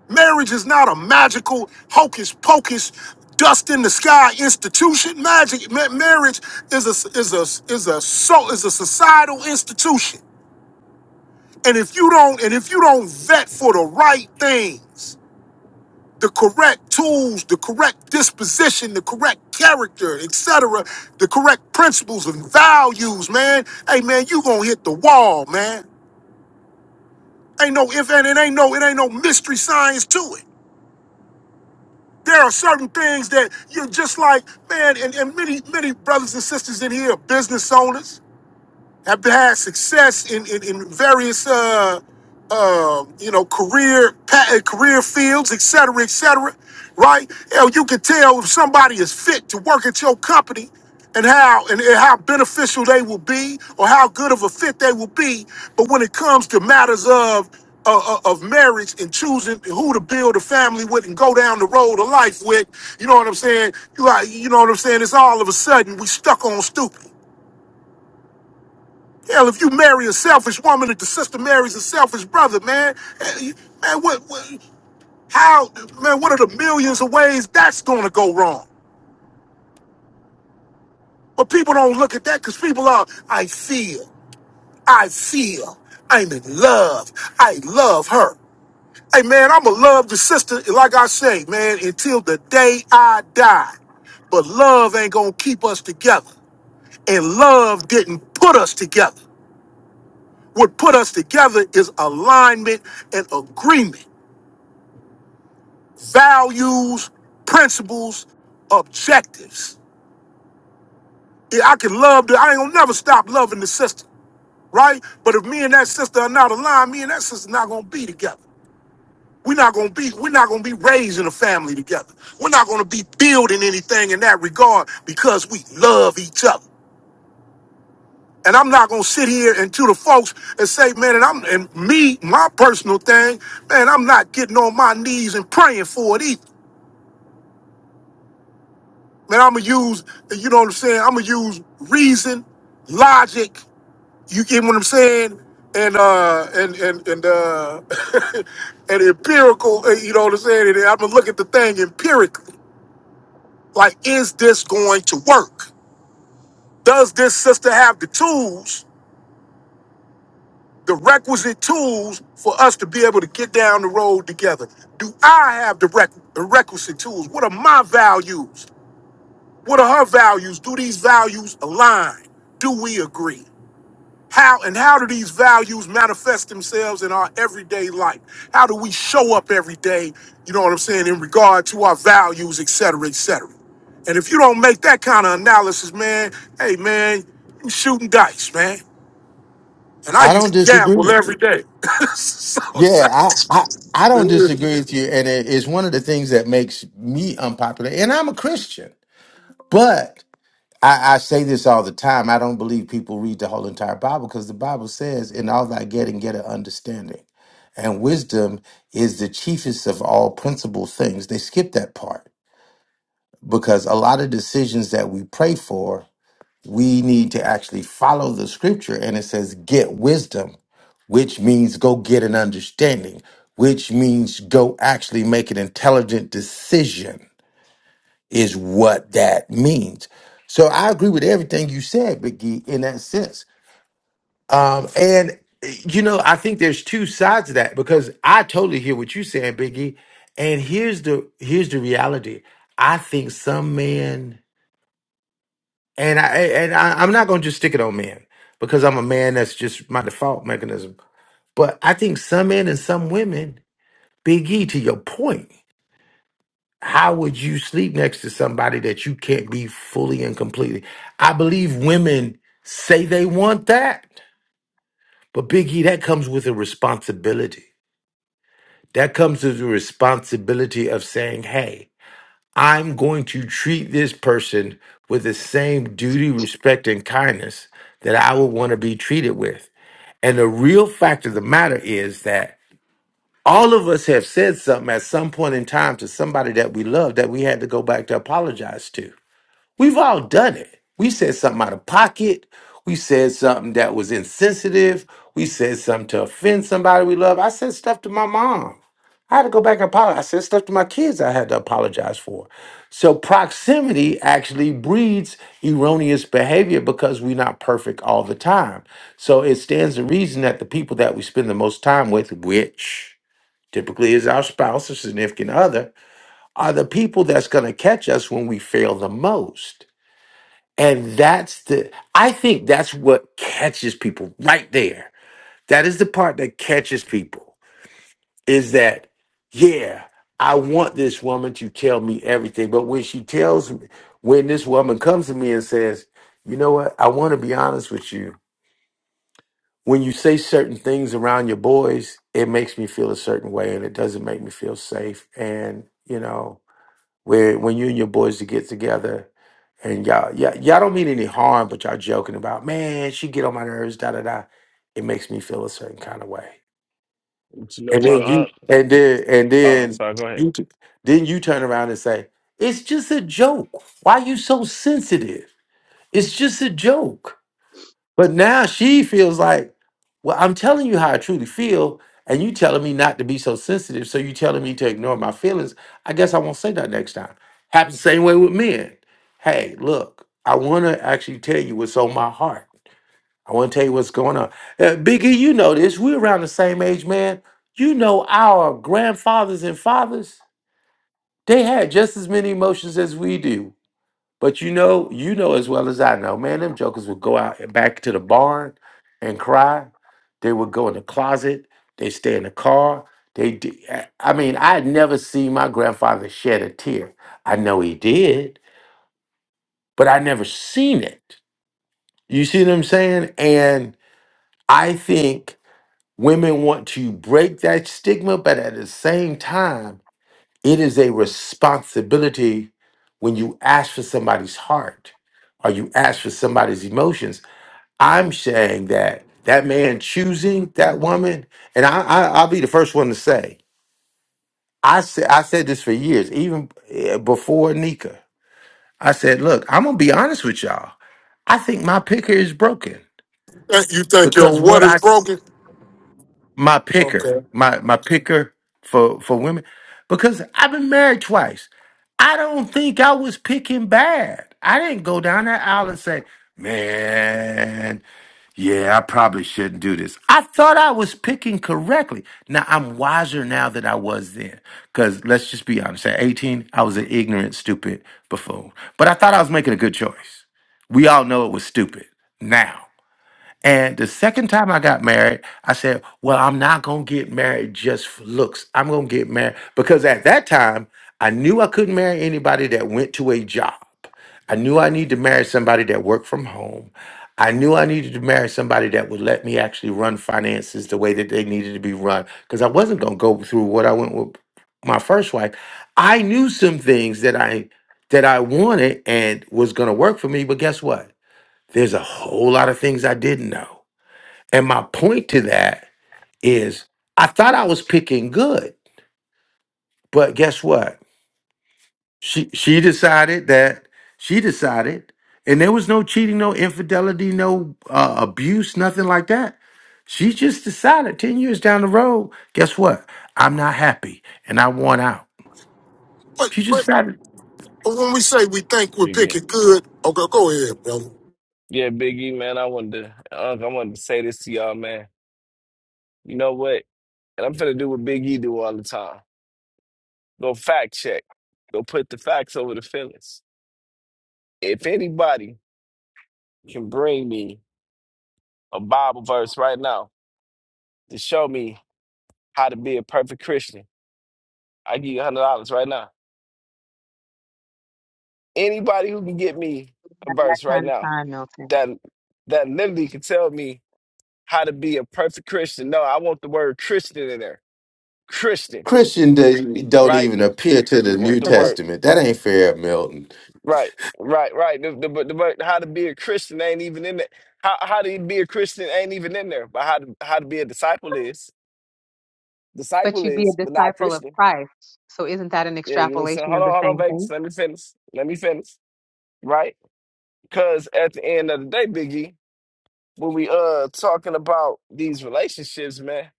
Q: Marriage is not a magical hocus pocus dust in the sky institution. Magic ma- marriage is a is a is a so is a societal institution. And if you don't and if you don't vet for the right things, the correct tools, the correct disposition, the correct character, etc., the correct principles and values, man. Hey man, you gonna hit the wall, man. Ain't no if and it ain't no it ain't no mystery science to it. There are certain things that you're just like, man, and, and many, many brothers and sisters in here are business owners have had success in in, in various uh, uh, you know career pa- uh, career fields, et cetera, et cetera, right? Hell, you can tell if somebody is fit to work at your company and how and, and how beneficial they will be or how good of a fit they will be. But when it comes to matters of uh, uh, of marriage and choosing who to build a family with and go down the road of life with, you know what I'm saying? You, got- you know what I'm saying? It's all of a sudden we stuck on stupid. Hell, if you marry a selfish woman, if the sister marries a selfish brother, man, eh, man, what, what, how, man, what are the millions of ways that's gonna go wrong? But people don't look at that because people are, I feel, I feel, I'm in love, I love her. Hey, man, I'ma love the sister, like I say, man, until the day I die. But love ain't gonna keep us together. And love didn't put us together. What put us together is alignment and agreement. values, principles, objectives. Yeah, I can love the, I ain't gonna never stop loving the sister, right? But if me and that sister are not aligned, me and that sister not gonna be together. We're not gonna be, we're not gonna be raising a family together. We're not gonna be building anything in that regard because we love each other. And I'm not gonna sit here and to the folks and say, man, and I'm and me, my personal thing, man, I'm not getting on my knees and praying for it either. Man, I'ma use, you know what I'm saying? I'ma use reason, logic, you get what I'm saying? And uh and and and uh and empirical, uh, you know what I'm saying? And I'ma look at the thing empirically. Like, is this going to work? Does this sister have the tools, the requisite tools for us to be able to get down the road together? Do I have the req- the requisite tools? What are my values? What are her values? Do these values align? Do we agree? How and how do these values manifest themselves in our everyday life? How do we show up every day, you know what I'm saying, in regard to our values, et cetera, et cetera? And if you don't make that kind of analysis, man, hey man, you shooting dice, man. And I
B: I
Q: used
B: don't
Q: to
B: disagree
Q: gamble
B: with
Q: every
B: you.
Q: day. so it's
B: Yeah,
Q: like,
B: I, I, I don't disagree with you. And it is one of the things that makes me unpopular. And I'm a Christian. But I, I say this all the time. I don't believe people read the whole entire Bible because the Bible says, in all thy getting, get an understanding. And wisdom is the chiefest of all principal things. They skip that part because a lot of decisions that we pray for, we need to actually follow the scripture. And it says, get wisdom which means go get an understanding, which means go actually make an intelligent decision, is what that means. So I agree with everything you said, Biggie, in that sense. Um, and you know, I think there's two sides to that because I totally hear what you're saying, Biggie. And here's the here's the reality. I think some men, and I and I, I'm not gonna just stick it on men because I'm a man. That's just my default mechanism. But I think some men and some women Big E, to your point, how would you sleep next to somebody that you can't be fully and completely? I believe women say they want that, but Big E, that comes with a responsibility. That comes with the responsibility of saying, hey, I'm going to treat this person with the same duty, respect, and kindness that I would want to be treated with. And the real fact of the matter is that all of us have said something at some point in time to somebody that we love that we had to go back to apologize to. We've all done it. We said something out of pocket. We said something that was insensitive. We said something to offend somebody we love. I said stuff to my mom. I had to go back and apologize. I said stuff to my kids I had to apologize for. So proximity actually breeds erroneous behavior because we're not perfect all the time. So it stands to reason that the people that we spend the most time with, which typically is our spouse or significant other, are the people that's going to catch us when we fail the most. And that's the, I think that's what catches people right there. That is the part that catches people is that, yeah, I want this woman to tell me everything. But when she tells me, when this woman comes to me and says, you know what, I want to be honest with you. When you say certain things around your boys, it makes me feel a certain way and it doesn't make me feel safe. And, you know, where when you and your boys to get together and y'all, y'all, y'all don't mean any harm, but y'all joking about, man, she get on my nerves, da da da. It makes me feel a certain kind of way.
O: But you know
B: And
O: what,
B: then you
O: Unc?
B: and then and
O: Oh, I'm
B: then
O: sorry. Go ahead,
B: you t- then you turn around and say, It's just a joke. Why you so sensitive? It's just a joke but now she feels like, well, I'm telling you how I truly feel, and you telling me not to be so sensitive. So you telling me to ignore my feelings. I guess I won't say that next time. Happens the same way with men. Hey, look, I want to actually tell you what's on my heart. I want to tell you what's going on. Uh, Biggie, you know this. We're around the same age, man. You know our grandfathers and fathers. They had just as many emotions as we do but you know, you know as well as I know, man, them jokers would go out and back to the barn and cry. They would go in the closet. They stay in the car. They did. I mean, I had never seen my grandfather shed a tear. I know he did, but I never seen it. You see what I'm saying? And I think women want to break that stigma, but at the same time, It is a responsibility when you ask for somebody's heart or you ask for somebody's emotions. I'm saying that that man choosing that woman, and I, I, I'll be the first one to say, I said I said this for years, even eh, before Nika. I said, look, I'm gonna be honest with y'all. I think my picker is broken
Q: you think you think your
B: because what
Q: water's
B: I
Q: broken?
B: my
Q: Okay.
B: picker, my my picker for for women, because I've been married twice. I don't think I was picking bad. I didn't go down that aisle and say, "Man, yeah, I probably shouldn't do this." I thought I was picking correctly. Now I'm wiser now than I was then. Because let's just be honest, at 18, I was an ignorant, stupid buffoon. But I thought I was making a good choice. We all know it was stupid now. And the second time I got married, I said, Well, I'm not going to get married just for looks. I'm going to get married because at that time, I knew I couldn't marry anybody that went to a job. I knew I needed to marry somebody that worked from home. I knew I needed to marry somebody that would let me actually run finances the way that they needed to be run because I wasn't going to go through what I went with my first wife. I knew some things that I that I wanted and was going to work for me, but guess what? There's a whole lot of things I didn't know. And my point to that is I thought I was picking good, but guess what? She she decided that she decided and there was no cheating, no infidelity, no uh, abuse, nothing like that. She just decided 10 years down the road, guess what? I'm not happy and I want out.
Q: But,
B: She just
Q: but
B: decided.
Q: but when we say we think we're
O: Big E.
Q: picking good, okay, go ahead, brother.
O: Yeah, Big E, man. I wanted to, Unc, I wanted to say this to y'all, man. You know what? And I'm finna do what Big E do all the time. Go fact check. Go put the facts over the feelings. If anybody can bring me a Bible verse right now to show me how to be a perfect Christian, I give you $100 right now. Anybody who can get me a
H: Have that
O: verse right
H: kind of
O: now
H: time, Milton.
O: that that literally can tell me how to be a perfect Christian. No, I want the word Christian in there. Christian,
B: Christian d- don't
O: right?
B: even appear to
O: The,
B: the
O: wo-
B: New
O: the
H: But, the,
O: word,
B: Testament. That ain't fair, Milton.
O: right, right, right. The, the, the word, how to be a Christian ain't even in there. How how to be a Christian ain't even in there. But how to how to be a disciple is
H: but
O: disciple
H: you'd be
O: is,
H: a
O: but not
H: disciple of
O: Christian.
H: Christ. So isn't that an
O: Yeah, you know what I'm saying?
H: extrapolation
O: Hold
H: of
O: on,
H: the
O: hold on,
H: same
O: Vegas.
H: thing?
O: Let me finish. Let me finish. Right? Because at the end of the day, Biggie. when we uh talking about these relationships, man,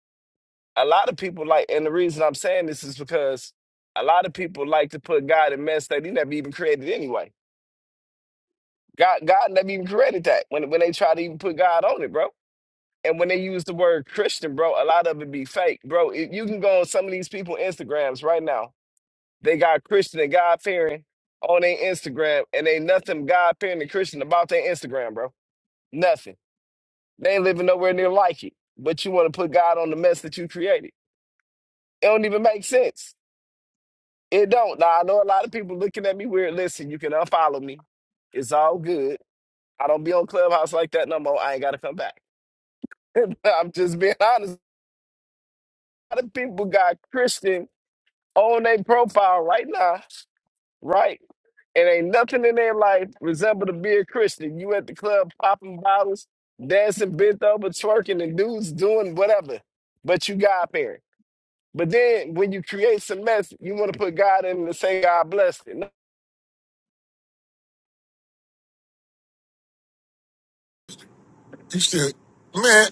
O: a lot of people like, and the reason I'm saying this is because a lot of people like to put God in mess that He never even created anyway. God, God never even created that when when they try to even put God on it, bro. And when they use the word Christian, bro, a lot of it be fake, bro. If you can go on some of these people Instagrams right now, they got Christian and God fearing on their Instagram, and ain't nothing God fearing and Christian about their Instagram, bro. Nothing. They ain't living nowhere near like it. But you want to put God on the mess that you created. It don't even make sense. It don't. Now I know a lot of people looking at me weird. Listen, you can unfollow me. It's all good. I don't be on Clubhouse like that no more. I ain't gotta come back. I'm just being honest. A lot of people got Christian on their profile right now, right? And ain't nothing in their life resemble to be a Christian. You at the club popping bottles, dancing bent over, twerking, and dudes doing whatever. But you God parent. But then when you create some mess, you want to put God in and say God blessed it. No,
Q: You still, man,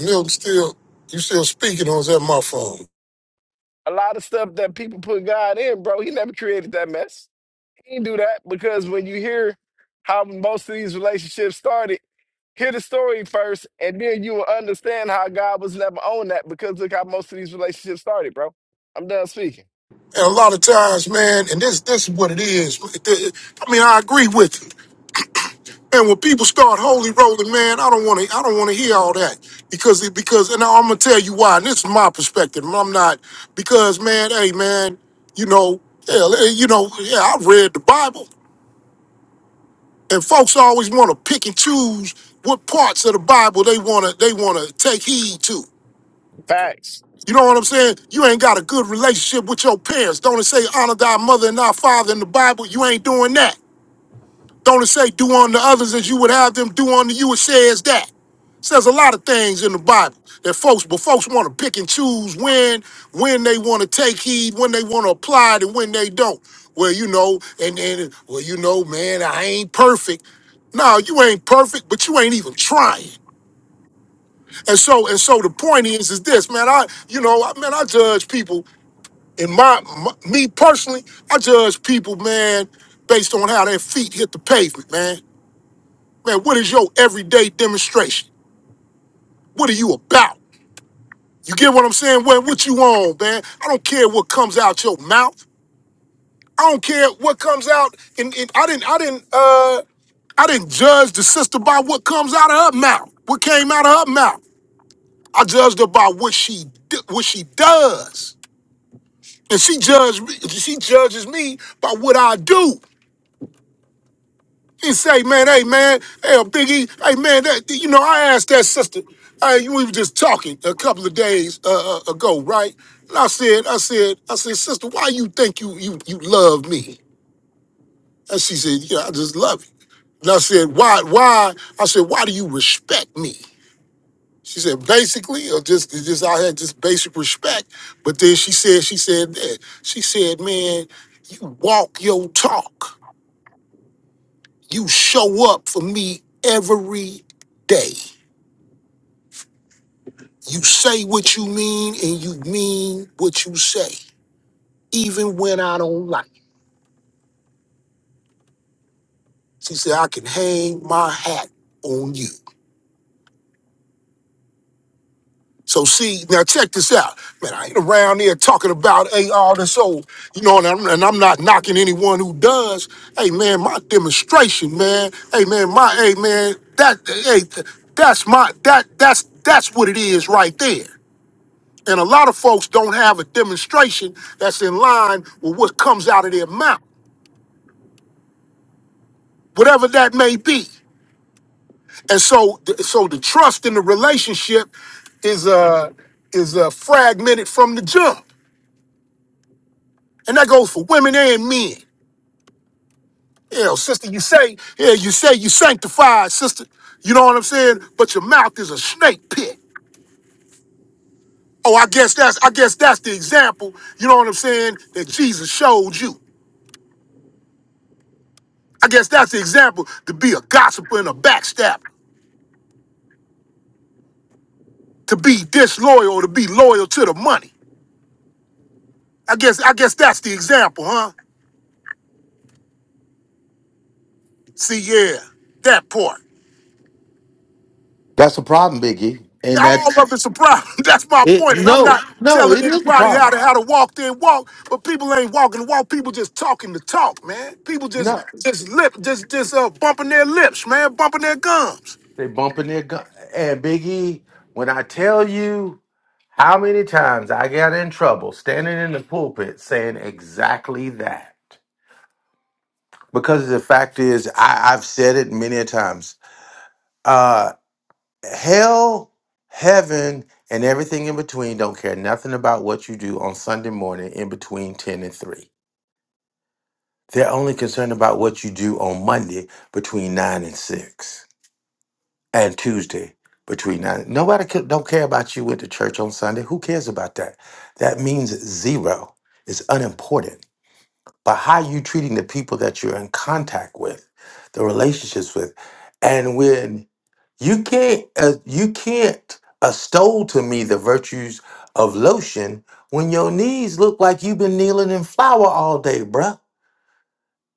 Q: Milton still, you still speaking on that my
O: A lot of stuff that people put God in, bro, he never created that mess. He didn't do that because when you hear how most of these relationships started, hear the story first, and then you will understand how God was never on that because look how most of these relationships started, bro. I'm done speaking.
Q: And a lot of times, man, and this this is what it is. I mean, I agree with you. And when people start holy rolling, man, I don't want to. I don't want to hear all that because it, because and I'm gonna tell you why. And this is my perspective. and I'm not because, man, hey, man, you know, hell, eh, you know, yeah, I read the Bible, and folks always want to pick and choose what parts of the Bible they wanna they wanna take heed to.
O: Facts.
Q: You know what I'm saying? You ain't got a good relationship with your parents. Don't it say honor thy mother and thy father in the Bible? You ain't doing that. Don't it say do unto others as you would have them do unto you? It says that. It says a lot of things in the Bible that folks, but folks want to pick and choose when, when they want to take heed, when they want to apply it, and when they don't. Well, you know, and then, well, you know, man, I ain't perfect. No, you ain't perfect, but you ain't even trying. And so, and so the point is, is this, man, I, you know, I- man, I judge people in my, my me personally, I judge people, man, based on how their feet hit the pavement, man. Man, what is your everyday demonstration? What are you about? You get what I'm saying? What, what you on, man? I don't care what comes out your mouth. I don't care what comes out. And, and I didn't, I didn't, uh, I didn't judge the sister by what comes out of her mouth. What came out of her mouth, I judged her by what she d- what she does, and she judged me. She judges me by what I do. He say, man, hey, man, hey, um, Biggie, hey, man, that, you know, I asked that sister, hey, we were just talking a couple of days uh, uh, ago, right? And I said, I said, I said, sister, why you think you you you love me? And she said, yeah, I just love you. And I said, why, why? I said, why do you respect me? She said, basically, or just, just I had just basic respect. But then she said, she said, that- she said, man, you walk your talk. You show up for me every day. You say what you mean and you mean what you say, even when I don't like it. She said, I can hang my hat on you. So see, now check this out. Man, I ain't around there talking about hey, all this old, you know, and I'm, and I'm not knocking anyone who does. Hey man, my demonstration, man. Hey man, my hey man, that hey, that's my that that's that's what it is right there. And a lot of folks don't have a demonstration that's in line with what comes out of their mouth, whatever that may be. And so, th- so the trust in the relationship is uh is uh, fragmented from the jump, and that goes for women and men. You know, sister, you say, yeah, you say you sanctified, sister. You know what I'm saying? But your mouth is a snake pit. Oh, I guess that's I guess that's the example, you know what I'm saying, that Jesus showed you. I guess that's the example to be a gossiper and a backstabber. to be disloyal or to be loyal to the money. I guess I guess that's the example, huh? See, yeah, that part.
B: That's a problem, Biggie.
Q: Yeah,
B: And that's
Q: all of it's a problem. That's my
B: it.
Q: point, and I'm
B: No,
Q: not
B: no,
Q: telling
B: it is a
Q: anybody how
B: problem.
Q: to how to walk their walk. But people ain't walking the walk. People just talking the talk, man. People just
B: No,
Q: just lip just just uh, bumping their lips, man, bumping their gums.
B: They bumping their gun. And Biggie, when I tell you how many times I got in trouble standing in the pulpit saying exactly that, because the fact is, I, I've said it many a times. Uh, hell, heaven, and everything in between don't care nothing about what you do on Sunday morning in between ten and three. They're only concerned about what you do on Monday between nine and six. and Tuesday between nine. Nobody could, don't care about you went to church on Sunday. Who cares about that? That means zero. It's unimportant. But how you treating the people that you're in contact with, the relationships with, and when you can't uh, you can't extol to me the virtues of lotion when your knees look like you've been kneeling in flour all day, bruh.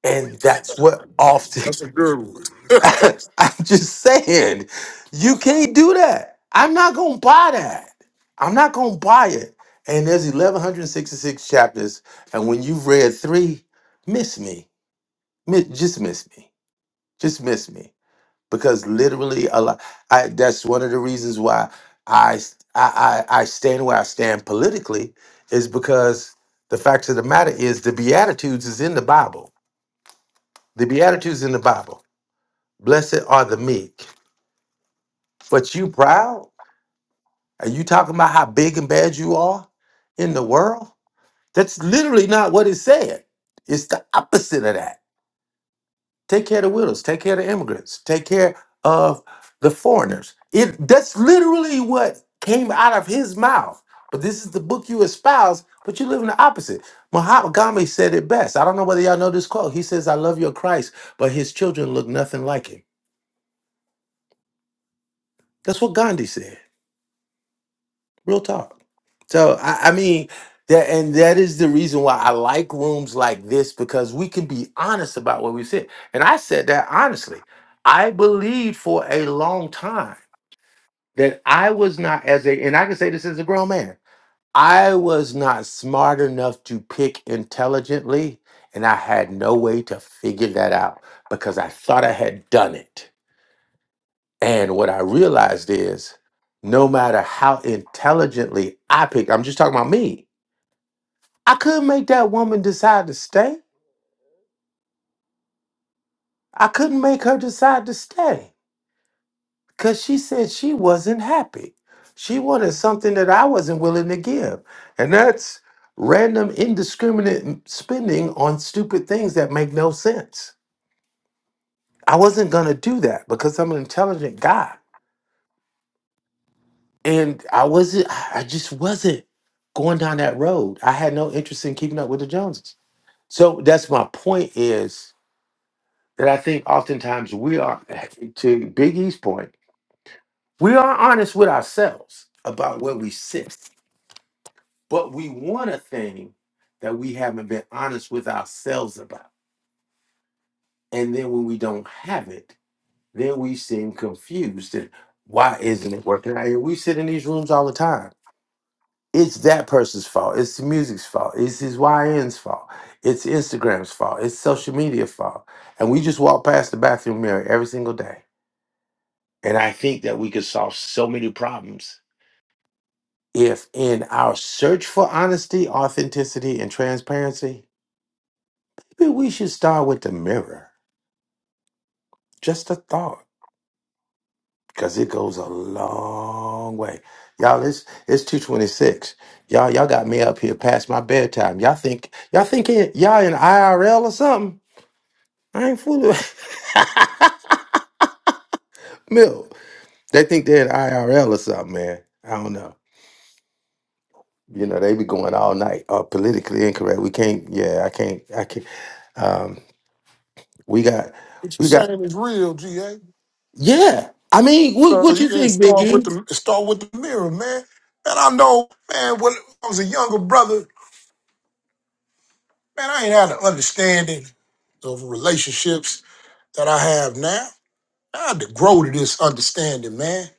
B: And that's what often
Q: That's a good one.
B: I'm just saying, you can't do that. I'm not gonna buy that. I'm not gonna buy it. And there's 1166 chapters, and when you've read three, miss me, Mi- just miss me, just miss me, because literally a lot. I, that's one of the reasons why I, s- I I I stand where I stand politically is because the fact of the matter is the Beatitudes is in the Bible. The Beatitudes in the Bible. Blessed are the meek. But you proud? Are you talking about how big and bad you are in the world? That's literally not what it said. It's the opposite of that. Take care of the widows, take care of the immigrants, take care of the foreigners. It that's literally what came out of his mouth. But this is the book you espouse, but you live in the opposite. Mahatma Gandhi said it best. I don't know whether y'all know this quote. He says, I love your Christ, but his children look nothing like him. That's what Gandhi said. Real talk. So I, I mean that, and that is the reason why I like rooms like this because we can be honest about where we sit. And I said that honestly. I believed for a long time that I was not as a, and I can say this as a grown man. I was not smart enough to pick intelligently, and I had no way to figure that out because I thought I had done it. And what I realized is no matter how intelligently I picked, I'm just talking about me, I couldn't make that woman decide to stay. I couldn't make her decide to stay because she said she wasn't happy. She wanted something that I wasn't willing to give. And that's random, indiscriminate m- spending on stupid things that make no sense. I wasn't going to do that because I'm an intelligent guy. and I wasn't. I just wasn't going down that road. I had no interest in keeping up with the Joneses. So that's my point is that I think oftentimes we are, to Big E's point, we are honest with ourselves about where we sit, but we want a thing that we haven't been honest with ourselves about. And then when we don't have it, then we seem confused and why isn't it working out here? We sit in these rooms all the time it's that person's fault. It's the music's fault. It's his YN's fault. It's Instagram's fault. It's social media fault. And we just walk past the bathroom mirror every single day. And I think that we could solve so many problems if, in our search for honesty, authenticity, and transparency, maybe we should start with the mirror. Just a thought, because it goes a long way. Y'all, it's it's two twenty six. Y'all, y'all got me up here past my bedtime. Y'all think y'all think it, y'all in IRL or something? I ain't fooling. Mill, they think they're in IRL or something, man. I don't know. You know, they be going all night. Oh, politically incorrect. We can't. Yeah, I can't. I can't. Um, we got,
Q: What you
B: we got.
Q: saying is real, GA.
B: Yeah, I mean, what
Q: Uh,
B: what
Q: you
B: you
Q: can
B: think,
Q: start with
B: Biggie?
Q: the start with the mirror, man. And I know, man, when I was a younger brother, Man, I ain't had an understanding of relationships that I have now. I had to grow to this understanding, man.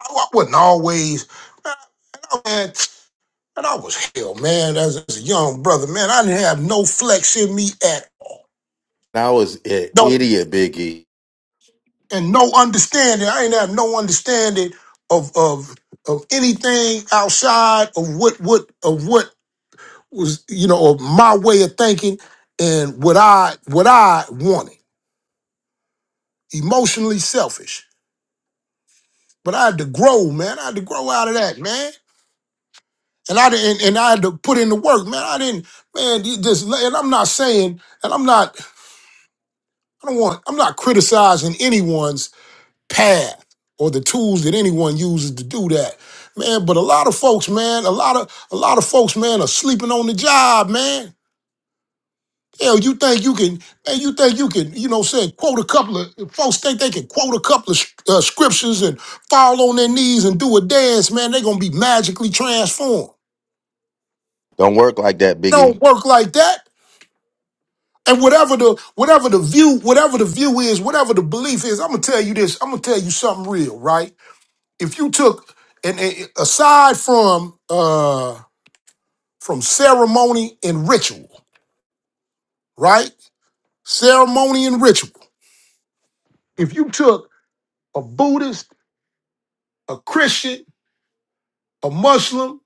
Q: I, I wasn't always, man, I- man, and I was hell, man, as, as a young brother, man. I didn't have no flex in me at all.
B: I was an
Q: No,
B: idiot, Biggie.
Q: and no understanding. I ain't have no understanding of of of anything outside of what what of what was, you know, of my way of thinking and what I what I wanted. Emotionally selfish. But I had to grow, man. I had to grow out of that, man. And I didn't, and I had to put in the work, man. I didn't, man. you Just and I'm not saying, and I'm not, I don't want, I'm not criticizing anyone's path or the tools that anyone uses to do that, man. But a lot of folks, man, a lot of, a lot of folks, man, are sleeping on the job, man. Hell, you think you can, man, you think you can, you know, say quote a couple of, folks think they can quote a couple of uh, scriptures and fall on their knees and do a dance, man, they are going to be magically transformed. It
B: Don't work like that,
Q: Don't
B: Biggie.
Q: work like that. And whatever the, whatever the view, whatever the view is, whatever the belief is, I'm going to tell you this, I'm going to tell you something real, right? If you took, and, and aside from, uh, from ceremony and ritual, right? Ceremony and ritual. If you took a Buddhist a Christian, a Muslim,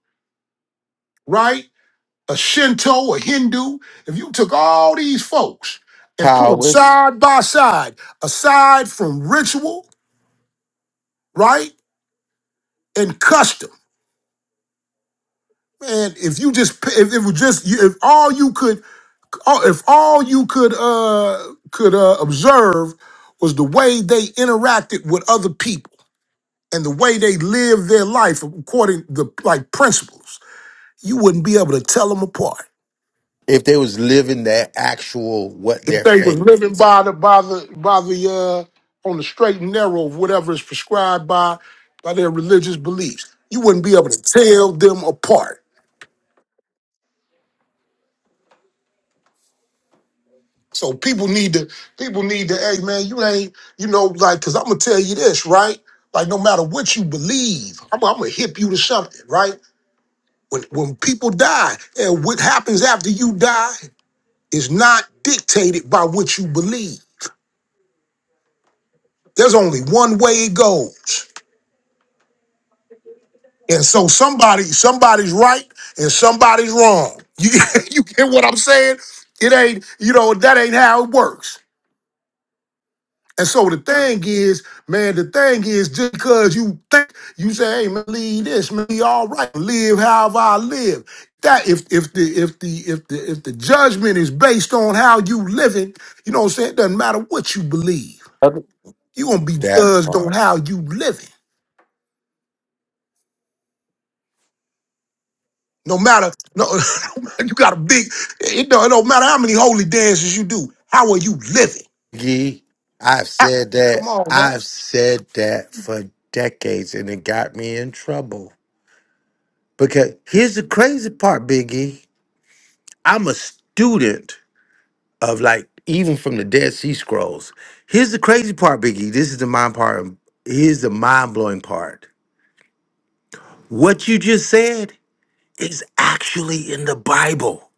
Q: right? A Shinto, a Hindu. If you took all these folks and put them
B: Taoists.
Q: side by side, aside from ritual, right, and custom, man, if you just p- if it was just you- if all you could all- if all you could uh could uh observe was the way they interacted with other people and the way they lived their life according to like principles, you wouldn't be able to tell them apart.
B: If they was living their actual what
Q: If
B: their
Q: they was
B: faith,
Q: living by the by the by the uh on the straight and narrow of whatever is prescribed by by their religious beliefs, you wouldn't be able to tell them apart. So people need to people need to, hey man, you ain't, you know, like, cause I'm gonna tell you this, right? Like no matter what you believe, I'm, I'm gonna hip you to something, right? When when people die, and what happens after you die is not dictated by what you believe. There's only one way it goes. And so somebody, somebody's right and somebody's wrong. You you get what I'm saying? It ain't, you know, that ain't how it works. And so the thing is, man, the thing is just because you think you say, hey man, leave this, man, be all right, live however I live. That if if the if the if the if the judgment is based on how you living, you know what I'm saying? It doesn't matter what you believe. You're gonna be
B: that
Q: judged
B: part.
Q: on how you living. No matter, no, no matter- you got a big. It don't, it don't matter how many holy dances you do. How are you living?
B: Gee, I've
Q: Ah,
B: said
Q: Come
B: that.
Q: on now.
B: I've said that for decades, and it got me in trouble. Because here's the crazy part, Biggie. I'm a student of like even from the Dead Sea Scrolls. Here's the crazy part, Biggie. This is the mind part. Here's the mind blowing part. What you just said is actually in the Bible.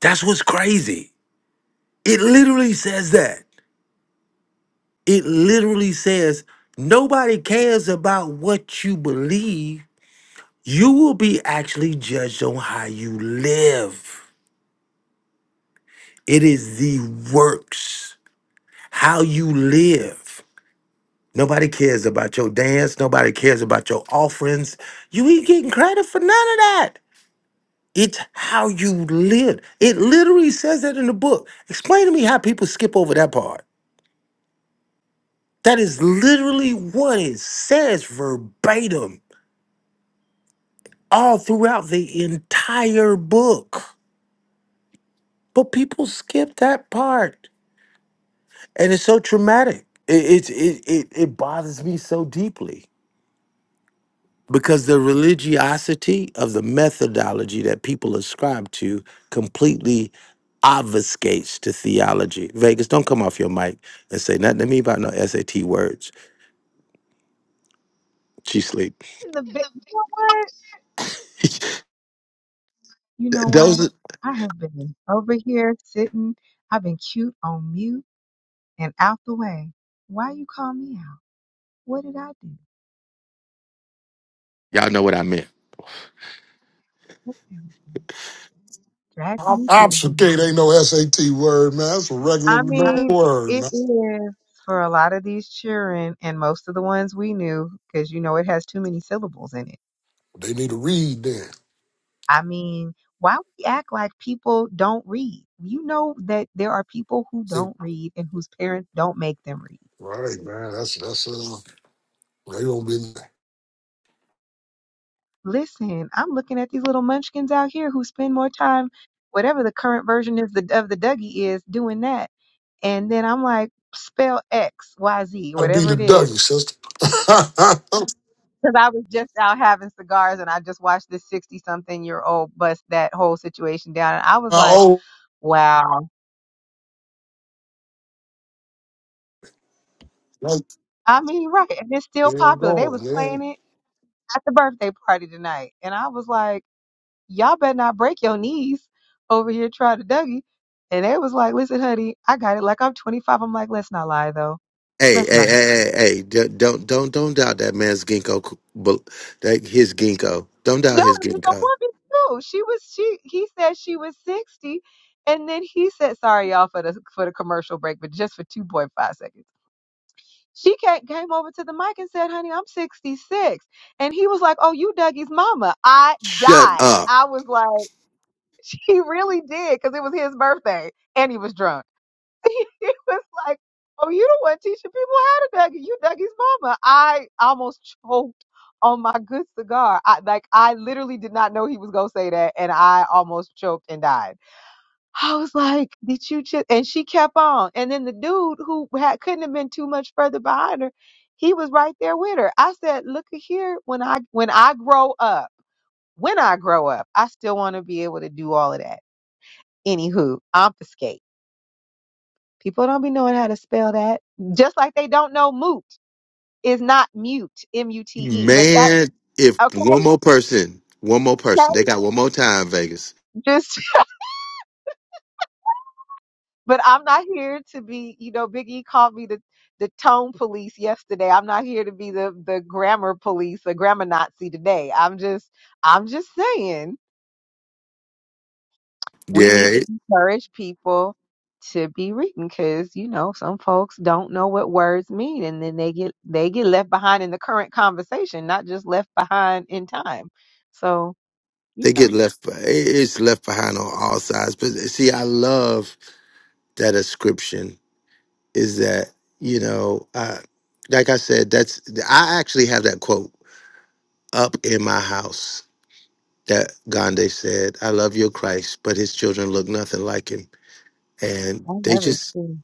B: That's what's crazy. It literally says that. It literally says nobody cares about what you believe. You will be actually judged on how you live. It is the works, how you live. Nobody cares about your dance. Nobody cares about your offerings. You ain't getting credit for none of that. It's how you live. It literally says that in the book. Explain to me how people skip over that part. That is literally what it says verbatim. all throughout the entire book. But people skip that part. And it's so traumatic. It, it, it, it, it bothers me so deeply because the religiosity of the methodology that people ascribe to completely obfuscates to theology. Vegas, don't come off your mic and say nothing to me about no SAT words. She sleep.
H: In the bit, you know what? You
B: Th-
H: know what?
B: Those,
H: I have been over here sitting. I've been cute on mute and out the way. Why you call me out? What did I do?
B: y'all know what I meant.
H: What did I do? Drag
Q: Ob-
H: me through the mud.
Q: Obfuscate ain't no SAT word, man. That's a regular
H: I
Q: no
H: mean,
Q: word,
H: it
Q: man.
H: is for a lot of these children and most of the ones we knew, because you know it has too many syllables in it.
Q: They need to read then.
H: I mean, why we act like people don't read? You know that there are people who
Q: It-
H: don't read and whose parents don't make them read.
Q: right, man. That's that's uh. They gonna be
H: Listen, I'm looking at these little munchkins out here who spend more time, whatever the current version is the, of the Dougie is, doing that. And then I'm like, spell X, Y, Z,
Q: gotta be
H: whatever
Q: the
H: it is.
Q: Dougie sister.
H: Because I was just out having cigars and I just watched this 60 something year old bust that whole situation down. And I was
Q: My
H: like,
Q: old,
H: wow.
Q: like,
H: I mean, right. And it's still
Q: here I'm
H: popular. They was
Q: going,
H: playing
Q: man.
H: it at the birthday party tonight. And I was like, y'all better not break your knees over here trying to Dougie. And they was like, listen, honey, I got it. Like I'm 25. I'm like, let's not lie though.
B: Hey,
H: Let's
B: hey,
H: not.
B: hey, hey, hey! Don't, don't, don't don't doubt that man's ginkgo. c- bel- That his ginkgo. Don't
H: No,
B: doubt his
H: it was a
B: ginkgo.
H: woman too. She was she. He said she was 60, and then he said, sorry y'all for the for the commercial break, but just for 2.5 seconds. She ca- came over to the mic and said, honey, I'm 66. And he was like, oh, you Dougie's mama. I
B: Shut
H: died.
B: up,
H: I was like, she really did because it was his birthday and he was drunk. it was like, oh, you the one teaching people how to Dougie. You Dougie's mama. I almost choked on my good cigar. I like I literally did not know he was gonna say that, and I almost choked and died. I was like, did you just? And she kept on. And then the dude who had, couldn't have been too much further behind her, he was right there with her. I said, look at here, when I when I grow up, when I grow up, I still want to be able to do all of that. Anywho, obfuscate. People don't be knowing how to spell that. Just like they don't know moot is not mute, M U T E. But that
B: man! If
H: okay,
B: one more person, one more
H: okay.
B: person, they got one more time, Vegas.
H: Just but I'm not here to be, you know, Biggie called me the the tone police yesterday. I'm not here to be the the grammar police, the grammar Nazi today. I'm just I'm just saying we need
B: Yeah,
H: to
B: it-
H: encourage people to be reading because you know some folks don't know what words mean and then they get they get left behind in the current conversation not just left behind in time so you
B: they
H: know
B: get left. be- It's left behind on all sides. But see, I love that ascription. Is that you know, uh, like I said, that's I actually have that quote up in my house that Gandhi said, I love your Christ, but his children look nothing like him. And
H: i
B: they
H: love it
B: just
H: too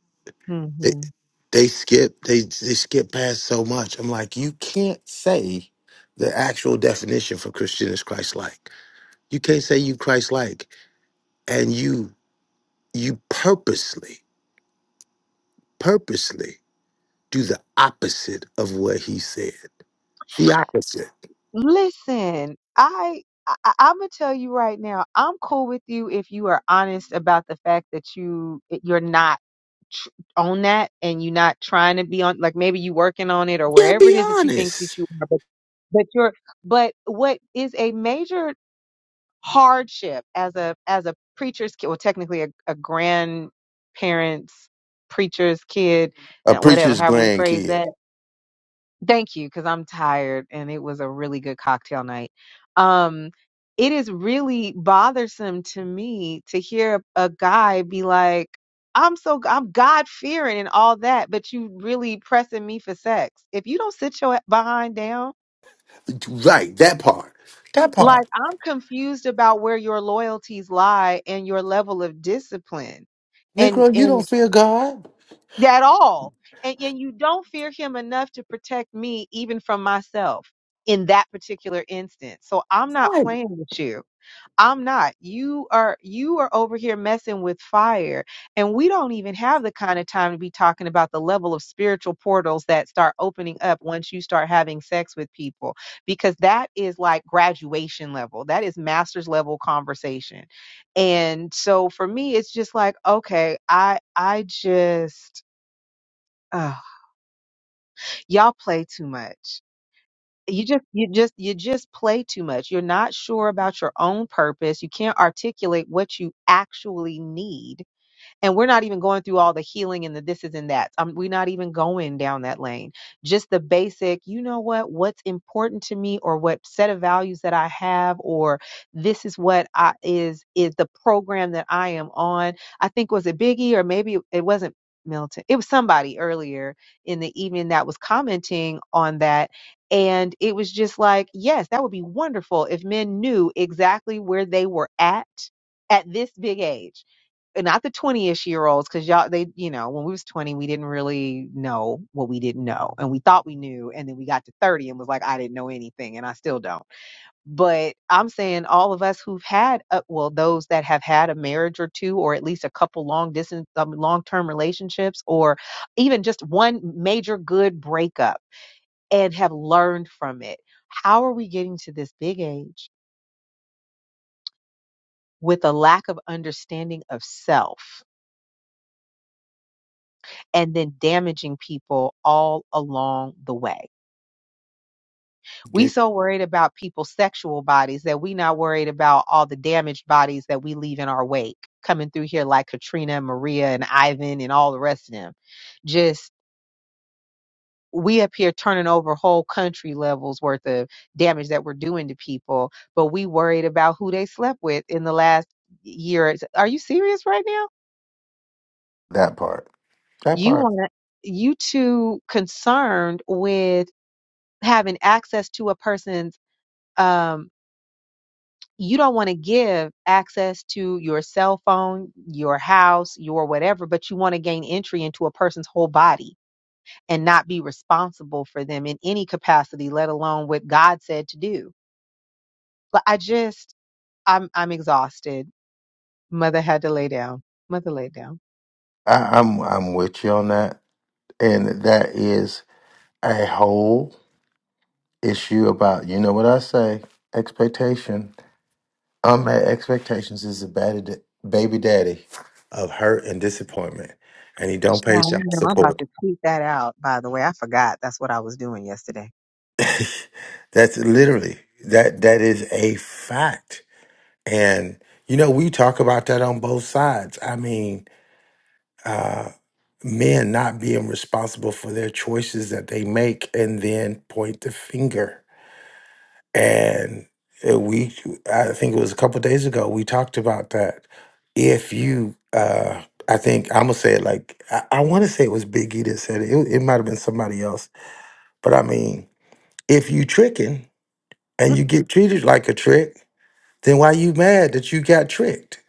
B: they
H: hmm
B: they skip they they skip past so much. I'm like, you can't say the actual definition for Christian is Christ like. You can't say you Christ like and you you purposely, purposely do the opposite of what he said. The opposite.
H: listen i I, I'm gonna tell you right now. I'm cool with you if you are honest about the fact that you eh, you're not tr- on that and you're not trying to be on. Like maybe you working on it or
B: Yeah,
H: wherever it
B: be
H: is that you think that
B: honest.
H: you are. but you're but what is a major hardship as a as a preacher's kid well technically a, a grandparents preacher's kid
B: A
H: and whatever
B: preacher's
H: however we phrase
B: grandkid.
H: that thank you because i'm tired and it was a really good cocktail night um it is really bothersome to me to hear a a guy be like i'm so i'm god fearing and all that but you really pressing me for sex if you don't sit your behind down
B: Right, that part. That part.
H: Like, I'm confused about where your loyalties lie and your level of discipline and
B: Negro, you
H: and
B: don't fear God.
H: that all. And and you don't fear him enough to protect me even from myself in that particular instance. So I'm not
B: Right.
H: playing with you. I'm not. You are you are over here messing with fire. And we don't even have the kind of time to be talking about the level of spiritual portals that start opening up once you start having sex with people because that is like graduation level. That is master's level conversation. And so for me it's just like okay, I I just ugh, y'all play too much you just you just you just play too much you're not sure about your own purpose you can't articulate what you actually need and we're not even going through all the healing and the this is and that. Um, we're not even going down that lane. Just the basic, you know what, what's important to me or what set of values that I have or this is what I is is the program that I am on. I think was it Biggie or maybe it wasn't Milton. It was somebody earlier in the evening that was commenting on that. And it was just like, yes, that would be wonderful if men knew exactly where they were at at this big age not the 20-ish year olds because y'all they you know when we was 20 we didn't really know what we didn't know and we thought we knew and then we got to 30 and was like i didn't know anything and i still don't but i'm saying all of us who've had uh, well those that have had a marriage or two or at least a couple long distance um, long-term relationships or even just one major good breakup and have learned from it how are we getting to this big age with a lack of understanding of self and then damaging people all along the way. We
B: Get
H: so worried about people's sexual bodies that we not worried about all the damaged bodies that we leave in our wake coming through here like Katrina and Maria and Ivan and all the rest of them. Just we up here turning over whole country levels worth of damage that we're doing to people, but we worried about who they slept with in the last year. Are you serious right now?
B: that part. That
H: You
B: part.
H: want you too concerned with having access to a person's um you don't want to give access to your cell phone, your house, your whatever, but you want to gain entry into a person's whole body and not be responsible for them in any capacity, let alone what God said to do. But I just I'm I'm exhausted. Mother had to lay down. Mother laid down.
B: I, I'm I'm with you on that. And that is a whole issue about you know what I say? Expectation. Unmet expectations is a bad baby daddy of hurt and disappointment. And he don't pay child
H: Child, you know, I'm about
B: support.
H: to tweet that out, by the way. I forgot that's what I was doing yesterday.
B: That's literally that that is a fact. And you know, we talk about that on both sides. I mean, uh men not being responsible for their choices that they make and then point the finger. And uh, we I think it was a couple days ago we talked about that. If you uh I think I'm gonna say it like I, I want to say it was Biggie that said it. It, it might have been somebody else, but I mean, if you tricking, and you get treated like a trick, then why you mad that you got tricked?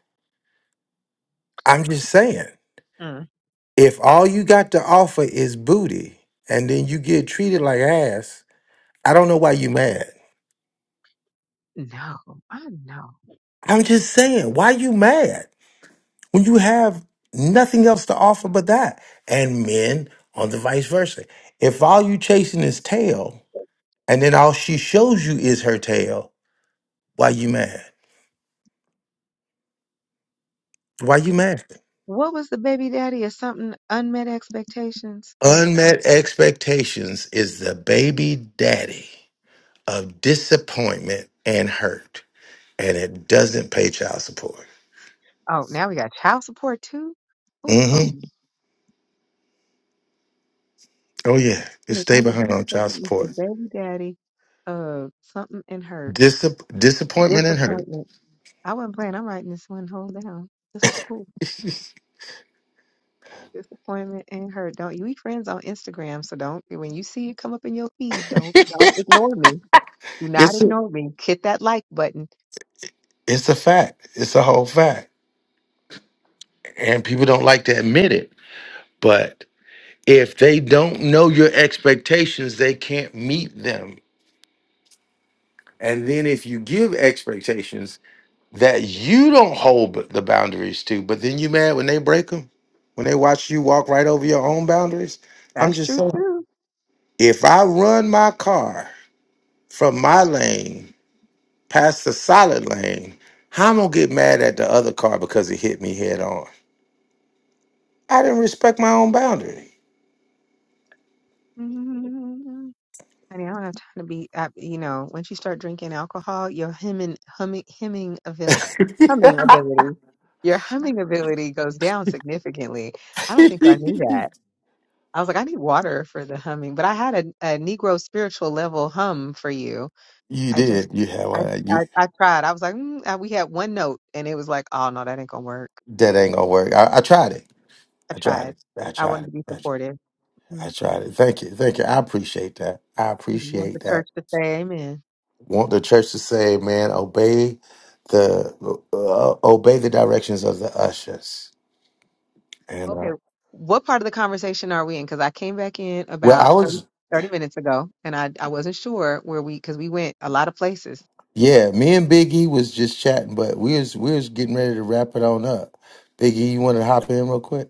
B: I'm just saying,
H: Mm.
B: if all you got to offer is booty and then you get treated like ass, I don't know why you mad.
H: No, I know.
B: I'm just saying, why you mad when you have nothing else to offer but that? And men on the vice versa. If all you chasing is tail and then all she shows you is her tail, why you mad? Why you mad?
H: What was the baby daddy or something? Unmet expectations. That's right.
B: Unmet expectations is the baby daddy. of disappointment and hurt, and it doesn't pay child support.
H: Oh, now we got child support too. Ooh,
B: hmm
H: hold on.
B: Oh yeah, you
H: Wait,
B: stay
H: Unmet
B: behind on child
H: expectations. The
B: support.
H: baby daddy of something and hurt.
B: Disap- disappointment and hurt.
H: Disappointment. I wasn't playing. I'm writing this one. Hold down. This was cool. Disappointment and hurt. Don't you we friends on Instagram? So don't when you see it come up in your feed, don't don't ignore me. Do not
B: It's a,
H: ignore me. Hit that like button.
B: it's a fact. It's a whole fact, and people don't like to admit it. But if they don't know your expectations, they can't meet them. And then if you give expectations that you don't hold b- the boundaries to, but then you mad when they break them, when they watch you walk right over your own boundaries. I'm
H: That's
B: just
H: true
B: saying. If I run my car from my lane past the solid lane, how am I gonna get mad at the other car because it hit me head on? I didn't respect my own boundary.
H: too. Honey, I don't have time to be, uh, you know, once you start drinking alcohol, your hemming, humming, hemming abil humming ability, your humming ability goes down significantly. I don't think I knew that.
B: you
H: I was like, I need water for the humming, but I had a, a Negro spiritual level hum for you. I just,
B: did. You had
H: I,
B: one. You
H: I, I tried. I was like, mm, uh, we had one note, and it was like, oh no, that ain't gonna work.
B: that ain't gonna work. I, I tried it.
H: I
B: I tried
H: tried.
B: it. I
H: I
B: tried
H: wanted
B: it.
H: to be
B: I tried it.
H: supportive. hmm
B: I tried it. Thank you. Thank you. I appreciate that. I
H: You want the
B: appreciate that.
H: church to say amen.
B: Want the church to say, man, obey the uh, obey the directions of the ushers. And uh,
H: Okay, what part of the conversation are we in? Because I came back in
B: well, I
H: about 30
B: was
H: 30 minutes ago and I, I wasn't sure where we, because we went a lot of places.
B: Yeah, me and Big E was just chatting, but we was we was getting ready to wrap it on up. Big E, you want to hop in real quick?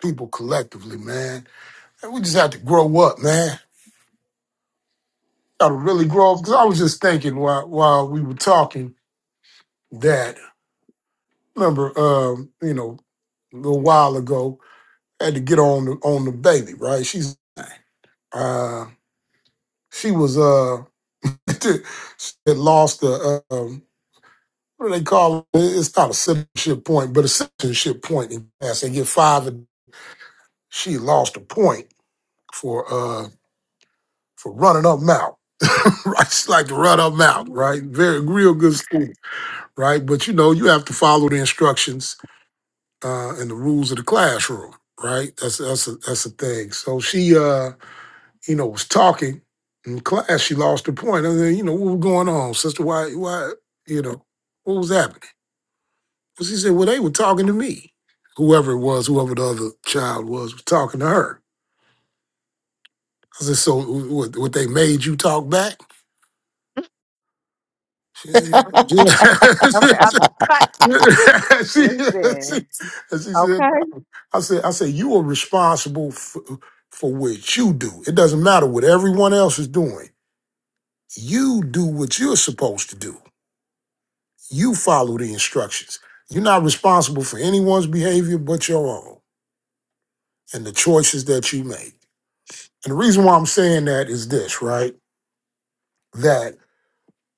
Q: People collectively, man. And we just have to grow up, man. Gotta really grow up. Cause I was just thinking while while we were talking. that remember um you know a little while ago had to get on the on the baby right she's uh she was uh she had lost the uh, um what do they call it? It's not a citizenship point, but a citizenship point in class. They get five and she lost a point for uh for running up mouth. right? She like to run up mouth,
H: Mhm.
Q: right? Very real good student, right? But you know, you have to follow the instructions uh, and the rules of the classroom, right? That's that's a, that's a thing. So she, uh, you know, was talking in class. She lost her point. I then, you know, what was going on, sister? Why, why, you know, what was happening? Well, she said, well, they were talking to me. Whoever it was, whoever the other child was, was talking to her. I said, so what, what they made you talk back? She said, "No."
H: Okay, I'm
Q: she,
H: listen.
Q: she, she said,
H: Okay.
Q: I said, I said, you are responsible for, for what you do. It doesn't matter what everyone else is doing. You do what you're supposed to do. You follow the instructions. You're not responsible for anyone's behavior but your own and the choices that you make. And the reason why I'm saying that is this, right? That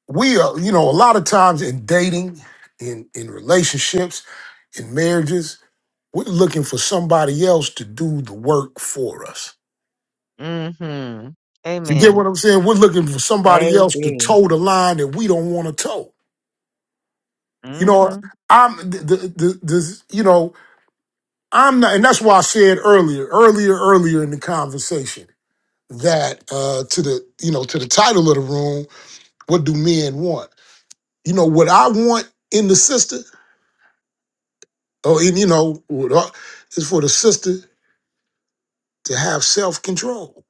Q: we are, you know, a lot of times in dating, in in relationships, in marriages, We're looking for somebody else to do the work for us.
H: Mm-hmm.
Q: You get what
H: Amen.
Q: I'm saying? We're looking for somebody else to
H: Baby.
Q: toe the line that we don't want to toe. You know,
H: Mm-hmm.
Q: I'm the, the, the, the you know, I'm not, and that's why I said earlier, earlier, earlier in the conversation that uh, to the, you know, to the title of the room, what do men want? You know, what I want in the sister, or in, you know, what I- is for the sister to have self control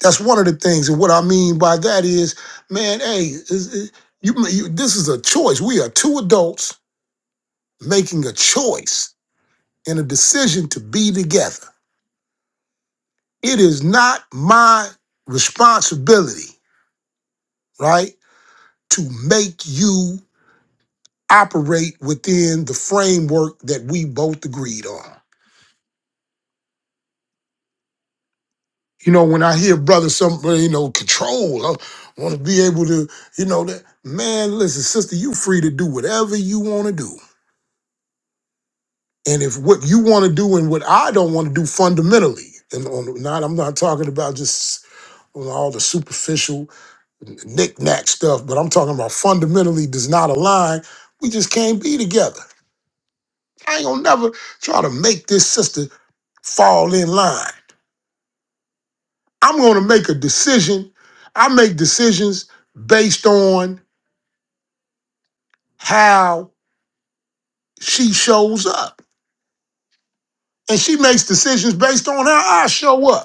Q: That's one of the things. And what I mean by that is, man, hey, is- is- you, you, this is a choice. We are two adults making a choice and a decision to be together. It is not my responsibility, right, to make you operate within the framework that we both agreed on. You know, when I hear brother, some uh, you know, control, I want to be able to, you know, that man, listen, sister, you free to do whatever you want to do And if what you want to do and what I don't want to do fundamentally, and on not I'm not talking about just on all the superficial knick-knack stuff, but I'm talking about fundamentally does not align, we just can't be together. I ain't gonna never try to make this sister fall in line. I'm gonna make a decision. I make decisions based on how she shows up. And she makes decisions based on how I show up.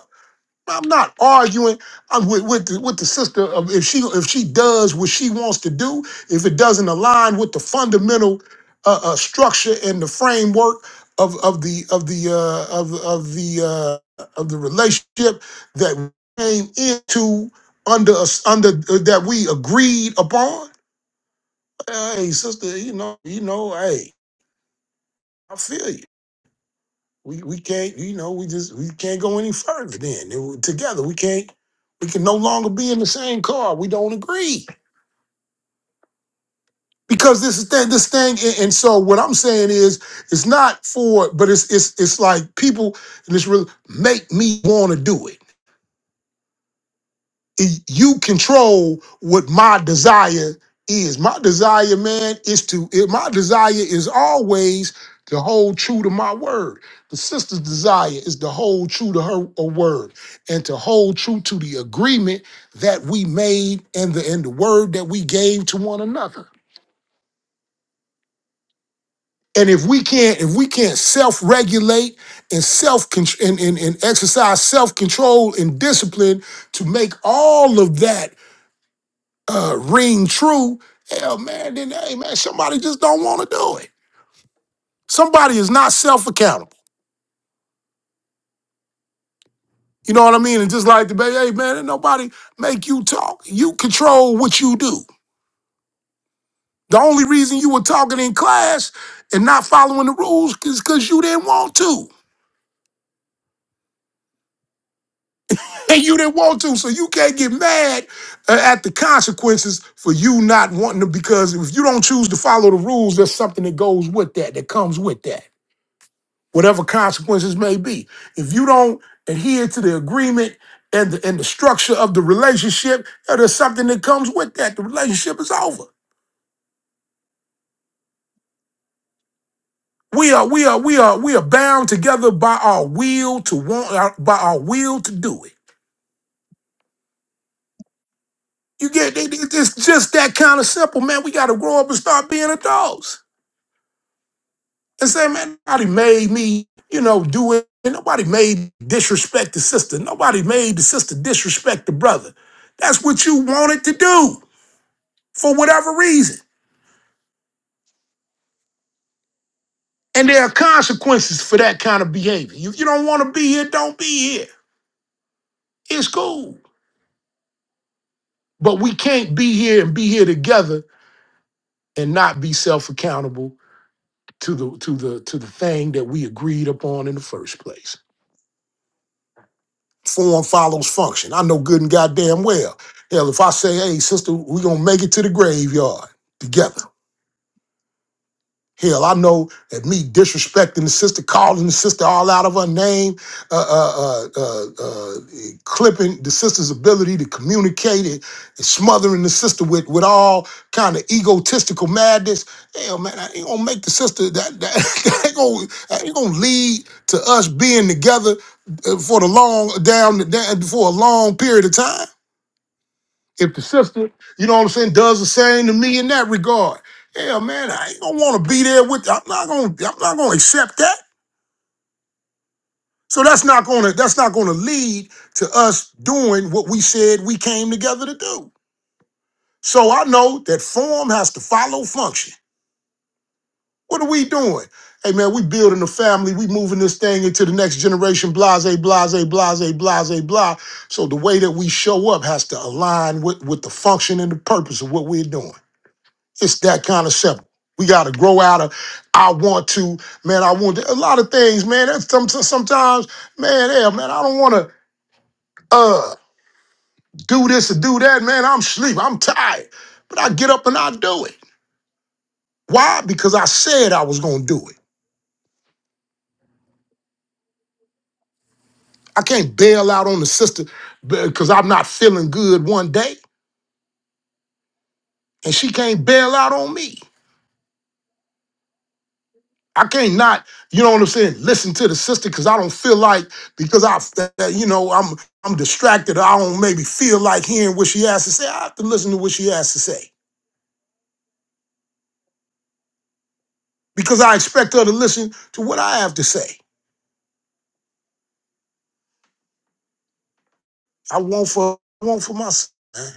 Q: I'm not arguing I'm with with the, with the sister of if she if she does what she wants to do, if it doesn't align with the fundamental uh, uh, structure and the framework of of the of the uh, of of the uh, of the relationship that we came into under us under uh, that we agreed upon. Hey, sister, you know, you know, hey, I feel you. we we can't you know we just we can't go any further then It- together we can't we can no longer be in the same car we don't agree because this is thing this thing and, and so what i'm saying is it's not for but it's it's it's like people and it's really make me want to do it you control what my desire is. My desire, man, is to it- my desire is always to hold true to my word. The sister's desire is to hold true to her a word and to hold true to the agreement that we made and the and the word that we gave to one another. And if we can't, if we can't self-regulate and self and, and, and exercise self-control and discipline to make all of that uh, ring true, hell man, then hey man, somebody just don't want to do it. Somebody is not self accountable. You know what I mean? And just like the baby, hey man, ain't nobody make you talk. You control what you do. The only reason you were talking in class and not following the rules is because you didn't want to. And you didn't want to, so you can't get mad uh, at the consequences for you not wanting to. Because if you don't choose to follow the rules, there's something that goes with that, that comes with that. whatever consequences may be. If you don't adhere to the agreement and the, and the structure of the relationship, uh, there's something that comes with that. The relationship is over. We are we are we are we are bound together by our will to want our- by our will to do it. You get it- it- it's just that kind of simple, man. We got to grow up and start being adults and say, man, nobody made me, you know, do it. And nobody made me disrespect the sister. Nobody made the sister disrespect the brother. That's what you wanted to do. for whatever reason. And there are consequences for that kind of behavior. You, you don't want to be here, don't be here. It's cool. But we can't be here and be here together and not be self-accountable to the to the to the thing that we agreed upon in the first place. Form follows function. I know good and goddamn well. Hell, if I say, hey, sister, we're gonna make it to the graveyard together. Hell, I know that me disrespecting the sister, calling the sister all out of her name, uh, uh, uh, uh, uh, clipping the sister's ability to communicate it, and smothering the sister with with all kind of egotistical madness. Hell, man, I ain't gonna make the sister that that, that ain't gonna that ain't gonna lead to us being together uh, for the long down down- for a long period of time if the sister, you know what I'm saying, does the same to me in that regard, yeah, man, I ain't gonna want to be there with. I'm not gonna. I'm not gonna accept that. So that's not gonna. That's not gonna lead to us doing what we said we came together to do. So I know that form has to follow function. What are we doing? Hey man, we building a family. We moving this thing into the next generation. Blase, blase, blase, blase, blah. So the way that we show up has to align with with the function and the purpose of what we're doing. It's that kind of simple. We got to grow out of. I want to, man. I want to, a lot of things, man. That's some, sometimes, man. Yeah, man. I don't want to uh do this or do that, man. I'm sleep. I'm tired, but I get up and I do it. Why? Because I said I was gonna do it. I can't bail out on the sister because I'm not feeling good one day, and she can't bail out on me. I can't not, you know what I'm saying, listen to the sister because I don't feel like because I that- that, you know I'm I'm distracted. I don't maybe feel like hearing what she has to say. I have to listen to what she has to say because I expect her to listen to what I have to say. I want for I want for myself. man.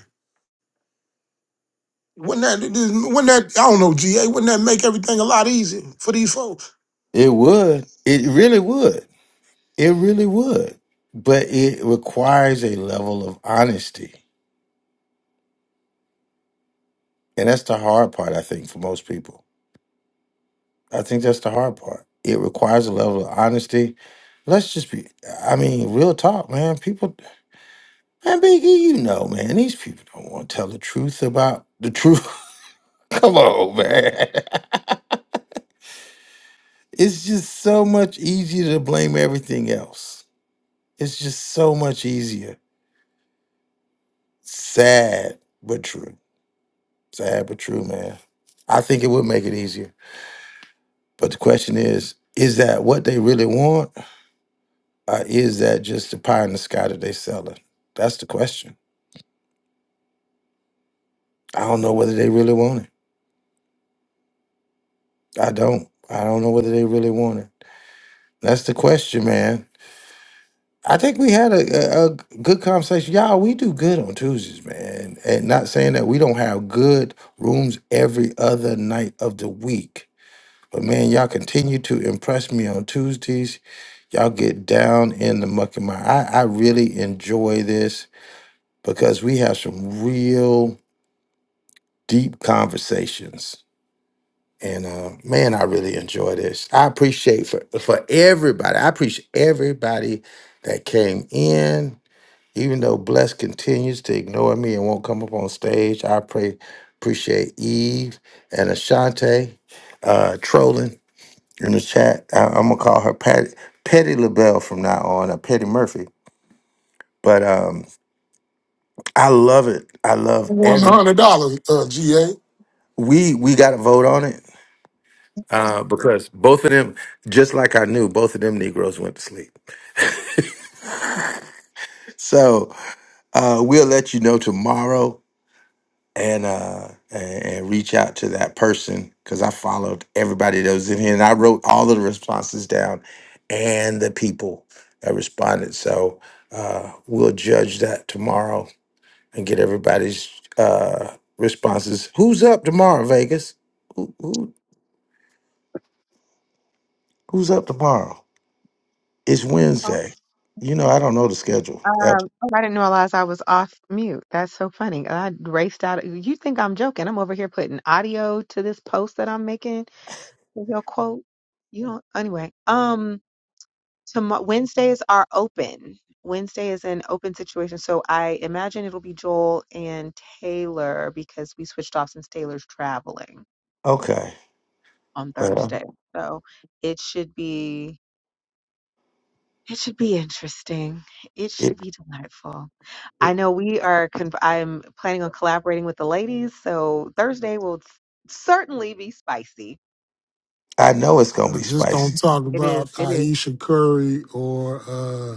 Q: Wouldn't that wouldn't that I don't know GA? Wouldn't that make everything a lot easier for these folks?
B: It would. It really would. It really would. But it requires a level of honesty. And that's the hard part, I think, for most people. I think that's the hard part. It requires a level of honesty. Let's just be, I mean, real talk, man. People, man, Big E, you know, man, these people don't want to tell the truth about the truth. Come on, man. It's just so much easier to blame everything else. It's just so much easier. Sad but true. Sad but true, man. I think it would make it easier. But the question is, is that what they really want? Or is that just the pie in the sky that they selling? That's the question. I don't know whether they really want it. I don't. I don't know whether they really want it. That's the question, man. I think we had a, a, a good conversation. Y'all, we do good on Tuesdays, man. And not saying that we don't have good rooms every other night of the week. But man, y'all continue to impress me on Tuesdays. Y'all get down in the muck and mire. I, I really enjoy this because we have some real deep conversations. And uh, man, I really enjoy this. I appreciate for for everybody. I appreciate everybody that came in. Even though Bless continues to ignore me and won't come up on stage, I pray appreciate Eve and Ashante uh, trolling in the chat. I, I'm gonna call her Patty Petty LaBelle from now on, or Petty Murphy. But um, I love it. I love
Q: One
B: every.
Q: hundred dollars, uh, GA.
B: We we got to vote on it uh, because both of them, just like I knew, both of them Negroes went to sleep. So uh, we'll let you know tomorrow. and uh and, and reach out to that person because I followed everybody that was in here and I wrote all of the responses down and the people that responded. So uh we'll judge that tomorrow and get everybody's uh responses. Who's up tomorrow, Vegas? Who, who who's up tomorrow? It's
H: Oh,
B: Wednesday. You know, I don't know the schedule. Yep.
H: um, oh, I didn't realize I was off mute. That's so funny. I raced out. You think I'm joking? I'm over here putting audio to this post that I'm making with your quote. You don't. Anyway. um, Tomorrow Wednesdays are open. Wednesday is an open situation, so I imagine it'll be Joel and Taylor because we switched off since Taylor's traveling
B: Okay.
H: on
B: Well,
H: Thursday. So it should be it should be interesting. It should
B: it,
H: be delightful. I
B: it
H: know we are. Con- I'm planning on collaborating with the ladies, so Thursday will s- certainly be spicy.
B: I know it's gonna be
Q: Just don't
B: spicy.
Q: talk
H: It is.
Q: about
H: It is.
Q: Aisha Curry or uh,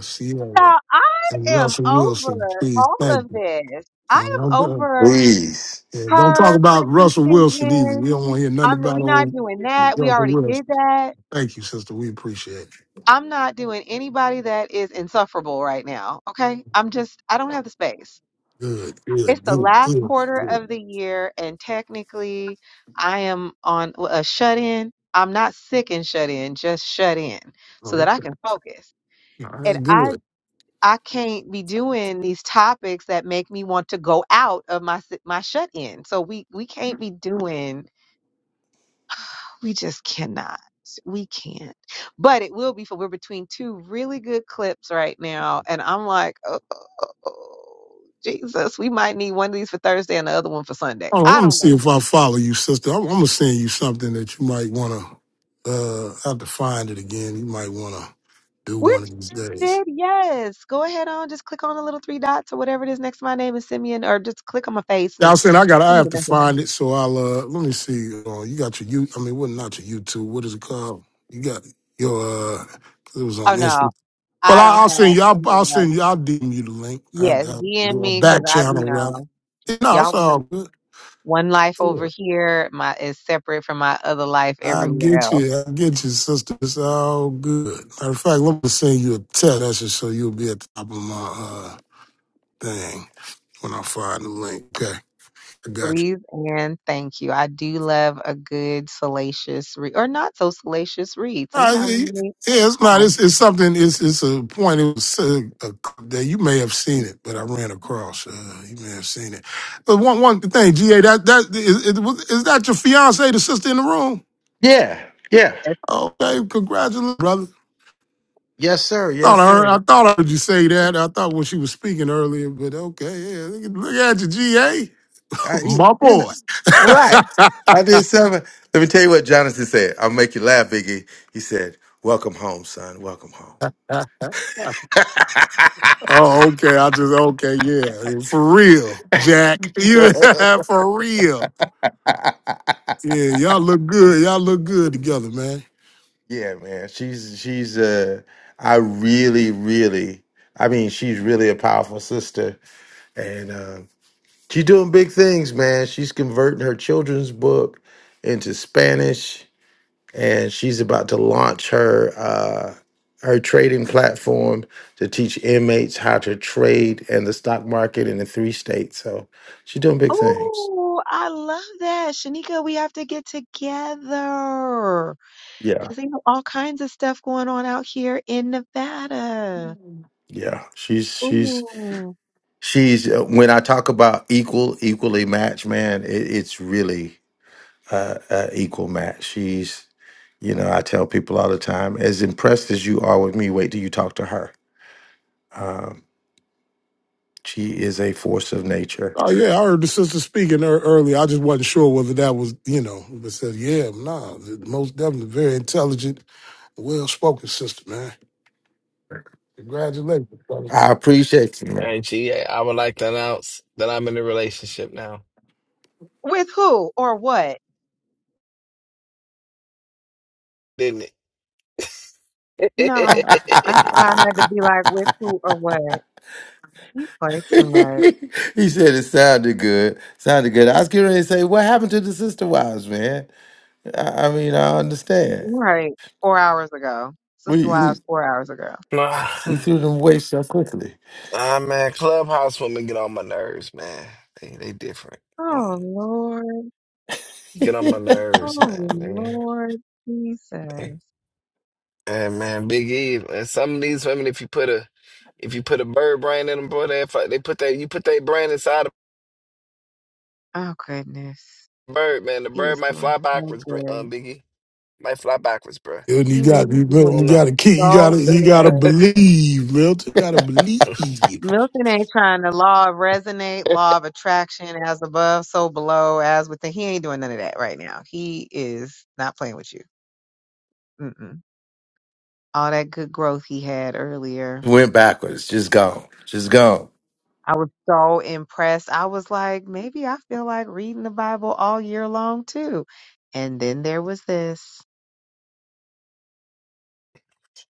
H: So
Q: Sierra
H: I
Q: and
H: am
Q: Russell Wilson,
H: over
Q: please.
H: all
Q: Thank you.
H: of this.
Q: I
H: I
Q: don't,
H: am
Q: know, but,
H: over.
B: Please.
Q: yeah, don't talk
H: her,
Q: about
H: Chrissy
Q: Russell Wilson either.
H: Teigen.
Q: We don't want to hear nothing
H: I'm
Q: about
H: we're not
Q: old
H: doing that. We
Q: Russell
H: already did
Q: Wilson.
H: that.
Q: Thank you, sister. We appreciate
H: I'm not doing anybody that is insufferable right now. Okay. I'm just I don't have the space.
Q: you. Good,
H: It's
Q: good,
H: the
Q: good,
H: last
Q: good,
H: quarter
Q: good.
H: of the year and technically I am on a shut in. I'm not sick and shut in, just shut in
Q: All
H: so
Q: right,
H: that I can focus.
Q: All right, that's
H: And I
Q: good.
H: I can't be doing these topics that make me want to go out of my s- my shut in. So we we can't be doing we just cannot. We can't. But it will be for we're between two really good clips right now. And I'm like, oh, oh, oh, oh, Jesus, we might need one of these for Thursday and the other one for Sunday.
Q: Oh, I'm
H: I
Q: gonna
H: don't
Q: see
H: know.
Q: if I follow you, sister. I'm, I'm gonna send you something that you might want to. Uh, I have to find it again. You might want to do
H: We're
Q: one of these days.
H: connected, yes. Go ahead on, just click on the little three dots or whatever it is next to my name and send me an or just click on my face
Q: Yeah, I'm
H: and
Q: saying I got. to I
H: send me
Q: have
H: the
Q: to
H: message.
Q: find it. So I'll. Uh, let me see. Uh, you got your you. I mean, what not your YouTube? What is it called? You got your. uh 'cause it was on
H: Oh
Q: Instagram.
H: no,
Q: Well,
H: I
Q: I,
H: don't
Q: I'll
H: have
Q: send you. I'll,
H: any
Q: I'll
H: of those.
Q: send you. I'll DM you the link. I,
H: Yes,
Q: I'll
H: DM
Q: do a
H: me because
Q: back
H: I,
Q: channel
H: you
Q: rather.
H: know,
Q: No, it's
H: y'all. been.
Q: all good.
H: One life over
Q: Yeah.
H: here my is separate from my other life
Q: I
H: everywhere
Q: get
H: else.
Q: you. I get you, sister. It's all good. Matter of fact, let me send you a text message so you'll be at the top of my uh, thing when I find the link. Okay, I got you.
H: Please and thank you. I do love a good salacious read or not so salacious read.
Q: No,
H: Sometimes I
Q: it-
H: need
Q: yeah, it's not.
H: calm.
Q: It's, it's something. It's it's a point. It was uh, a, that you may have seen it, but I ran across. Uh, you may have seen it. But one one thing, Ga, that that is, it, was- is that your fiance, the sister in the room?
B: Yeah, yeah.
Q: Okay, congratulations, brother.
B: Yes, sir.
Q: Thought
B: Yes,
Q: I heard. I
B: sir.
Q: thought I heard you say that. I thought when she was speaking earlier, but okay, yeah. Look, at- look at you, Ga,
B: I, you
Q: my
B: you know,
Q: boy.
B: right. I did seven. Let me tell you what Jonathan said. I'll make you laugh, Biggie. He said, Welcome home, son. Welcome home.
Q: oh, okay. I just okay, yeah, for real, Jack. You for real. Yeah, y'all look good. Y'all look good together, man.
B: yeah, man. She's she's uh I really, really I mean, she's really a powerful sister. And uh, she's doing big things, man. She's converting her children's book into Spanish. and she's about to launch her uh, her trading platform to teach inmates how to trade in the stock market in the three states. So she's doing big things.
H: Oh, I love that. Shanika, we have to get together
B: Yeah,
H: because they know all kinds of stuff going on out here in Nevada.
B: yeah. She's she's
H: Ooh.
B: she's uh, when I talk about equal equally matched, man, it, it's really uh, uh, equal match. She's you know I tell people all the time, as impressed as you are with me, wait till you talk to her. Um, she is a force of nature.
Q: Oh yeah, I heard the sister speaking ear- earlier. I just wasn't sure whether that was, you know, but said, yeah, nah, the- most definitely very intelligent, well spoken sister, man. Congratulations, brother.
B: I appreciate you. man.
O: Hey, now,
H: With who or what?
O: didn't it?
H: No. That's why I had to be like, with who
B: he
H: or what? You play too much.
B: said it sounded good. Sounded good. I was getting ready to say, what happened to the sister wives, man? I, I mean, I understand.
H: Right. Four hours ago. Sister
B: We, we
H: Wives, four hours ago.
B: we
O: ah,
B: threw them away so quickly.
O: ah, man, clubhouse women get on my nerves, man. They they different.
H: Oh, Lord.
O: Get on my nerves,
H: Oh,
O: man. I mean,
H: Lord
O: they-
H: Jesus.
O: and man, Big E, and some of these women, if you put a if you put a bird brain in them, boy, they fi- they put that you put their brain inside
H: Oh, goodness.
O: a bird, man. The
H: He
O: bird
H: was
O: might
H: doing
O: fly
H: so
O: backwards, br- um,
H: good.
O: Big E might fly backwards, bro.
Q: And you
H: He was
Q: got you, got-
O: Oh
Q: you
H: doing
O: no,
Q: got to keep, you got
H: so
Q: to you got to
H: good.
Q: believe, Milton. You got to believe.
H: Milton ain't trying to law of resonate, law of attraction, as above, so below, as within. He ain't doing none of that right now. He is not playing with you. Mm-mm. All that good growth he had earlier.
B: Went backwards. Just gone. Just gone.
H: I was so impressed. I was like, maybe I feel like reading the Bible all year long too. And then there was this.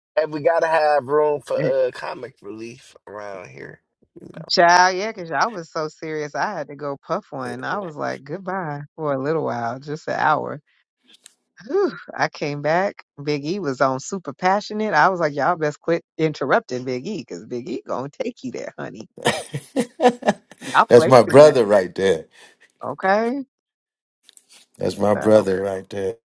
O: and we gotta have room for
H: Eh,
O: uh comic relief around here, you
H: Child, yeah, because I was so serious. I had to go puff one. I was like, goodbye for a little while, just an hour. Whew. I came back. Big E was on super passionate. I was like, y'all best quit interrupting Big E because Big E gonna take you there, honey. Y'all
B: That's
H: play
B: my
H: too much.
B: brother right there.
H: Okay.
B: That's my
H: So
B: brother right there.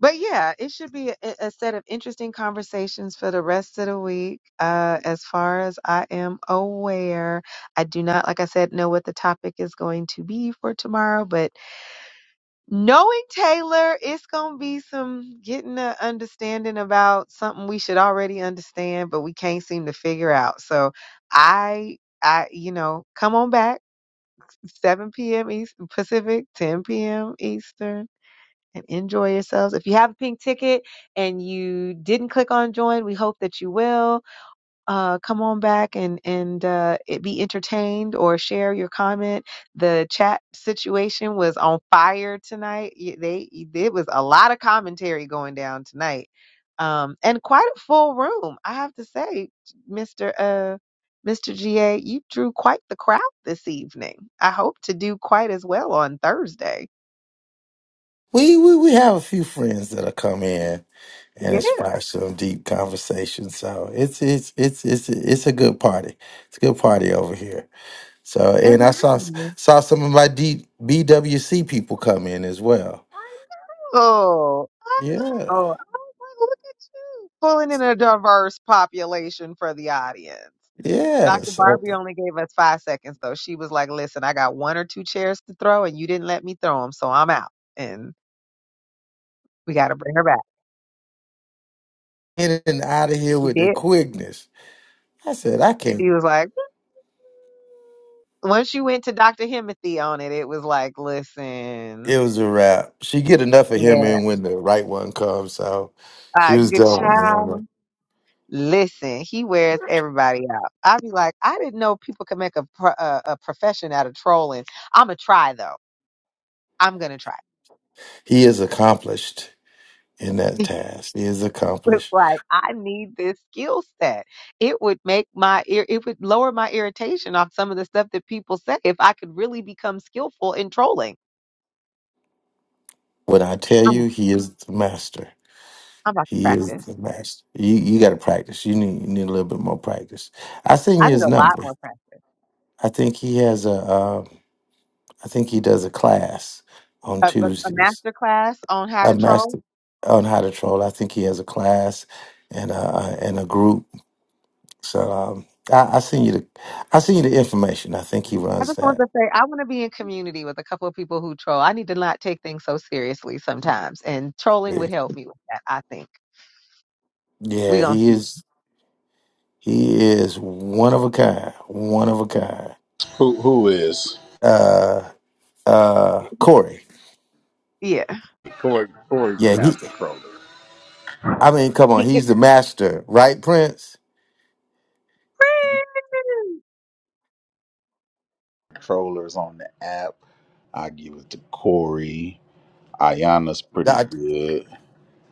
H: But yeah, it should be a, a set of interesting conversations for the rest of the week. Uh, as far as I am aware, I do not, like I said, know what the topic is going to be for tomorrow. But knowing Taylor, it's going to be some getting an understanding about something we should already understand, but we can't seem to figure out. So I, I, you know, come on back. 7 p.m. East Pacific, 10 p.m. Eastern and enjoy yourselves. If you have a pink ticket and you didn't click on join, we hope that you will. Uh, come on back and and uh, it be entertained or share your comment. The chat situation was on fire tonight. Y- They it was a lot of commentary going down tonight, um, and quite a full room. I have to say, Mister. Uh, Mr. GA, you drew quite the crowd this evening. I hope to do quite as well on Thursday.
B: We, we we have a few friends that'll come in and
H: Yeah.
B: inspire some deep conversation. So it's it's it's it's it's a good party. It's a good party over here. So and I saw saw some of my D, BWC people come in as well.
H: Oh, I
B: Yeah,
H: know. Oh, look at us, pulling in a diverse population for the audience.
B: yeah.
H: Dr.
B: So
H: Barbie only gave us five seconds, though. She was like, listen, I got one or two chairs to throw, and you didn't let me throw them, so I'm out. And we got to bring her back.
B: in and out of here
H: She
B: with the
H: did.
B: quickness. I said I can't.
H: She was like, "Hmm." once you went to Dr. Himothy on it, it was like, listen,
B: It was a wrap. She get enough of
H: yeah,
B: him in when the right one comes. So she
H: uh,
B: was
H: good
B: done with me. on that.
H: child. Listen, he wears everybody out. I'd be like, I didn't know people could make a, pro- a, a profession out of trolling. I'm going to try, though. I'm gonna try.
B: He is accomplished in that
H: It
B: task. He is
H: was
B: accomplished.
H: like I need this skill set. It would make my ear it would lower my irritation off some of the stuff that people say if I could really become skillful in trolling.
B: When I tell
H: I'm
B: you, he is the master.
H: I'm about to
B: He is
H: practice.
B: the master. You you got to practice. You need you need a little bit more practice. I send
H: I
B: you
H: need
B: his
H: a lot
B: number.
H: more practice.
B: I think he has a. Uh, I think he does a class on
H: A, a, a
B: Tuesdays.
H: master class on how
B: A
H: to troll.
B: master on how to troll. I think he has a class and a uh, and a group So um, I, I send you the I send you the information. I think he
H: I
B: runs
H: just want to
B: that.
H: say I want to be in community with a couple of people who troll. I need to not take things so seriously sometimes, and trolling
B: Yeah,
H: would help me with that. I think we
B: Yeah,
H: gonna
B: he
H: see.
B: is he is one of a kind, one of a kind.
X: Who who is?
B: Uh, uh, Corey.
H: Yeah.
X: Corey Corey's the
B: Yeah, he.
X: master troller.
B: I mean, come on, he's the master, right, Prince?
X: Trollers on the app. I give it to Corey. Ayana's pretty
B: Doc-
X: good.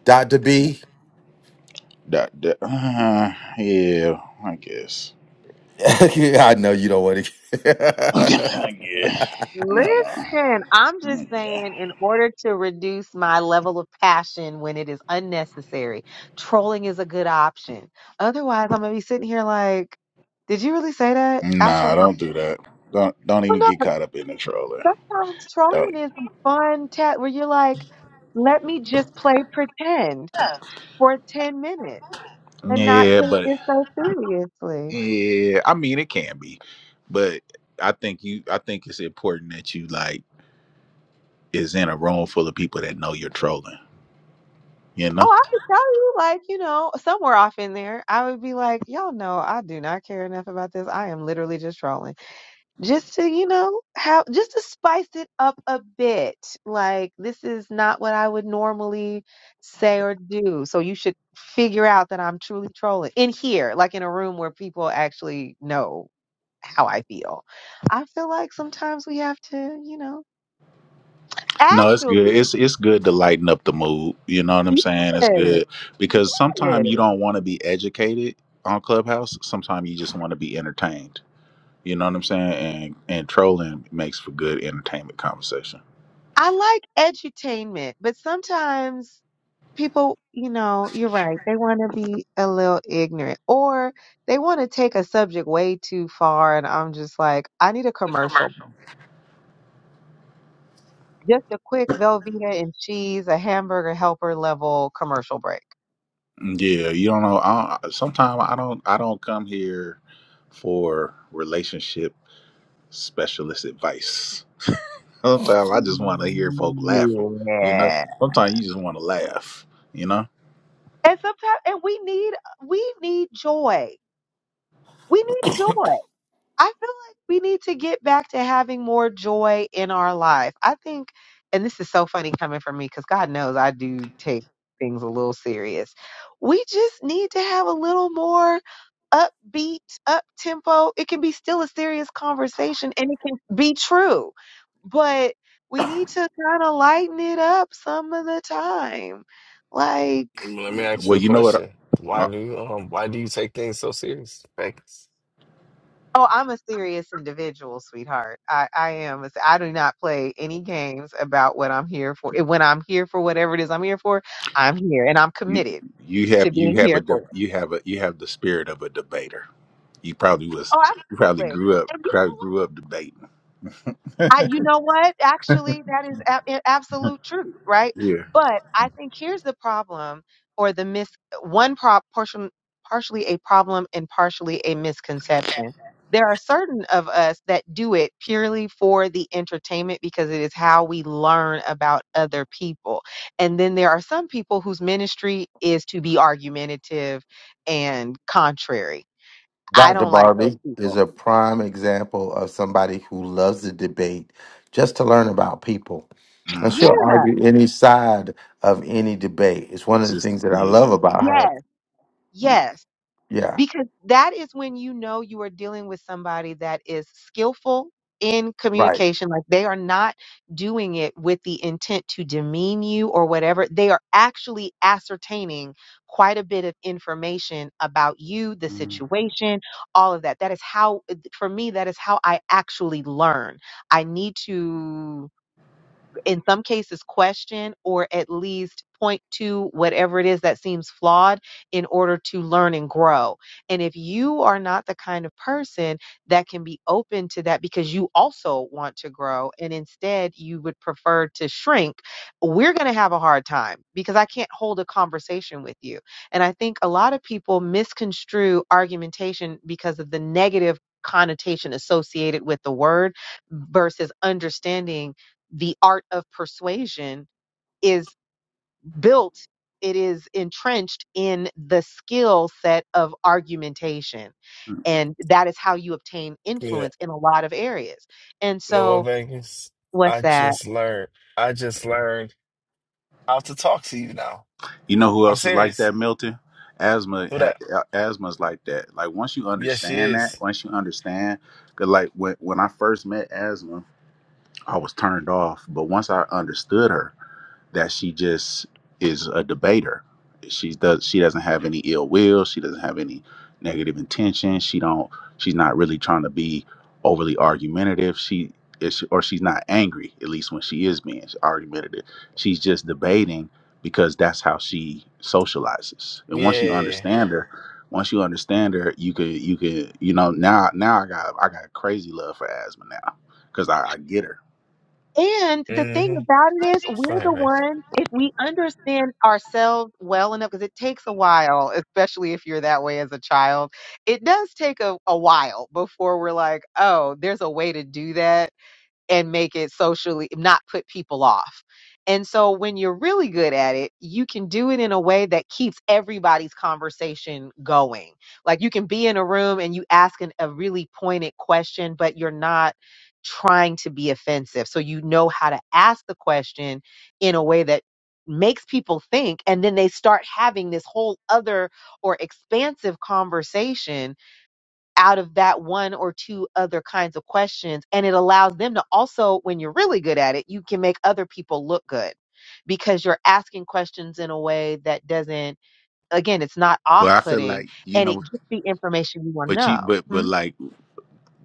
B: Dr. B.
X: That, that, uh, yeah, I guess.
B: I know you don't want
X: yeah.
B: to.
X: I don't know.
H: Listen, I'm just
X: Yeah.
H: saying, in order to reduce my level of passion when it is unnecessary, trolling is a good option. Otherwise, I'm gonna be sitting here like, did you really say that? I troll.
X: Nah, don't do that. Don't don't
H: Well,
X: even
H: no,
X: get
H: but
X: caught up in the troller.
H: sometimes
X: Don't.
H: trolling is a fun test where you're like, let me just play pretend for 10 minutes and not
X: Yeah,
H: take
X: but
H: this so seriously.
X: yeah, I mean it can be, but I think you. I think it's important that you like is in a room full of people that know you're trolling. You know.
H: Oh, I could tell you, like, you know, somewhere off in there, I would be like, y'all know I do not care enough about this. I am literally just trolling. Just to, you know, how, just to spice it up a bit. Like, this is not what I would normally say or do. So you should figure out that I'm truly trolling in here, like in a room where people actually know how I feel. I feel like sometimes we have to, you know,
X: No, it's good.
H: actually.
X: It's it's good to lighten up the mood. You know what I'm saying? It's
H: Yes.
X: good because
H: Yes.
X: sometimes you don't want to be educated on Clubhouse. Sometimes you just want to be entertained. You know what I'm saying? And and trolling makes for good entertainment conversation.
H: I like edutainment, but sometimes people, you know, you're right. They want to be a little ignorant or they want to take a subject way too far. And I'm just like, I need a commercial, just a quick Velveeta and cheese, a hamburger helper level commercial break.
X: Mm, Yeah, you don't know. I, sometimes I don't I don't come here for relationship specialist advice. Sometimes I just want to hear folk laughing. You know,
H: Yeah.
X: sometimes you just want to laugh. You know.
H: And sometimes, and we need, we need joy. We need joy. I feel like we need to get back to having more joy in our life. I think, and this is so funny coming from me because God knows I do take things a little serious. We just need to have a little more upbeat, up tempo. It can be still a serious conversation and it can be true, but we need to kind of lighten it up some of the time. Like,
O: know. Let me ask
X: Well,
O: you a
X: you know
O: question.
X: what?
O: Why do you um why do you take things so serious, Vegas?
H: Oh, I'm a serious individual, sweetheart. I, I am. a s- I do not play any games about what I'm here for. And When I'm here for whatever it is I'm here for, I'm here and I'm
X: You
H: committed
X: you have
H: to
X: you
H: being
X: have a
H: here for
X: de-
H: it.
X: you have a you have the spirit of a debater. You probably was
H: Oh,
X: you probably
H: absolutely.
X: grew up
H: And you know
X: probably
H: what?
X: grew up debating.
H: I, you know what? Actually, that is a- a- absolute truth, right?
X: Yeah.
H: But I think here's the problem, or the mis one prop portion, partially a problem and partially a misconception. There are certain of us that do it purely for the entertainment because it is how we learn about other people. And then there are some people whose ministry is to be argumentative and contrary. I
B: Dr.
H: don't like those
B: Barbie is
H: people.
B: a prime example of somebody who loves the debate just to learn about people And
H: Yes,
B: she'll
X: hmm
B: argue any side of any debate. It's one of the
X: Just
B: things that I love
X: yeah.
B: about her.
H: yes, yes.
B: Yeah,
H: because that is when you know you are dealing with somebody that is skillful in
B: right.
H: communication like they are not doing it with the intent to demean you or whatever they are actually ascertaining quite a bit of information about you the
X: Mhm.
H: situation all of that that is how for me that is how i actually learn i need to in some cases question or at least point to whatever it is that seems flawed in order to learn and grow. And if you are not the kind of person that can be open to that because you also want to grow and instead you would prefer to shrink, we're going to have a hard time because I can't hold a conversation with you. And I think a lot of people misconstrue argumentation because of the negative connotation associated with the word versus understanding the art of persuasion is built, it is entrenched in the skill set of argumentation. And that is how you obtain
O: Yeah,
H: influence in a lot of areas. And
O: you know what,
H: so,
O: Vegas?
H: what's
O: I
H: that?
O: just learned. I just learned. how to talk to you now.
X: You know who
O: I'm
X: else is like
O: serious.
X: that, Milton? Asthma,
O: Who that?
X: ha, asthma's like that. Like once you
O: Yes, she
X: understand that,
O: is.
X: once you understand, cause like when when I first met asthma, I was turned off. But once I understood her. that she just is a debater. She does she doesn't have any ill will, she doesn't have any negative intention. She don't she's not really trying to be overly argumentative. She is or she's not angry, at least when she is being argumentative. She's just debating because that's how she socializes. And once you
O: Yeah.
X: understand her, once you understand her, you could you could you know now now I got I got crazy love for asthma now because I, I get her.
H: And the thing
O: Mm-hmm.
H: about it is,
O: Go
H: we're
O: ahead,
H: the
O: Ray.
H: ones, if we understand ourselves well enough, because it takes a while, especially if you're that way as a child, it does take a, a while before we're like, oh, there's a way to do that and make it socially not put people off. And so when you're really good at it, you can do it in a way that keeps everybody's conversation going. Like you can be in a room and you ask an, a really pointed question, but you're not trying to be offensive. So you know how to ask the question in a way that makes people think and then they start having this whole other or expansive conversation out of that one or two other kinds of questions. And it allows them to also, when you're really good at it, you can make other people look good because you're asking questions in a way that doesn't, again, it's not off
X: But I feel
H: putting
X: like you
H: and it
X: know,
H: gets the information you want to
X: but you
H: know.
X: but
H: Hmm?
X: but like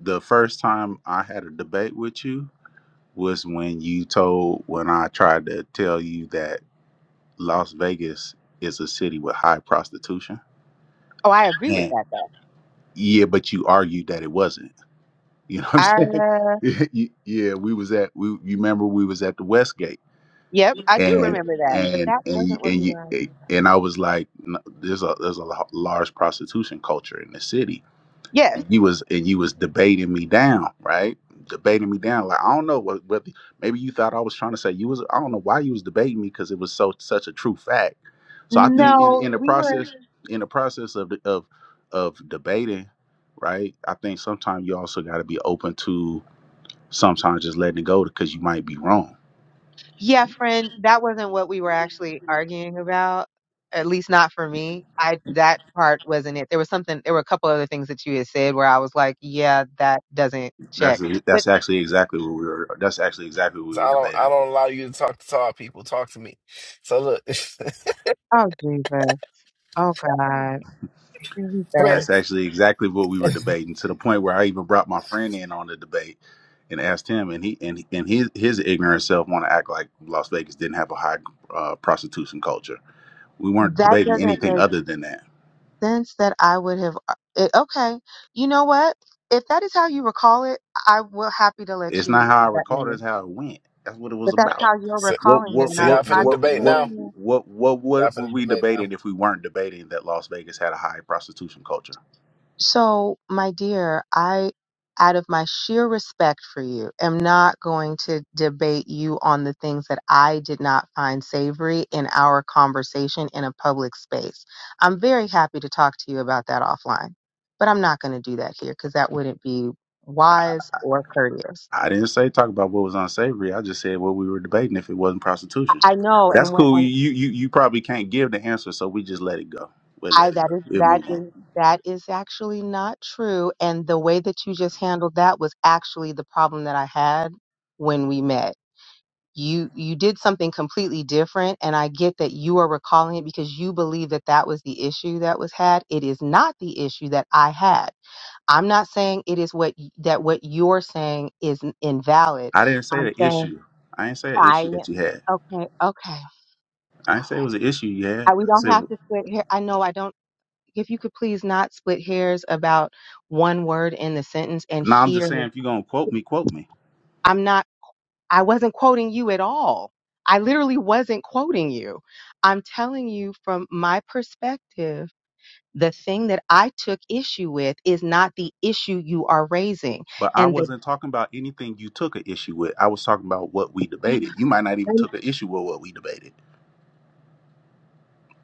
X: the first time I had a debate with you was when you told when I tried to tell you that Las Vegas is a city with high prostitution.
H: Oh, I agree with
X: And
H: that though.
X: yeah, but you argued that it wasn't. You know what I'm
H: I,
X: saying?
H: uh,
X: yeah, you- yeah, we was at we you remember we was at the Westgate
H: yep, I do
X: and
H: remember that, but
X: and
H: that
X: and you-
H: wasn't what
X: and
H: we were
X: you,
H: arguing about.
X: and I was like "No, there's a there's a lo- large prostitution culture in the city
H: Yes.
X: you was and you was debating me down, right? Debating me down. Like I don't know what whether maybe you thought I was trying to say you was I don't know why you was debating me because it was so such a true fact. So I think in,
H: No,
X: in the
H: we were.
X: process in the process of the- of of debating, right? I think sometimes you also got to be open to sometimes just letting it go because you might be wrong.
H: Yeah, friend, that wasn't what we were actually arguing about. At least not for me. I that part wasn't it. There was something there were a couple other things that you had said where I was like, yeah, that doesn't check.
X: That's e,
H: But
X: that's actually exactly what we were. That's actually exactly what we
O: 'Cause
X: were
O: I don't. I
X: debating.
O: don't allow you to talk to tall people. Talk to me. So look,
H: oh Jesus. Oh God. Here we go.
X: That's
O: Prince.
X: actually exactly what we were debating to the point where I even brought my friend in on the debate and asked him, and he and and his his ignorant self want to act like Las Vegas didn't have a high uh, prostitution culture. We weren't
H: That
X: debating
H: doesn't
X: anything
H: make
X: other than that.
H: sense that I would have uh, it, okay. You know what? If that is how you recall it, I will happy to let
X: It's not
H: you
X: how I
H: have that
X: recall it;
H: memory.
X: it's how it went. That's what it was
H: But that's
X: about.
H: how you're
O: So,
X: What
H: recalling it
X: what
H: and
O: so
H: I'm
O: y'all
X: what
O: finna
H: I'm
X: what
O: debate
X: what
O: now.
H: sharing it.
X: what what
O: Y'all
X: what were
O: finna
X: we
O: debate now.
X: debating if we weren't debating that Las Vegas had a high prostitution culture?
H: So, my dear, I, out of my sheer respect for you, am not going to debate you on the things that I did not find savory in our conversation in a public space. I'm very happy to talk to you about that offline, but I'm not going to do that here because that wouldn't be wise or courteous.
X: I didn't say talk about what was unsavory. I just said what we were debating if it wasn't
H: I
X: prostitution.
H: know,
X: But that's
H: and what
X: cool.
H: and
X: You you you probably can't give the answer, so we just let it go. We'll
H: I
X: let it
H: that
X: go.
H: is
X: We'll
H: that
X: move on.
H: is that is actually not true. And the way that you just handled that was actually the problem that I had when we met you you did something completely different and i get that you are recalling it because you believe that that was the issue that was had it is not the issue that i had i'm not saying it is what y- that what you're saying is n- invalid
X: I didn't say
H: i'm
X: the
H: saying
X: issue. I didn't say an
H: i
X: issue that you had.
H: okay okay
X: I didn't say it was an issue you
H: I,
X: had.
H: we
X: I
H: don't
X: said
H: have to split hair. I know I don't. If you could please not split hairs about one word in the sentence and
X: no. I'm just
H: here,
X: saying if you're gonna quote me, quote me.
H: I wasn't quoting you at all. I literally wasn't quoting you. I'm telling you from my perspective, the thing that I took issue with is not the issue you are raising.
X: But I
H: And the
X: wasn't talking about anything you took an issue with. I was talking about what we debated. You might not even took an issue with what we debated.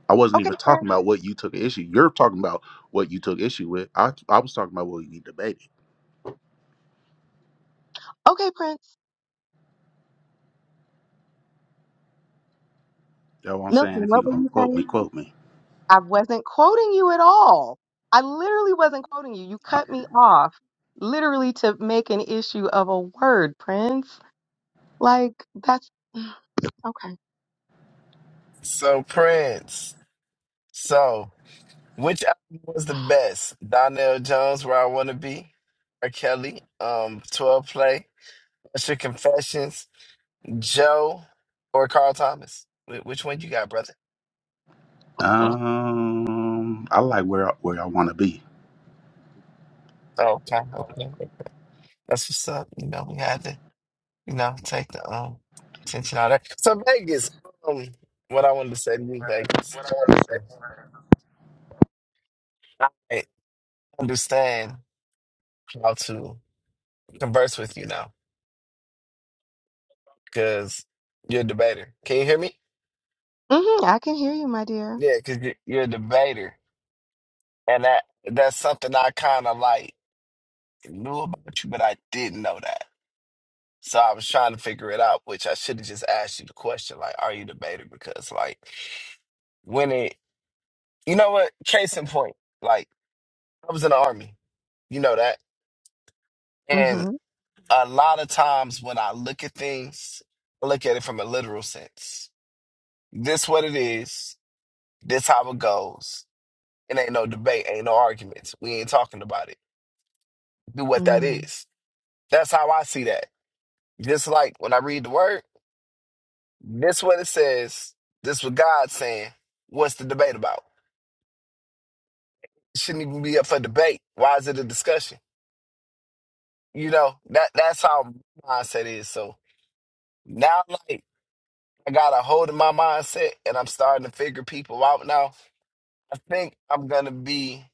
X: I wasn't
H: okay,
X: even talking
H: Prince.
X: about what you took an issue. You're talking about what you took issue with. I I was talking about what we debated.
H: Okay, Prince.
X: That's what I'm saying.
H: Milton,
X: If you
H: what were
X: gonna
H: you
X: quote me,
H: saying?
X: quote me.
H: I wasn't quoting you at all. I literally wasn't quoting you. You cut me off literally to make an issue of a word, Prince. Like that's okay.
O: So Prince. So which album was the best? Donnell Jones, Where I Wanna Be, R. Kelly, um, Twelve Play, Extra Confessions, Joe, or Carl Thomas? Wh- Which one you got, brother?
X: Um, I like where I- where I want to be,
O: Okay, okay. That's what's up. You know, we had to, you know, take the um attention out of that. So Vegas, um, what I wanted to say to you, Vegas, I understand how to converse with you now because you're a debater. Can you hear me?
H: hmm I can hear you, my dear.
O: Yeah, because you're, you're a debater, and that that's something I kind of like knew about you, but I didn't know that. So I was trying to figure it out, which I should have just asked you the question, like, are you a debater? Because like. when it You know what? Case in point, like I was in the army, you know that. And
H: hmm
O: a lot of times when I look at things, I look at it from a literal sense. This what it is, this how it goes. It ain't no debate, ain't no arguments. We ain't talking about it. Do what that is. That's how I see that. Just like when I read the word, this what it says, this what God's saying. What's the debate about? It shouldn't even be up for debate. Why is it a discussion? You know, that that's how mindset is. So Now, like, I got a hold of my mindset and I'm starting to figure people out now. I think I'm going to be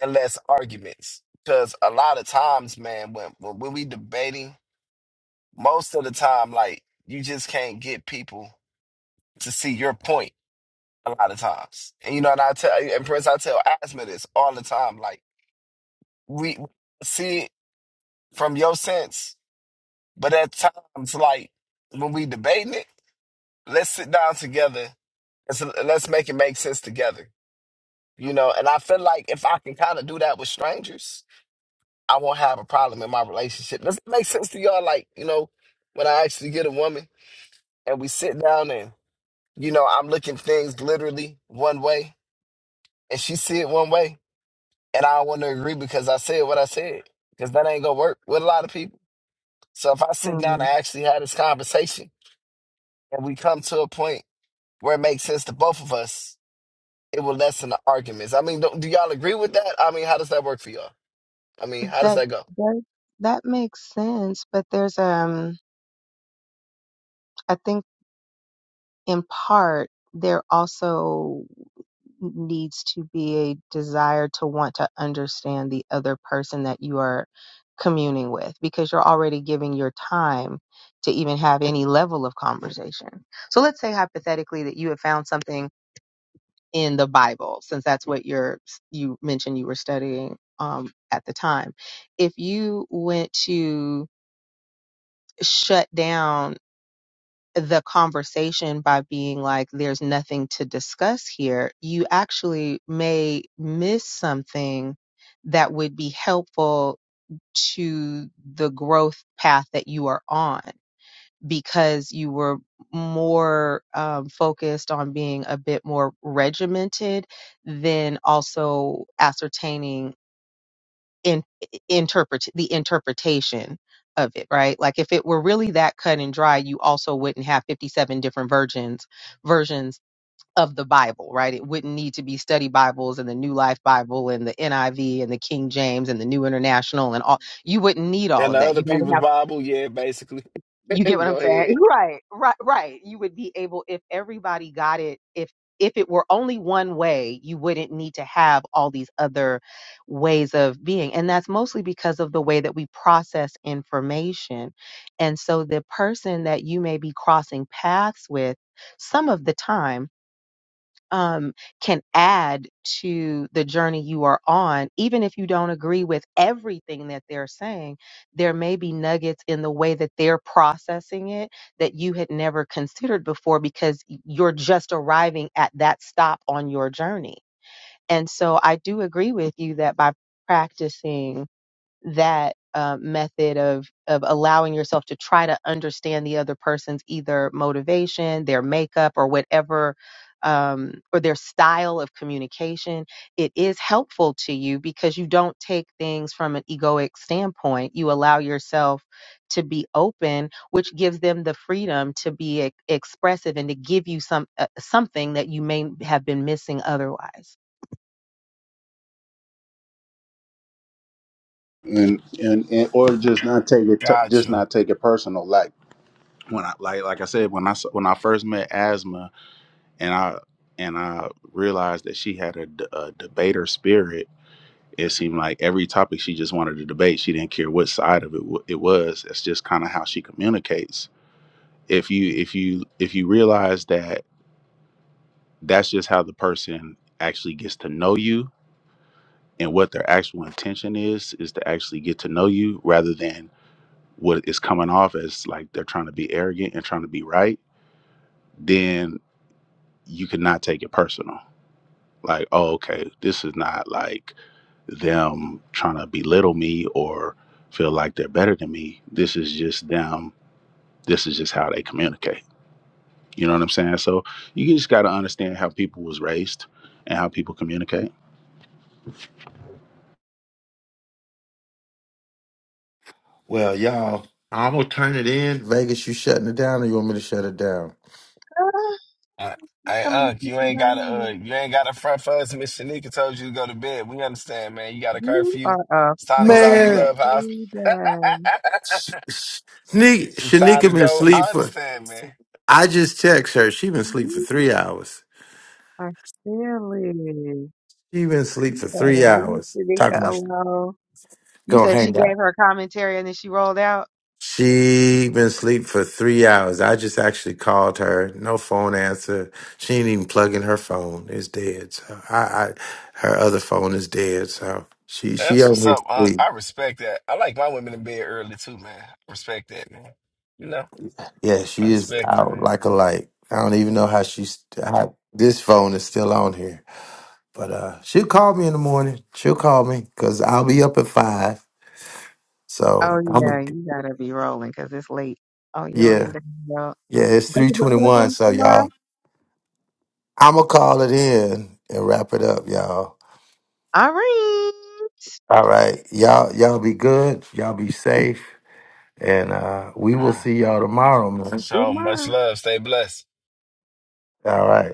O: in less arguments because a lot of times, man, when, when when we debating, most of the time, like, you just can't get people to see your point a lot of times. And, you know, and I tell, and Prince, I tell Asma this all the time. Like, we see it from your sense, but at times, like, when we debating it, let's sit down together and so let's make it make sense together you know and i feel like if i can kind of do that with strangers i won't have a problem in my relationship does it make sense to y'all like you know when i actually get a woman and we sit down and you know i'm looking things literally one way and she see it one way and i don't want to agree because i said what i said because that ain't gonna work with a lot of people so if i sit
H: hmm
O: down and actually have this conversation and we come to a point where it makes sense to both of us it will lessen the arguments i mean do, do y'all agree with that i mean how does that work for y'all i mean how does
H: That
O: that go
H: that that makes sense, but there's um I think in part there also needs to be a desire to want to understand the other person that you are communing with because you're already giving your time to even have any level of conversation. So let's say hypothetically that you have found something in the Bible since that's what you're you mentioned you were studying um at the time. If you went to shut down the conversation by being like, there's nothing to discuss here, you actually may miss something that would be helpful to the growth path that you are on because you were more um, focused on being a bit more regimented than also ascertaining in interpret the interpretation of it right like if it were really that cut and dry you also wouldn't have 57 different versions versions of the bible right it wouldn't need to be study bibles and the new life bible and the niv and the king james and the new international and all you wouldn't need all
O: And
H: of
O: the
H: that
O: other
H: you might have.
O: people's Bible, yeah, basically.
H: You get what
O: Go
H: I'm saying?
O: ahead.
H: Right, right, right. You would be able if everybody got it if if it were only one way, you wouldn't need to have all these other ways of being. And that's mostly because of the way that we process information. And so the person that you may be crossing paths with some of the time um, can add to the journey you are on, even if you don't agree with everything that they're saying, there may be nuggets in the way that they're processing it that you had never considered before because you're just arriving at that stop on your journey. And so I do agree with you that by practicing that uh, method of of allowing yourself to try to understand the other person's either motivation, their makeup, or whatever, um, or their style of communication, it is helpful to you because you don't take things from an egoic standpoint. You allow yourself to be open, which gives them the freedom to be e- expressive and to give you some uh, something that you may have been missing otherwise.
X: and and and or just not take it t-
O: Got
X: just
O: you.
X: not take it personal. Like when I like like I said when I s- when I first met Asma and I and I realized that she had a, d- a debater spirit. It seemed like every topic she just wanted to debate. She didn't care what side of it w- it was. That's just kind of how she communicates. If you if you if you realize that that's just how the person actually gets to know you and what their actual intention is is to actually get to know you rather than what is coming off as like they're trying to be arrogant and trying to be right then you cannot take it personal like oh okay this is not like them trying to belittle me or feel like they're better than me this is just them this is just how they communicate you know what i'm saying so you just got to understand how people was raised and how people communicate
B: Well, y'all, I'm gonna turn it in. Vegas, you shutting it down, or you want me to shut it down?
H: Ah,
O: Uh, Hey,
H: so many
O: Unc, you ain't got to, uh,
H: people.
O: you ain't got to front for us. Miss Shanika told you to go to bed. We understand, man. You got a
H: You
O: curfew.
H: are a
O: It's time to get off
H: fool
B: Man,
O: Clubhouse.
H: today.
B: S- S- Shani-
O: it's time to
B: Shanika been
O: go.
B: asleep
O: I
B: for.
O: understand, man.
B: I just text her. She been asleep for
H: You
B: three hours.
H: are silly.
B: She been asleep
H: You
B: for
H: better
B: three
H: leave
B: hours. Talking
H: Shanika
B: about she
H: alone. You
B: gonna
H: said she
B: hang out.
H: gave her commentary and then she rolled out?
B: She been asleep for three hours. I just actually called her. No phone answer. She ain't even plug in her phone. It's dead. So I, I her other phone is dead. So she she
O: That's
B: out
O: what's
B: here
O: up, Unc.
B: asleep.
O: I respect that. I like my women in bed early too, man. I respect that, man. You know,
B: Yeah,
O: I
B: she is
O: respect it,
B: out
O: man.
B: like a light. I don't even know how she's how this phone is still on here. But uh she'll call me in the morning. She'll call me because I'll be up at five.
H: Oh,
B: So
H: yeah,
B: I'm
H: you gotta be rolling because it's late. Oh, you'll
B: yeah.
H: end up
B: Yeah, it's three
H: breaking the
B: twenty one.
H: something
B: So
H: tomorrow?
B: y'all I'ma call it in and wrap it up, y'all.
H: All right.
B: All right. Y'all y'all be good. Y'all be safe. And uh we will
O: Ah,
B: see y'all tomorrow, man.
H: Do it
O: so much
H: tomorrow.
O: love. Stay blessed.
B: All right.